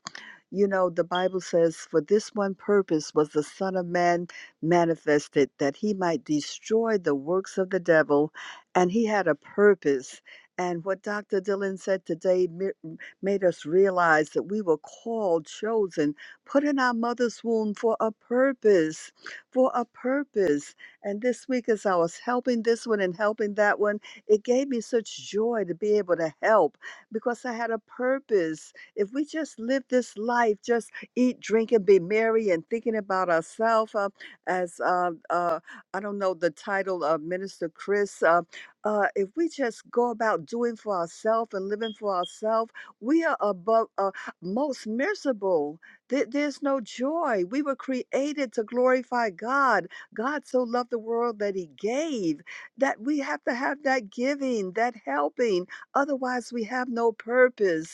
you know, the Bible says, For this one purpose was the Son of Man manifested, that he might destroy the works of the devil. And he had a purpose. And what Dr. Dillon said today mi- made us realize that we were called, chosen, put in our mother's womb for a purpose, for a purpose. And this week, as I was helping this one and helping that one, it gave me such joy to be able to help because I had a purpose if we just live this life, just eat, drink, and be merry, and thinking about ourselves, uh, as uh, uh, I don't know the title of Minister Chris, uh, uh, if we just go about doing for ourselves and living for ourselves, we are above uh, most miserable. There- there's no joy. We were created to glorify God. God so loved the world that He gave. That we have to have that giving, that helping. Otherwise, we have no purpose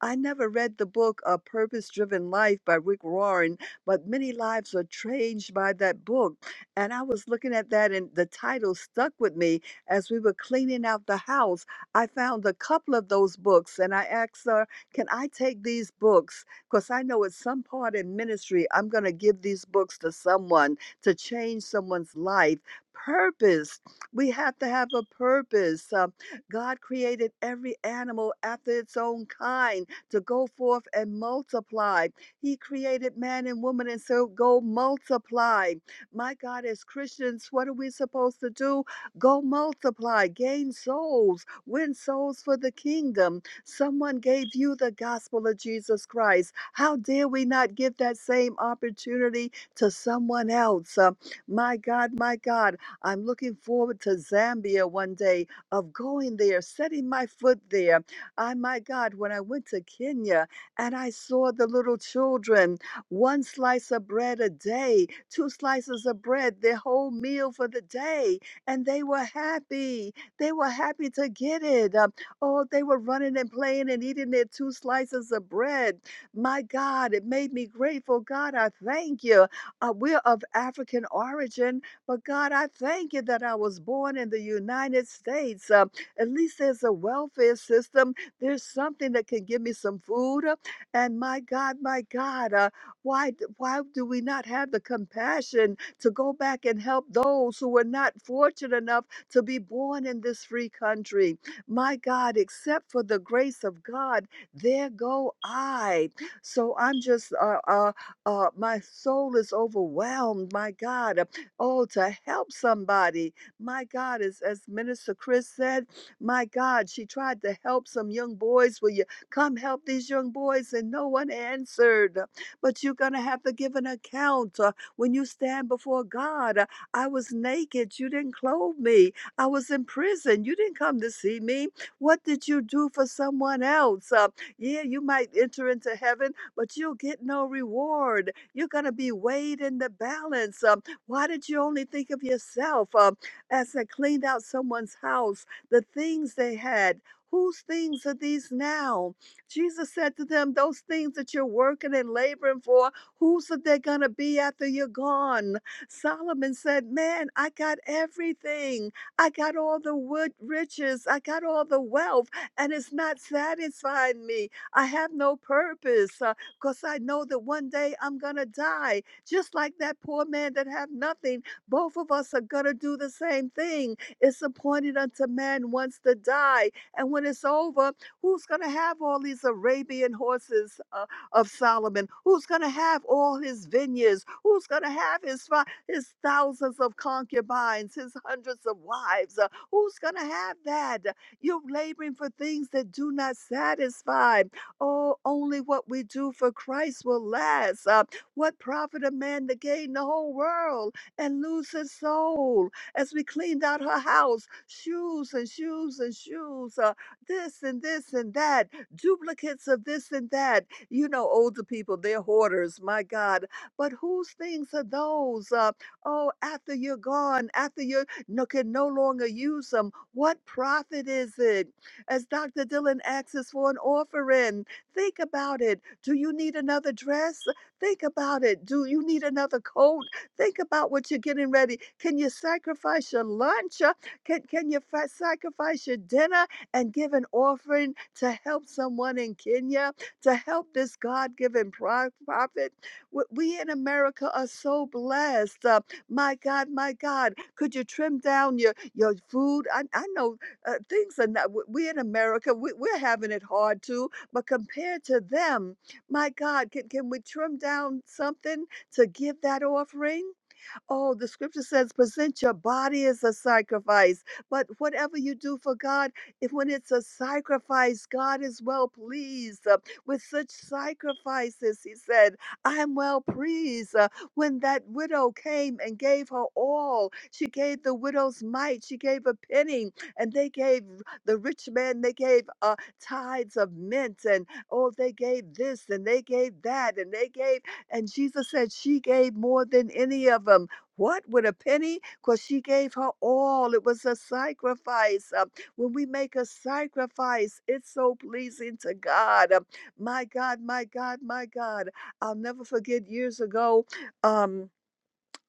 I never read the book A Purpose Driven Life by Rick Warren, but many lives are changed by that book. And I was looking at that, and the title stuck with me as we were cleaning out the house. I found a couple of those books, and I asked her, Can I take these books? Because I know at some part in ministry, I'm going to give these books to someone to change someone's life. Purpose. We have to have a purpose. Uh, God created every animal after its own kind to go forth and multiply. He created man and woman, and so go multiply. My God, as Christians, what are we supposed to do? Go multiply, gain souls, win souls for the kingdom. Someone gave you the gospel of Jesus Christ. How dare we not give that same opportunity to someone else? Uh, my God, my God, I'm looking forward to Zambia one day of going there, setting my foot there I, my God, when I went to Kenya and I saw the little children, one slice of bread a day, two slices of bread, their whole meal for the day, and they were happy. They were happy to get it. Um, oh, they were running and playing and eating their two slices of bread. My God, it made me grateful. God, I thank you. Uh, we're of African origin, but God, I thank you that I was born in the United States. Um, at least there's a welfare system there's something that can give me some food. uh, And my God, my God, uh, why, d- why do we not have the compassion to go back and help those who were not fortunate enough to be born in this free country? My God, except for the grace of God, there go I. So I'm just, uh, uh, uh, my soul is overwhelmed. My God, uh, oh, to help somebody. My God, as, as Minister Chris said, my God, she tried to help some young boys. Will you come help these young boys? And no one answered. But you're going to have to give an account uh, when you stand before God. Uh, I was naked. You didn't clothe me. I was in prison. You didn't come to see me. What did you do for someone else? Uh, yeah, you might enter into heaven, but you'll get no reward. You're going to be weighed in the balance. Um, why did you only think of yourself? Um, as I cleaned out someone's house, the things they had. Whose things are these now? Jesus said to them, Those things that you're working and laboring for, whose are they going to be after you're gone? Solomon said, Man, I got everything. I got all the wood riches. I got all the wealth, and it's not satisfying me. I have no purpose because I know that one day I'm going to die, just like that poor man that had nothing. Both of us are going to do the same thing. It's appointed unto man once to die. And when it's over, who's going to have all these Arabian horses uh, of Solomon? Who's going to have all his vineyards? Who's going to have his, fi- his thousands of concubines, his hundreds of wives? Uh, who's going to have that? You're laboring for things that do not satisfy. Oh, only what we do for Christ will last. Uh, what profit a man to gain the whole world and lose his soul? as we cleaned out her house, shoes and shoes and shoes, uh, this and this and that, duplicates of this and that. You know, older people, they're hoarders, my God. But whose things are those? Uh, oh, after you're gone, after you no, can no longer use them, what profit is it? As Dr. Dylan asks us for an offering, think about it. Do you need another dress? Think about it. Do you need another coat? Think about what you're getting ready. Can you sacrifice your lunch? Uh, Can, can you fa- sacrifice your dinner and give an offering to help someone in Kenya, to help this God given prophet? W- We in America are so blessed. Uh, my God, my God, could you trim down your, your food? I, I know uh, things are not, w- we in America, we, we're having it hard too, but compared to them, my God, can, can we trim down something? to give that offering Oh, the scripture says, present your body as a sacrifice. But whatever you do for God, if when it's a sacrifice, God is well pleased. Uh, with such sacrifices, he said, I am well pleased. Uh, when that widow came and gave her all, she gave the widow's mite, she gave a penny, and they gave the rich man, they gave uh, tithes of mint, and oh, they gave this, and they gave that, and they gave, and Jesus said, She gave more than any of them what with a penny? Because she gave her all. It was a sacrifice. Um, when we make a sacrifice, it's so pleasing to God. Um, my God, my God, my God. I'll never forget years ago. Um,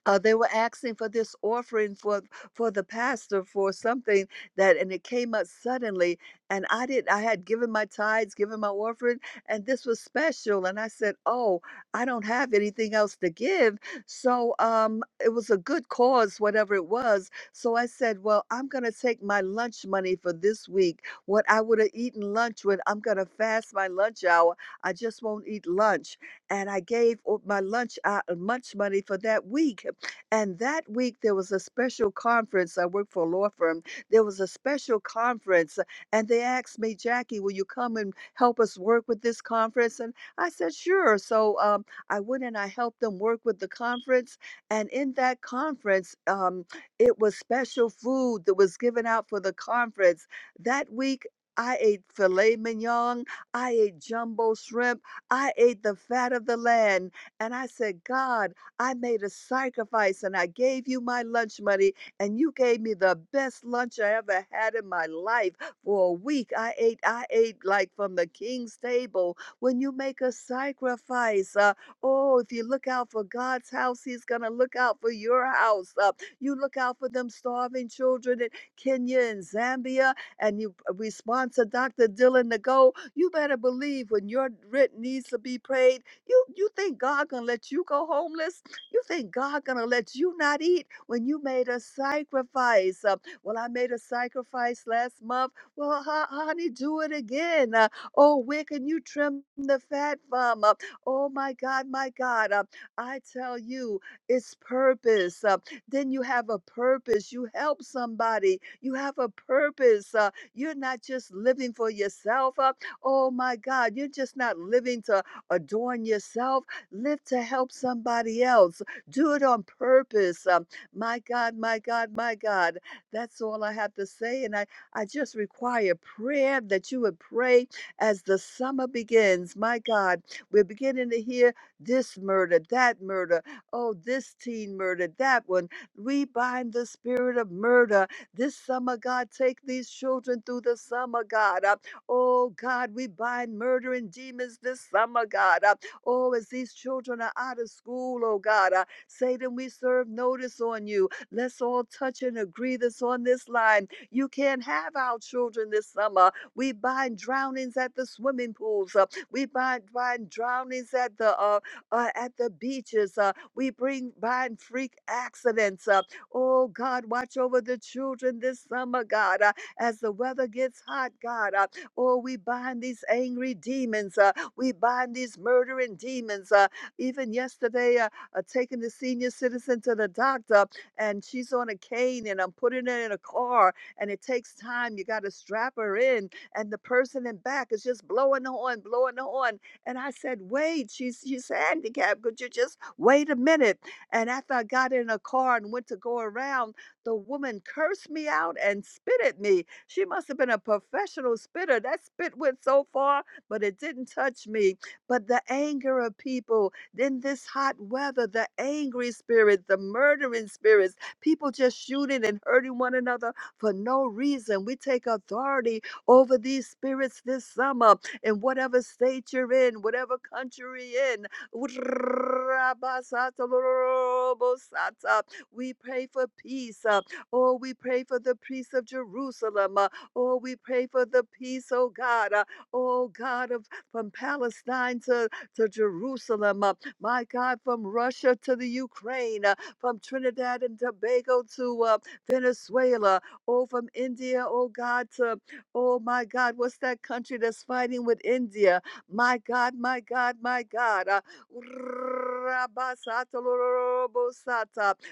uh, they were asking for this offering for for the pastor for something that and it came up suddenly and i did i had given my tithes given my offering and this was special and i said oh i don't have anything else to give so um it was a good cause whatever it was so i said well i'm going to take my lunch money for this week what i would have eaten lunch with i'm going to fast my lunch hour i just won't eat lunch and i gave o- my lunch uh, lunch money for that week and that week, there was a special conference. I worked for a law firm. There was a special conference, and they asked me, Jackie, will you come and help us work with this conference? And I said, sure. So um, I went and I helped them work with the conference. And in that conference, um, it was special food that was given out for the conference. That week, I ate filet mignon. I ate jumbo shrimp. I ate the fat of the land. And I said, God, I made a sacrifice and I gave you my lunch money, and you gave me the best lunch I ever had in my life. For a week, I ate, I ate like from the king's table. When you make a sacrifice, uh, oh, if you look out for God's house, He's gonna look out for your house. Uh, you look out for them starving children in Kenya and Zambia, and you uh, we sponsor Dr. Dylan to go. You better believe when your rent needs to be paid, you you think God gonna let you go homeless? You think God gonna let you not eat when you made a sacrifice? Uh, well, I made a sacrifice last month. Well, ho- honey, do it again. Uh, oh, where can you trim the fat from? Uh, oh my God, my God. Uh, I tell you, it's purpose. Uh, then you have a purpose. You help somebody. You have a purpose. Uh, you're not just living for yourself. Uh, oh my God, you're just not living to adorn yourself. Live to help somebody else do it on purpose. Um, my God, my God, my God. That's all I have to say. And I, I just require prayer that you would pray as the summer begins. My God, we're beginning to hear this murder, that murder. Oh, this teen murder, that one. We bind the spirit of murder this summer, God. Take these children through the summer, God. Uh, oh, God, we bind murdering demons this summer, God. Uh, oh, as these children are out of school, oh, God. Uh, Satan, we serve notice on you. Let's all touch and agree this on this line. You can't have our children this summer. We bind drownings at the swimming pools. Uh, we bind, bind drownings at the uh, uh, at the beaches. Uh, we bring bind freak accidents. Uh, oh God, watch over the children this summer, God. Uh, as the weather gets hot, God. Uh, oh, we bind these angry demons. Uh, we bind these murdering demons. Uh, even yesterday. uh, uh, taking the senior citizen to the doctor and she's on a cane and I'm putting her in a car and it takes time. You got to strap her in and the person in back is just blowing the horn, blowing the horn. And I said, wait, she's, she's handicapped. Could you just wait a minute? And after I got in a car and went to go around, the woman cursed me out and spit at me. She must have been a professional spitter. That spit went so far, but it didn't touch me. But the anger of people, then this hot weather, the angry spirits, the murdering spirits, people just shooting and hurting one another for no reason. We take authority over these spirits this summer in whatever state you're in, whatever country you're in. We pray for peace. uh, Oh, we pray for the peace of Jerusalem. uh, Oh, we pray for the peace, oh God. uh, Oh God of from Palestine to to Jerusalem. uh, My God, from Russia to the Ukraine, uh, from Trinidad and Tobago to uh, Venezuela, oh, from India, oh God, to, oh my God, what's that country that's fighting with India? My God, my God, my God. uh,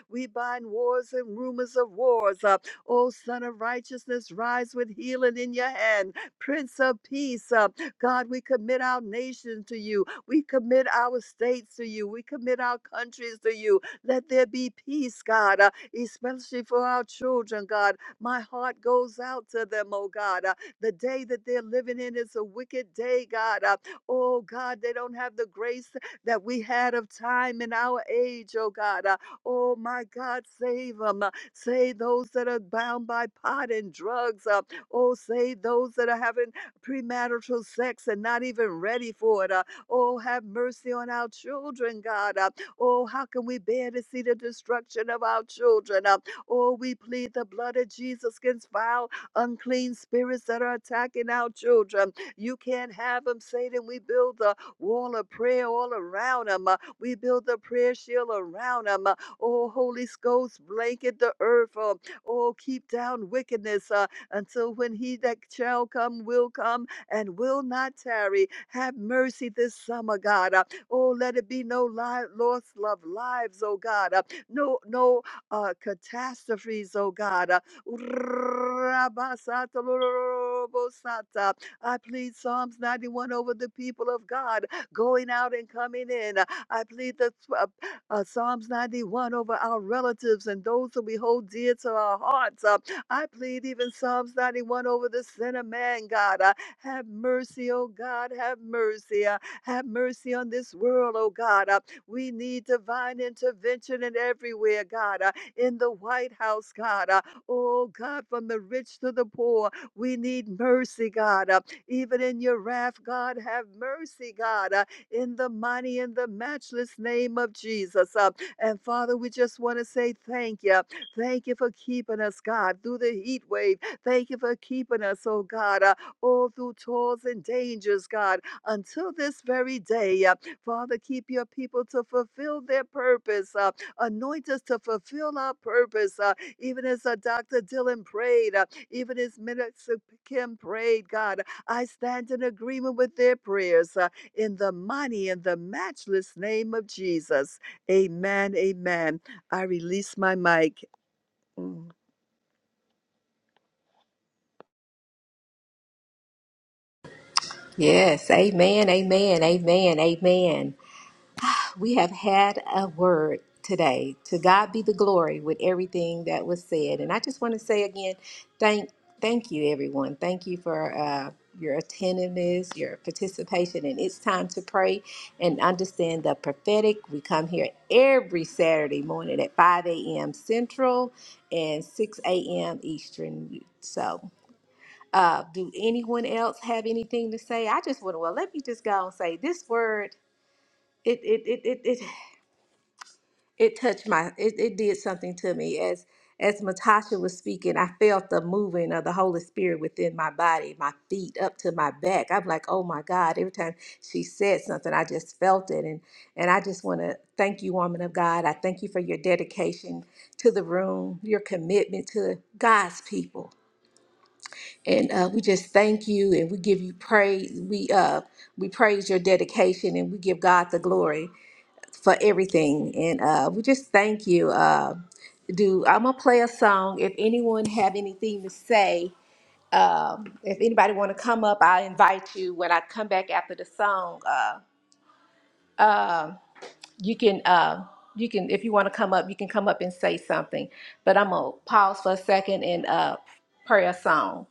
We bind wars and rumors of wars. uh, O Son of Righteousness, rise with healing in your hand. Prince of Peace, uh, God, we commit our nation to you. We commit our states to you. We commit our countries to you. Let there be peace, God, uh, especially for our children, God. My heart goes out to them, oh God. Uh, the day that they're living in is a wicked day, God. Uh, oh God, they don't have the grace that we had of time in our age, oh God. Uh, oh my God, save them. Uh, save those that are bound by pot and drugs. Uh, oh, save those that are having premarital sex and not even ready for it. Uh, Oh, have mercy on our children, God. Uh, Oh, how can we bear to see the destruction of our children? Uh, Oh, we plead the blood of Jesus against vile, unclean spirits that are attacking our children. You can't have them, Satan. We build the wall of prayer all around them. We build the prayer shield around them. Oh, Holy Ghost, blanket the earth. uh, Oh, keep down wickedness uh, until when he that shall come will come and will not tarry. Have mercy this summer, God. Uh, Oh, let it be no li- loss of lives, oh God. Uh, No, no uh, catastrophes, oh God. Uh, I plead Psalms 91 over the people of God, going out and coming in. Uh, I plead the uh, uh, Psalms 91 over our relatives and those that we hold dear to our hearts. Uh, I plead even Psalms 91 over the sinner man, God. Uh, have mercy, oh God, have mercy. uh, Have mercy on this world, oh God. uh, We need divine intervention in everywhere, God. uh, In the White House, God. uh, Oh God, from the rich to the poor, we need mercy, God. uh, Even in your wrath, God, have mercy, God. uh, In the mighty and the matchless name of Jesus. uh, And Father, we just want to say thank you. Thank you for keeping us, God, through the heat wave. Thank you for keeping us, oh God. uh, all through toils and dangers, God, until this very day. Uh, Father, keep your people to fulfill their purpose. Uh, anoint us to fulfill our purpose, uh, even as uh, Dr. Dylan prayed, uh, even as Minister Kim prayed, God. I stand in agreement with their prayers uh, in the mighty and the matchless name of Jesus. Amen. Amen. I release my mic. Mm. Yes, amen, amen, amen, amen. We have had a word today. To God be the glory with everything that was said. And I just want to say again, thank thank you everyone. Thank you for uh your attentiveness, your participation, and it's time to pray and understand the prophetic. We come here every Saturday morning at 5 a.m. Central and 6 a.m. Eastern. So, uh, do anyone else have anything to say? I just want to, well, let me just go and say this word it it it it, it it touched my it, it did something to me as as Matasha was speaking, I felt the moving of the Holy Spirit within my body, my feet up to my back. I'm like, oh my God. Every time she said something, I just felt it. And and I just want to thank you, woman of God. I thank you for your dedication to the room, your commitment to God's people. And uh, we just thank you and we give you praise. We uh we praise your dedication and we give God the glory for everything. And uh, we just thank you. Uh, do I'm gonna play a song. If anyone have anything to say, um, if anybody want to come up, I invite you. When I come back after the song, uh, um you can uh, you can if you want to come up, you can come up and say something. But I'm gonna pause for a second and uh, pray a song.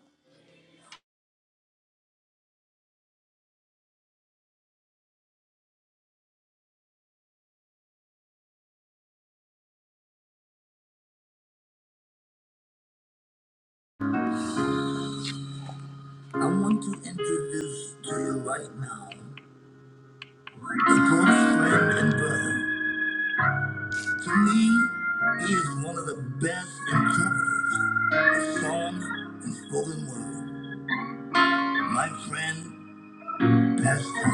I want to introduce to you right now the close friend and brother. He is one of the best interpreters of song and spoken word. My friend, Pastor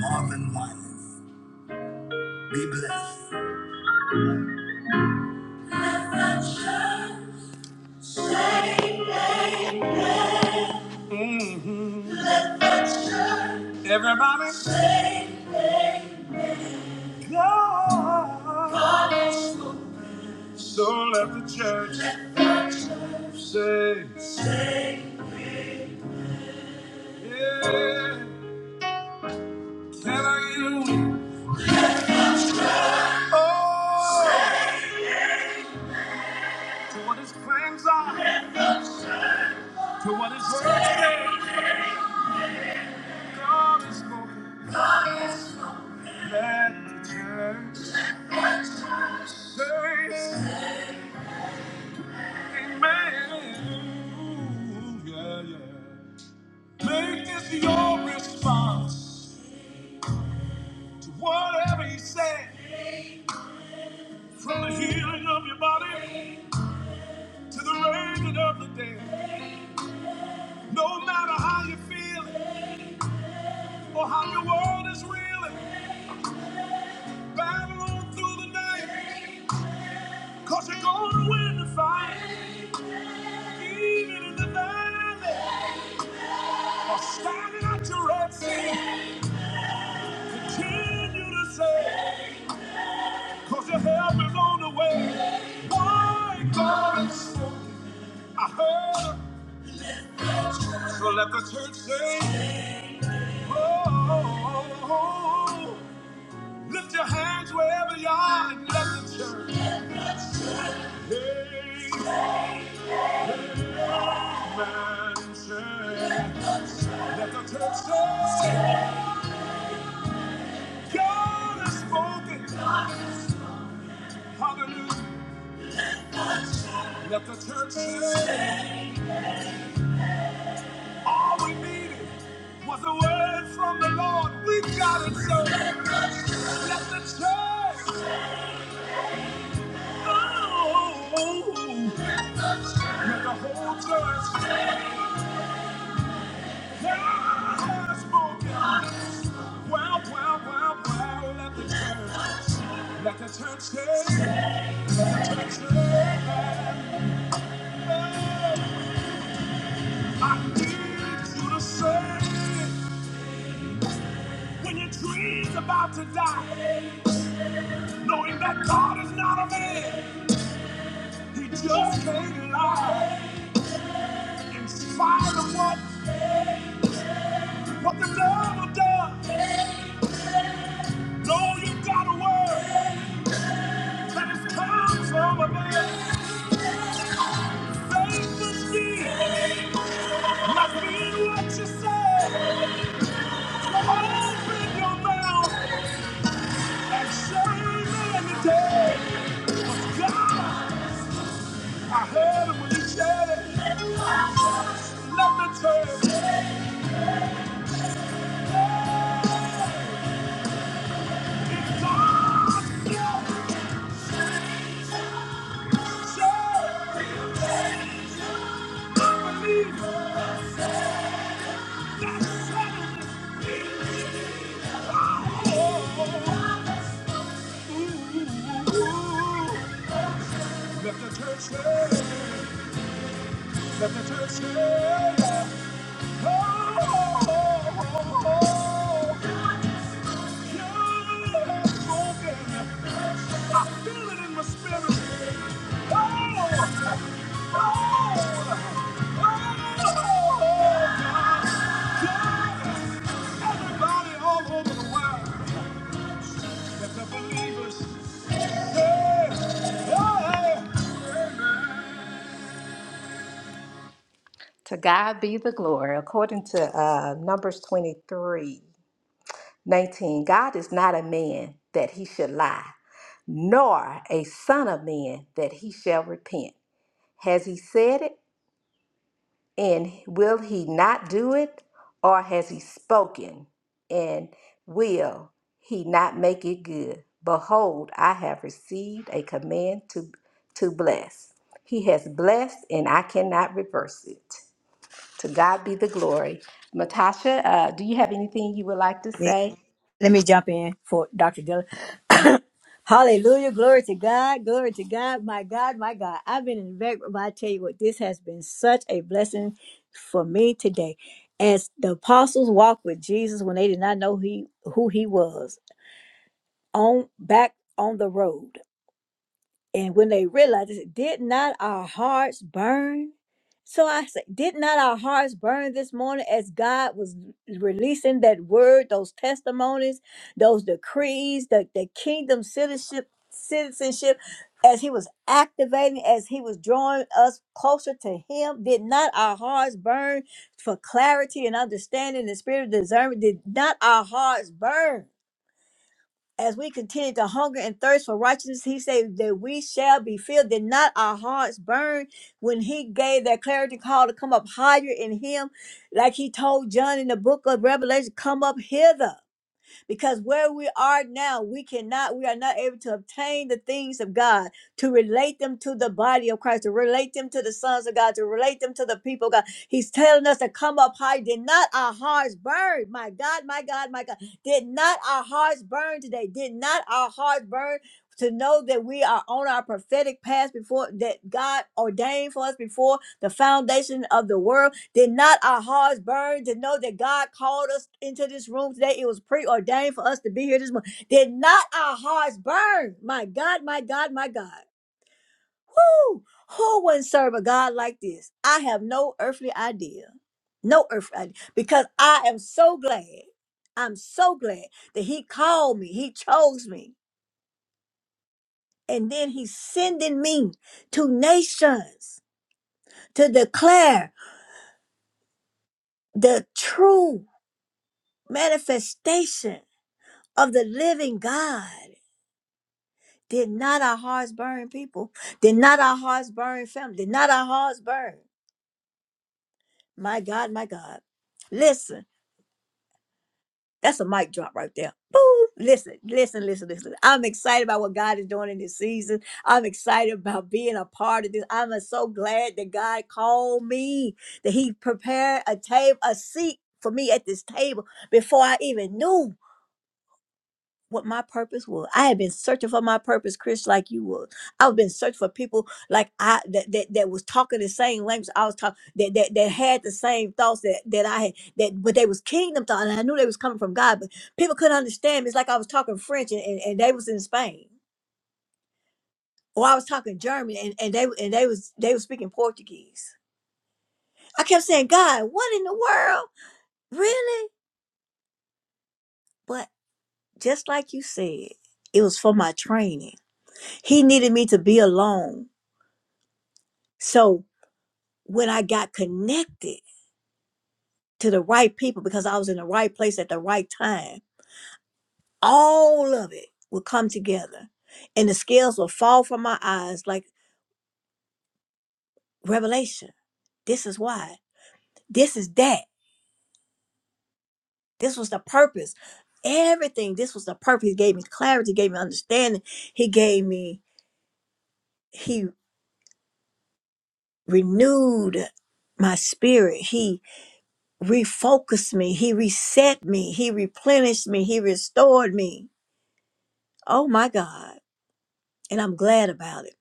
Marvin Winans. Be blessed. Mhm. Everybody, say God. So let the church say, say yeah. Tell her you, oh, to what his plans are, to what his words say. God is spoken. Let the church. Make this your response to whatever he said. From the healing of your body to the raising of the dead. No matter how you feel or how your world is reeling, battle on through the night. Cause you're gonna win the fight. Even in the valley, or standing at your red sea, continue to say. Cause your hair blown away. My God, I heard it. So let the church say, oh, oh, oh. lift your hands wherever you are and let the church. Hey, Amen. Say, Let the church say, God has spoken. Hallelujah. Let the church say. All we needed was a word from the Lord. We got it, so let the church go. Let the whole church God has spoken. Wow, wow, wow, wow. Let the church, let the church say, let the church say, I need you to say when your dream's about to die. knowing that God is not a man. He just can't lie. In spite of what, what the devil does, know you got a word that is come from a man. Faith is deep. Must mean what you say. So open your mouth and say amen today. 'Cause God, I heard him when he said it. Let me tell you, it's God's gift. Let the church say, let the church say, To God be the glory, according to uh, Numbers 23. 19 God is not a man that he should lie, nor a son of man that he shall repent. Has he said it, and will he not do it? Or has he spoken, and will he not make it good? Behold, I have received a command to, to bless. He has blessed, and I cannot reverse it. To God be the glory. Matasha, uh, do you have anything you would like to let say? me jump in for Dr. Dillon. Hallelujah. Glory to God. Glory to God. My God, my God. I've been in the but I tell you what, this has been such a blessing for me today. As the apostles walked with Jesus when they did not know he, who he was on back on the road. And when they realized, they said, did not our hearts burn? So I said, did not our hearts burn this morning as God was releasing that word, those testimonies, those decrees, the, the kingdom citizenship, citizenship, as he was activating, as he was drawing us closer to him? Did not our hearts burn for clarity and understanding the spirit of discernment? Did not our hearts burn? as we continue to hunger and thirst for righteousness, he said that we shall be filled. Did not our hearts burn when he gave that clarity call to come up higher in him? Like he told John in the book of Revelation, come up hither because where we are now, we cannot, we are not able to obtain the things of God, to relate them to the body of Christ, to relate them to the sons of God, to relate them to the people of God. He's telling us to come up high. Did not our hearts burn? My God, my God, my God. Did not our hearts burn today? Did not our hearts burn to know that we are on our prophetic path before that God ordained for us before the foundation of the world? Did not our hearts burn to know that God called us into this room today? It was preordained for us to be here this morning. Did not our hearts burn? My God, my God, my God. Who Who wouldn't serve a God like this? I have no earthly idea. No earthly idea. Because I am so glad. I'm so glad that He called me. He chose me. And then He's sending me to nations to declare the true manifestation of the living God. Did not our hearts burn, people? Did not our hearts burn, family? Did not our hearts burn? My God, my God. Listen, that's a mic drop right there. Boo! Listen, listen, listen, listen. I'm excited about what God is doing in this season. I'm excited about being a part of this. I'm so glad that God called me, that He prepared a table, a seat for me at this table before I even knew. what my purpose was. I had been searching for my purpose, Chris, like you would. I've been searching for people like I that, that, that was talking the same language I was talking that, that that had the same thoughts that, that I had that but they was kingdom thoughts and I knew they was coming from God, but people couldn't understand me. It's like I was talking French and, and, and they was in Spain. Or I was talking German and, and they and they was they was speaking Portuguese. I kept saying, God, what in the world? Really? But just like you said, it was for my training. He needed me to be alone So when I got connected to the right people because I was in the right place at the right time, all of it would come together and the scales will fall from my eyes like revelation. This is why. This is that. This was the purpose. Everything. This was the purpose. He gave me clarity, gave me understanding. He gave me, he renewed my spirit. He refocused me. He reset me. He replenished me. He restored me Oh my God. And I'm glad about it.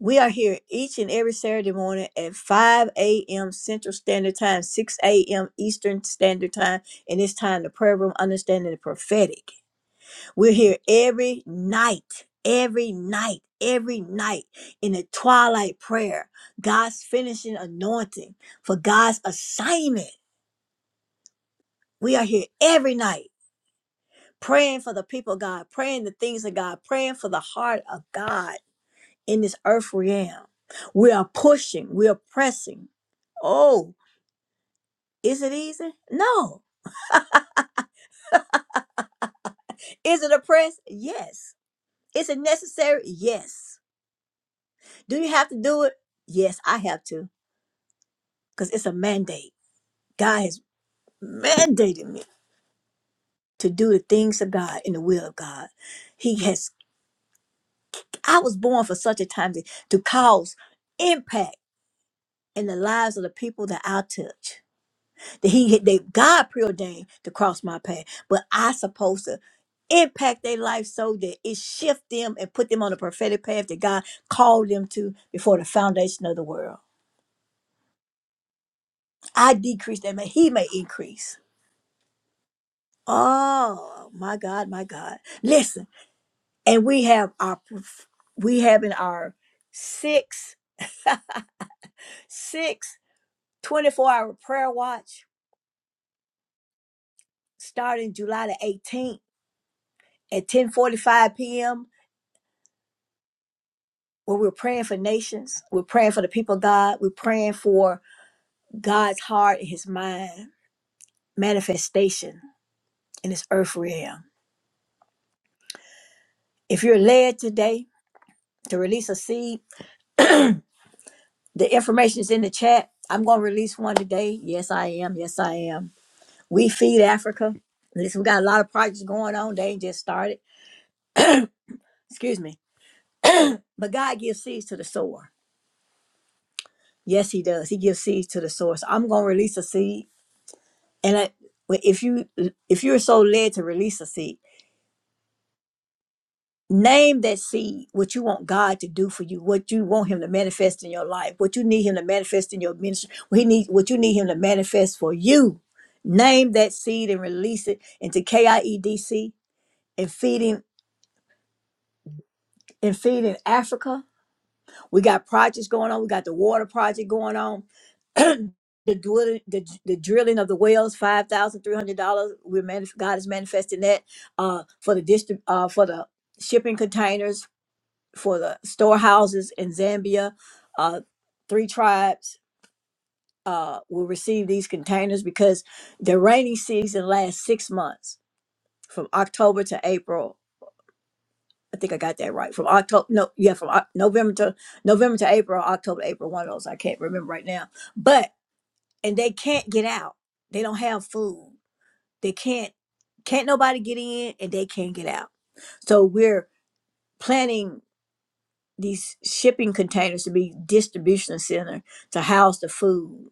We are here each and every Saturday morning at 5 a.m. Central Standard Time, 6 a.m. Eastern Standard Time, and it's time to prayer room understanding the prophetic. We're here every night, every night, every night in the twilight prayer, God's finishing anointing for God's assignment. We are here every night praying for the people of God, praying the things of God, praying for the heart of God in this earth realm. We are pushing, we are pressing. Oh, is it easy? No. Is it a press? Yes. Is it necessary? Yes. Do you have to do it? Yes, I have to because it's a mandate. God has mandated me to do the things of God in the will of God. He has, I was born for such a time to, to cause impact in the lives of the people that I touch. He they God preordained to cross my path, but I supposed to impact their life so that it shift them and put them on the prophetic path that God called them to before the foundation of the world. I decrease that may he may increase. Oh my God, my God. Listen, and we have our prof- we have in our six six, twenty-four hour prayer watch starting July the 18th at 10:45 p.m. where we're praying for nations, we're praying for the people of God, we're praying for God's heart and his mind manifestation in this earth realm. If you're led today to release a seed, the information is in the chat. I'm going to release one today. Yes, I am. Yes, I am. We feed Africa. Listen, we got a lot of projects going on. They ain't just started. Excuse me. But God gives seeds to the sower. Yes, he does. He gives seeds to the sower. So I'm going to release a seed. And I, well, if you if you're so led to release a seed, Name that seed, what you want God to do for you, what you want Him to manifest in your life, what you need Him to manifest in your ministry, what, he need, what you need Him to manifest for you. Name that seed and release it into KIEDC and feeding and feeding Africa. We got projects going on. We got the water project going on. the drilling, the, the drilling of the wells, five thousand three hundred dollars. We're manif- God is manifesting that uh, for the district uh, for the shipping containers for the storehouses in Zambia. Uh, three tribes uh, will receive these containers because the rainy season lasts six months from October to April. I think I got that right. From October, no, yeah, from Oc- November to November to April, October to April, one of those. I can't remember right now. But and they can't get out. They don't have food. They can't. Can't nobody get in, and they can't get out. So we're planning these shipping containers to be distribution center to house the food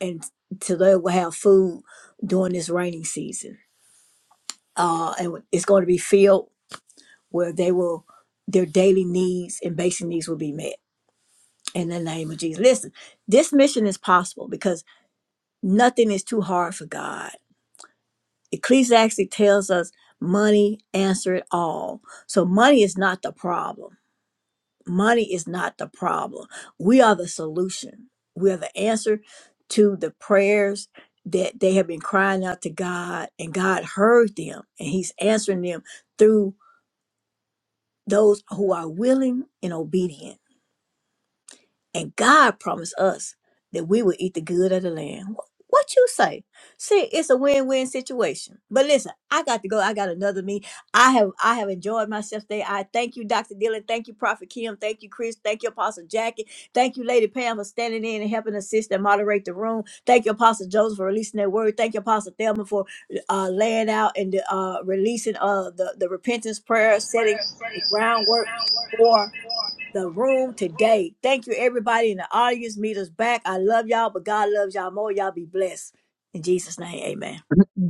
and to they will have food during this rainy season. Uh, and it's going to be filled where they will their daily needs and basic needs will be met in the name of Jesus. Listen, this mission is possible because nothing is too hard for God. Ecclesiastes tells us money answer it all. So money is not the problem money is not the problem. We are the solution. We are the answer to the prayers that they have been crying out to God, and God heard them, and He's answering them through those who are willing and obedient. And God promised us that we would eat the good of the land. Wh- What you say? See, it's a win-win situation. But listen, I got to go. I got another meeting. I have I have enjoyed myself today. I thank you, Dr. Dillon. Thank you, Prophet Kim. Thank you, Chris. Thank you, Apostle Jackie. Thank you, Lady Pam, for standing in and helping assist and moderate the room. Thank you, Apostle Joseph, for releasing that word. Thank you, Apostle Thelma, for uh, laying out and uh, releasing uh, the, the repentance prayer, setting the groundwork for the room today. Thank you, everybody in the audience. Meet us back. I love y'all, but God loves y'all more. Y'all be blessed. In Jesus' name, amen.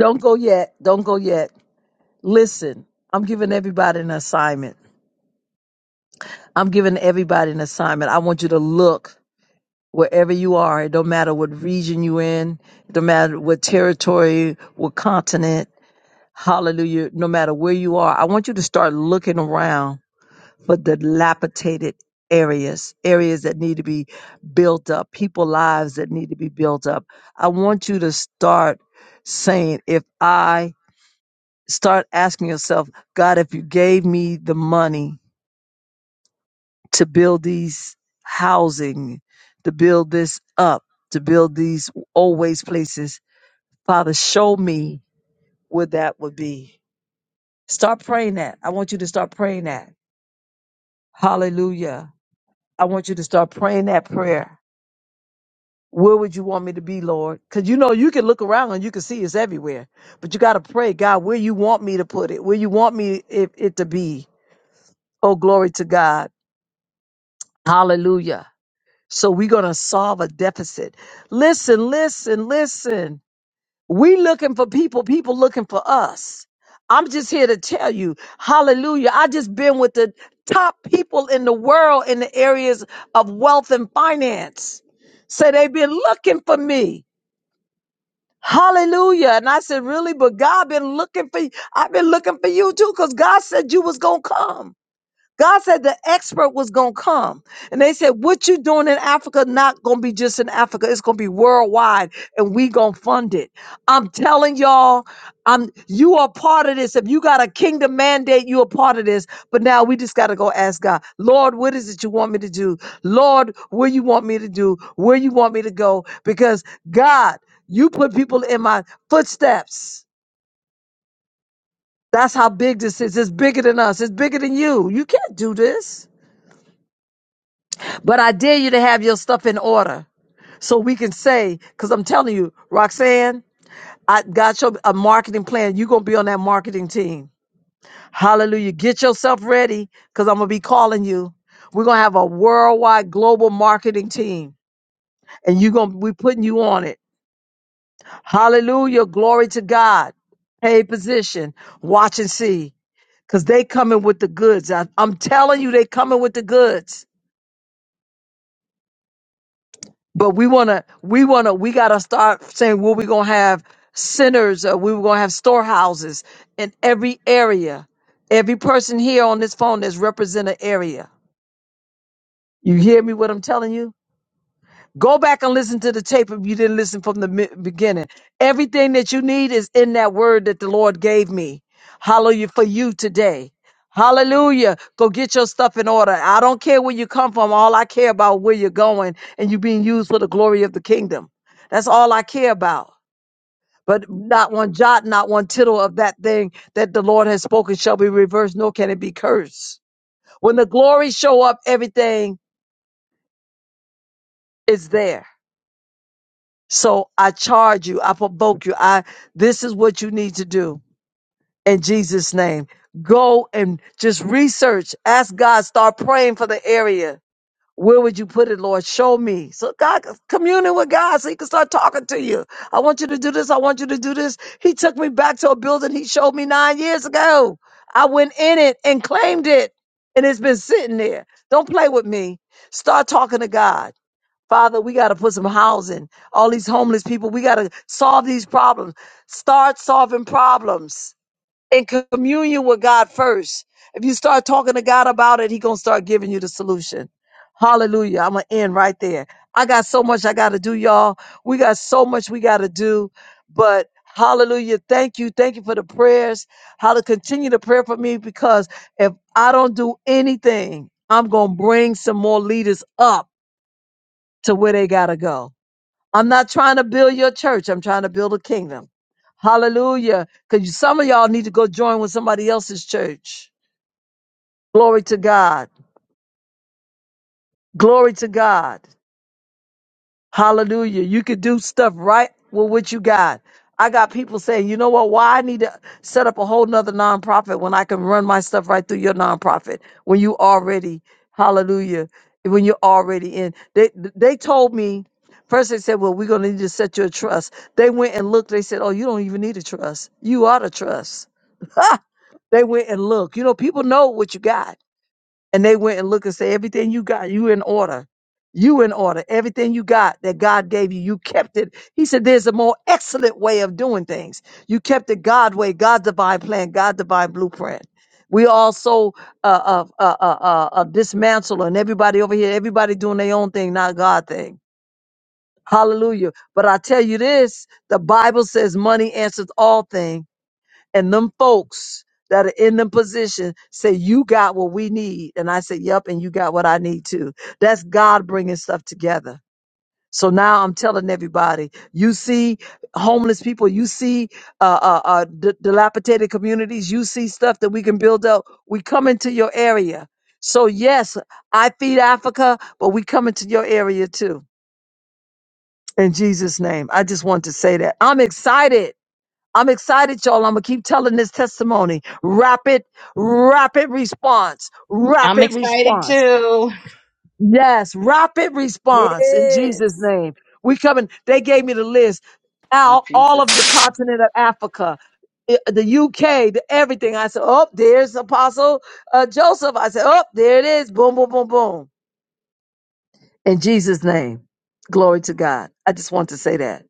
Don't go yet. Don't go yet. Listen, I'm giving everybody an assignment. I'm giving everybody an assignment. I want you to look wherever you are. It don't matter what region you're in. It don't matter what territory, what continent. Hallelujah. No matter where you are, I want you to start looking around for the dilapidated areas, areas that need to be built up, people lives that need to be built up. I want you to start saying, if I start asking yourself, God, if you gave me the money to build these housing, to build this up, to build these always places, Father, show me where that would be. Start praying that. I want you to start praying that. Hallelujah. I want you to start praying that prayer Where would you want me to be, Lord? Because you know, you can look around and you can see it's everywhere. But you got to pray, God, where you want me to put it, where you want me it, it to be. Oh, glory to God. Hallelujah. So we're going to solve a deficit. Listen, listen, listen. We looking for people, people looking for us. I'm just here to tell you, hallelujah. I just been with the top people in the world in the areas of wealth and finance. Say they've been looking for me. Hallelujah. And I said, really? But God been looking for you. I've been looking for you too, because God said you was gonna come. God said the expert was going to come. And they said, what you doing in Africa, not going to be just in Africa. It's going to be worldwide and we going to fund it. I'm telling y'all, I'm, you are part of this. If you got a kingdom mandate, you are part of this. But now we just got to go ask God, Lord, what is it you want me to do? Lord, where you want me to do? Where you want me to go? Because God, you put people in my footsteps. That's how big this is. It's bigger than us. It's bigger than you. You can't do this. But I dare you to have your stuff in order so we can say, because I'm telling you, Roxanne, I got your a marketing plan. You're gonna be on that marketing team. Hallelujah. Get yourself ready because I'm gonna be calling you. We're gonna have a worldwide global marketing team. And you're gonna be putting you on it. Hallelujah. Glory to God. Pay position. Watch and see. Cause they coming with the goods. I, I'm telling you, they coming with the goods. But we wanna, we wanna, we gotta start saying well, we gonna have centers, uh, we were gonna have storehouses in every area. Every person here on this phone that's represent an area. You hear me? What I'm telling you? Go back and listen to the tape if you didn't listen from the mi- beginning. Everything that you need is in that word that the Lord gave me. Hallelujah for you today. Hallelujah. Go get your stuff in order. I don't care where you come from. All I care about where you're going and you being used for the glory of the kingdom. That's all I care about. But not one jot, not one tittle of that thing that the Lord has spoken shall be reversed, nor can it be cursed. When the glory show up, everything is there. So I charge you, I provoke you. I this is what you need to do in Jesus' name. Go and just research. Ask God, start praying for the area. Where would you put it, Lord? Show me. So God communing with God so he can start talking to you. I want you to do this. I want you to do this. He took me back to a building he showed me nine years ago. I went in it and claimed it. And it's been sitting there. Don't play with me. Start talking to God. Father, we got to put some housing. All these homeless people, we got to solve these problems. Start solving problems in communion with God first. If you start talking to God about it, He going to start giving you the solution. Hallelujah. I'm going to end right there. I got so much I got to do, y'all. We got so much we got to do. But hallelujah. Thank you. Thank you for the prayers. How to continue to pray for me because if I don't do anything, I'm going to bring some more leaders up to where they got to go. I'm not trying to build your church. I'm trying to build a kingdom. Hallelujah. Because some of y'all need to go join with somebody else's church. Glory to God. Glory to God. Hallelujah. You could do stuff right with what you got. I got people saying, you know what, why I need to set up a whole nother nonprofit when I can run my stuff right through your nonprofit when you already, hallelujah, when you're already in. They they told me, first they said, Well, we're gonna need to set you a trust. They went and looked, they said, Oh, you don't even need a trust. You are the trust. they went and looked. You know, people know what you got and they went and looked and said, everything you got, you in order. You in order. Everything you got that God gave you, you kept it. He said, there's a more excellent way of doing things. You kept the God way, God divine plan, God divine blueprint. We also uh, uh, uh, uh, uh, uh, dismantle and everybody over here, everybody doing their own thing, not God thing. Hallelujah. But I tell you this, the Bible says money answers all things and them folks that are in them position say you got what we need and i say yep and you got what i need too that's god bringing stuff together so now i'm telling everybody you see homeless people you see uh, uh, uh, d- dilapidated communities you see stuff that we can build up we come into your area so yes i feed africa but we come into your area too in jesus name i just want to say that i'm excited I'm excited, y'all. I'm gonna keep telling this testimony. Rapid, rapid response, I'm rapid excited response. too. Yes, rapid response in Jesus' Yes. name. We coming. They gave me the list In out all Jesus' of the name. continent of Africa, i- the UK, the everything. I said, oh, there's Apostle uh, Joseph. I said, oh, there it is. Boom, boom, boom, boom. In Jesus' name, glory to God. I just want to say that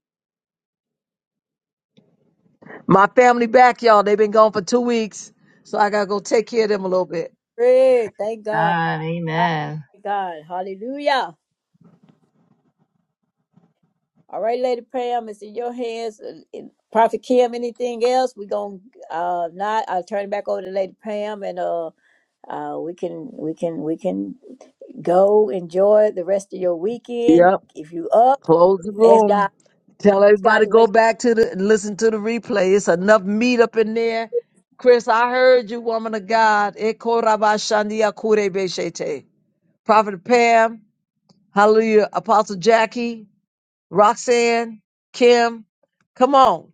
my family back, y'all. They've been gone for two weeks, so I gotta go take care of them a little bit. Great. Thank God. God, amen. Thank God. Hallelujah. All right, Lady Pam, it's in your hands. And- and Prophet Kim, anything else? We're going to uh, not. I'll turn it back over to Lady Pam and uh, uh, we can, we can, we can go enjoy the rest of your weekend. Yep. If you up, Close the ask God, room. Tell ask God everybody to go wake. up. back to the listen to the replay. It's enough meat up in there. Chris, I heard you, woman of God. Eko raba shandia kure kurebeshete. Prophet Pam, hallelujah. Apostle Jackie, Roxanne, Kim. Come on.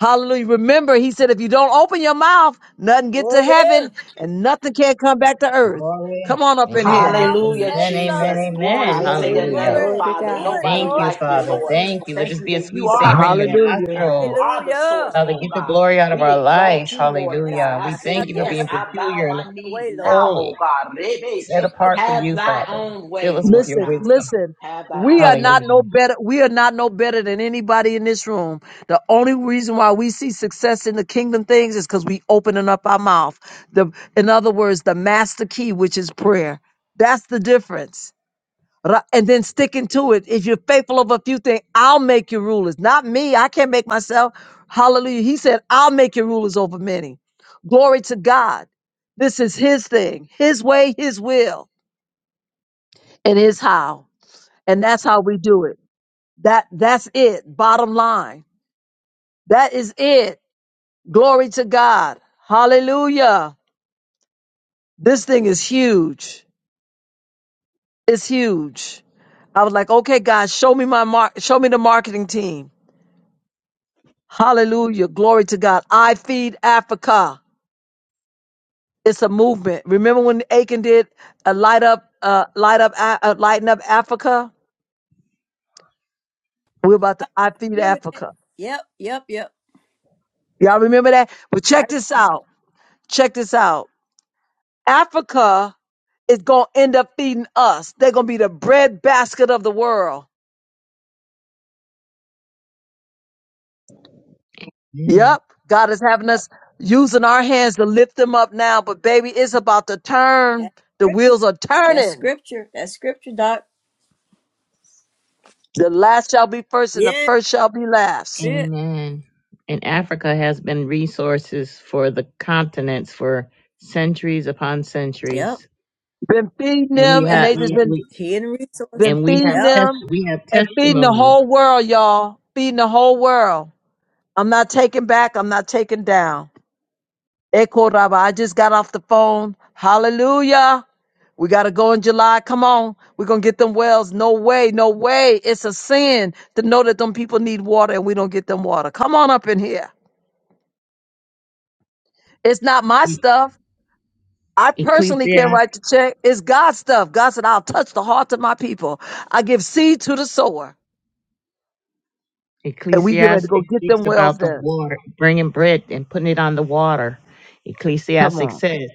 Hallelujah. Remember, he said, if you don't open your mouth, nothing get to Glory. heaven and nothing can come back to earth. Glory. Come on up Open in your here. Amen. mouth and Hallelujah, say Amen. Amen. Jesus. something. Glory Amen. be to your Hallelujah. Hallelujah. name, Glory Glory. to Father. Do God. it, Nobody Thank Lord. you, like Do you, Father. it Lord. Thank again. you. Let Thank this you be a that you sweet are savor in the your Hallelujah. everything. You nostril. are the Hallelujah. source, Father, oh get the God. glory out of We our exalt lives. you, Lord Yes, Hallelujah. God. I We God. Have thank say, you for your yes, way, being I peculiar bow and my your knees way, Lord. now, oh holy, God. I set Rebeshi. will be apart for Have you, thy Father. own Fill way, us with Lord your Listen, God. wisdom. listen. Have thy We are own not way. Hallelujah. no better. We are not no better than anybody in this room. The only reason why we see success in the kingdom things is because we opening up our mouth. The, in other words, the master key, which is prayer. That's the difference. Ra- And then sticking to it. If you're faithful of a few things, I'll make you rulers. Not me. I can't make myself. Hallelujah. He said, I'll make you rulers over many. Glory to God. This is his thing, his way, his will, and his how. And that's how we do it. That that's it. Bottom line. That is it. Glory to God. Hallelujah. This thing is huge. It's huge. I was like, okay, God, show me my mar- show me the marketing team. Hallelujah. Glory to God. I feed Africa. It's a movement. Remember when Aiken did a light up, uh, light up, uh, uh, lighten up Africa? We're about to I feed remembered. Africa. Yep, yep, yep. Y'all remember that? But check this out. Check this out. Africa is going to end up feeding us. They're going to be the breadbasket of the world. Mm. Yep. God is having us using our hands to lift them up now. But baby, it's about to turn. The wheels are That's scripture. That's turning. scripture. That's scripture, Doc. The last shall be first and the Yeah, first shall be that's last. it. Amen. And Africa has been resources for the continents for centuries upon centuries. Yep, Been feeding and we them and yep. have they just we, been, we Hidden resource. been and we have feeding Yep. test them we have and feeding the testimony. whole world, y'all. Feeding the whole world. I'm not taking back. I'm not taking down. Echo Rabba, I just got off the phone. Hallelujah. We got to go in July. Come on. We're going to get them wells. No way. No way. It's a sin to know that them people need water and we don't get them water. Come on up in here. It's not my stuff. I personally Ecclesiastes can't write the check. It's God's stuff. God said, I'll touch the hearts of my people. I give seed to the sower and we get ready to Ecclesiastes go get speaks them about wells the done. water, bringing bread and putting it on the water. Come Ecclesiastes on. says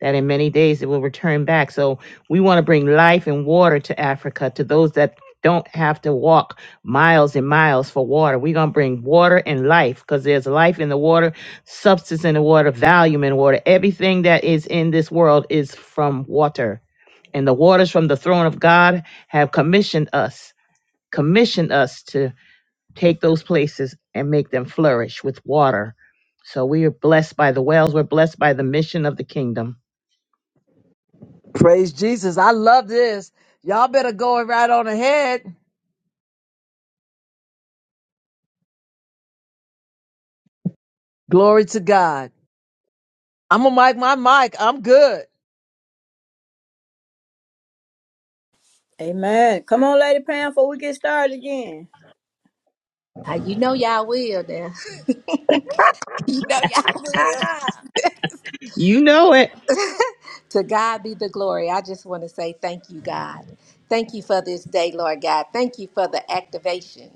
that in many days it will return back. So we want to bring life and water to Africa, to those that don't have to walk miles and miles for water. We're going to bring water and life because there's life in the water, substance in the water, value in water. Everything that is in this world is from water. And the waters from the throne of God have commissioned us, commissioned us to take those places and make them flourish with water. So we are blessed by the wells. We're blessed by the mission of the kingdom. Praise Jesus. I love this. Y'all better go right on ahead. Glory to God. I'm gonna mic my mic. I'm good. Amen. Come on, Lady Pam, before we get started again. Uh, You know y'all will now. you know y'all will. You know it. to God be the glory. I just want to say thank you, God. Thank you for this day, Lord God. Thank you for the activation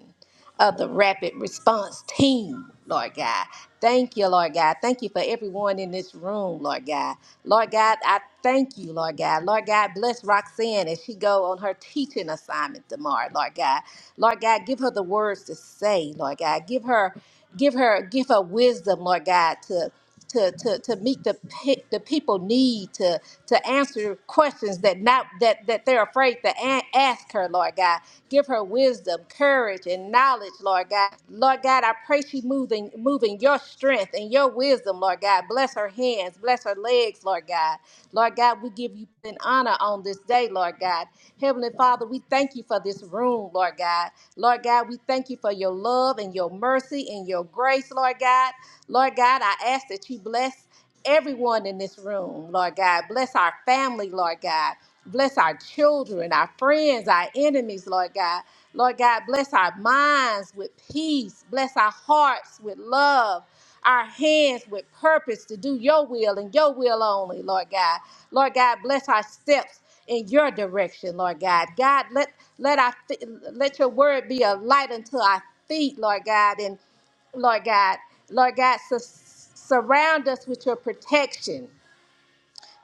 of the rapid response team, Lord God. Thank you, Lord God. Thank you for everyone in this room, Lord God. Lord God, I thank you, Lord God. Lord God, bless Roxanne as she go on her teaching assignment tomorrow, Lord God. Lord God, give her the words to say, Lord God. Give her, give her, give her wisdom, Lord God, to to, to, to meet the pe- the people need to to answer questions that not that that they're afraid to a- ask her, Lord God. Give her wisdom, courage, and knowledge, Lord God. Lord God, I pray she moving moving your strength and your wisdom, Lord God. Bless her hands, bless her legs, Lord God. Lord God, we give you an honor on this day, Lord God. Heavenly Father, we thank you for this room, Lord God. Lord God, we thank you for your love and your mercy and your grace, Lord God. Lord God, I ask that you bless everyone in this room, Lord God. Bless our family, Lord God. Bless our children, our friends, our enemies, Lord God. Lord God, bless our minds with peace. Bless our hearts with love. Our hands with purpose to do your will and your will only, Lord God. Lord God, bless our steps in your direction, Lord God. God, let let our fe- let your word be a light unto our feet, Lord God, and Lord God. Lord God, sus- surround us with your protection.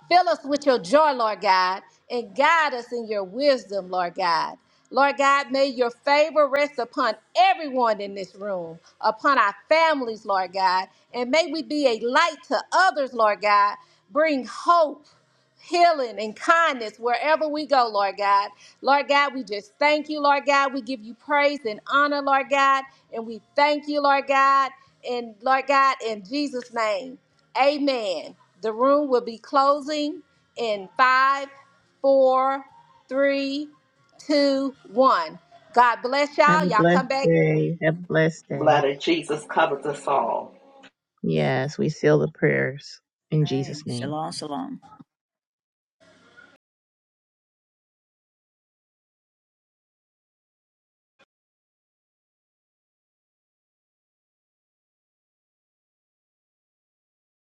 Fill us with your joy, Lord God, and guide us in your wisdom, Lord God. Lord God, may your favor rest upon everyone in this room, upon our families, Lord God, and may we be a light to others, Lord God. Bring hope, healing, and kindness wherever we go, Lord God. Lord God, we just thank you, Lord God. We give you praise and honor, Lord God, and we thank you, Lord God, and Lord God, in Jesus' name. Amen. The room will be closing in five, four, three, two, one. God bless Have y'all. a Y'all blessed come back. day. Have a blessed day. Blood of Jesus covers us all. Yes, we seal the prayers in Hey, Jesus' name. shalom, shalom.